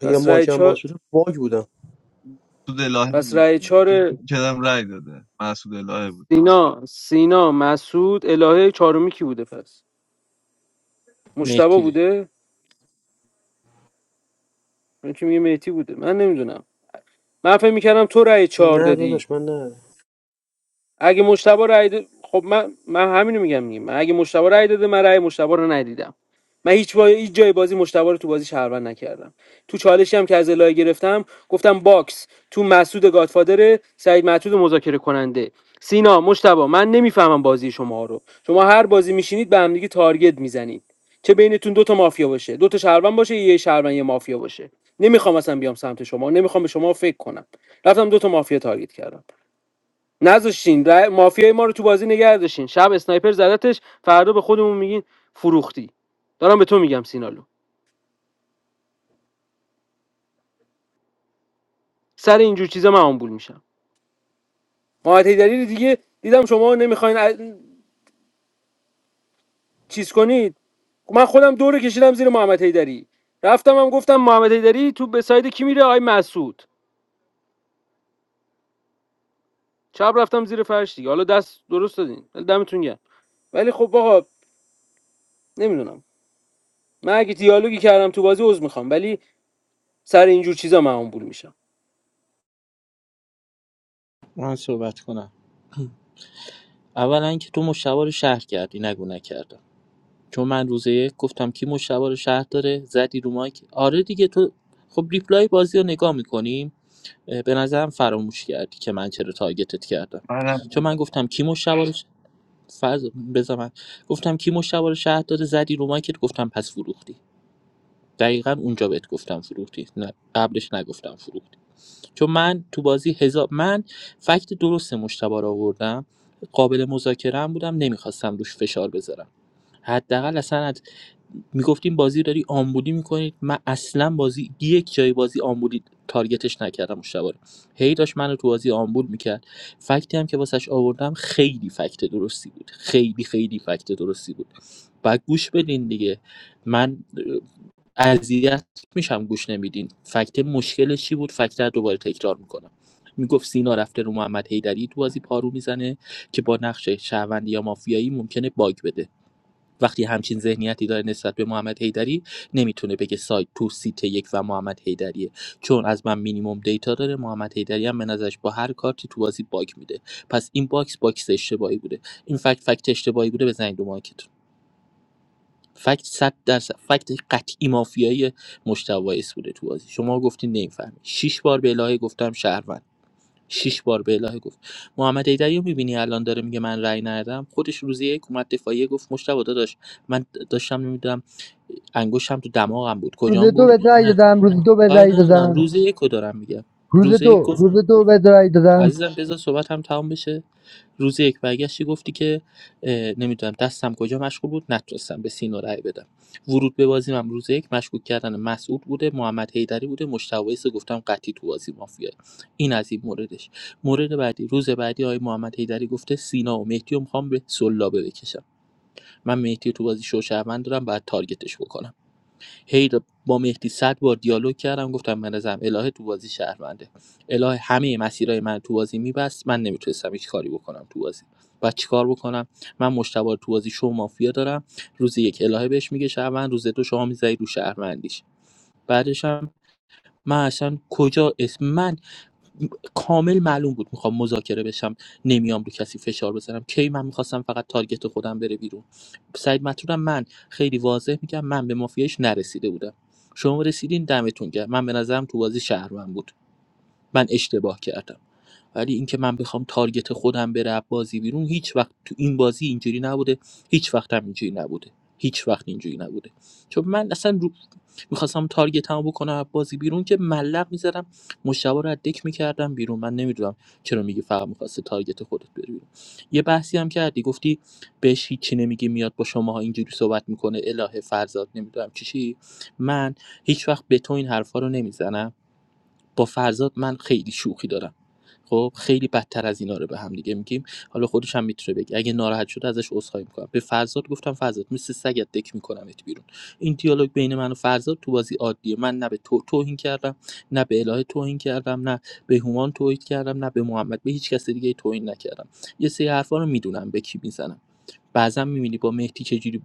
Speaker 14: اگه
Speaker 1: پس رأی
Speaker 14: ماک هم باز
Speaker 1: چهار
Speaker 14: شده باگ بودم
Speaker 18: تو دلاهه
Speaker 1: پس رأی چهار
Speaker 18: کدم رای داده مسعود الهه بود
Speaker 1: سینا سینا مسعود الهه چهارمی کی بوده پس مشتبه
Speaker 3: مهدی
Speaker 1: بوده من کی دونم من فکر میکردم تو رأی چهار
Speaker 14: نه
Speaker 1: دادی
Speaker 14: داداش من نه
Speaker 1: اگه مشتبه رای ده... خب من من همینو میگم دیگه من اگه مشتبه رای داده من رای مشتبه رو ندیدم من هیچ, با... هیچ جای بازی مشتبه رو تو بازی شهروند نکردم تو چالشی هم که از الهه گرفتم گفتم باکس تو مسعود گادفادر سعید معتود مذاکره کننده سینا مشتبه من نمیفهمم بازی شما رو شما هر بازی میشینید به همدیگه تارگت میزنید چه بینتون دو تا مافیا باشه دو تا شهروند باشه یه شهروند یه مافیا باشه نمیخوام اصلا بیام سمت شما نمیخوام به شما فکر کنم رفتم دو تا مافیا تارگت کردم نذاشتین رأی- مافیای ما رو تو بازی نگه داشتین شب اسنایپر زدتش فردا به خودمون میگین فروختی دارم به تو میگم سینالو سر اینجور چیزا من آمبول میشم محمد حیدری دیگه دیدم شما نمیخواین ا- چیز کنید من خودم دور کشیدم زیر محمد حیدری رفتم هم گفتم محمد حیدری تو به ساید کی میره آی مسعود چپ رفتم زیر فرش دیگه حالا دست درست دادین ولی دمتون گرم ولی خب آقا نمیدونم من اگه دیالوگی کردم تو بازی عذر میخوام ولی سر اینجور چیزا من آمبول میشم
Speaker 3: من صحبت کنم اولا که تو مشتبه رو شهر کردی نگو نکرد. چون من روز یک گفتم کی مشتبه رو شهر داره زدی رو مایک آره دیگه تو خب ریپلای بازی رو نگاه میکنیم به نظرم فراموش کردی که من چرا تارگتت کردم چون
Speaker 18: منم
Speaker 3: من گفتم کی مشتبه رو ش- فرض بذار من گفتم کی مشتبه رو شهر داره زدی رو مایکت گفتم پس فروختی دقیقا اونجا بهت گفتم فروختی نه قبلش نگفتم فروختی چون من تو بازی هزار من فکت درست مشتبه رو آوردم قابل مذاکره هم بودم نمیخواستم روش فشار بذارم حداقل اصلا میگفتیم بازی داری آمبولی میکنید من اصلا بازی یک جای بازی آمبولی تارگتش نکردم مشتبه رو هی داشت منو تو بازی آمبول میکرد فکتی هم که واسش آوردم خیلی فکت درستی بود خیلی خیلی فکت درستی بود و گوش بدین دیگه من اه، اذیت میشم گوش نمیدین فکت مشکلش چی بود فکت رو دوباره تکرار میکنم میگفت سینا رفته رو محمد حیدری تو بازی پارو میزنه که با نقش شهروندی یا مافیایی ممکنه باگ بده وقتی همچین ذهنیتی داره نسبت به محمد حیدری نمیتونه بگه سایت تو سیت یک و محمد حیدریه چون از من مینیمم دیتا داره محمد حیدری هم به نظرش با هر کارتی تو بازی باگ میده پس این باکس باکس اشتباهی بوده این فکت فکت اشتباهی بوده بزنید دو مارکتون فکت صد درصد فکت قطعی مافیایی مشتوایس بوده تو بازی شما گفتین نمیفهمی شش بار به الهه گفتم شهروند شش بار به الهه گفت محمد ایدری رو میبینی الان داره میگه من رأی ندادم خودش روزی یک اومد دفاعیه گفت مشتبه داداش من داشتم نمیدونم انگشتم تو دماغم بود
Speaker 19: روز
Speaker 3: کجام
Speaker 19: دو
Speaker 3: بود
Speaker 19: بهت رای
Speaker 3: نه
Speaker 19: دادم روز دو بهت
Speaker 3: کاری
Speaker 19: رای
Speaker 3: ندارم
Speaker 19: دادم
Speaker 3: روز یک رو دارم میگم
Speaker 19: روز
Speaker 3: روز
Speaker 19: دو
Speaker 3: یک گفت
Speaker 19: روز دو بهت رای دادم
Speaker 3: عزیزم بذار صحبت هم تمام بشه روز یک برگشتی گفتی که نمیدونم دستم کجا مشغول بود نتونستم به سینا رأی بدم ورود به بازی من روز یک مشغول کردن مسعود بوده محمد حیدری بوده مشتویس گفتم قطعی تو بازی مافیا این از این موردش مورد بعدی روز بعدی آقای محمد حیدری گفته سینا و مهدی رو میخوام به سلابه بکشم من مهدی رو تو بازی شوشهروند دارم بعد تارگتش بکنم هی با مهدی 100 بار دیالوگ کردم گفتم من ازم الهه تو بازی شهرونده الهه همه مسیرهای من تو بازی میبست من نمیتونستم هیچ کاری بکنم تو بازی و چیکار بکنم من مشتبه رو تو بازی شو مافیا دارم روز یک الهه بهش میگه شهروند روز دو شما میذاری رو شهروندیش بعدش هم من اصلا کجا اسم من کامل معلوم بود میخوام مذاکره بشم نمیام رو کسی فشار بذارم کی من میخواستم فقط تارگت خودم بره بیرون سعید مطلودم من خیلی واضح میگم من به مافیاش نرسیده بودم شما رسیدین دمتون گرم من به نظرم تو بازی شهروند بود من اشتباه کردم ولی اینکه من بخوام تارگت خودم بره بازی بیرون هیچ وقت تو این بازی اینجوری نبوده هیچ وقت هم اینجوری نبوده هیچ وقت اینجوری نبوده چون من اصلا رو... میخواستم تارگت هم بکنم از بازی بیرون که ملق میزدم مشتبه رو از دک میکردم بیرون من نمیدونم چرا میگی فقط میخواسته تارگت خودت بره بیرون یه بحثی هم کردی گفتی بهش هیچی نمیگی میاد با شماها اینجوری صحبت میکنه الهه فرزاد نمیدونم چی چی من هیچ وقت به تو این حرفا رو نمیزنم با فرزاد من خیلی شوخی دارم خب خیلی بدتر از اینا رو به هم دیگه میگیم حالا خودش هم میتونه بگه اگه ناراحت شده ازش عذرخواهی میکنم به فرزاد گفتم فرزاد مثل سگت دک میکنمت بیرون این دیالوگ بین من و فرزاد تو بازی عادیه من نه به تو توهین کردم نه به الهه توهین کردم نه به هومان توهین کردم نه به محمد به هیچ کس دیگه توهین نکردم یه سری حرفا رو میدونم به کی میزنم بعضا میبینی با مهدی چجوری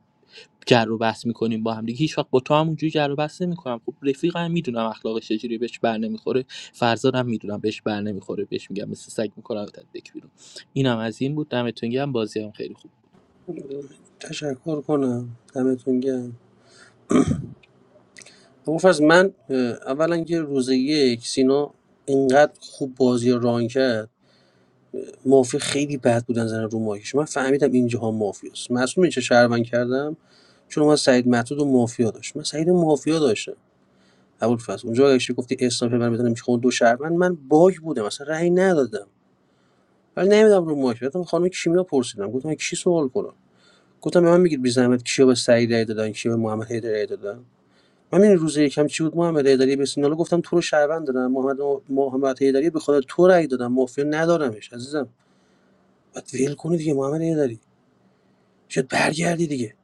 Speaker 3: جر و بحث می‌کنیم با هم دیگه هیچ‌وقت با تو هم جر و بحث نمی‌کنم خب رفیقم میدونم اخلاقش چجوریه بهش بر نمیخوره فرزادم میدونم بهش بر نمیخوره بهش میگم مثل سگ می‌کنم تا دک بیرون اینم از این بود دمتون گرم بازی هم خیلی خوب
Speaker 14: تشکر کنم دمتون گرم عرف از من اه، اولا که روز یک سینا اینقدر خوب بازی رو ران کرد مافیا خیلی بد بودن زدن رو ماهیش من فهمیدم اینجاها مافیاست معصوم چه شهروند کردم چون من سعید معتود و مافیا داشت من سعید مافیا داشتم ابوالفضل اونجا اگه چی گفتی اسنایپر من بدونم میخوام دو شهروند من باگ بودم اصلا رأی ندادم ولی نمیدم رو ماهیش رفتم خانم کیمیا پرسیدم گفتم کی سوال کنم گفتم به من میگید بی زحمت کیا به سعید رأی دادن کیا به محمد هیدر رأی دادن من این روز یکم چی بود محمد هیدری به سینالو گفتم تو رو شهروند دادم محمد محمد هیدری به خدا تو رأی دادم مافیا ندارمش عزیزم بعد ول کنید دیگه محمد هیدری شاید برگردی دیگه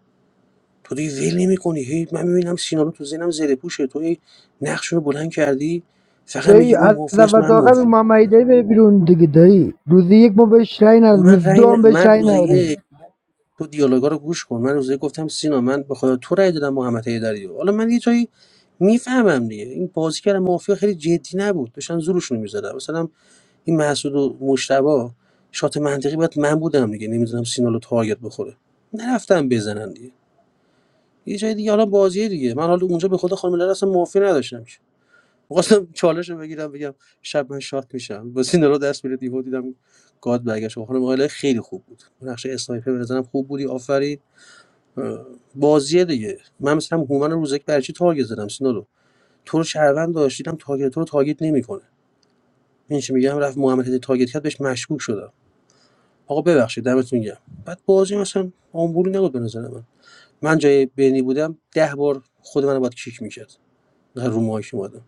Speaker 14: تو دیگه ول نمی‌کنی هی من میبینم سینالو تو ذهنم زره پوشه تو هی نقشونو بلند کردی فقط میگی
Speaker 19: دایی از
Speaker 14: اون مافیاست
Speaker 19: اول
Speaker 14: من
Speaker 19: تا آخر
Speaker 14: مافیا
Speaker 19: محمدی دایی بره بیرون دیگه دایی روز یک ما بهش رای
Speaker 14: و
Speaker 19: ندادیم
Speaker 14: من
Speaker 19: روز
Speaker 14: رأی
Speaker 19: دو
Speaker 14: ن-
Speaker 19: هم بهش
Speaker 14: من
Speaker 19: رای
Speaker 14: روزه
Speaker 19: ندادیم
Speaker 14: یک تو دیالوگا رو گوش کن من روزه یک گفتم سینا من به خدا تو رأی دادم محمد هیدری حالا من یه جایی میفهمم دیگه این بازیگر مافیا خیلی جدی نبود داشتن زورشون می‌زدن مثلا این محسود و مشتبه شات منطقی باید من بودم دیگه نمی‌دونم سینالو تارگت بخوره نرفتم بزنن دیگه یه جای دیگه حالا بازی دیگه من حالا اونجا به خود خانم لرا اصلا معافی نداشتم که می‌خواستم چالش رو بگیرم بگم شب من شات میشم با سینه رو دست میره دیو دیدم گاد برگشت خب خانم آقای خیلی خوب بود اون نقش اسنایپر به خوب بودی آفرین اه، بازیه دیگه من مثلا هومن روزک برچی تارگت زدم سینا رو تو رو شهروند داشت دیدم تارگت تو رو تارگت نمیکنه این چی میگم رفت محمد هدی تارگت کرد بهش مشکوک شدم آقا ببخشید دمتون گرم بعد بازی مثلا آمبولی نبود به نظر من من جای بینی بودم ده بار خود منو باید کیک میکرد نه رو مایک اومدم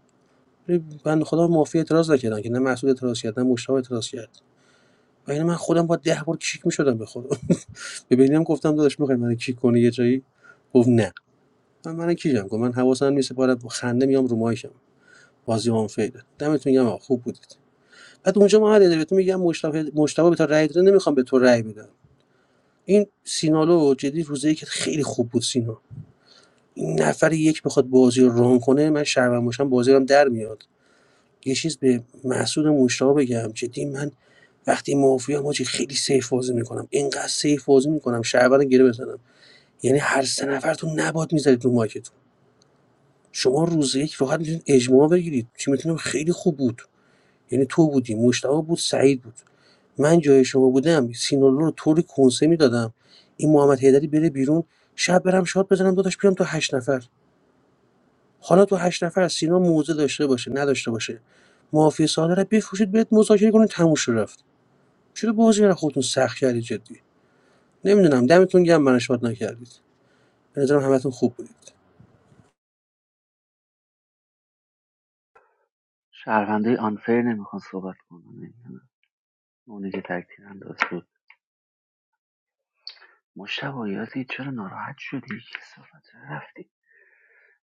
Speaker 14: ولی بنده خدا مافیا اعتراض نکردن که نه محسود اعتراض کرد نه مشتاق اعتراض کرد و یعنی من خودم با ده بار کیک میشدم به خدا ببینیم گفتم داداش میخوای من کیک کنی یه جایی گفت نه من من کیکم کنم؟ من حواسم نیست پاره با خنده میام رو مایکم بازی اون فیده دمتون گرم آقا، خوب بودید بعد اونجا ما هر بهتون میگم مشتاق مشتاق به تو رأی داده نمیخوام به تو رأی بدم این سینالو جدی روزی که خیلی خوب بود سینا این نفر یک بخواد بازی رو ران کنه من شرمم باشم بازی رو در میاد یه چیز به محسود مشتاق بگم جدی من وقتی مافیام حاجی خیلی سیف بازی میکنم اینقدر سیف بازی میکنم شهرور رو گره بزنم یعنی هر سه نفرتون نباد میذارید رو مایکتون شما روز یک فقط میتونید اجماع بگیرید چی میتونم خیلی خوب بود یعنی تو بودی مشتاق بود سعید بود من جای شما بودم سینالو رو طوری کنسه میدادم این محمد حیدری بره بیرون شب برم شاد بزنم داداش بیام تو هشت نفر حالا تو هشت نفر سینا موزه داشته باشه نداشته باشه مافیا ساده رو بفروشید بهت مذاکره کنید تموم شد رفت چرا بازی رو خودتون سخت کردید جدی نمیدونم دمتون گرم من شاد نکردید به نظرم همتون خوب بودید
Speaker 2: شهروندای آنفر نمیخوان صحبت کنن نمیدونم اونی که تکتیر انداز بود مشتبه یزید چرا ناراحت شدی کسافت چرا رفتی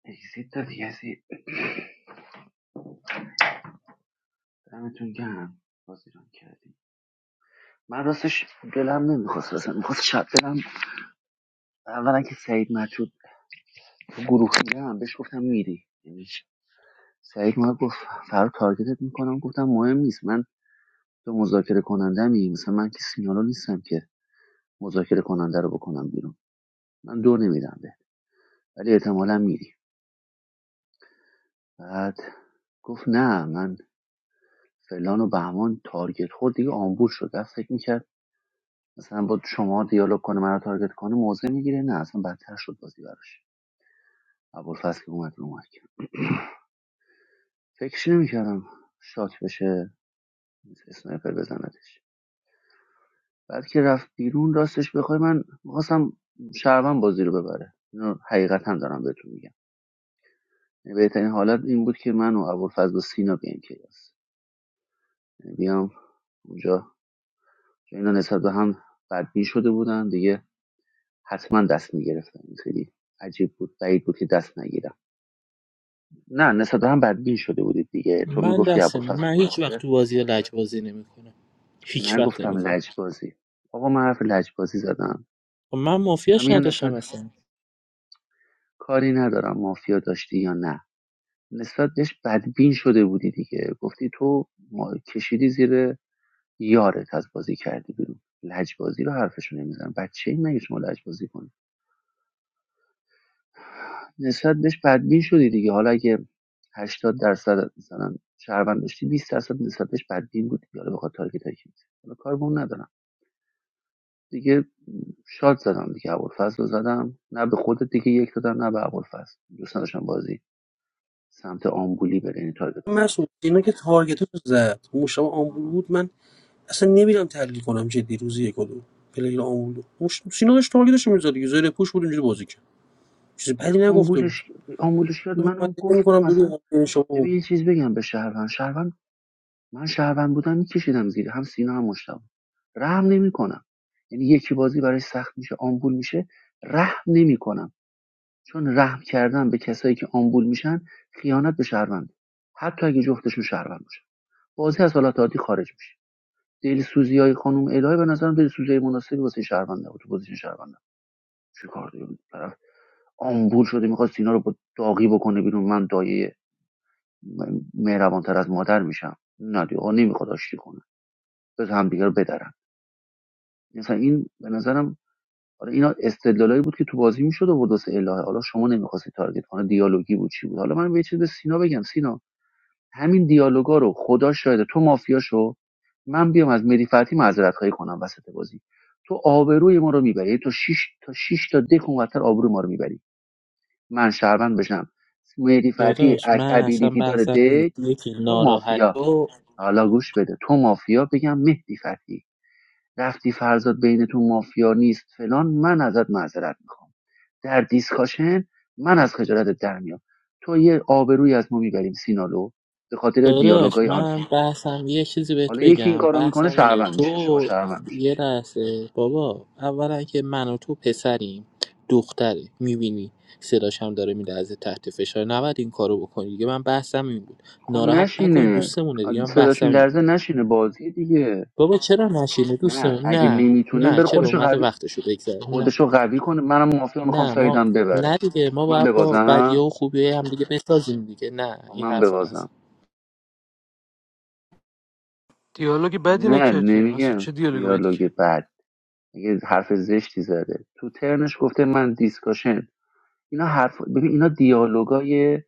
Speaker 2: اگزیت دادی یزید دمتون گرم بازی ران کردی من راستش دلم نمیخواست اصلا میخواست شب دلم اولا که سعید مطرود تو گروه دیدم بهش گفتم میری یعنی چی؟ سعید ما گفت فرار تارگتت میکنم گفتم مهم نیست من تو مذاکره کننده می، مثلا من که سینالو نیستم که مذاکره کننده رو بکنم بیرون من دو نمیدم ولی احتمالا میریم بعد گفت نه من فلان و بهمان تارگت خورد دیگه آمبول شد رفت فکر میکرد مثلا با شما دیالوگ کنه منو تارگت کنه موضع میگیره نه اصلا بدتر شد بازی براش ابوالفضل که اومد رو اومد فکرش نمیکردم شات بشه اسنایپر بزندش بعد که رفت بیرون راستش بخوای من میخواستم شهروند بازی رو ببره اینو حقیقتا دارم بهتون میگم یعنی بهترین حالت این بود که من و ابوالفضل و سینا بیام کلاس یعنی بیام اونجا که اینا نسبت به هم بدبین شده بودن دیگه حتما دست میگرفتن این خیلی عجیب بود بعید بود که دست نگیرم نه نسبت به هم بدبین شده بودید دیگه تو
Speaker 3: من
Speaker 2: میگفتی
Speaker 3: دستم
Speaker 2: ابوالفضل
Speaker 3: من هیچ وقت
Speaker 2: فروخته
Speaker 3: تو بازی لجبازی نمی‌کنم هیچ وقت
Speaker 2: نگفتم
Speaker 3: نمی‌کنم
Speaker 2: لجبازی آقا من حرف لجبازی زدم
Speaker 3: خب من
Speaker 2: دارم
Speaker 3: مافیاش
Speaker 2: میگم
Speaker 3: نداشتم
Speaker 2: نسبت
Speaker 3: اصلا
Speaker 2: کاری ندارم مافیا داشتی یا نه نسبت بهش بدبین شده بودی دیگه گفتی تو ما کشیدی زیر یارت از بازی کردی بیرون لجبازی رو حرفشو نمیزنم بچه این مگه شما لجبازی کنی نسبت بهش بدبین شدی دیگه حالا اگه هشتاد درصد مثلا شهروند داشتی 20 درصد نسبت بهش بدبین بود دیگه حالا بخواد تارگت هایی که می‌زنی. حالا کار به اون ندارم دیگه شاد زدم دیگه ابوالفضل رو زدم نه به خودت دیگه یک دادم نه به ابوالفضل دوست نداشتم بازی سمت آمبولی بره یعنی تارگت آمبولی
Speaker 14: مسعود اینا که تارگتت رو زد مشتبه آمبول
Speaker 2: آه.
Speaker 14: بود من اصلا نمیدونم تحلیل کنم جدی روزی یک و دو پلیر آمبول بود مش... سینا داشت تارگتش میزد دیگه زیر پوش بود اینجوری بازی کرد چیز
Speaker 2: نه
Speaker 14: بدی نگفته بود
Speaker 2: آمبولش آمبولش کرد
Speaker 14: تو
Speaker 2: من
Speaker 14: من
Speaker 2: منم گفتم
Speaker 14: میکنم
Speaker 2: اصلا
Speaker 14: برو شما
Speaker 2: ببین یه چیز بگم به شهروند شهروند من شهروند بودم میکشیدم زیر هم سینا هم مشتبه رحم نمیکنم یعنی یکی بازی برای سخت میشه آمبول میشه رحم نمیکنم چون رحم کردن به کسایی که آمبول میشن خیانت به شهروند حتی اگه جفتشون شهروند باشن بازی از حالت عادی خارج میشه دلسوزی های خانم الهی به نظرم دلسوزی مناسبی واسه شهرونده بود تو پوزیشن شهرونده چیکار داریم طرف آمبول شده میخواد سینا رو با داغی بکنه بیرون من دایه مهربانتر از مادر میشم نه دیگه آقا نمیخواد آشتی کنه به همدیگه رو بدرن مثلا این به نظرم حالا اینا استدلالایی بود که تو بازی میشد آورد واسه الهه حالا شما نمیخواستی تارگت کنه دیالوگی بود چی بود حالا من به یه چیز به سینا بگم سینا همین دیالوگا رو خدا شاید تو مافیاشو من بیام از مری فتی معذرت خواهی کنم وسط بازی تو آبروی ما رو میبری تو شش تا شش تا دک اونورتر آبروی ما رو میبری من شهروند بشم مری فتی
Speaker 3: داداش من اصلا
Speaker 2: ابیلیتی داره
Speaker 3: بحثم اینه.
Speaker 2: دک
Speaker 3: یکی
Speaker 2: تو
Speaker 3: ناراحت
Speaker 2: مافیا
Speaker 3: و
Speaker 2: حالا گوش بده تو مافیا بگم مهدی فتی رفتی فرزاد بینتون مافیا نیست فلان من ازت معذرت میخوام در دیسکاشن من از خجالتت در میام تو یه آبروی از ما میبریم سینالو به خاطر
Speaker 3: داداش
Speaker 2: دیالوگای آنفیل
Speaker 3: من بحثم یه چیزی بهت
Speaker 2: حالا یکی این
Speaker 3: بگم
Speaker 2: کارو میکنه
Speaker 3: بحثم اینه
Speaker 2: شهروند میشه شو
Speaker 3: تو
Speaker 2: شهروند میشه
Speaker 3: یه لحظه بابا اولا که من و تو پسریم دختره میبینی صداش هم داره میلرزه تحت فشار نباید این کارو بکنی دیگه من بحثم این بود
Speaker 2: خب
Speaker 3: ناراحت نکنین
Speaker 2: نشینه
Speaker 3: دوستمونه دیگه من
Speaker 2: صداش
Speaker 3: بحثم این
Speaker 2: میلرزه
Speaker 3: بود
Speaker 2: نشینه بازی دیگه
Speaker 3: بابا چرا نشینه
Speaker 2: نه
Speaker 3: دوستمون
Speaker 2: اگه
Speaker 3: نه
Speaker 2: نمیتونه
Speaker 3: نه
Speaker 2: بره
Speaker 3: چرا
Speaker 2: خودشو
Speaker 3: اومده
Speaker 2: قوی
Speaker 3: وقتشو بگذره نه
Speaker 2: خودشو قوی کنه منم مافیا میخوام
Speaker 3: نه ما
Speaker 2: سایدم ببره
Speaker 3: نه دیگه ما
Speaker 2: من
Speaker 3: باید با بدیه
Speaker 2: ببازم
Speaker 3: و خوبیه هم دیگه بسازیم دیگه نه این
Speaker 2: من
Speaker 3: حرفا نزن
Speaker 2: ببازم نه نمیگم دیالوگ بعد یه حرف زشتی زده تو ترنش گفته من دیسکاشن اینا حرف ببین اینا دیالوگای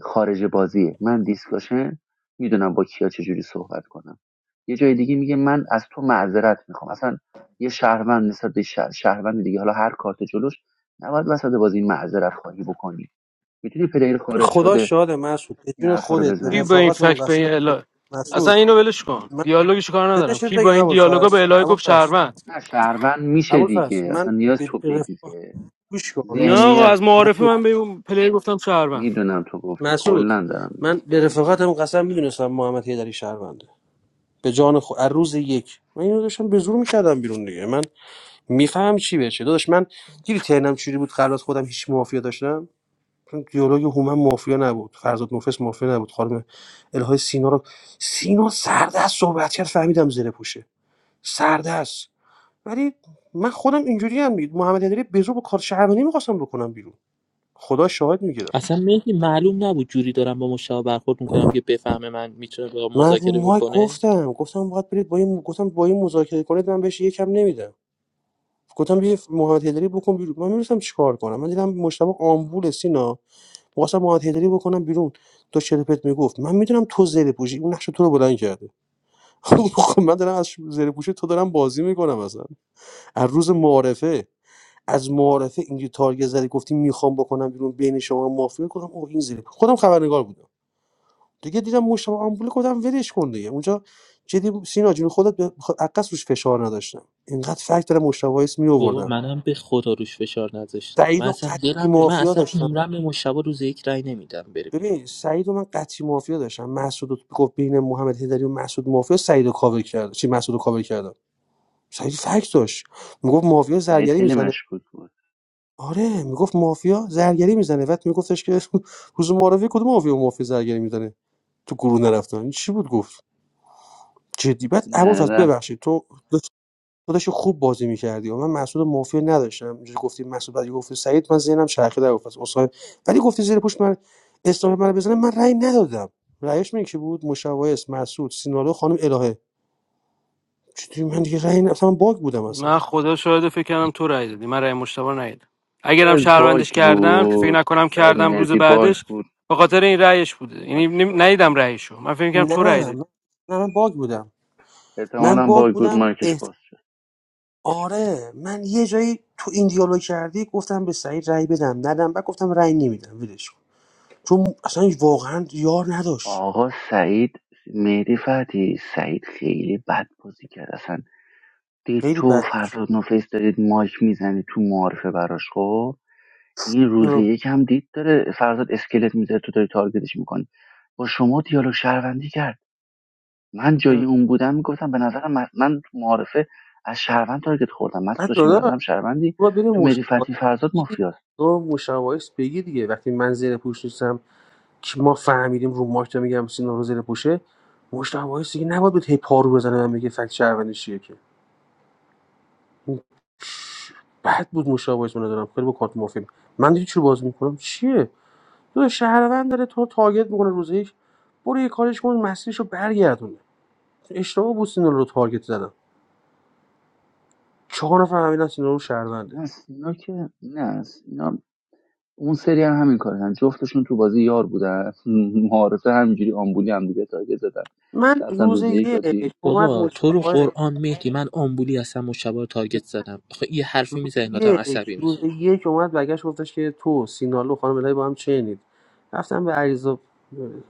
Speaker 2: خارج بازیه من دیسکاشن میدونم با کیا چجوری صحبت کنم یه جای دیگه میگه من از تو معذرت میخوام اصلا یه شهروند نسبت به شه- شهروند دیگه حالا هر کارت جلوش نباید وسط بازی معذرت خواهی بکنی میتونی پلیر خارج
Speaker 14: خدا
Speaker 2: شده
Speaker 14: شاده مسعود به
Speaker 2: این
Speaker 14: جون
Speaker 2: حرفا رو
Speaker 14: خودت به
Speaker 1: کی
Speaker 2: بزنی
Speaker 1: با این
Speaker 14: رفاقتمون
Speaker 1: فکت به
Speaker 14: قسم
Speaker 1: این
Speaker 14: به-
Speaker 1: الهه اصلا
Speaker 14: مسعود
Speaker 1: اینو ولش کن
Speaker 14: من
Speaker 1: دیالوگش کار ندارم
Speaker 14: بدش
Speaker 1: کی با
Speaker 14: بگم
Speaker 1: این دیالوگا
Speaker 14: ابوالفضل
Speaker 1: به الهه گفت
Speaker 14: ابوالفضل
Speaker 1: شهروند
Speaker 2: نه شهروند میشه
Speaker 14: ابوالفضل
Speaker 2: دیگه
Speaker 14: من
Speaker 2: اصلا نیاز
Speaker 14: به
Speaker 2: تو
Speaker 14: به
Speaker 2: بگی
Speaker 14: رفاقت
Speaker 2: که
Speaker 14: گوش کن
Speaker 1: نه
Speaker 14: مسعود
Speaker 1: آقا
Speaker 14: جان.
Speaker 2: ذهنیت
Speaker 1: از معارفه
Speaker 14: مسعود
Speaker 1: من به اون پلیر گفتم شهروند
Speaker 2: میدونم تو گفتی
Speaker 14: مسعود
Speaker 2: کلا دارم
Speaker 14: من به
Speaker 2: میگم
Speaker 14: رفاقتم قسم میدونستم محمد هیدری شهرونده به جان خود از روز یک من اینو داشتم به زور میکردم بیرون دیگه من میفهم چی بشه داداش من دیدی ترنم چوری بود خلاص خودم هیچ مافیا داشتم چون دیالوگ هومن مافیا نبود فرزاد نفس مافیا نبود خانم الهای سینا رو سینا سردست صحبت کرد فهمیدم زره پوشه سردست ولی من خودم اینجوری هم بود، محمد هیدری به زور با کار شهروندی میخواستم بکنم بیرون خدا شاهد میگه
Speaker 3: اصلا مهدی معلوم نبود جوری دارم با مشتاق برخورد میکنم که بفهمه من میتونه با
Speaker 14: من رو
Speaker 3: مذاکره
Speaker 14: مایک
Speaker 3: بکنه
Speaker 14: گفتم گفتم باید برید با این گفتم با این مذاکره کنید من بهش یکم نمیدم گفتم بیا محمد هدری بکن بیرون من میرسم چیکار کنم من دیدم مشتبه آمبول سینا می‌خواستم محمد هدری بکنم بیرون تو چرپت میگفت من میدونم تو زره پوشی اون نقش تو رو بلند کرده خب من دارم از زره پوشی تو دارم بازی میکنم اصلا از روز معارفه از معارفه اینجوری تارگت زدی گفتی میخوام بکنم بیرون بین شما مافیا کنم او این زیر خودم خبرنگار بودم دیگه دیدم مشتبه آمبوله گفتم ولش کن دیگه اونجا جدی سینا جون خودت به خ- عکس روش فشار نداشتم اینقدر فکت داره مشتبه اسم می
Speaker 3: بابا
Speaker 14: آوردم
Speaker 3: منم به خدا روش فشار نذاشتم
Speaker 14: سعید
Speaker 3: من
Speaker 14: و
Speaker 3: اصلا
Speaker 14: قطعی
Speaker 3: دلم نه- من
Speaker 14: مافیا
Speaker 3: اصلا
Speaker 14: داشتم
Speaker 3: عمرم به مشتبه روز یک رای نمیدم بره بیرون
Speaker 14: ببین سعید و من قطعی مافیا داشتم مسعود رو گفت بین محمد هدری و مسعود مافیا سعید رو کاور کرد چی مسعود رو کاور کردم سعید فکت داشت میگفت مافیا
Speaker 2: سعید
Speaker 14: زرگری
Speaker 2: خیلی
Speaker 14: میزنه
Speaker 2: مشکوک بود
Speaker 14: آره میگفت مافیا زرگری میزنه بعد میگفتش که روز معرفی کدوم مافیا مافیا زرگری میزنه تو گروه نرفتن این چی بود گفت جدی بعد
Speaker 2: نه
Speaker 14: ابوالفضل
Speaker 2: رفت
Speaker 14: ببخشید تو داداش خوب بازی می‌کردی و من مسعود مافیا نداشتم اینجوری گفتی مسعود بعد گفتی سعید من ذهنم چرخیده در گفت اصلا ولی گفتی زیر پوش من اسلام من بزنه من رأی ندادم رأیش من کی بود مشوایس مسعود سینالو خانم الهه چطوری من دیگه رأی ن- اصلا من باگ بودم اصلا
Speaker 1: من خدا شاهده فکر کردم تو رای دادی من رای مشتبه ندیدم اگرم
Speaker 2: شاید باگ
Speaker 1: شهروندش کردم فکر
Speaker 2: بود
Speaker 1: نکنم
Speaker 2: شاید
Speaker 1: کردم روز
Speaker 2: مهدی باگ
Speaker 1: بعدش
Speaker 2: بود
Speaker 1: به خاطر این رأیش بوده یعنی
Speaker 2: مایکش
Speaker 1: نم
Speaker 2: باز شد
Speaker 1: ندیدم رأیشو من فکر کردم
Speaker 14: نه
Speaker 1: تو رأی دادی.
Speaker 14: نه من- نه من باگ بودم من
Speaker 2: احتمالا
Speaker 14: باگ
Speaker 2: باگ بود
Speaker 14: بودم
Speaker 2: مایکش
Speaker 14: احت...
Speaker 2: باز شد
Speaker 14: آره من یه جایی تو این دیالوگ کردی گفتم به سعید رأی بدم ندم بعد گفتم رأی نمیدم ولش کن. چون اصلا واقعا یار نداشت
Speaker 2: آقا سعید مهدی فتی سعید خیلی بد بازی کرد اصلا دید
Speaker 14: خیلی
Speaker 2: تو
Speaker 14: بد
Speaker 2: فرزاد نوفیس دارید مایک میزنی تو معارفه براش خب این روزی
Speaker 14: بود
Speaker 2: یکم دید داره فرزاد اسکلت میذاره تو داری تارگتش میکنی با شما دیالوگ شهروندی کرد من جای اون بودم میگفتم به نظرم من من تو معارفه از شهروند تارگت خوردم مسعود
Speaker 14: بعد
Speaker 2: داشتیم به
Speaker 14: داداش تو
Speaker 2: نظرم شهروندی
Speaker 14: باید بری
Speaker 2: تو مهدی
Speaker 14: مشاوره
Speaker 2: فتحی فرزاد
Speaker 14: بگی
Speaker 2: مافیاست
Speaker 14: تو مشاوره بگی دیگه وقتی من زیر پوش نیستم که ما فهمیدیم رو ماش دارم میگم سینا رو زیر پوشه مشاوره دیگه نباید بود هی پارو بزنه من میگه فکت شهروندی چیه که بد بود مشاوره من دارم خیلی با کارت مافیم من دیگه چی باز میکنم چیه تو شهروند داره تو رو تارگت میکنه روز یک برو یه کارش کن مسیرشو برگردونه اشتباه بود سینا رو تارگت زدم چهار نفر فهمیدن سینا رو شهرونده
Speaker 2: نه اینا که نه اینا اون سری هم همین کارن جفتشون تو بازی یار بودن معارفه همینجوری آمبولی هم دیگه تارگت زدن
Speaker 14: من
Speaker 2: رفتن
Speaker 14: روز
Speaker 2: روز یک
Speaker 14: یک
Speaker 2: آجی
Speaker 14: اومد
Speaker 3: بابا تو رو
Speaker 14: مشاوره
Speaker 3: قرآن مهدی من آمبولی اصلا مشتبه رو تارگت زدم آخه یه حرفی
Speaker 14: روز
Speaker 3: میزنی آدم
Speaker 14: یک
Speaker 3: عصبی
Speaker 14: روز یک اومد برگشت گفتش که تو سینالو خانم الهی با هم چنید رفتم به عریضا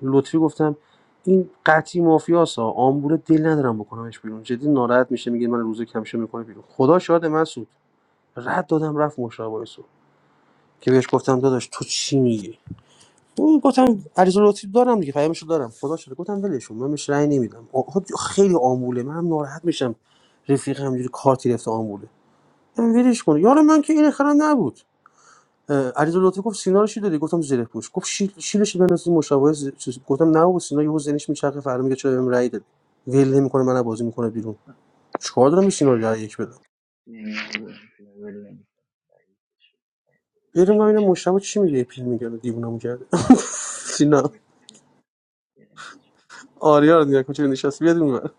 Speaker 14: لطفی گفتم این قطعی مافیاسا آمبول دل ندارم بکنمش بیرون جدی ناراحت میشه میگه من روزو کمشه میکنه بیرون خدا شاد من سود رد دادم رفت مشابه سود که بهش گفتم داداش تو چی میگی اون گفتم عریضا لطفی دارم دیگه پیامشو دارم خدا شده گفتم ولشون من بهش رأی نمیدم آ- خب خیلی آمبوله من هم ناراحت میشم رفیق همجوری کارتی رفته آمبوله من ولش کن یار من که این خرم نبود علیرضا لطفی گفت سینا رو چی دادی گفتم زره پوش گفت شیل شیلش بنوسی مشابه ز- چیز. گفتم نه و سینا یهو ذهنش میچرخه فردا میگه چرا بهم رأی دادی ول نمیکنه من بازی میکنه بیرون چیکار دارم به سینا رو رأی یک بدم بریم ببینم مشابه چی میگه پیل میگه دیوونم کرده سینا آریا رو نگاه کن چه نشاست بیاد اونور